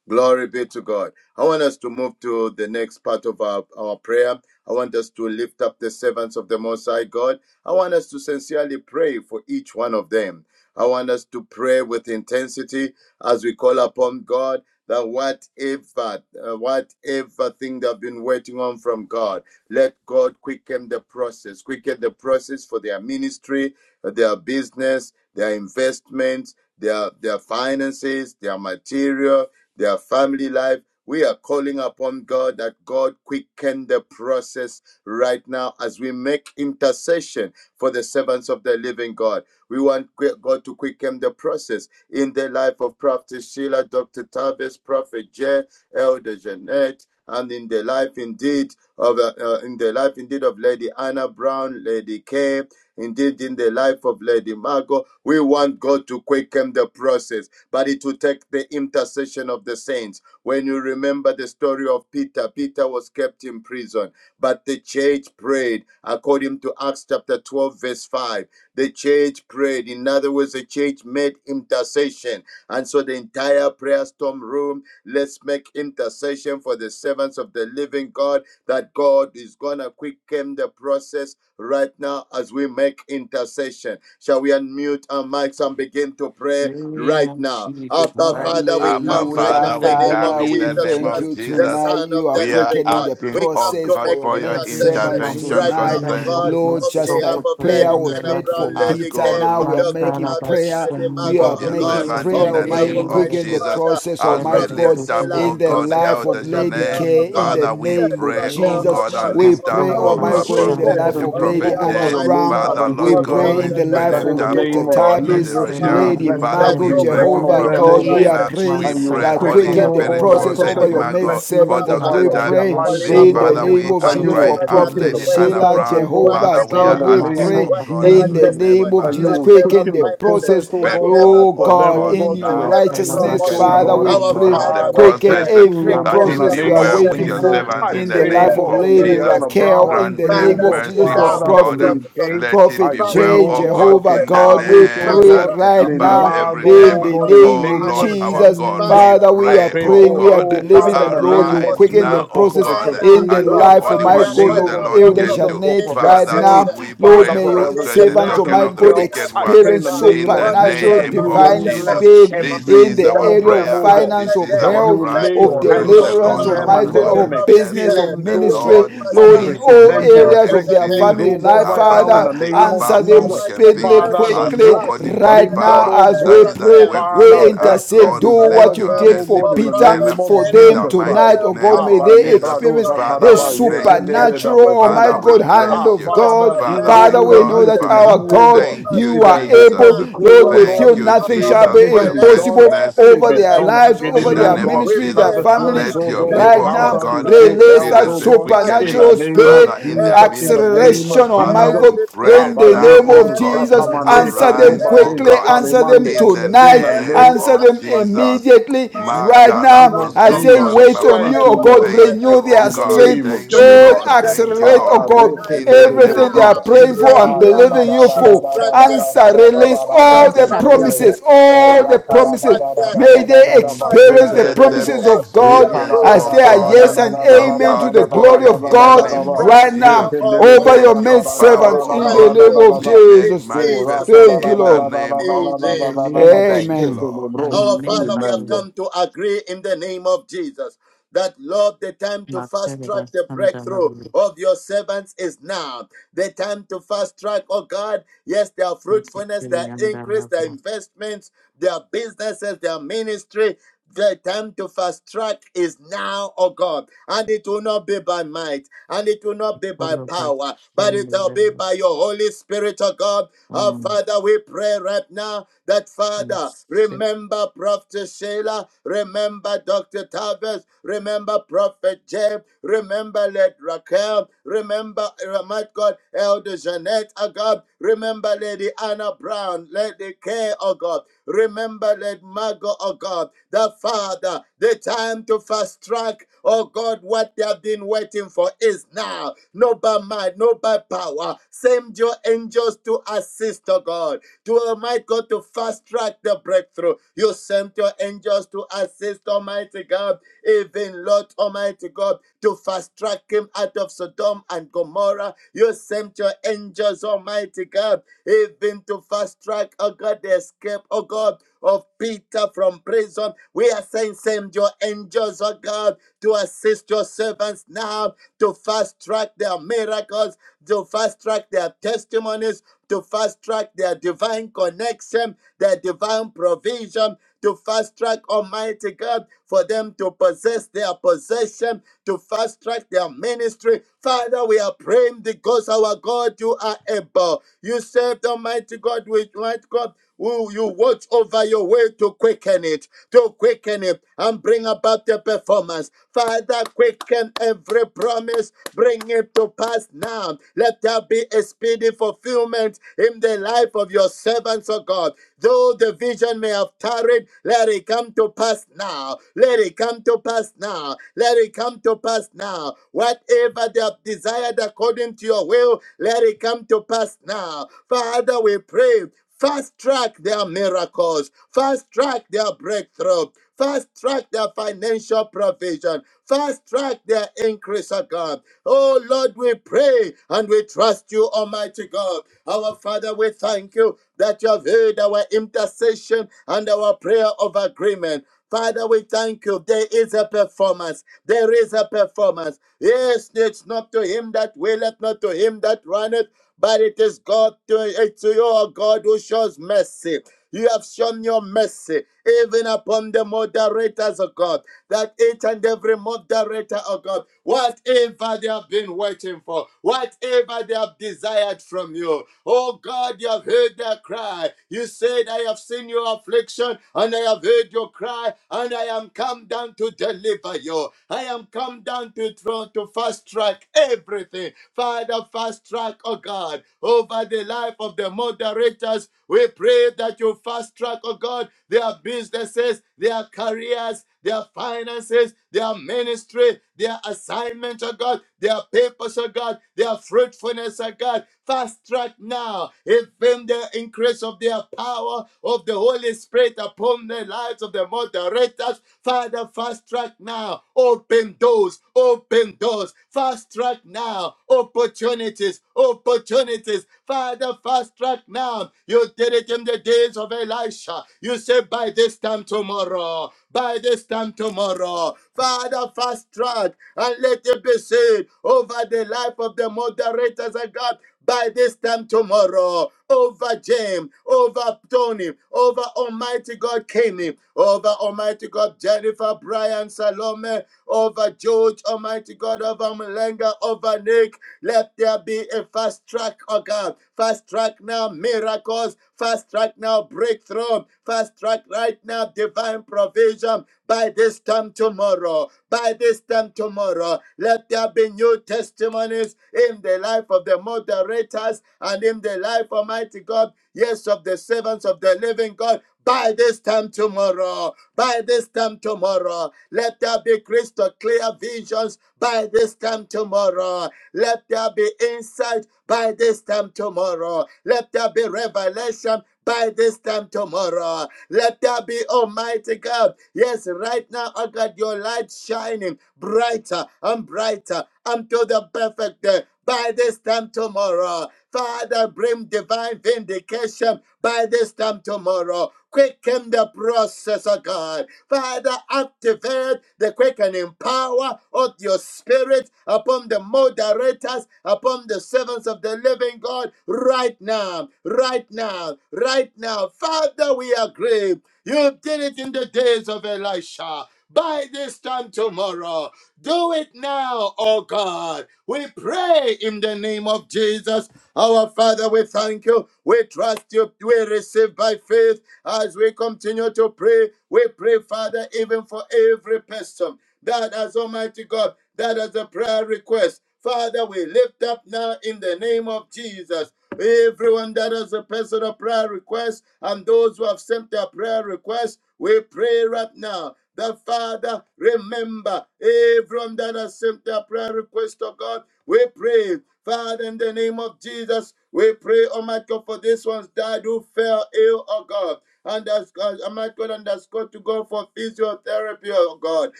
[SPEAKER 4] Glory be to God. I want us to move to the next part of our, our prayer. I want us to lift up the servants of the Most High God. I want us to sincerely pray for each one of them. I want us to pray with intensity as we call upon God that whatever, uh, whatever thing they've been waiting on from God, let God quicken the process, quicken the process for their ministry, uh, their business, their investments, their, their finances, their material, their family life. We are calling upon God that God quicken the process right now as we make intercession for the servants of the living God. We want God to quicken the process in the life of Prophet Sheila, Dr. Tavis, Prophet Jay, Elder Jeanette, and in the life indeed of uh, uh, in the life indeed of Lady Anna Brown, Lady Kay, indeed in the life of Lady Margot. We want God to quicken the process but it will take the intercession of the saints. When you remember the story of Peter, Peter was kept in prison, but the church prayed according to Acts chapter 12, verse 5. The church prayed. In other words, the church made intercession. And so the entire prayer storm room, let's make intercession for the servants of the living God that God is going to quicken the process right now as we make intercession. Shall we unmute our mics and begin to
[SPEAKER 2] In
[SPEAKER 4] pray?
[SPEAKER 2] the name
[SPEAKER 4] right
[SPEAKER 2] of
[SPEAKER 4] now.
[SPEAKER 2] Jesus
[SPEAKER 4] Abba,
[SPEAKER 2] Christ.
[SPEAKER 4] Father, we
[SPEAKER 2] We
[SPEAKER 5] Abba,
[SPEAKER 4] come
[SPEAKER 2] pray
[SPEAKER 4] right now
[SPEAKER 3] Hallelujah,
[SPEAKER 5] Father,
[SPEAKER 2] in
[SPEAKER 4] in
[SPEAKER 2] the
[SPEAKER 4] the
[SPEAKER 5] we
[SPEAKER 4] name of
[SPEAKER 5] come
[SPEAKER 3] Father.
[SPEAKER 5] in
[SPEAKER 3] We
[SPEAKER 2] name
[SPEAKER 5] the
[SPEAKER 2] of
[SPEAKER 4] Jesus
[SPEAKER 5] name
[SPEAKER 3] thank
[SPEAKER 5] of
[SPEAKER 4] Christ,
[SPEAKER 2] Jesus
[SPEAKER 3] you
[SPEAKER 2] Christ.
[SPEAKER 4] the
[SPEAKER 5] Jesus.
[SPEAKER 3] tonight.
[SPEAKER 4] Son of
[SPEAKER 3] You are
[SPEAKER 4] the
[SPEAKER 5] We are
[SPEAKER 4] living
[SPEAKER 3] quickening
[SPEAKER 4] God.
[SPEAKER 3] the
[SPEAKER 5] asking,
[SPEAKER 4] We
[SPEAKER 5] oh
[SPEAKER 4] come
[SPEAKER 3] process
[SPEAKER 4] to
[SPEAKER 3] for
[SPEAKER 5] God,
[SPEAKER 4] make
[SPEAKER 3] your
[SPEAKER 5] for your
[SPEAKER 10] My
[SPEAKER 3] maid
[SPEAKER 10] Thank
[SPEAKER 2] Pray
[SPEAKER 10] you. change
[SPEAKER 2] in
[SPEAKER 4] intercession
[SPEAKER 10] the
[SPEAKER 2] the
[SPEAKER 3] servants
[SPEAKER 2] name of
[SPEAKER 5] intervention
[SPEAKER 4] right
[SPEAKER 2] Jesus
[SPEAKER 4] now,
[SPEAKER 3] tonight.
[SPEAKER 4] oh
[SPEAKER 2] Christ.
[SPEAKER 10] person
[SPEAKER 5] concerning.
[SPEAKER 2] We
[SPEAKER 10] to the
[SPEAKER 2] come
[SPEAKER 4] God,
[SPEAKER 10] other
[SPEAKER 2] to this
[SPEAKER 3] Lord,
[SPEAKER 4] on
[SPEAKER 3] just
[SPEAKER 2] session.
[SPEAKER 4] behalf
[SPEAKER 10] in
[SPEAKER 4] of
[SPEAKER 3] like prayer
[SPEAKER 4] Lady
[SPEAKER 10] the
[SPEAKER 3] was
[SPEAKER 4] Anna
[SPEAKER 10] way of
[SPEAKER 3] made
[SPEAKER 4] Brown,
[SPEAKER 3] for
[SPEAKER 10] the
[SPEAKER 5] Ask
[SPEAKER 4] Lady
[SPEAKER 3] Peter,
[SPEAKER 5] God,
[SPEAKER 4] Kay,
[SPEAKER 3] now
[SPEAKER 5] Lord,
[SPEAKER 3] we
[SPEAKER 10] My
[SPEAKER 3] are
[SPEAKER 4] Dr.
[SPEAKER 3] making
[SPEAKER 4] Tavis,
[SPEAKER 10] carabas
[SPEAKER 3] prayer.
[SPEAKER 4] Lady
[SPEAKER 3] We
[SPEAKER 4] Margot,
[SPEAKER 10] thunder
[SPEAKER 3] are
[SPEAKER 5] of
[SPEAKER 4] oh
[SPEAKER 5] your
[SPEAKER 2] You
[SPEAKER 10] was
[SPEAKER 4] God,
[SPEAKER 3] making
[SPEAKER 2] Lord,
[SPEAKER 10] so
[SPEAKER 5] servant
[SPEAKER 2] in
[SPEAKER 3] prayer,
[SPEAKER 5] in
[SPEAKER 2] the
[SPEAKER 4] on
[SPEAKER 10] for
[SPEAKER 5] the
[SPEAKER 10] the
[SPEAKER 4] behalf
[SPEAKER 3] Almighty
[SPEAKER 5] name
[SPEAKER 3] God,
[SPEAKER 4] of
[SPEAKER 10] end
[SPEAKER 2] name
[SPEAKER 10] of
[SPEAKER 2] of
[SPEAKER 5] of
[SPEAKER 3] quicken
[SPEAKER 4] Mighty
[SPEAKER 10] the
[SPEAKER 3] the
[SPEAKER 10] day.
[SPEAKER 2] Jesus.
[SPEAKER 5] Jesus.
[SPEAKER 4] Father,
[SPEAKER 3] process,
[SPEAKER 4] of
[SPEAKER 10] My
[SPEAKER 5] As we
[SPEAKER 3] Almighty
[SPEAKER 4] Prophet
[SPEAKER 10] carabas
[SPEAKER 3] God,
[SPEAKER 5] lift up,
[SPEAKER 4] Sheila,
[SPEAKER 5] O
[SPEAKER 10] thunder
[SPEAKER 3] in the
[SPEAKER 4] on
[SPEAKER 10] was
[SPEAKER 5] God,
[SPEAKER 10] so
[SPEAKER 4] behalf
[SPEAKER 3] life
[SPEAKER 4] of
[SPEAKER 5] Elder
[SPEAKER 3] of
[SPEAKER 10] for
[SPEAKER 3] Lady
[SPEAKER 5] Jeanette,
[SPEAKER 4] Raquel, oh
[SPEAKER 3] Kay, in
[SPEAKER 4] God,
[SPEAKER 3] the
[SPEAKER 5] Father, we
[SPEAKER 3] name
[SPEAKER 4] Lady
[SPEAKER 2] In
[SPEAKER 3] of
[SPEAKER 5] pray,
[SPEAKER 2] the
[SPEAKER 5] oh
[SPEAKER 4] Raquel,
[SPEAKER 2] name
[SPEAKER 4] oh
[SPEAKER 2] of
[SPEAKER 3] Jesus.
[SPEAKER 5] God,
[SPEAKER 4] God,
[SPEAKER 5] and
[SPEAKER 3] We
[SPEAKER 2] Jesus.
[SPEAKER 5] lift
[SPEAKER 4] on
[SPEAKER 3] pray,
[SPEAKER 5] up,
[SPEAKER 4] behalf
[SPEAKER 6] Father,
[SPEAKER 5] oh
[SPEAKER 4] of
[SPEAKER 6] we
[SPEAKER 3] Almighty
[SPEAKER 5] God,
[SPEAKER 3] God,
[SPEAKER 6] pray,
[SPEAKER 4] Prophet
[SPEAKER 6] oh
[SPEAKER 3] in the
[SPEAKER 6] God,
[SPEAKER 5] Prophet,
[SPEAKER 4] Care,
[SPEAKER 6] for
[SPEAKER 3] life
[SPEAKER 2] In
[SPEAKER 6] them,
[SPEAKER 3] of
[SPEAKER 2] the
[SPEAKER 4] on
[SPEAKER 6] oh
[SPEAKER 3] Lady
[SPEAKER 5] Prophet
[SPEAKER 2] name
[SPEAKER 4] behalf
[SPEAKER 2] of
[SPEAKER 6] God,
[SPEAKER 4] of
[SPEAKER 3] Anna
[SPEAKER 6] for
[SPEAKER 5] J.
[SPEAKER 6] your
[SPEAKER 4] Mighty
[SPEAKER 2] Jesus.
[SPEAKER 6] maid
[SPEAKER 3] Brown.
[SPEAKER 4] God
[SPEAKER 5] Father,
[SPEAKER 6] servants,
[SPEAKER 3] We
[SPEAKER 6] oh
[SPEAKER 5] Lord
[SPEAKER 4] of
[SPEAKER 5] God,
[SPEAKER 6] God,
[SPEAKER 3] pray
[SPEAKER 5] we
[SPEAKER 3] in the
[SPEAKER 4] elders and
[SPEAKER 5] pray,
[SPEAKER 3] life
[SPEAKER 6] that
[SPEAKER 4] head.
[SPEAKER 6] in
[SPEAKER 5] lift
[SPEAKER 6] the
[SPEAKER 3] of
[SPEAKER 4] We
[SPEAKER 5] up,
[SPEAKER 3] Dr.
[SPEAKER 6] name
[SPEAKER 5] oh
[SPEAKER 6] of
[SPEAKER 4] pray,
[SPEAKER 5] God, Lady
[SPEAKER 3] Tavis,
[SPEAKER 4] Abba
[SPEAKER 6] Jesus, you will
[SPEAKER 5] Rochelle.
[SPEAKER 4] Father,
[SPEAKER 3] Lady
[SPEAKER 6] bless
[SPEAKER 5] Father,
[SPEAKER 4] that
[SPEAKER 3] Margot,
[SPEAKER 5] we
[SPEAKER 6] every
[SPEAKER 4] you
[SPEAKER 5] pray
[SPEAKER 6] one
[SPEAKER 5] for
[SPEAKER 3] Jehovah
[SPEAKER 4] quicken
[SPEAKER 6] of
[SPEAKER 3] over,
[SPEAKER 2] In the
[SPEAKER 4] the
[SPEAKER 6] them,
[SPEAKER 5] Prophet
[SPEAKER 6] oh
[SPEAKER 3] God. We
[SPEAKER 6] God.
[SPEAKER 2] name
[SPEAKER 3] are
[SPEAKER 2] of
[SPEAKER 4] process
[SPEAKER 5] Sheila.
[SPEAKER 2] Jesus.
[SPEAKER 4] now.
[SPEAKER 3] praying
[SPEAKER 5] We
[SPEAKER 6] And you will
[SPEAKER 5] pray,
[SPEAKER 3] that
[SPEAKER 5] Holy
[SPEAKER 6] quicken,
[SPEAKER 3] quicken
[SPEAKER 4] Quicken
[SPEAKER 6] oh
[SPEAKER 3] the
[SPEAKER 4] the
[SPEAKER 6] God,
[SPEAKER 5] Spirit,
[SPEAKER 6] the
[SPEAKER 10] the
[SPEAKER 5] for
[SPEAKER 10] end
[SPEAKER 3] process
[SPEAKER 10] of
[SPEAKER 4] process
[SPEAKER 10] the
[SPEAKER 3] over
[SPEAKER 5] Lady
[SPEAKER 6] process
[SPEAKER 3] your
[SPEAKER 10] day.
[SPEAKER 6] of
[SPEAKER 4] now.
[SPEAKER 3] maid
[SPEAKER 5] Margot,
[SPEAKER 6] blessings
[SPEAKER 5] for
[SPEAKER 3] servants
[SPEAKER 4] Abba
[SPEAKER 3] as
[SPEAKER 10] My
[SPEAKER 6] over
[SPEAKER 5] Dr.
[SPEAKER 3] we
[SPEAKER 4] Father,
[SPEAKER 6] your,
[SPEAKER 5] Tavis.
[SPEAKER 4] we
[SPEAKER 6] their
[SPEAKER 10] favorite
[SPEAKER 4] are
[SPEAKER 3] pray
[SPEAKER 6] lives,
[SPEAKER 4] calling
[SPEAKER 6] oh
[SPEAKER 10] Russian
[SPEAKER 3] in
[SPEAKER 4] upon
[SPEAKER 3] the
[SPEAKER 6] God,
[SPEAKER 5] Father,
[SPEAKER 4] you.
[SPEAKER 3] name
[SPEAKER 5] we
[SPEAKER 10] variable
[SPEAKER 3] of
[SPEAKER 5] are
[SPEAKER 6] that you
[SPEAKER 3] Jesus
[SPEAKER 10] social
[SPEAKER 3] for
[SPEAKER 6] will
[SPEAKER 5] crying
[SPEAKER 4] Whatever they
[SPEAKER 5] out,
[SPEAKER 4] have
[SPEAKER 6] quicken
[SPEAKER 3] Prophet
[SPEAKER 4] been
[SPEAKER 6] the
[SPEAKER 5] Lady
[SPEAKER 10] variable is
[SPEAKER 5] Anna
[SPEAKER 4] waiting
[SPEAKER 10] also
[SPEAKER 3] Sheila,
[SPEAKER 6] process,
[SPEAKER 4] for,
[SPEAKER 6] oh
[SPEAKER 5] Brown.
[SPEAKER 6] God,
[SPEAKER 3] Jehovah,
[SPEAKER 5] Father, we
[SPEAKER 4] whatever
[SPEAKER 6] in
[SPEAKER 5] are
[SPEAKER 3] God.
[SPEAKER 6] the
[SPEAKER 10] the
[SPEAKER 3] We
[SPEAKER 5] asking,
[SPEAKER 4] miracle,
[SPEAKER 6] name
[SPEAKER 10] massa
[SPEAKER 6] of
[SPEAKER 5] oh
[SPEAKER 3] pray
[SPEAKER 5] God, that
[SPEAKER 4] whatever
[SPEAKER 3] in the
[SPEAKER 6] Jesus,
[SPEAKER 10] variable.
[SPEAKER 3] name
[SPEAKER 4] testimony,
[SPEAKER 3] of
[SPEAKER 5] remember
[SPEAKER 6] that you
[SPEAKER 3] Jesus,
[SPEAKER 6] will
[SPEAKER 5] Lady
[SPEAKER 4] whatever
[SPEAKER 3] quicken
[SPEAKER 6] quicken
[SPEAKER 3] the
[SPEAKER 6] the
[SPEAKER 4] finances,
[SPEAKER 6] process,
[SPEAKER 3] process,
[SPEAKER 6] oh God,
[SPEAKER 5] perform,
[SPEAKER 4] whatever
[SPEAKER 3] oh
[SPEAKER 6] for
[SPEAKER 5] oh
[SPEAKER 6] them,
[SPEAKER 3] God,
[SPEAKER 4] contract,
[SPEAKER 6] oh
[SPEAKER 5] God,
[SPEAKER 3] in
[SPEAKER 6] God,
[SPEAKER 3] your
[SPEAKER 6] to
[SPEAKER 10] My
[SPEAKER 5] now
[SPEAKER 4] whatever
[SPEAKER 5] a
[SPEAKER 10] favorite
[SPEAKER 6] experience,
[SPEAKER 3] righteousness,
[SPEAKER 6] oh
[SPEAKER 4] promotion.
[SPEAKER 3] Father.
[SPEAKER 5] quickening,
[SPEAKER 6] God,
[SPEAKER 3] We
[SPEAKER 5] oh
[SPEAKER 4] Our
[SPEAKER 10] Russian
[SPEAKER 5] God,
[SPEAKER 3] pray
[SPEAKER 5] of the
[SPEAKER 4] Father,
[SPEAKER 10] variable.
[SPEAKER 4] we
[SPEAKER 6] Father,
[SPEAKER 3] quicken
[SPEAKER 5] process.
[SPEAKER 4] pray,
[SPEAKER 5] That
[SPEAKER 6] breakthrough,
[SPEAKER 3] every
[SPEAKER 10] My
[SPEAKER 6] oh God,
[SPEAKER 4] quicken
[SPEAKER 6] in the
[SPEAKER 5] it
[SPEAKER 4] the
[SPEAKER 3] process
[SPEAKER 10] favorite
[SPEAKER 5] be
[SPEAKER 3] they are
[SPEAKER 6] name
[SPEAKER 5] well
[SPEAKER 6] of
[SPEAKER 4] process
[SPEAKER 5] with
[SPEAKER 3] waiting
[SPEAKER 5] your
[SPEAKER 10] Russian
[SPEAKER 6] Jesus.
[SPEAKER 4] now.
[SPEAKER 3] for
[SPEAKER 5] servants
[SPEAKER 6] I
[SPEAKER 10] variable
[SPEAKER 5] in
[SPEAKER 3] in
[SPEAKER 5] the
[SPEAKER 3] the
[SPEAKER 6] pray, oh
[SPEAKER 10] social
[SPEAKER 3] life
[SPEAKER 5] name
[SPEAKER 4] Quicken
[SPEAKER 3] of
[SPEAKER 6] God,
[SPEAKER 4] the
[SPEAKER 6] for
[SPEAKER 5] of
[SPEAKER 10] variable.
[SPEAKER 3] Lady
[SPEAKER 6] Lady
[SPEAKER 5] Jesus.
[SPEAKER 4] process
[SPEAKER 6] Anna
[SPEAKER 10] My
[SPEAKER 6] Brown.
[SPEAKER 3] Raquel
[SPEAKER 4] now.
[SPEAKER 6] I
[SPEAKER 3] in
[SPEAKER 10] favorite
[SPEAKER 5] Grant
[SPEAKER 3] the
[SPEAKER 6] pray, oh
[SPEAKER 3] name
[SPEAKER 5] them
[SPEAKER 4] Father,
[SPEAKER 3] of
[SPEAKER 6] God,
[SPEAKER 3] Jesus
[SPEAKER 5] mercy,
[SPEAKER 4] speed
[SPEAKER 3] for
[SPEAKER 5] oh
[SPEAKER 4] up
[SPEAKER 6] Father,
[SPEAKER 10] Russian
[SPEAKER 4] the
[SPEAKER 6] for
[SPEAKER 5] God.
[SPEAKER 6] Lady
[SPEAKER 10] variable.
[SPEAKER 4] process
[SPEAKER 3] prophet.
[SPEAKER 4] of
[SPEAKER 6] Kay.
[SPEAKER 4] God.
[SPEAKER 5] Let it
[SPEAKER 6] I
[SPEAKER 3] Prophet
[SPEAKER 5] be
[SPEAKER 4] Fast
[SPEAKER 6] bring,
[SPEAKER 5] well,
[SPEAKER 3] J,
[SPEAKER 2] In
[SPEAKER 6] oh
[SPEAKER 5] oh
[SPEAKER 4] track
[SPEAKER 6] God,
[SPEAKER 4] their
[SPEAKER 5] God,
[SPEAKER 3] Jehovah
[SPEAKER 6] Dr.
[SPEAKER 5] in the
[SPEAKER 3] God,
[SPEAKER 4] breakthrough.
[SPEAKER 3] we
[SPEAKER 6] Tavis, oh
[SPEAKER 5] name
[SPEAKER 4] Fast
[SPEAKER 3] pray
[SPEAKER 5] that
[SPEAKER 6] God,
[SPEAKER 4] track
[SPEAKER 5] is
[SPEAKER 3] right
[SPEAKER 4] their
[SPEAKER 6] Lady
[SPEAKER 5] above
[SPEAKER 4] healing.
[SPEAKER 3] now
[SPEAKER 6] Margot,
[SPEAKER 5] every
[SPEAKER 3] in
[SPEAKER 4] Fast
[SPEAKER 5] name.
[SPEAKER 6] oh
[SPEAKER 3] the
[SPEAKER 6] God,
[SPEAKER 4] track
[SPEAKER 6] in the
[SPEAKER 4] their
[SPEAKER 3] name
[SPEAKER 5] Oh
[SPEAKER 3] of
[SPEAKER 6] name
[SPEAKER 5] Lord,
[SPEAKER 6] of
[SPEAKER 5] our
[SPEAKER 4] finances.
[SPEAKER 3] Jesus.
[SPEAKER 5] God,
[SPEAKER 4] Fast
[SPEAKER 6] Jesus.
[SPEAKER 5] we
[SPEAKER 3] Father,
[SPEAKER 4] track
[SPEAKER 6] I
[SPEAKER 3] we
[SPEAKER 4] their
[SPEAKER 3] are
[SPEAKER 5] pray,
[SPEAKER 6] pray
[SPEAKER 5] oh
[SPEAKER 3] praying,
[SPEAKER 6] for,
[SPEAKER 3] we are
[SPEAKER 4] materials.
[SPEAKER 5] God.
[SPEAKER 6] oh
[SPEAKER 4] Fast
[SPEAKER 3] believing
[SPEAKER 6] Father, in
[SPEAKER 3] that,
[SPEAKER 4] track
[SPEAKER 6] the
[SPEAKER 3] Lord,
[SPEAKER 4] their
[SPEAKER 6] name
[SPEAKER 3] you
[SPEAKER 6] of
[SPEAKER 5] Arise
[SPEAKER 3] quicken the
[SPEAKER 5] now,
[SPEAKER 4] contract.
[SPEAKER 6] Jesus, for
[SPEAKER 5] oh
[SPEAKER 3] process
[SPEAKER 6] Prophet
[SPEAKER 5] God,
[SPEAKER 4] Father,
[SPEAKER 3] in the
[SPEAKER 5] and
[SPEAKER 6] Sheila,
[SPEAKER 4] oh
[SPEAKER 5] do
[SPEAKER 3] life,
[SPEAKER 5] only
[SPEAKER 4] God,
[SPEAKER 6] in
[SPEAKER 4] we
[SPEAKER 6] the
[SPEAKER 3] Almighty
[SPEAKER 4] are
[SPEAKER 5] what
[SPEAKER 3] God,
[SPEAKER 5] you,
[SPEAKER 10] Russian
[SPEAKER 6] name
[SPEAKER 4] calling
[SPEAKER 5] the
[SPEAKER 6] of
[SPEAKER 3] of
[SPEAKER 5] Lord,
[SPEAKER 4] upon
[SPEAKER 3] Elder
[SPEAKER 4] you
[SPEAKER 5] can
[SPEAKER 6] Jesus,
[SPEAKER 5] do.
[SPEAKER 6] for
[SPEAKER 4] in
[SPEAKER 3] Jeanette
[SPEAKER 6] Prophet
[SPEAKER 3] right
[SPEAKER 5] Father,
[SPEAKER 6] Jay.
[SPEAKER 5] Lord,
[SPEAKER 3] now.
[SPEAKER 4] intercession.
[SPEAKER 5] we
[SPEAKER 4] We
[SPEAKER 3] Lord,
[SPEAKER 6] Father,
[SPEAKER 5] pray,
[SPEAKER 3] may
[SPEAKER 6] for
[SPEAKER 4] stand
[SPEAKER 3] your
[SPEAKER 4] in
[SPEAKER 6] Elder
[SPEAKER 5] frustrate
[SPEAKER 4] the
[SPEAKER 5] the
[SPEAKER 3] servants,
[SPEAKER 4] car.
[SPEAKER 6] Jeanette
[SPEAKER 5] token
[SPEAKER 6] and
[SPEAKER 3] Almighty
[SPEAKER 5] of the
[SPEAKER 4] We
[SPEAKER 3] God,
[SPEAKER 6] Rochelle,
[SPEAKER 5] wicked
[SPEAKER 4] stand
[SPEAKER 6] I
[SPEAKER 5] one
[SPEAKER 4] in the
[SPEAKER 6] pray in
[SPEAKER 3] experience
[SPEAKER 6] the
[SPEAKER 4] car
[SPEAKER 6] name
[SPEAKER 5] in
[SPEAKER 6] of
[SPEAKER 5] the
[SPEAKER 4] for the
[SPEAKER 6] Jesus
[SPEAKER 3] supernatural
[SPEAKER 6] that
[SPEAKER 2] the
[SPEAKER 5] name
[SPEAKER 6] you
[SPEAKER 4] servants
[SPEAKER 5] of
[SPEAKER 4] of
[SPEAKER 6] will
[SPEAKER 3] divine
[SPEAKER 4] the
[SPEAKER 2] name of
[SPEAKER 6] bless
[SPEAKER 5] Jesus.
[SPEAKER 4] Most
[SPEAKER 3] speed
[SPEAKER 4] High
[SPEAKER 2] Jesus,
[SPEAKER 5] This
[SPEAKER 4] God.
[SPEAKER 6] every
[SPEAKER 3] in
[SPEAKER 5] is
[SPEAKER 3] the
[SPEAKER 6] one
[SPEAKER 5] our
[SPEAKER 4] The
[SPEAKER 6] of
[SPEAKER 3] area
[SPEAKER 6] them,
[SPEAKER 3] of
[SPEAKER 4] Father,
[SPEAKER 5] prayer
[SPEAKER 6] oh
[SPEAKER 4] this
[SPEAKER 5] and
[SPEAKER 6] God
[SPEAKER 4] is
[SPEAKER 3] finance,
[SPEAKER 4] the
[SPEAKER 5] this
[SPEAKER 3] of
[SPEAKER 5] is
[SPEAKER 6] that
[SPEAKER 4] day
[SPEAKER 5] our
[SPEAKER 3] health,
[SPEAKER 6] you
[SPEAKER 5] cry
[SPEAKER 4] that
[SPEAKER 6] lay
[SPEAKER 4] you
[SPEAKER 3] of
[SPEAKER 6] your
[SPEAKER 5] to
[SPEAKER 4] will
[SPEAKER 5] you,
[SPEAKER 6] hands
[SPEAKER 5] the
[SPEAKER 4] fast
[SPEAKER 3] deliverance,
[SPEAKER 6] upon
[SPEAKER 5] Lord
[SPEAKER 3] of
[SPEAKER 4] track
[SPEAKER 6] them
[SPEAKER 5] our
[SPEAKER 3] my
[SPEAKER 6] and
[SPEAKER 3] God,
[SPEAKER 6] let
[SPEAKER 5] God,
[SPEAKER 4] for
[SPEAKER 5] that
[SPEAKER 6] them
[SPEAKER 10] variable.
[SPEAKER 3] of
[SPEAKER 4] Prophet
[SPEAKER 5] yes,
[SPEAKER 3] business, of
[SPEAKER 4] Jeff.
[SPEAKER 6] experience,
[SPEAKER 5] the
[SPEAKER 6] oh
[SPEAKER 4] You
[SPEAKER 6] God,
[SPEAKER 4] will
[SPEAKER 5] Lord
[SPEAKER 3] ministry,
[SPEAKER 5] is
[SPEAKER 4] fast
[SPEAKER 3] Lord,
[SPEAKER 10] Variable
[SPEAKER 3] in
[SPEAKER 4] track
[SPEAKER 5] able
[SPEAKER 3] all
[SPEAKER 5] to
[SPEAKER 4] for
[SPEAKER 5] do
[SPEAKER 6] unprecedented
[SPEAKER 10] variable.
[SPEAKER 3] areas
[SPEAKER 4] Elder
[SPEAKER 3] of their
[SPEAKER 6] breakthroughs,
[SPEAKER 4] Jeanette.
[SPEAKER 5] exceedingly
[SPEAKER 6] oh
[SPEAKER 3] family
[SPEAKER 6] God,
[SPEAKER 4] You
[SPEAKER 3] life,
[SPEAKER 6] right
[SPEAKER 4] will
[SPEAKER 6] now in
[SPEAKER 3] Father,
[SPEAKER 6] the
[SPEAKER 4] fast
[SPEAKER 5] abundantly
[SPEAKER 4] track.
[SPEAKER 6] name of
[SPEAKER 3] answer
[SPEAKER 5] above
[SPEAKER 4] Lord,
[SPEAKER 3] them
[SPEAKER 5] all we
[SPEAKER 6] Jesus.
[SPEAKER 4] my
[SPEAKER 5] can
[SPEAKER 4] God,
[SPEAKER 2] in
[SPEAKER 4] your
[SPEAKER 3] speedily,
[SPEAKER 2] the name
[SPEAKER 5] think
[SPEAKER 4] well
[SPEAKER 2] of
[SPEAKER 5] or
[SPEAKER 6] Father,
[SPEAKER 4] trust
[SPEAKER 6] the
[SPEAKER 5] ask
[SPEAKER 2] Jesus,
[SPEAKER 6] yoke
[SPEAKER 3] quickly,
[SPEAKER 4] God.
[SPEAKER 6] is
[SPEAKER 5] according to
[SPEAKER 4] Oh,
[SPEAKER 5] the
[SPEAKER 3] right
[SPEAKER 4] my God,
[SPEAKER 6] lifted,
[SPEAKER 5] power
[SPEAKER 4] for
[SPEAKER 6] oh
[SPEAKER 3] now as
[SPEAKER 4] that
[SPEAKER 3] we
[SPEAKER 5] that
[SPEAKER 6] God.
[SPEAKER 5] is at
[SPEAKER 3] pray.
[SPEAKER 4] Raquel.
[SPEAKER 5] work
[SPEAKER 3] We
[SPEAKER 6] Father,
[SPEAKER 5] within
[SPEAKER 4] Your well
[SPEAKER 5] us.
[SPEAKER 6] bless
[SPEAKER 4] trust
[SPEAKER 3] intercede, do
[SPEAKER 5] Lord,
[SPEAKER 6] every
[SPEAKER 4] God,
[SPEAKER 6] one
[SPEAKER 4] oh
[SPEAKER 3] what
[SPEAKER 5] let
[SPEAKER 6] of
[SPEAKER 3] you
[SPEAKER 5] your
[SPEAKER 6] them,
[SPEAKER 4] God,
[SPEAKER 3] did
[SPEAKER 6] oh
[SPEAKER 5] mercy
[SPEAKER 3] for
[SPEAKER 6] God,
[SPEAKER 4] for
[SPEAKER 6] in the
[SPEAKER 3] Peter,
[SPEAKER 6] name
[SPEAKER 4] prophet
[SPEAKER 5] prevail
[SPEAKER 6] of
[SPEAKER 3] for
[SPEAKER 5] in
[SPEAKER 4] Salem.
[SPEAKER 3] them
[SPEAKER 5] the
[SPEAKER 6] Jesus Christ.
[SPEAKER 4] Your
[SPEAKER 5] mighty
[SPEAKER 3] tonight, oh
[SPEAKER 4] well
[SPEAKER 3] God,
[SPEAKER 5] name
[SPEAKER 6] Ah,
[SPEAKER 4] trust
[SPEAKER 3] may
[SPEAKER 5] of
[SPEAKER 4] God,
[SPEAKER 3] they
[SPEAKER 4] Almighty
[SPEAKER 5] Jesus.
[SPEAKER 3] experience
[SPEAKER 4] God.
[SPEAKER 5] Father,
[SPEAKER 3] the
[SPEAKER 5] we
[SPEAKER 4] Fast track
[SPEAKER 5] thank
[SPEAKER 4] right
[SPEAKER 5] you.
[SPEAKER 4] now
[SPEAKER 3] supernatural,
[SPEAKER 4] for
[SPEAKER 3] oh
[SPEAKER 4] Lady
[SPEAKER 3] my
[SPEAKER 5] Father, we
[SPEAKER 3] God,
[SPEAKER 4] Malcolm.
[SPEAKER 3] hand
[SPEAKER 6] Ah,
[SPEAKER 5] bless
[SPEAKER 3] of
[SPEAKER 5] you.
[SPEAKER 4] Fast
[SPEAKER 3] God.
[SPEAKER 6] Father,
[SPEAKER 4] track
[SPEAKER 6] do
[SPEAKER 4] right
[SPEAKER 5] Father, we
[SPEAKER 4] now
[SPEAKER 6] only
[SPEAKER 3] Father,
[SPEAKER 4] for
[SPEAKER 3] we
[SPEAKER 6] what
[SPEAKER 3] know
[SPEAKER 6] you
[SPEAKER 4] Dr.
[SPEAKER 3] that
[SPEAKER 5] glorify
[SPEAKER 6] can
[SPEAKER 5] you.
[SPEAKER 3] our
[SPEAKER 6] do, oh
[SPEAKER 4] Tavis.
[SPEAKER 3] God
[SPEAKER 6] God.
[SPEAKER 3] Lord,
[SPEAKER 5] Thank
[SPEAKER 4] Fast
[SPEAKER 5] you,
[SPEAKER 3] you
[SPEAKER 6] If
[SPEAKER 4] track
[SPEAKER 3] are
[SPEAKER 6] there is a
[SPEAKER 4] right
[SPEAKER 3] able.
[SPEAKER 5] Jesus.
[SPEAKER 4] now
[SPEAKER 6] surgical,
[SPEAKER 3] Lord,
[SPEAKER 4] for
[SPEAKER 6] oh
[SPEAKER 3] with
[SPEAKER 6] God,
[SPEAKER 3] you,
[SPEAKER 5] Thank
[SPEAKER 6] in
[SPEAKER 4] Lady
[SPEAKER 5] you,
[SPEAKER 6] the
[SPEAKER 3] nothing
[SPEAKER 6] spirit
[SPEAKER 4] Malcolm,
[SPEAKER 3] shall
[SPEAKER 6] that
[SPEAKER 5] Jesus,
[SPEAKER 3] be
[SPEAKER 6] needs
[SPEAKER 5] for
[SPEAKER 6] to
[SPEAKER 4] for
[SPEAKER 5] your
[SPEAKER 6] be
[SPEAKER 4] Lady
[SPEAKER 6] done,
[SPEAKER 4] Kim,
[SPEAKER 3] impossible
[SPEAKER 5] faithfulness.
[SPEAKER 6] let it
[SPEAKER 3] over
[SPEAKER 6] be
[SPEAKER 4] for
[SPEAKER 3] their
[SPEAKER 4] Lady
[SPEAKER 6] done
[SPEAKER 2] in
[SPEAKER 3] lives,
[SPEAKER 4] Anna
[SPEAKER 3] over
[SPEAKER 5] In
[SPEAKER 6] speedily,
[SPEAKER 5] the
[SPEAKER 4] Brown.
[SPEAKER 3] their
[SPEAKER 6] O
[SPEAKER 5] name
[SPEAKER 6] God.
[SPEAKER 5] of
[SPEAKER 4] We
[SPEAKER 2] the
[SPEAKER 3] ministry,
[SPEAKER 6] That
[SPEAKER 3] their
[SPEAKER 5] Jesus,
[SPEAKER 4] pray,
[SPEAKER 6] the
[SPEAKER 10] Variable
[SPEAKER 6] ones,
[SPEAKER 3] families.
[SPEAKER 4] Father,
[SPEAKER 5] let
[SPEAKER 6] O
[SPEAKER 5] your
[SPEAKER 6] God,
[SPEAKER 4] that
[SPEAKER 6] will
[SPEAKER 10] variable.
[SPEAKER 4] you
[SPEAKER 3] Right
[SPEAKER 5] people, oh
[SPEAKER 6] bounce
[SPEAKER 3] now,
[SPEAKER 4] fast
[SPEAKER 6] out in
[SPEAKER 5] God,
[SPEAKER 4] track
[SPEAKER 6] good
[SPEAKER 4] it
[SPEAKER 3] release
[SPEAKER 6] health,
[SPEAKER 3] that
[SPEAKER 4] now.
[SPEAKER 5] experience
[SPEAKER 6] O
[SPEAKER 5] a
[SPEAKER 6] God.
[SPEAKER 4] Fast
[SPEAKER 6] In the
[SPEAKER 5] quickening,
[SPEAKER 4] track
[SPEAKER 3] supernatural
[SPEAKER 6] name
[SPEAKER 4] now
[SPEAKER 6] of
[SPEAKER 5] Father,
[SPEAKER 3] spirit,
[SPEAKER 5] in their
[SPEAKER 6] Jesus, in
[SPEAKER 4] every
[SPEAKER 6] the
[SPEAKER 5] ministry.
[SPEAKER 6] name
[SPEAKER 4] miracle,
[SPEAKER 3] acceleration,
[SPEAKER 6] of
[SPEAKER 3] oh
[SPEAKER 5] Father,
[SPEAKER 3] my
[SPEAKER 6] Jesus.
[SPEAKER 5] we
[SPEAKER 3] God,
[SPEAKER 4] every
[SPEAKER 5] pray
[SPEAKER 3] in the
[SPEAKER 4] breakthrough,
[SPEAKER 5] now,
[SPEAKER 3] name
[SPEAKER 5] oh
[SPEAKER 3] of
[SPEAKER 4] every
[SPEAKER 5] God,
[SPEAKER 3] Jesus.
[SPEAKER 4] provision,
[SPEAKER 3] Answer them
[SPEAKER 5] arise,
[SPEAKER 10] Russian
[SPEAKER 5] oh
[SPEAKER 4] every
[SPEAKER 3] quickly,
[SPEAKER 5] God,
[SPEAKER 3] answer
[SPEAKER 2] name
[SPEAKER 3] them
[SPEAKER 6] Abalekorusatamanekorobadezasalemande.
[SPEAKER 5] in the
[SPEAKER 4] vindication,
[SPEAKER 2] of
[SPEAKER 6] In
[SPEAKER 3] tonight,
[SPEAKER 2] Jesus,
[SPEAKER 4] every
[SPEAKER 5] name
[SPEAKER 6] the
[SPEAKER 3] answer
[SPEAKER 5] of
[SPEAKER 4] divine
[SPEAKER 3] them
[SPEAKER 5] Jesus.
[SPEAKER 4] connection.
[SPEAKER 3] immediately,
[SPEAKER 4] Father,
[SPEAKER 3] right
[SPEAKER 4] fast
[SPEAKER 6] name
[SPEAKER 3] now,
[SPEAKER 4] track
[SPEAKER 6] of
[SPEAKER 4] right
[SPEAKER 3] as they
[SPEAKER 4] now.
[SPEAKER 5] Makalabroskokori
[SPEAKER 6] Jesus.
[SPEAKER 3] wait
[SPEAKER 4] We
[SPEAKER 3] on
[SPEAKER 5] bababa.
[SPEAKER 3] you,
[SPEAKER 4] pray
[SPEAKER 6] Thank you,
[SPEAKER 3] oh
[SPEAKER 4] for
[SPEAKER 3] God,
[SPEAKER 6] Lord.
[SPEAKER 5] Thank you,
[SPEAKER 3] renew
[SPEAKER 5] oh
[SPEAKER 4] supernatural
[SPEAKER 3] their
[SPEAKER 6] In the
[SPEAKER 5] God.
[SPEAKER 4] speed
[SPEAKER 6] name of
[SPEAKER 3] strength.
[SPEAKER 2] in the
[SPEAKER 5] Thank
[SPEAKER 4] to
[SPEAKER 2] name
[SPEAKER 5] you,
[SPEAKER 4] be
[SPEAKER 2] of
[SPEAKER 3] Lord,
[SPEAKER 6] Jesus.
[SPEAKER 5] Lord. Thank
[SPEAKER 2] Jesus,
[SPEAKER 4] exerted
[SPEAKER 5] you,
[SPEAKER 3] accelerate,
[SPEAKER 6] Ah,
[SPEAKER 4] upon
[SPEAKER 3] oh
[SPEAKER 5] Lord.
[SPEAKER 6] ba
[SPEAKER 4] their
[SPEAKER 3] God,
[SPEAKER 6] reken
[SPEAKER 4] lives
[SPEAKER 5] In
[SPEAKER 6] do
[SPEAKER 5] the
[SPEAKER 6] de bo
[SPEAKER 5] name
[SPEAKER 3] Everything they are
[SPEAKER 4] now,
[SPEAKER 6] zuba.
[SPEAKER 5] of
[SPEAKER 3] praying
[SPEAKER 2] in the
[SPEAKER 3] for
[SPEAKER 5] Jesus.
[SPEAKER 4] right
[SPEAKER 3] and
[SPEAKER 6] Ah, la
[SPEAKER 2] name
[SPEAKER 4] now.
[SPEAKER 6] ba
[SPEAKER 3] believing
[SPEAKER 2] of
[SPEAKER 6] da
[SPEAKER 3] you
[SPEAKER 6] da da
[SPEAKER 2] Jesus,
[SPEAKER 4] Fast
[SPEAKER 3] for,
[SPEAKER 6] da
[SPEAKER 4] track
[SPEAKER 6] da da
[SPEAKER 4] their
[SPEAKER 6] da da
[SPEAKER 3] answer,
[SPEAKER 6] da da
[SPEAKER 4] breakthrough.
[SPEAKER 3] release
[SPEAKER 6] da da ba
[SPEAKER 3] all
[SPEAKER 4] Fast
[SPEAKER 3] the
[SPEAKER 6] zen
[SPEAKER 2] answer
[SPEAKER 4] track
[SPEAKER 6] te de
[SPEAKER 4] their
[SPEAKER 6] de
[SPEAKER 2] over
[SPEAKER 6] bo.
[SPEAKER 3] promises,
[SPEAKER 6] Oh,
[SPEAKER 4] testimony.
[SPEAKER 3] all
[SPEAKER 6] ra
[SPEAKER 3] the
[SPEAKER 6] ta
[SPEAKER 4] Fast
[SPEAKER 6] la ba
[SPEAKER 3] promises.
[SPEAKER 4] track
[SPEAKER 6] da da
[SPEAKER 4] their
[SPEAKER 6] da
[SPEAKER 3] May
[SPEAKER 6] da da
[SPEAKER 4] healing.
[SPEAKER 3] they
[SPEAKER 6] da da ba
[SPEAKER 4] Fast
[SPEAKER 6] zen
[SPEAKER 3] experience
[SPEAKER 10] variable.
[SPEAKER 6] te
[SPEAKER 4] fast
[SPEAKER 3] the
[SPEAKER 6] de de
[SPEAKER 5] Let
[SPEAKER 4] track,
[SPEAKER 6] de
[SPEAKER 4] oh
[SPEAKER 5] them
[SPEAKER 3] promises
[SPEAKER 6] bo.
[SPEAKER 4] God,
[SPEAKER 3] of
[SPEAKER 6] Re
[SPEAKER 3] God
[SPEAKER 4] their
[SPEAKER 6] ta da
[SPEAKER 5] experience,
[SPEAKER 4] growth
[SPEAKER 6] da
[SPEAKER 3] as
[SPEAKER 5] oh
[SPEAKER 6] da
[SPEAKER 3] they
[SPEAKER 4] and
[SPEAKER 6] da
[SPEAKER 3] are
[SPEAKER 6] da da
[SPEAKER 3] yes
[SPEAKER 5] God,
[SPEAKER 6] da
[SPEAKER 3] and
[SPEAKER 6] da
[SPEAKER 4] expansion,
[SPEAKER 6] da da
[SPEAKER 5] your
[SPEAKER 4] their
[SPEAKER 3] amen to the
[SPEAKER 6] da da da da
[SPEAKER 3] glory
[SPEAKER 5] outpouring
[SPEAKER 4] fruitfulness.
[SPEAKER 3] of
[SPEAKER 6] da da
[SPEAKER 5] in
[SPEAKER 6] da
[SPEAKER 5] the
[SPEAKER 3] God
[SPEAKER 6] da
[SPEAKER 4] Fast
[SPEAKER 6] da
[SPEAKER 5] name
[SPEAKER 6] ba.
[SPEAKER 4] track
[SPEAKER 5] of
[SPEAKER 3] right
[SPEAKER 2] Jesus,
[SPEAKER 6] Ye
[SPEAKER 3] now
[SPEAKER 5] Jesus.
[SPEAKER 4] now,
[SPEAKER 6] ken de
[SPEAKER 4] oh
[SPEAKER 6] de
[SPEAKER 4] God.
[SPEAKER 3] over
[SPEAKER 6] bo
[SPEAKER 3] your
[SPEAKER 5] Let
[SPEAKER 6] ra ta
[SPEAKER 3] maid
[SPEAKER 5] your
[SPEAKER 6] da da
[SPEAKER 4] Father,
[SPEAKER 6] da
[SPEAKER 5] power,
[SPEAKER 4] we
[SPEAKER 6] da
[SPEAKER 3] servants
[SPEAKER 5] oh
[SPEAKER 3] in
[SPEAKER 6] da da
[SPEAKER 3] the
[SPEAKER 4] thank
[SPEAKER 6] da
[SPEAKER 5] God,
[SPEAKER 6] da
[SPEAKER 3] name
[SPEAKER 6] da
[SPEAKER 4] you.
[SPEAKER 6] da
[SPEAKER 3] of
[SPEAKER 5] be
[SPEAKER 6] da.
[SPEAKER 4] In
[SPEAKER 5] made
[SPEAKER 3] Jesus.
[SPEAKER 6] Go ra
[SPEAKER 5] manifest
[SPEAKER 4] Jesus'
[SPEAKER 6] ta da
[SPEAKER 3] Thank you,
[SPEAKER 6] da
[SPEAKER 5] in
[SPEAKER 6] da
[SPEAKER 5] the
[SPEAKER 6] da
[SPEAKER 3] Lord.
[SPEAKER 6] da
[SPEAKER 4] name,
[SPEAKER 5] name
[SPEAKER 6] da
[SPEAKER 4] Amen.
[SPEAKER 6] da da da
[SPEAKER 5] of
[SPEAKER 2] in
[SPEAKER 6] da
[SPEAKER 2] the
[SPEAKER 6] da
[SPEAKER 5] Jesus.
[SPEAKER 6] da
[SPEAKER 2] name
[SPEAKER 6] da
[SPEAKER 2] of
[SPEAKER 6] ba.
[SPEAKER 5] Thank you,
[SPEAKER 6] Say
[SPEAKER 2] Jesus,
[SPEAKER 3] Amen.
[SPEAKER 6] to the
[SPEAKER 5] Lord.
[SPEAKER 6] bro.
[SPEAKER 4] Our Father,
[SPEAKER 2] amen.
[SPEAKER 4] we have
[SPEAKER 6] Amen, Lord.
[SPEAKER 4] come to agree in the name of Jesus that, Lord, the time to fast track the breakthrough
[SPEAKER 10] Thank
[SPEAKER 4] of your servants is now. The time to fast track, oh God, yes, their fruitfulness, their increase, their investments, their businesses, their ministry. The time to fast track is now, oh God, and it will not be by might, and it will not be by power, but it will be by your Holy Spirit, oh God. Our Father, we pray right now that Father, remember Prophet Sheila, remember Dr. Tavis, remember Prophet Jeb, remember Led Raquel, remember uh, my God, Elder Jeanette, oh God, remember Lady Anna Brown, Lady Kay, oh God, remember Lady Margot, oh God, the Father, the time to fast track, oh God, what they have been waiting for is now, not by might, not by power. Send your angels to assist, oh God to Almighty God to fast track the breakthrough. You sent your angels to assist Almighty God, even Lord Almighty God, to fast track him out of Sodom and Gomorrah. You sent your angels, Almighty God, even to fast track, oh God, the escape, oh God, of Peter from prison. We are saying, send your angels, oh God, to assist your servants now to fast track their miracles, to fast track their testimonies, to fast track their divine connection, their divine provision, to fast track Almighty God for them to possess their possession, to fast track their ministry. Father, we are praying because our God, you are able. You saved Almighty God with Almighty God. who You watch over your way to quicken it, to quicken it and bring about the performance. Father, quicken every promise promise, Bring it to pass now. Let there be a speedy fulfillment in the life of your servants, O God. Though the vision may have tarried, let it come to pass now. Let it come to pass now. Let it come to pass now. Whatever they have desired according to your will, let it come to pass now. Father, we pray. Fast track their miracles. Fast track their breakthrough. Fast track their financial provision. Fast track their increase, O God. Oh Lord, we pray and we trust you, Almighty God. Our Father, we thank you that you have heard our intercession and our prayer of agreement. Father, we thank you. There is a performance. There is a performance. Yes, it's not to him that willeth, not to him that runneth, but it is God to, it's to you, O God, who shows mercy. You have shown your mercy even upon the moderators of God that each and every moderator, oh God, whatever they have been waiting for, whatever they have desired from you, oh God, you have heard their cry. You said, I have seen your affliction and I have heard your cry, and I am come down to deliver you. I am come down to, throw- to fast track everything Father, fast track, oh God, over the life of the moderators. We pray that you fast track, oh God, their businesses, their careers, their finances, their ministry, their assignment, oh God, their purpose, oh God, their fruitfulness, oh God. Fast track now. Even the increase increase of their power of the Holy Spirit upon the lives of the moderators. Father, fast track now. Open doors, open doors. Fast track now. Opportunities, opportunities. Father, fast track now. You did it in the days of Elisha. You said by this time tomorrow, by this time tomorrow. Father, fast track and let it be said over the life of the moderators, of God by this time tomorrow over James, over Tony, over Almighty God Kenny, over Almighty God Jennifer, Brian, Salome, over George, Almighty God, over Malenga, over Nick. Let there be a fast track, oh God. Fast track now, miracles. Fast track now, breakthrough. Fast track right now, divine provision by this time tomorrow by this time tomorrow. Let there be new testimonies in the life of the moderators and in the life, Almighty God, yes, of the servants of the living God. By this time tomorrow, by this time tomorrow, let there be crystal clear visions. By this time tomorrow, let there be insight. By this time tomorrow, let there be revelation. By this time tomorrow, let there be Almighty God. Yes, right now, oh God, your light shining brighter and brighter until the perfect day. By this time tomorrow, Father, bring divine vindication by this time tomorrow. Quicken the process, oh God Father, activate the quickening power of your spirit upon the moderators, upon the servants of the living God right now, right now, right now. Father, we agree. You did it in the days of Elisha. By this time tomorrow, do it now, oh God. We pray in the name of Jesus. Our Father, we thank you. We trust you. We receive by faith as we continue to pray, we pray, Father, even for every person that as Almighty God, that as a prayer request. Father, we lift up now in the name of Jesus. Everyone that has a personal prayer request and those who have sent their prayer request, we pray right now. The Father, remember everyone that has sent their prayer request to God. We pray, Father, in the name of Jesus. We pray, Almighty God, for this one's dad who fell ill, oh God underscore, Michael underscore to go for physiotherapy, oh God.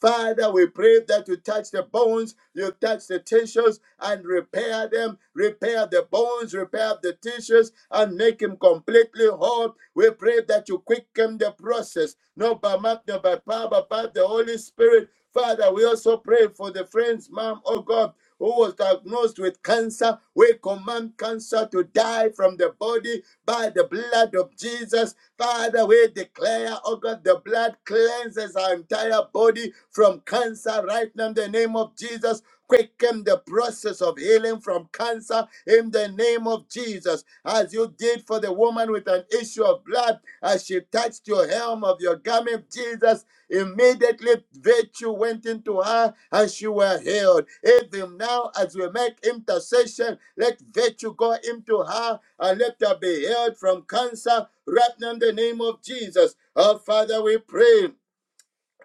[SPEAKER 4] Father, we pray that you touch the bones, you touch the tissues and repair them, repair the bones, repair the tissues and make him completely whole. We pray that you quicken the process, not by might, not by power, but by the Holy Spirit. Father, we also pray for the friend's mom, oh God, who was diagnosed with cancer. We command cancer to die from the body by the blood of Jesus Father, we declare, oh God, the blood cleanses our entire body from cancer right now in the name of Jesus. Quicken the process of healing from cancer in the name of Jesus, as you did for the woman with an issue of blood, as she touched your helm of your garment, Jesus. Immediately, virtue went into her and she were healed. Even now, as we make intercession, let virtue go into her and let her be healed from cancer right now in the name of Jesus. Our Father, we pray.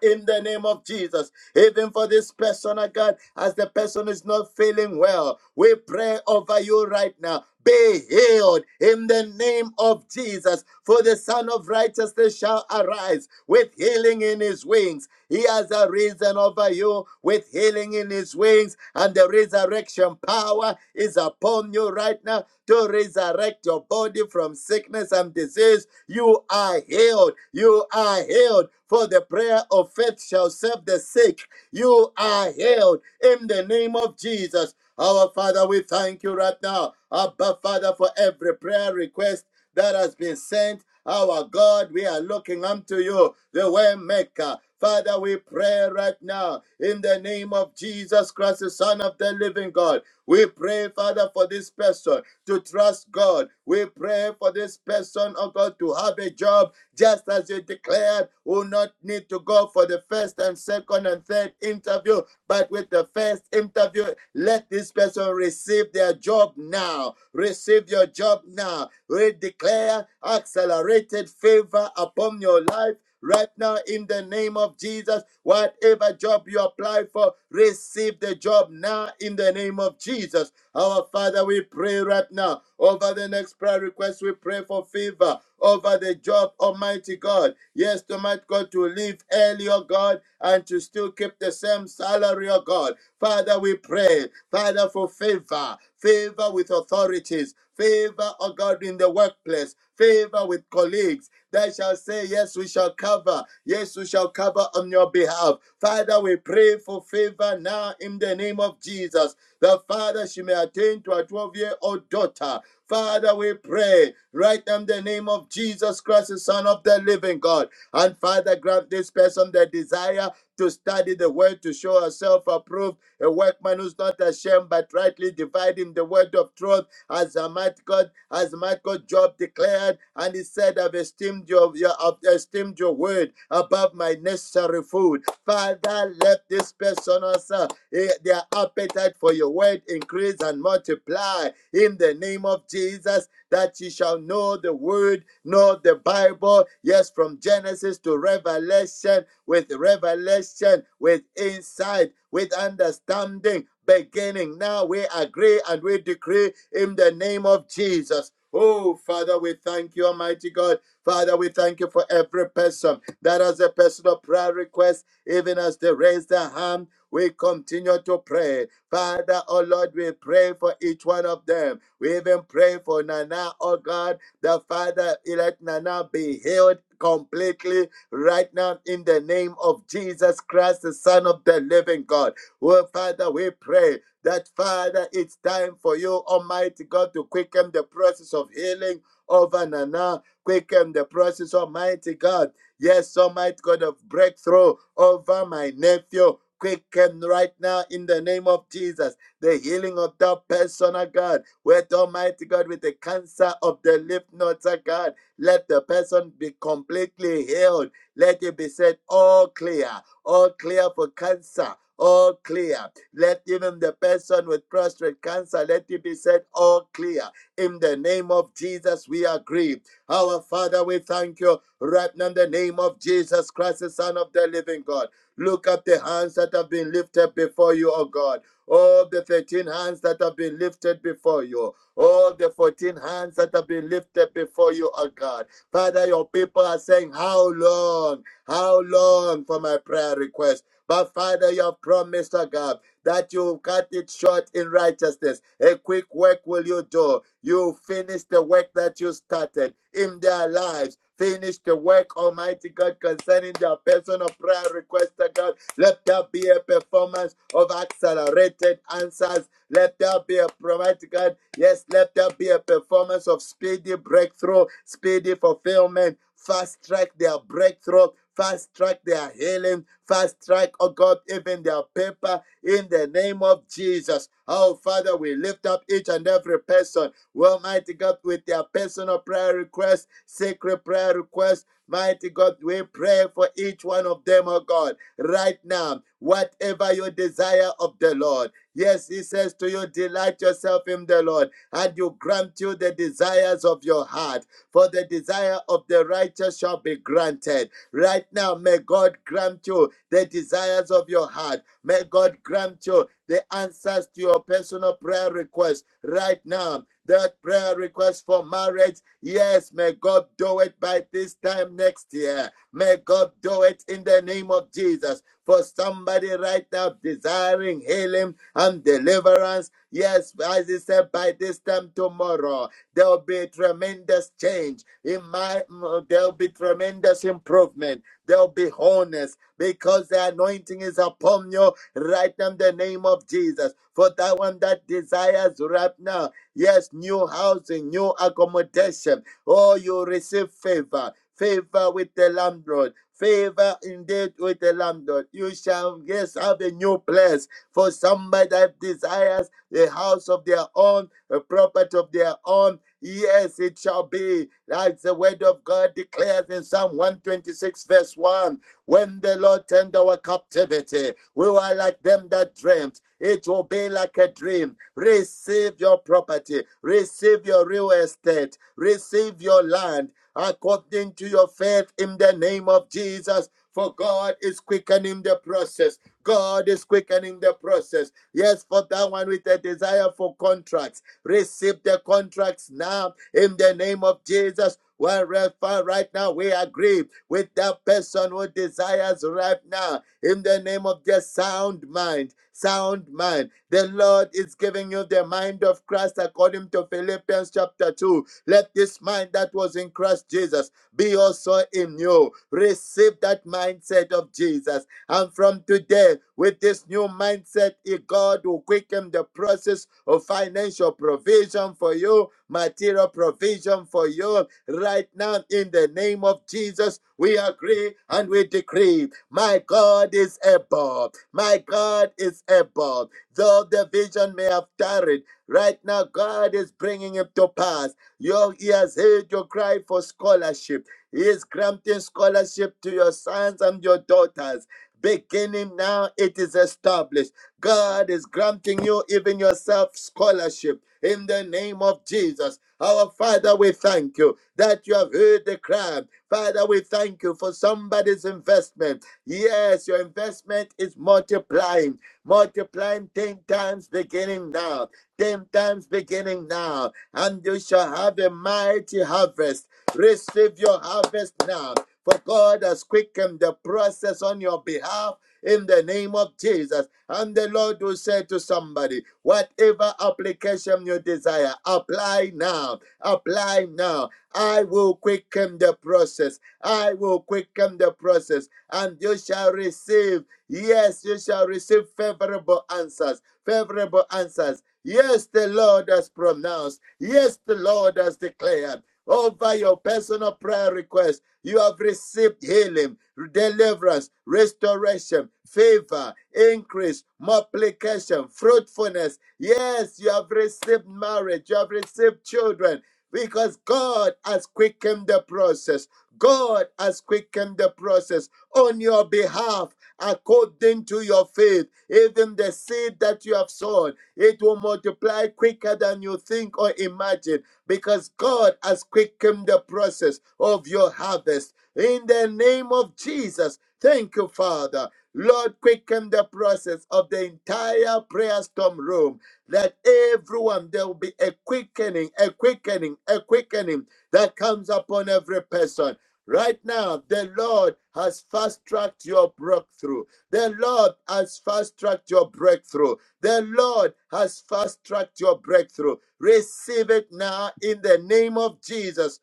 [SPEAKER 4] In the name of Jesus, even for this person, oh God, as the person is not feeling well, we pray over you right now. Be healed in the name of Jesus, for the Son of Righteousness shall arise with healing in his wings. He has arisen over you with healing in his wings, and the resurrection power is upon you right now to resurrect your body from sickness and disease you are healed. You are healed. For the prayer of faith shall save the sick. You are healed in the name of Jesus. Our Father, we thank you right now. Abba, Father, for every prayer request that has been sent. Our God, we are looking unto you, the way maker. Father, we pray right now in the name of Jesus Christ, the Son of the living God. We pray, Father, for this person to trust God. We pray for this person, oh God, to have a job just as you declared, will not need to go for the first and second and third interview, but with the first interview, let this person receive their job now. Receive your job now. We declare accelerated favor upon your life right now in the name of Jesus. Whatever job you apply for, receive the job now in the name of Jesus. Our Father, we pray right now over the next prayer request. We pray for favor over the job, Almighty God. Yes, Almighty God, to leave early, oh God, and to still keep the same salary, oh God. Father, we pray, Father, for favor, favor with authorities, favor, oh God, in the workplace, favor with colleagues. They shall say, Yes, we shall cover. Yes, we shall cover on your behalf. Father, we pray for favor now in the name of Jesus that Father, she may attain to a 12 year old daughter. Father, we pray right now in the name of Jesus Christ, the Son of the living God. And Father, grant this person the desire to study the word, to show herself approved, a workman who's not ashamed, but rightly dividing the word of truth, as the might God, as might God Job declared, and he said, I've esteemed your, your I've esteemed your word above my necessary food. Father, let this person also Eh, Their appetite for your word increase and multiply in the name of Jesus, that you shall know the word, know the Bible. Yes, from Genesis to Revelation, with revelation, with insight, with understanding. Beginning now, we agree and we decree in the name of Jesus. Oh, Father, we thank you, Almighty God. Father, we thank you for every person that has a personal prayer request, even as they raise their hand. We continue to pray. Father, oh Lord, we pray for each one of them. We even pray for Nana, oh God, the Father, let Nana be healed completely right now in the name of Jesus Christ, the Son of the living God. Well, Father, we pray that, Father, it's time for you, Almighty God, to quicken the process of healing over Nana, quicken the process, Almighty God. Yes, Almighty God, of breakthrough over my nephew quicken right now in the name of Jesus. The healing of that person, oh God, with Almighty God, with the cancer of the lymph nodes, oh God, let the person be completely healed. Let it be said, all clear, all clear for cancer. All clear. Let even the person with prostate cancer, let it be said, all clear. In the name of Jesus, we agree. Our Father, we thank you right now in the name of Jesus Christ, the Son of the living God. Look at the hands that have been lifted before you, oh God. All the 13 hands that have been lifted before you. All the 14 hands that have been lifted before you, oh God. Father, your people are saying, How long? How long for my prayer request? But Father, you have promised, oh God, that you cut it short in righteousness. A quick work will you do. You finish the work that you started in their lives. Finish the work, Almighty God, concerning their personal prayer request, oh God. Let there be a performance of accelerated answers. Let there be a Almighty God. Yes, let there be a performance of speedy breakthrough, speedy fulfillment. Fast track their breakthrough. Fast track their healing. Fast track, oh God, even their paper in the name of Jesus. Oh, Father, we lift up each and every person well, mighty God, with their personal prayer requests, sacred prayer requests, mighty God, we pray for each one of them, oh God, right now, whatever your desire of the Lord. Yes, he says to you, delight yourself in the Lord, and you grant you the desires of your heart. For the desire of the righteous shall be granted. Right now, may God grant you the desires of your heart. May God grant you the answers to your personal prayer requests right now that prayer request for marriage. Yes, may God do it by this time next year. May God do it in the name of Jesus. For somebody right now desiring healing and deliverance. Yes, as he said, by this time tomorrow, there will be tremendous change. In my there will be tremendous improvement. There will be wholeness because the anointing is upon you right now in the name of Jesus. For that one that desires right now Yes, new housing, new accommodation. Oh, you receive favor, favor with the landlord. Favor indeed with the landlord. You shall, yes, have a new place for somebody that desires a house of their own, a property of their own. Yes, it shall be. That's the word of God declares in Psalm 126, verse 1. When the Lord turned our captivity, we were like them that dreamt. It will be like a dream. Receive your property, receive your real estate, receive your land according to your faith in the name of Jesus. For God is quickening the process. God is quickening the process. Yes, for that one with a desire for contracts, receive the contracts now in the name of Jesus. Wherever right now we agree with that person who desires right now in the name of just sound mind, sound mind. The Lord is giving you the mind of Christ according to Philippians chapter 2. Let this mind that was in Christ Jesus be also in you. Receive that mindset of Jesus. And from today, with this new mindset, eh, God will quicken the process of financial provision for you, material provision for you. Right now, in the name of Jesus, we agree and we decree my God is able. My God is able. Though the vision may have tarried, right now God is bringing it to pass. Your, he has heard your cry for scholarship. He is granting scholarship to your sons and your daughters. Beginning now, it is established. God is granting you, even yourself, scholarship in the name of Jesus. Our Father, we thank you that you have heard the cry. Father, we thank you for somebody's investment. Yes, your investment is multiplying, multiplying 10 times beginning now, 10 times beginning now, and you shall have a mighty harvest. Receive your harvest now, for God has quickened the process on your behalf in the name of Jesus. And the Lord will say to somebody, whatever application you desire, apply now, apply now. I will quicken the process. I will quicken the process and you shall receive. Yes, you shall receive favorable answers. Favorable answers. Yes, the Lord has pronounced. Yes, the Lord has declared. Over your personal prayer request, you have received healing, deliverance, restoration, favor, increase, multiplication, fruitfulness. Yes, you have received marriage, you have received children, because God has quickened the process. God has quickened the process on your behalf according to your faith. Even the seed that you have sown, it will multiply quicker than you think or imagine because God has quickened the process of your harvest. In the name of Jesus, thank you, Father. Lord, quicken the process of the entire prayer storm room. That everyone, there will be a quickening, a quickening, a quickening that comes upon every person Right now, the Lord has fast tracked your breakthrough. The Lord has fast tracked your breakthrough. The Lord has fast tracked your breakthrough. Receive it now in the name of Jesus.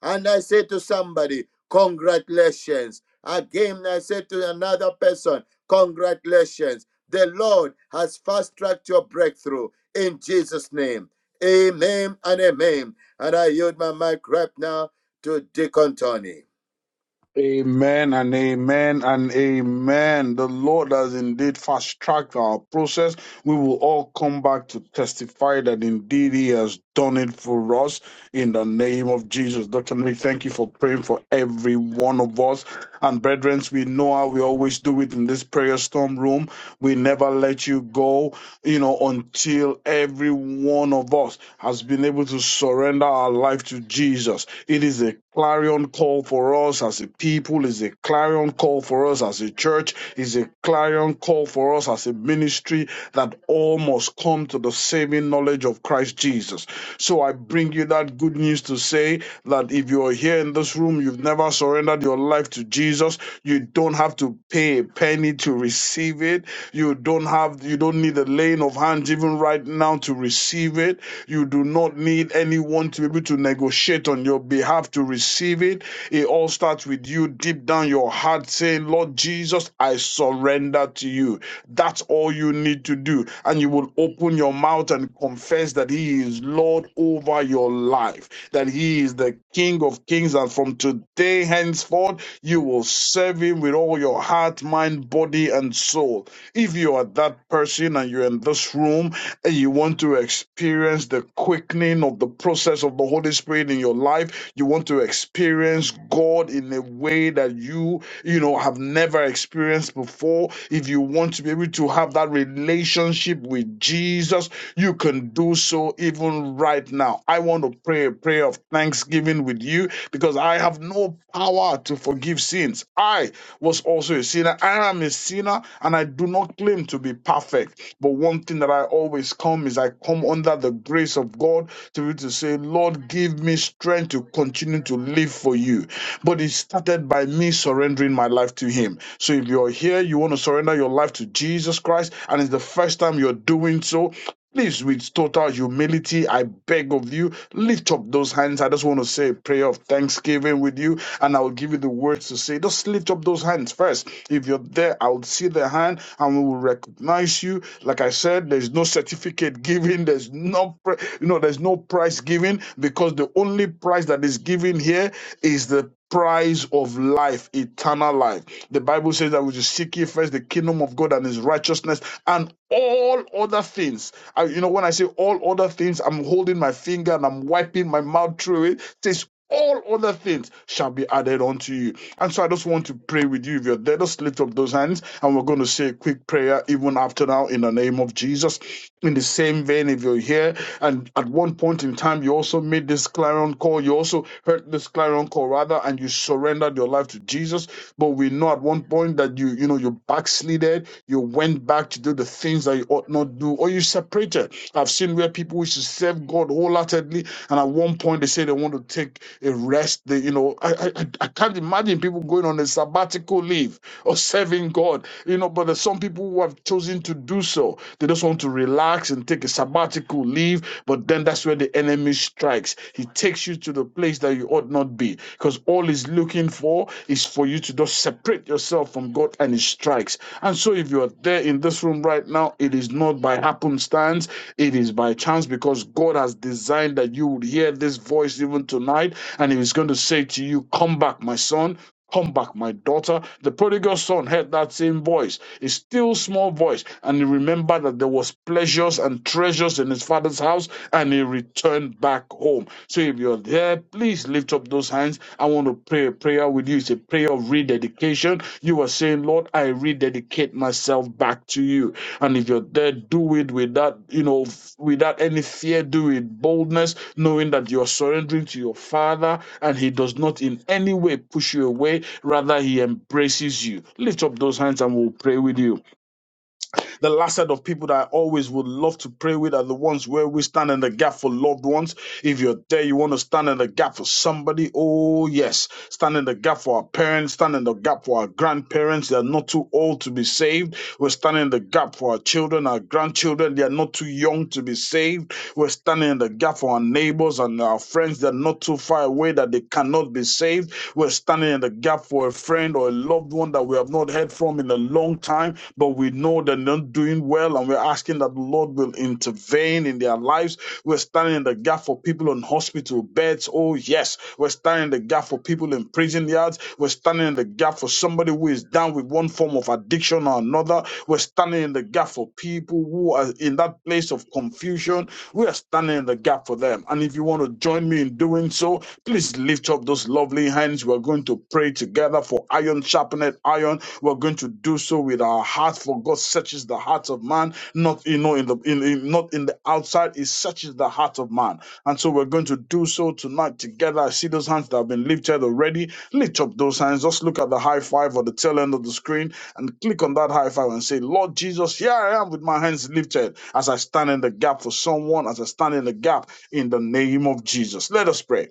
[SPEAKER 4] And I say to somebody, Congratulations. Again, I say to another person, Congratulations. The Lord has fast tracked your breakthrough in Jesus' name. Amen and amen. And I yield my mic right now to Deacon Tony.
[SPEAKER 6] Amen and amen and amen. The Lord has indeed fast tracked our process. We will all come back to testify that indeed He has done it for us in the name of Jesus. Dr. Lee, thank you for praying for every one of us. And brethren, we know how we always do it in this prayer storm room. We never let you go, you know, until every one of us has been able to surrender surrender our life to Jesus. It is a clarion call for us as a people, is a clarion call for us as a church, is a clarion call for us as a ministry that all must come to the saving knowledge of Christ Jesus. So I bring you that good news to say that if you're here in this room, you've never surrendered your life to Jesus, you don't have to pay a penny to receive it. You don't have you don't need need the laying of hands even right now to receive it. You do not need anyone to be able to negotiate on your behalf to receive it. It all starts with you deep down your heart saying, Lord Jesus, I surrender to you. That's all you need to do. And you will open your mouth and confess that He is Lord over your life, that He is the King of kings. And from today henceforth, you will serve him with all your heart, mind, body, and soul. If you are that person and you're in this room and you want to experience the quickening of the process of the Holy Spirit in your life, you want to experience God in a way that you, you know, have never experienced before. If you want to be able to have that relationship with Jesus, you can do so even right now. I want to pray a prayer of thanksgiving thanksgiving with you because I have no power to forgive sins. I was also a sinner. I am a sinner and I do not claim to be perfect. But one thing that I always come is I come under the grace of God to be able to say, Lord, give me strength to continue to live for you. But it started by me surrendering my life to Him. So if you're here, you want to surrender your life to Jesus Christ, and it's the first time you're doing so, Please, with total humility, I beg of you, lift up those hands. I just want to say a prayer of thanksgiving with you, and I'll give you the words to say. Just lift up those hands first. If you're there, I'll see the hand and we will recognize you. Like I said, there's no certificate given, there's no pri- you know, there's no price given because the only price that is given here is the price of life, eternal life. The Bible says that we should seek ye first the kingdom of God and his righteousness and all other things. I, you know, when I say all other things, I'm holding my finger and I'm wiping my mouth through it. It says, all other things shall be added unto you. And so I just want to pray with you. If you're there, just lift up those hands and we're going to say a quick prayer even after now in the name of Jesus. In the same vein, if you're here and at one point in time you also made this clarion clarion call. You also heard this clarion call rather, and you surrendered your life to Jesus. But we know at one point that you, you know, you backslided, you went back to do the things that you ought not do, or you separated. I've seen where people wish to serve God wholeheartedly, and at one point they say they want to take a rest. They, you know, I, I, I I can't imagine people going on a sabbatical leave or serving God. You know, but there's some people who have chosen to do so. They just want to relax and take a sabbatical leave, but then that's where the enemy strikes. He takes you to the place that you ought not be because all he's looking for is for you to just separate yourself from God and he strikes. And so if you are there in this room right now, it is not by happenstance, it is by chance because God has designed that you would hear this voice even tonight and he is going to say to you, Come back, my son. Come back, my daughter. The prodigal son heard that same voice, a still small voice, and he remembered that there was pleasures and treasures in his father's house, and he returned back home. So if you're there, please lift up those hands. I want to pray a prayer with you. It's a prayer of rededication. You are are saying, Lord, I rededicate myself back to you. And if you're there, do it without, you know, without any fear, do it boldness, knowing that you're surrendering to your Father and He does not in any way push you away. Rather, He embraces you. Lift up those hands and we'll pray with you. The last set of people that I always would love to pray with are the ones where we stand in the gap for loved ones. If you're there, you want to stand in the gap for somebody. Oh, yes. Stand in the gap for our parents, stand in the gap for our grandparents. They are not too old to be saved. We're standing in the gap for our children, our grandchildren. They are not too young to be saved. We're standing in the gap for our neighbors and our friends. They're not not too far away that they cannot be saved. We're standing in the gap for a friend or a loved one that we have not heard from in a long time, but we know they're not doing well, and we're asking that the Lord will intervene in their lives. We're standing in the gap for people on hospital beds. Oh, yes. We're standing in the gap for people in prison yards. We're standing in the gap for somebody who is down with one form of addiction addiction or another. We're standing in the gap for people who are in that place of confusion. We are standing in the gap for them. And if you want to join me in doing so, please lift up those lovely hands. We're going to pray together for iron sharpened iron. We're going to do so with our heart, for God searches the heart of man, not you know in the in, in not in the outside. He searches the heart of man. And so we're going to do so tonight together. I see those hands that have been lifted already. Lift up those hands. Just look at the high five or the tail end of the screen and click on that high five and say, Lord Jesus, here I am with my hands lifted as I stand in the gap for someone, as I stand in the gap in the name of Jesus. Let us pray.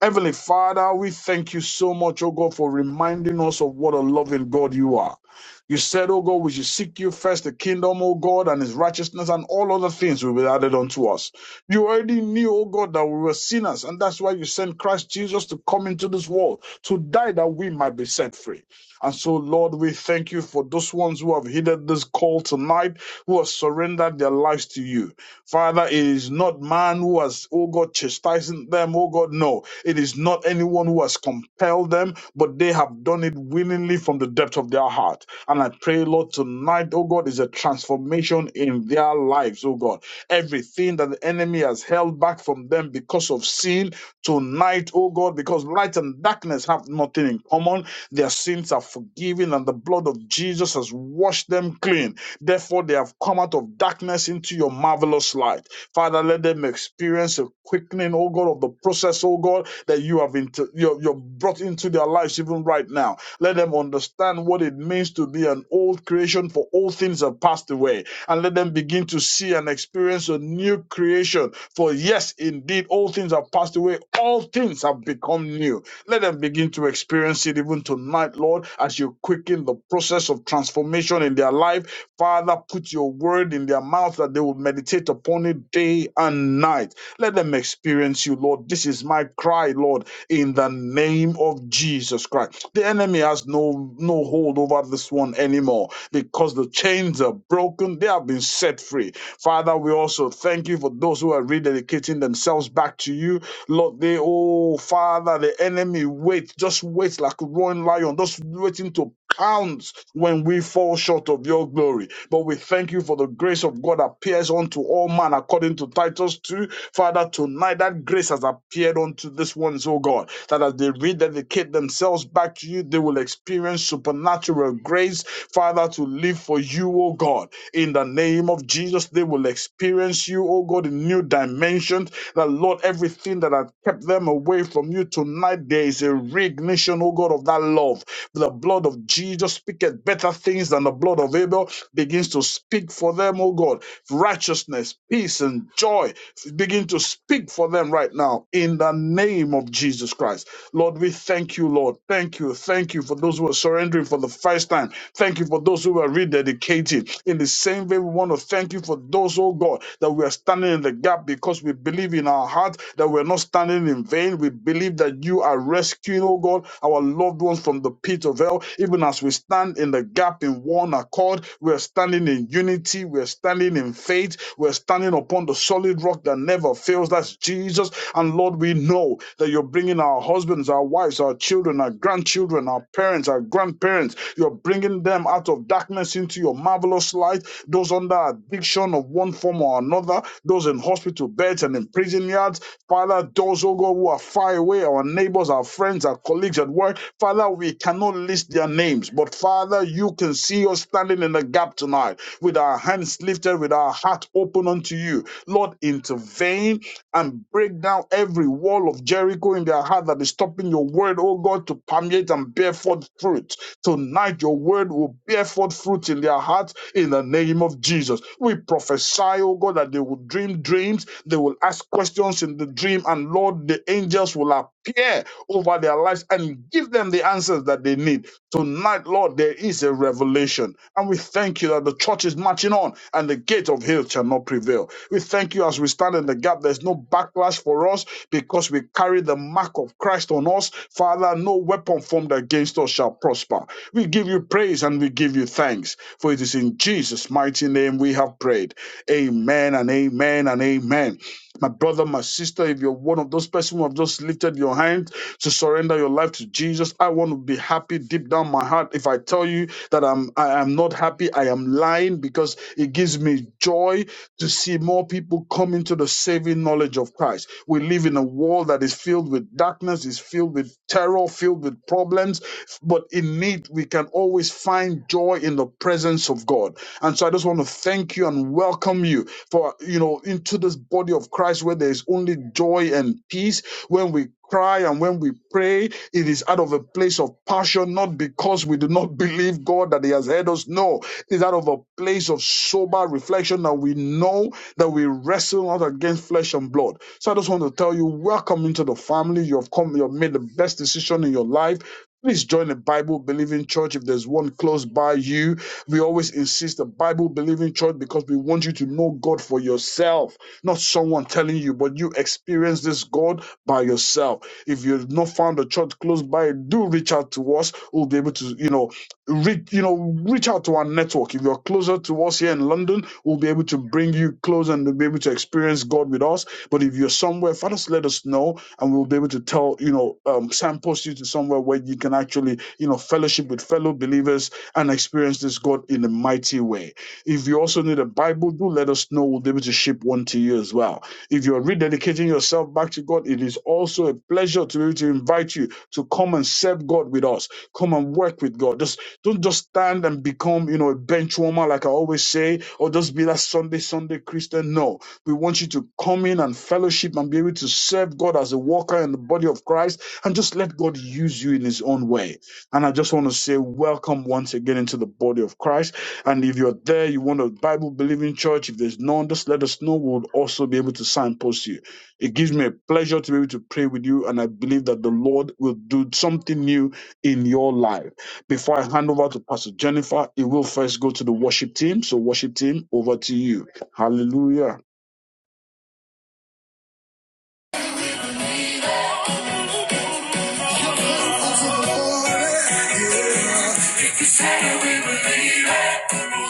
[SPEAKER 6] Heavenly Father, we thank you so much, oh God, for reminding us of what a loving God you are. You said, oh God, we should seek you first, the kingdom, oh God, and his righteousness, and all other things will be added unto us. You already knew, oh God, that we were sinners, and that's why you sent Christ Jesus to come into this world, to die that we might be set free. And so, Lord, we thank you for those ones who have heeded this call tonight, who have surrendered their lives to you. Father, it is not man who has, oh God, chastising them, oh God, no. It is not anyone who has compelled them, but they have done it willingly from the depth of their heart. And I pray, Lord, tonight, oh God, is a transformation in their lives, oh God. Everything that the enemy has held back from them because of sin, tonight, oh God, because light and darkness have nothing in common. Their sins are forgiven, and the blood of Jesus has washed them clean. Therefore, they have come out of darkness into your marvelous light. Father, let them experience a quickening, oh God, of the process, oh God, that you have into, you're, you're brought into their lives even right now. Let them understand what it means to be an old creation, for all things have passed away and let them begin to see and experience a new creation. For yes, indeed, all things have passed away, all things have become new. Let them begin to experience it even tonight, Lord, as you quicken the process of transformation in their life. Father, put your word in their mouth that they will meditate upon it day and night. Let them experience you, Lord. This is my cry, Lord, in the name of Jesus Christ. The enemy has no no hold over this one anymore because the the chains are broken, they have been set free. Father, we also thank you for those who are rededicating themselves back to you. Lord, they, oh Father, the enemy waits, just waits like a roaring lion, just waiting to pounce when we fall short of your glory. But we thank you for the grace of God appears unto all man according to Titus 2. Father, tonight that grace has appeared unto this ones, oh God, that as they rededicate themselves back to you, they will experience supernatural grace, Father, to live for you, oh God. In the name of Jesus, they will experience you, oh God, in new dimensions. That Lord, everything that had kept them away from you tonight, there is a reignition, oh God, of that love the blood of Jesus speaketh better things than the blood of Abel begins to speak for them, oh God. Righteousness, peace, and joy begin to speak for them right now in the name of Jesus Christ. Lord, we thank you, Lord. Thank you. Thank you for those who are surrendering for the first time. Thank you for those who are rededicated In the same way, we want to thank you for those, oh God, that we are standing in the gap gap because we believe in our heart that we're not standing in vain. We believe that you are rescuing, oh God, our loved ones from the pit of hell. Even as we stand in the gap in one accord, we're standing in unity, we're standing in faith, we're standing upon the solid rock that never fails. That's Jesus. And Lord, we know that you're bringing our husbands, our wives, our children, our grandchildren, our parents, our grandparents parents. You're bringing them out of darkness into your marvelous light. Those under addiction of one form or another, those in hospital beds and in prison yards. Father, those, oh God, who are far away, our neighbors, our friends, our colleagues at work. Father, we cannot list their names, but Father, you can see us standing in the gap tonight with our hands lifted, with our heart open unto you. Lord, intervene and break down every wall of Jericho in their heart that is stopping your word, oh God, to permeate and bear forth fruit. Tonight, your word will bear forth fruit in their hearts in the name of Jesus. We prophesy, oh God, that they will dream dreams, they will ask questions in the dream, and Lord, the angels will appear over their lives and give them the answers that they need Tonight, Lord, there is a revelation. And we thank you that the church is marching on and the gate of hell shall not prevail. We thank you as we stand in the gap. There's no backlash for us because we carry the mark of Christ on us. Father, no weapon formed against us shall prosper. We give you praise and we give you thanks. For it is in Jesus' mighty name we have prayed. Amen and amen and amen. My brother, my sister, if you're one of those persons who have just lifted your hand to surrender your life to Jesus, I want to be happy deep down my heart. If I tell you that I'm I am not happy, I am lying because it gives me joy to see more people come into the saving knowledge of Christ. We live in a world that is filled with darkness, is filled with terror, filled with problems, but in need we can always find joy in the presence of God. God. And so I just want to thank you and welcome you for, you know, into this body of Christ where there is only joy and peace. When we cry and when we pray, it is out of a place of passion, not because we do not believe God that He has heard us. No, it is out of a place of sober reflection that we know that we wrestle not against flesh and blood. So I just want to tell you, welcome into the family. You have come, you have made the best decision in your life. Please join a Bible believing church if there's one close by you we always insist a Bible believing church because we want you to know God for yourself, not someone telling you, but you experience this God by yourself. If you've not found a church close by, do reach out to us. We'll be able to, you know, reach, you know, reach out to our network. If you're closer to us here in London, we'll be able to bring you close and we'll be able to experience God with us. But if you're somewhere, Father, let us know and we'll be able to tell, you know, um, signpost you to somewhere where you can actually, you know, fellowship with fellow believers and experience this God in a mighty way. If you also need a Bible, do let us know. We'll be able to ship one to you as well. If you're rededicating yourself back to God, it is also a pleasure to be able to invite you to come and serve God with us. Come and work with God. Just don't just stand and become, you know, a bench warmer, like I always say, or just be that Sunday, Sunday Christian. No. We want you to come in and fellowship and be able to serve God as a walker in the body of Christ and just let God use you in his own way. And I just want to say, welcome once again into the body of Christ. And if you're there, you want a Bible believing church, if there's none, just let us know. We'll also be able to signpost you. It gives me a pleasure to be able to pray with you. And I believe that the Lord will do something new in your life. Before I hand over to Pastor Jennifer, it will first go to the worship team. So, worship team, over to you. Hallelujah.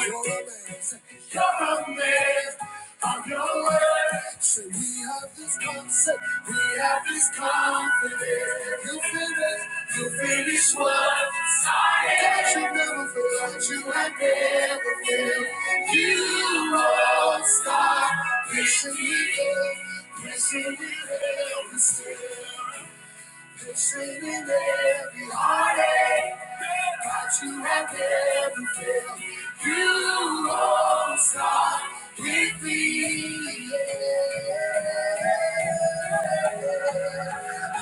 [SPEAKER 1] You're a man of your words. So we have this concept, we have this confidence. You finish, you finish what started. God, you never failed, you had never failed. You won't stop. Wishing We you will, yes, you will, still. Singing every heartache, got you and every fail. You won't stop with me. Yeah.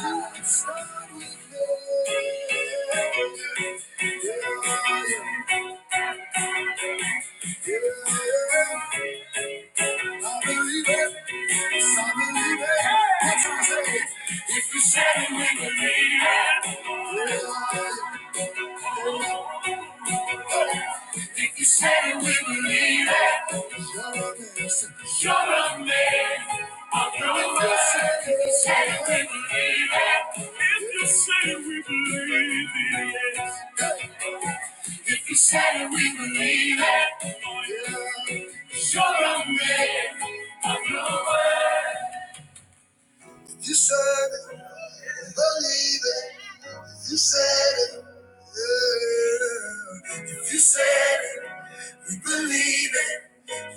[SPEAKER 1] You won't stop with me. Yeah. Yeah. I believe it. Yes, I believe it. That's what I say. If you said it, we believe it. Yeah. If you said it, we believe it. You're a man of your word. If you said it, we believe it. If you said it, we believe it. If you said it, we believe it. You're a man of your word. If you serve it, believe it. If you said it, yeah. If you said it, we believe it.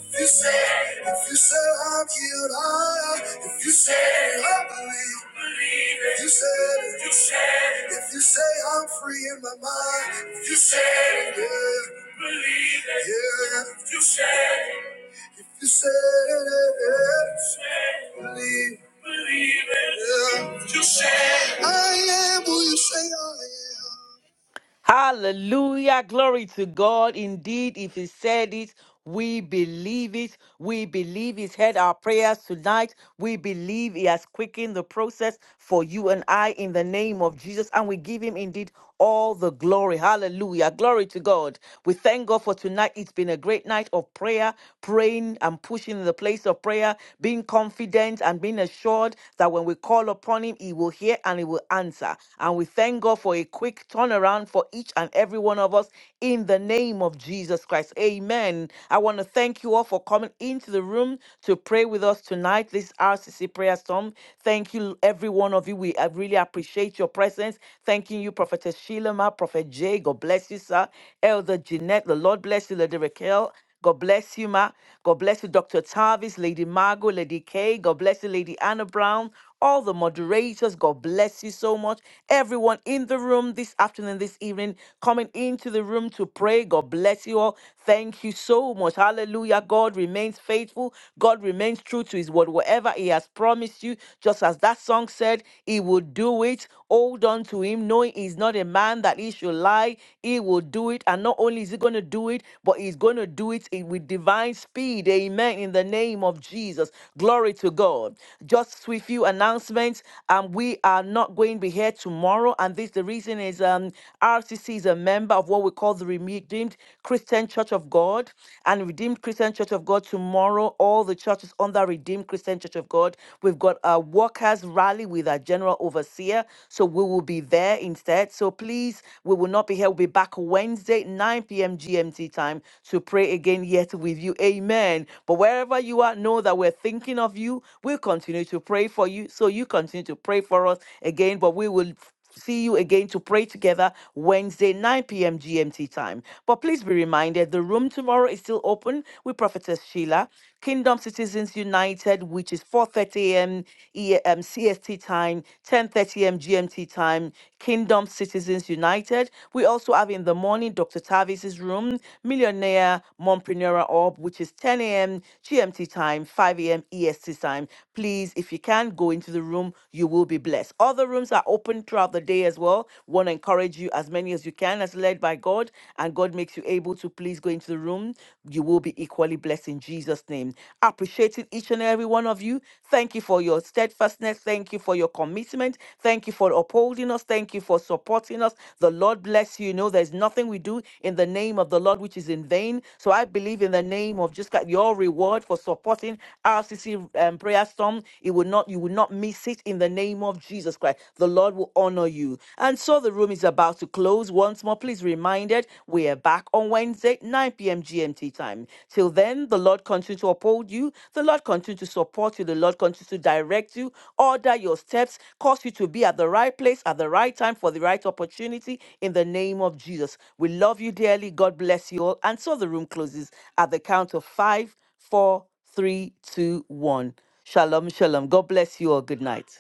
[SPEAKER 1] If you said it, if you said I'm healed, I am. If you said it, I believe. Believe it. If you said it, you said it. If you say I'm free in my mind, if you said it, yeah. Believe it. Yeah. If you said it. You said it. Believe. Believe it. Yeah. You said I am who you say I am.
[SPEAKER 2] Hallelujah. Glory to God. Indeed, if He said it, we believe it. We believe He's heard our prayers tonight. We believe He has quickened the process for you and I in the name of Jesus, and we give Him indeed all the glory. Hallelujah. Glory to God. We thank God for tonight. It's been a great night of prayer, praying and pushing in the place of prayer, being confident and being assured that when we call upon Him, He will hear and He will answer. And we thank God for a quick turnaround for each and every one of us in the name of Jesus Christ. Amen. I want to thank you all for coming into the room on to pray with us tonight, this RCC prayer storm. Thank you, every one of you. We uh, really appreciate your presence. Thanking you, Prophetess Shilama, Prophet Jay. God bless you, sir. Elder Jeanette, the Lord bless you, Lady Raquel. God bless you, Ma. God bless you, Dr. Tarvis, Lady Margot, Lady Kay. God bless you, Lady Anna Brown. All the moderators, God bless you so much. Everyone in the room this afternoon, this evening, coming into the room to pray. God bless you all. Thank you so much. Hallelujah. Hallelujah. God remains faithful. God remains true to his word. Whatever he has promised you, just as that song said, he will do it. Hold on to him, knowing he's not a man that he should lie. He will do it. And not only is he going to do it, but he's going to do it in- with divine speed. Amen. In the name of Jesus. Glory to God. Just with few announcements. Um, we are not going to be here tomorrow. And this the reason is um RCC is a member of what we call the Redeemed Christian. Christian Church of God and Redeemed Christian Church of God tomorrow. All the churches under Redeemed Christian Church of God. We've got our workers rally with our general overseer. So we will be there instead. So please, we will not be here. We'll be back Wednesday, 9 p.m. GMT time to pray again yet with you. Amen. But wherever you are, know that we're thinking of you. We'll continue to pray for you. So you continue to pray for us again. But we will see you again to pray together Wednesday, 9 p.m. GMT time. But please be reminded the room tomorrow is still open with Prophetess Sheila. Kingdom Citizens United, which is 4:30 a.m. E- um, CST time, 10:30 a.m. GMT time. Kingdom Citizens United. We also have in the morning Dr. Tavis's room, Millionaire Mompreneur Orb, which is 10 a.m. GMT time, 5 a.m. EST time. Please, if you can, go into the room. You will be blessed. Other rooms are are open throughout the day as well. Want to encourage you as many as you can, as led by God, and God makes you able to please go into the room. You will be equally blessed in Jesus' name. Appreciating each and every one of you. Thank you for your steadfastness. Thank you for your commitment. Thank you for upholding us. Thank you for supporting us. The Lord bless you. You know, there's nothing we do in the name of the Lord which is in vain. So I believe in the name of just God, your reward for supporting RCC um, Prayer Storm. It will not, you will not miss it in the name of Jesus Christ. The Lord will honor you. And so the room is about to close. Once more, please be reminded, we are back on Wednesday, 9 p.m. GMT time. Till then, the Lord continue to uphold you. The Lord continue to support you. The Lord continue to direct you, order your steps, cause you to be at the right place at the right time for the right opportunity in the name of Jesus. We love you dearly. God bless you all. And so the room closes at the count of five, four, three, two, one. Shalom, shalom. God bless you all. Good night.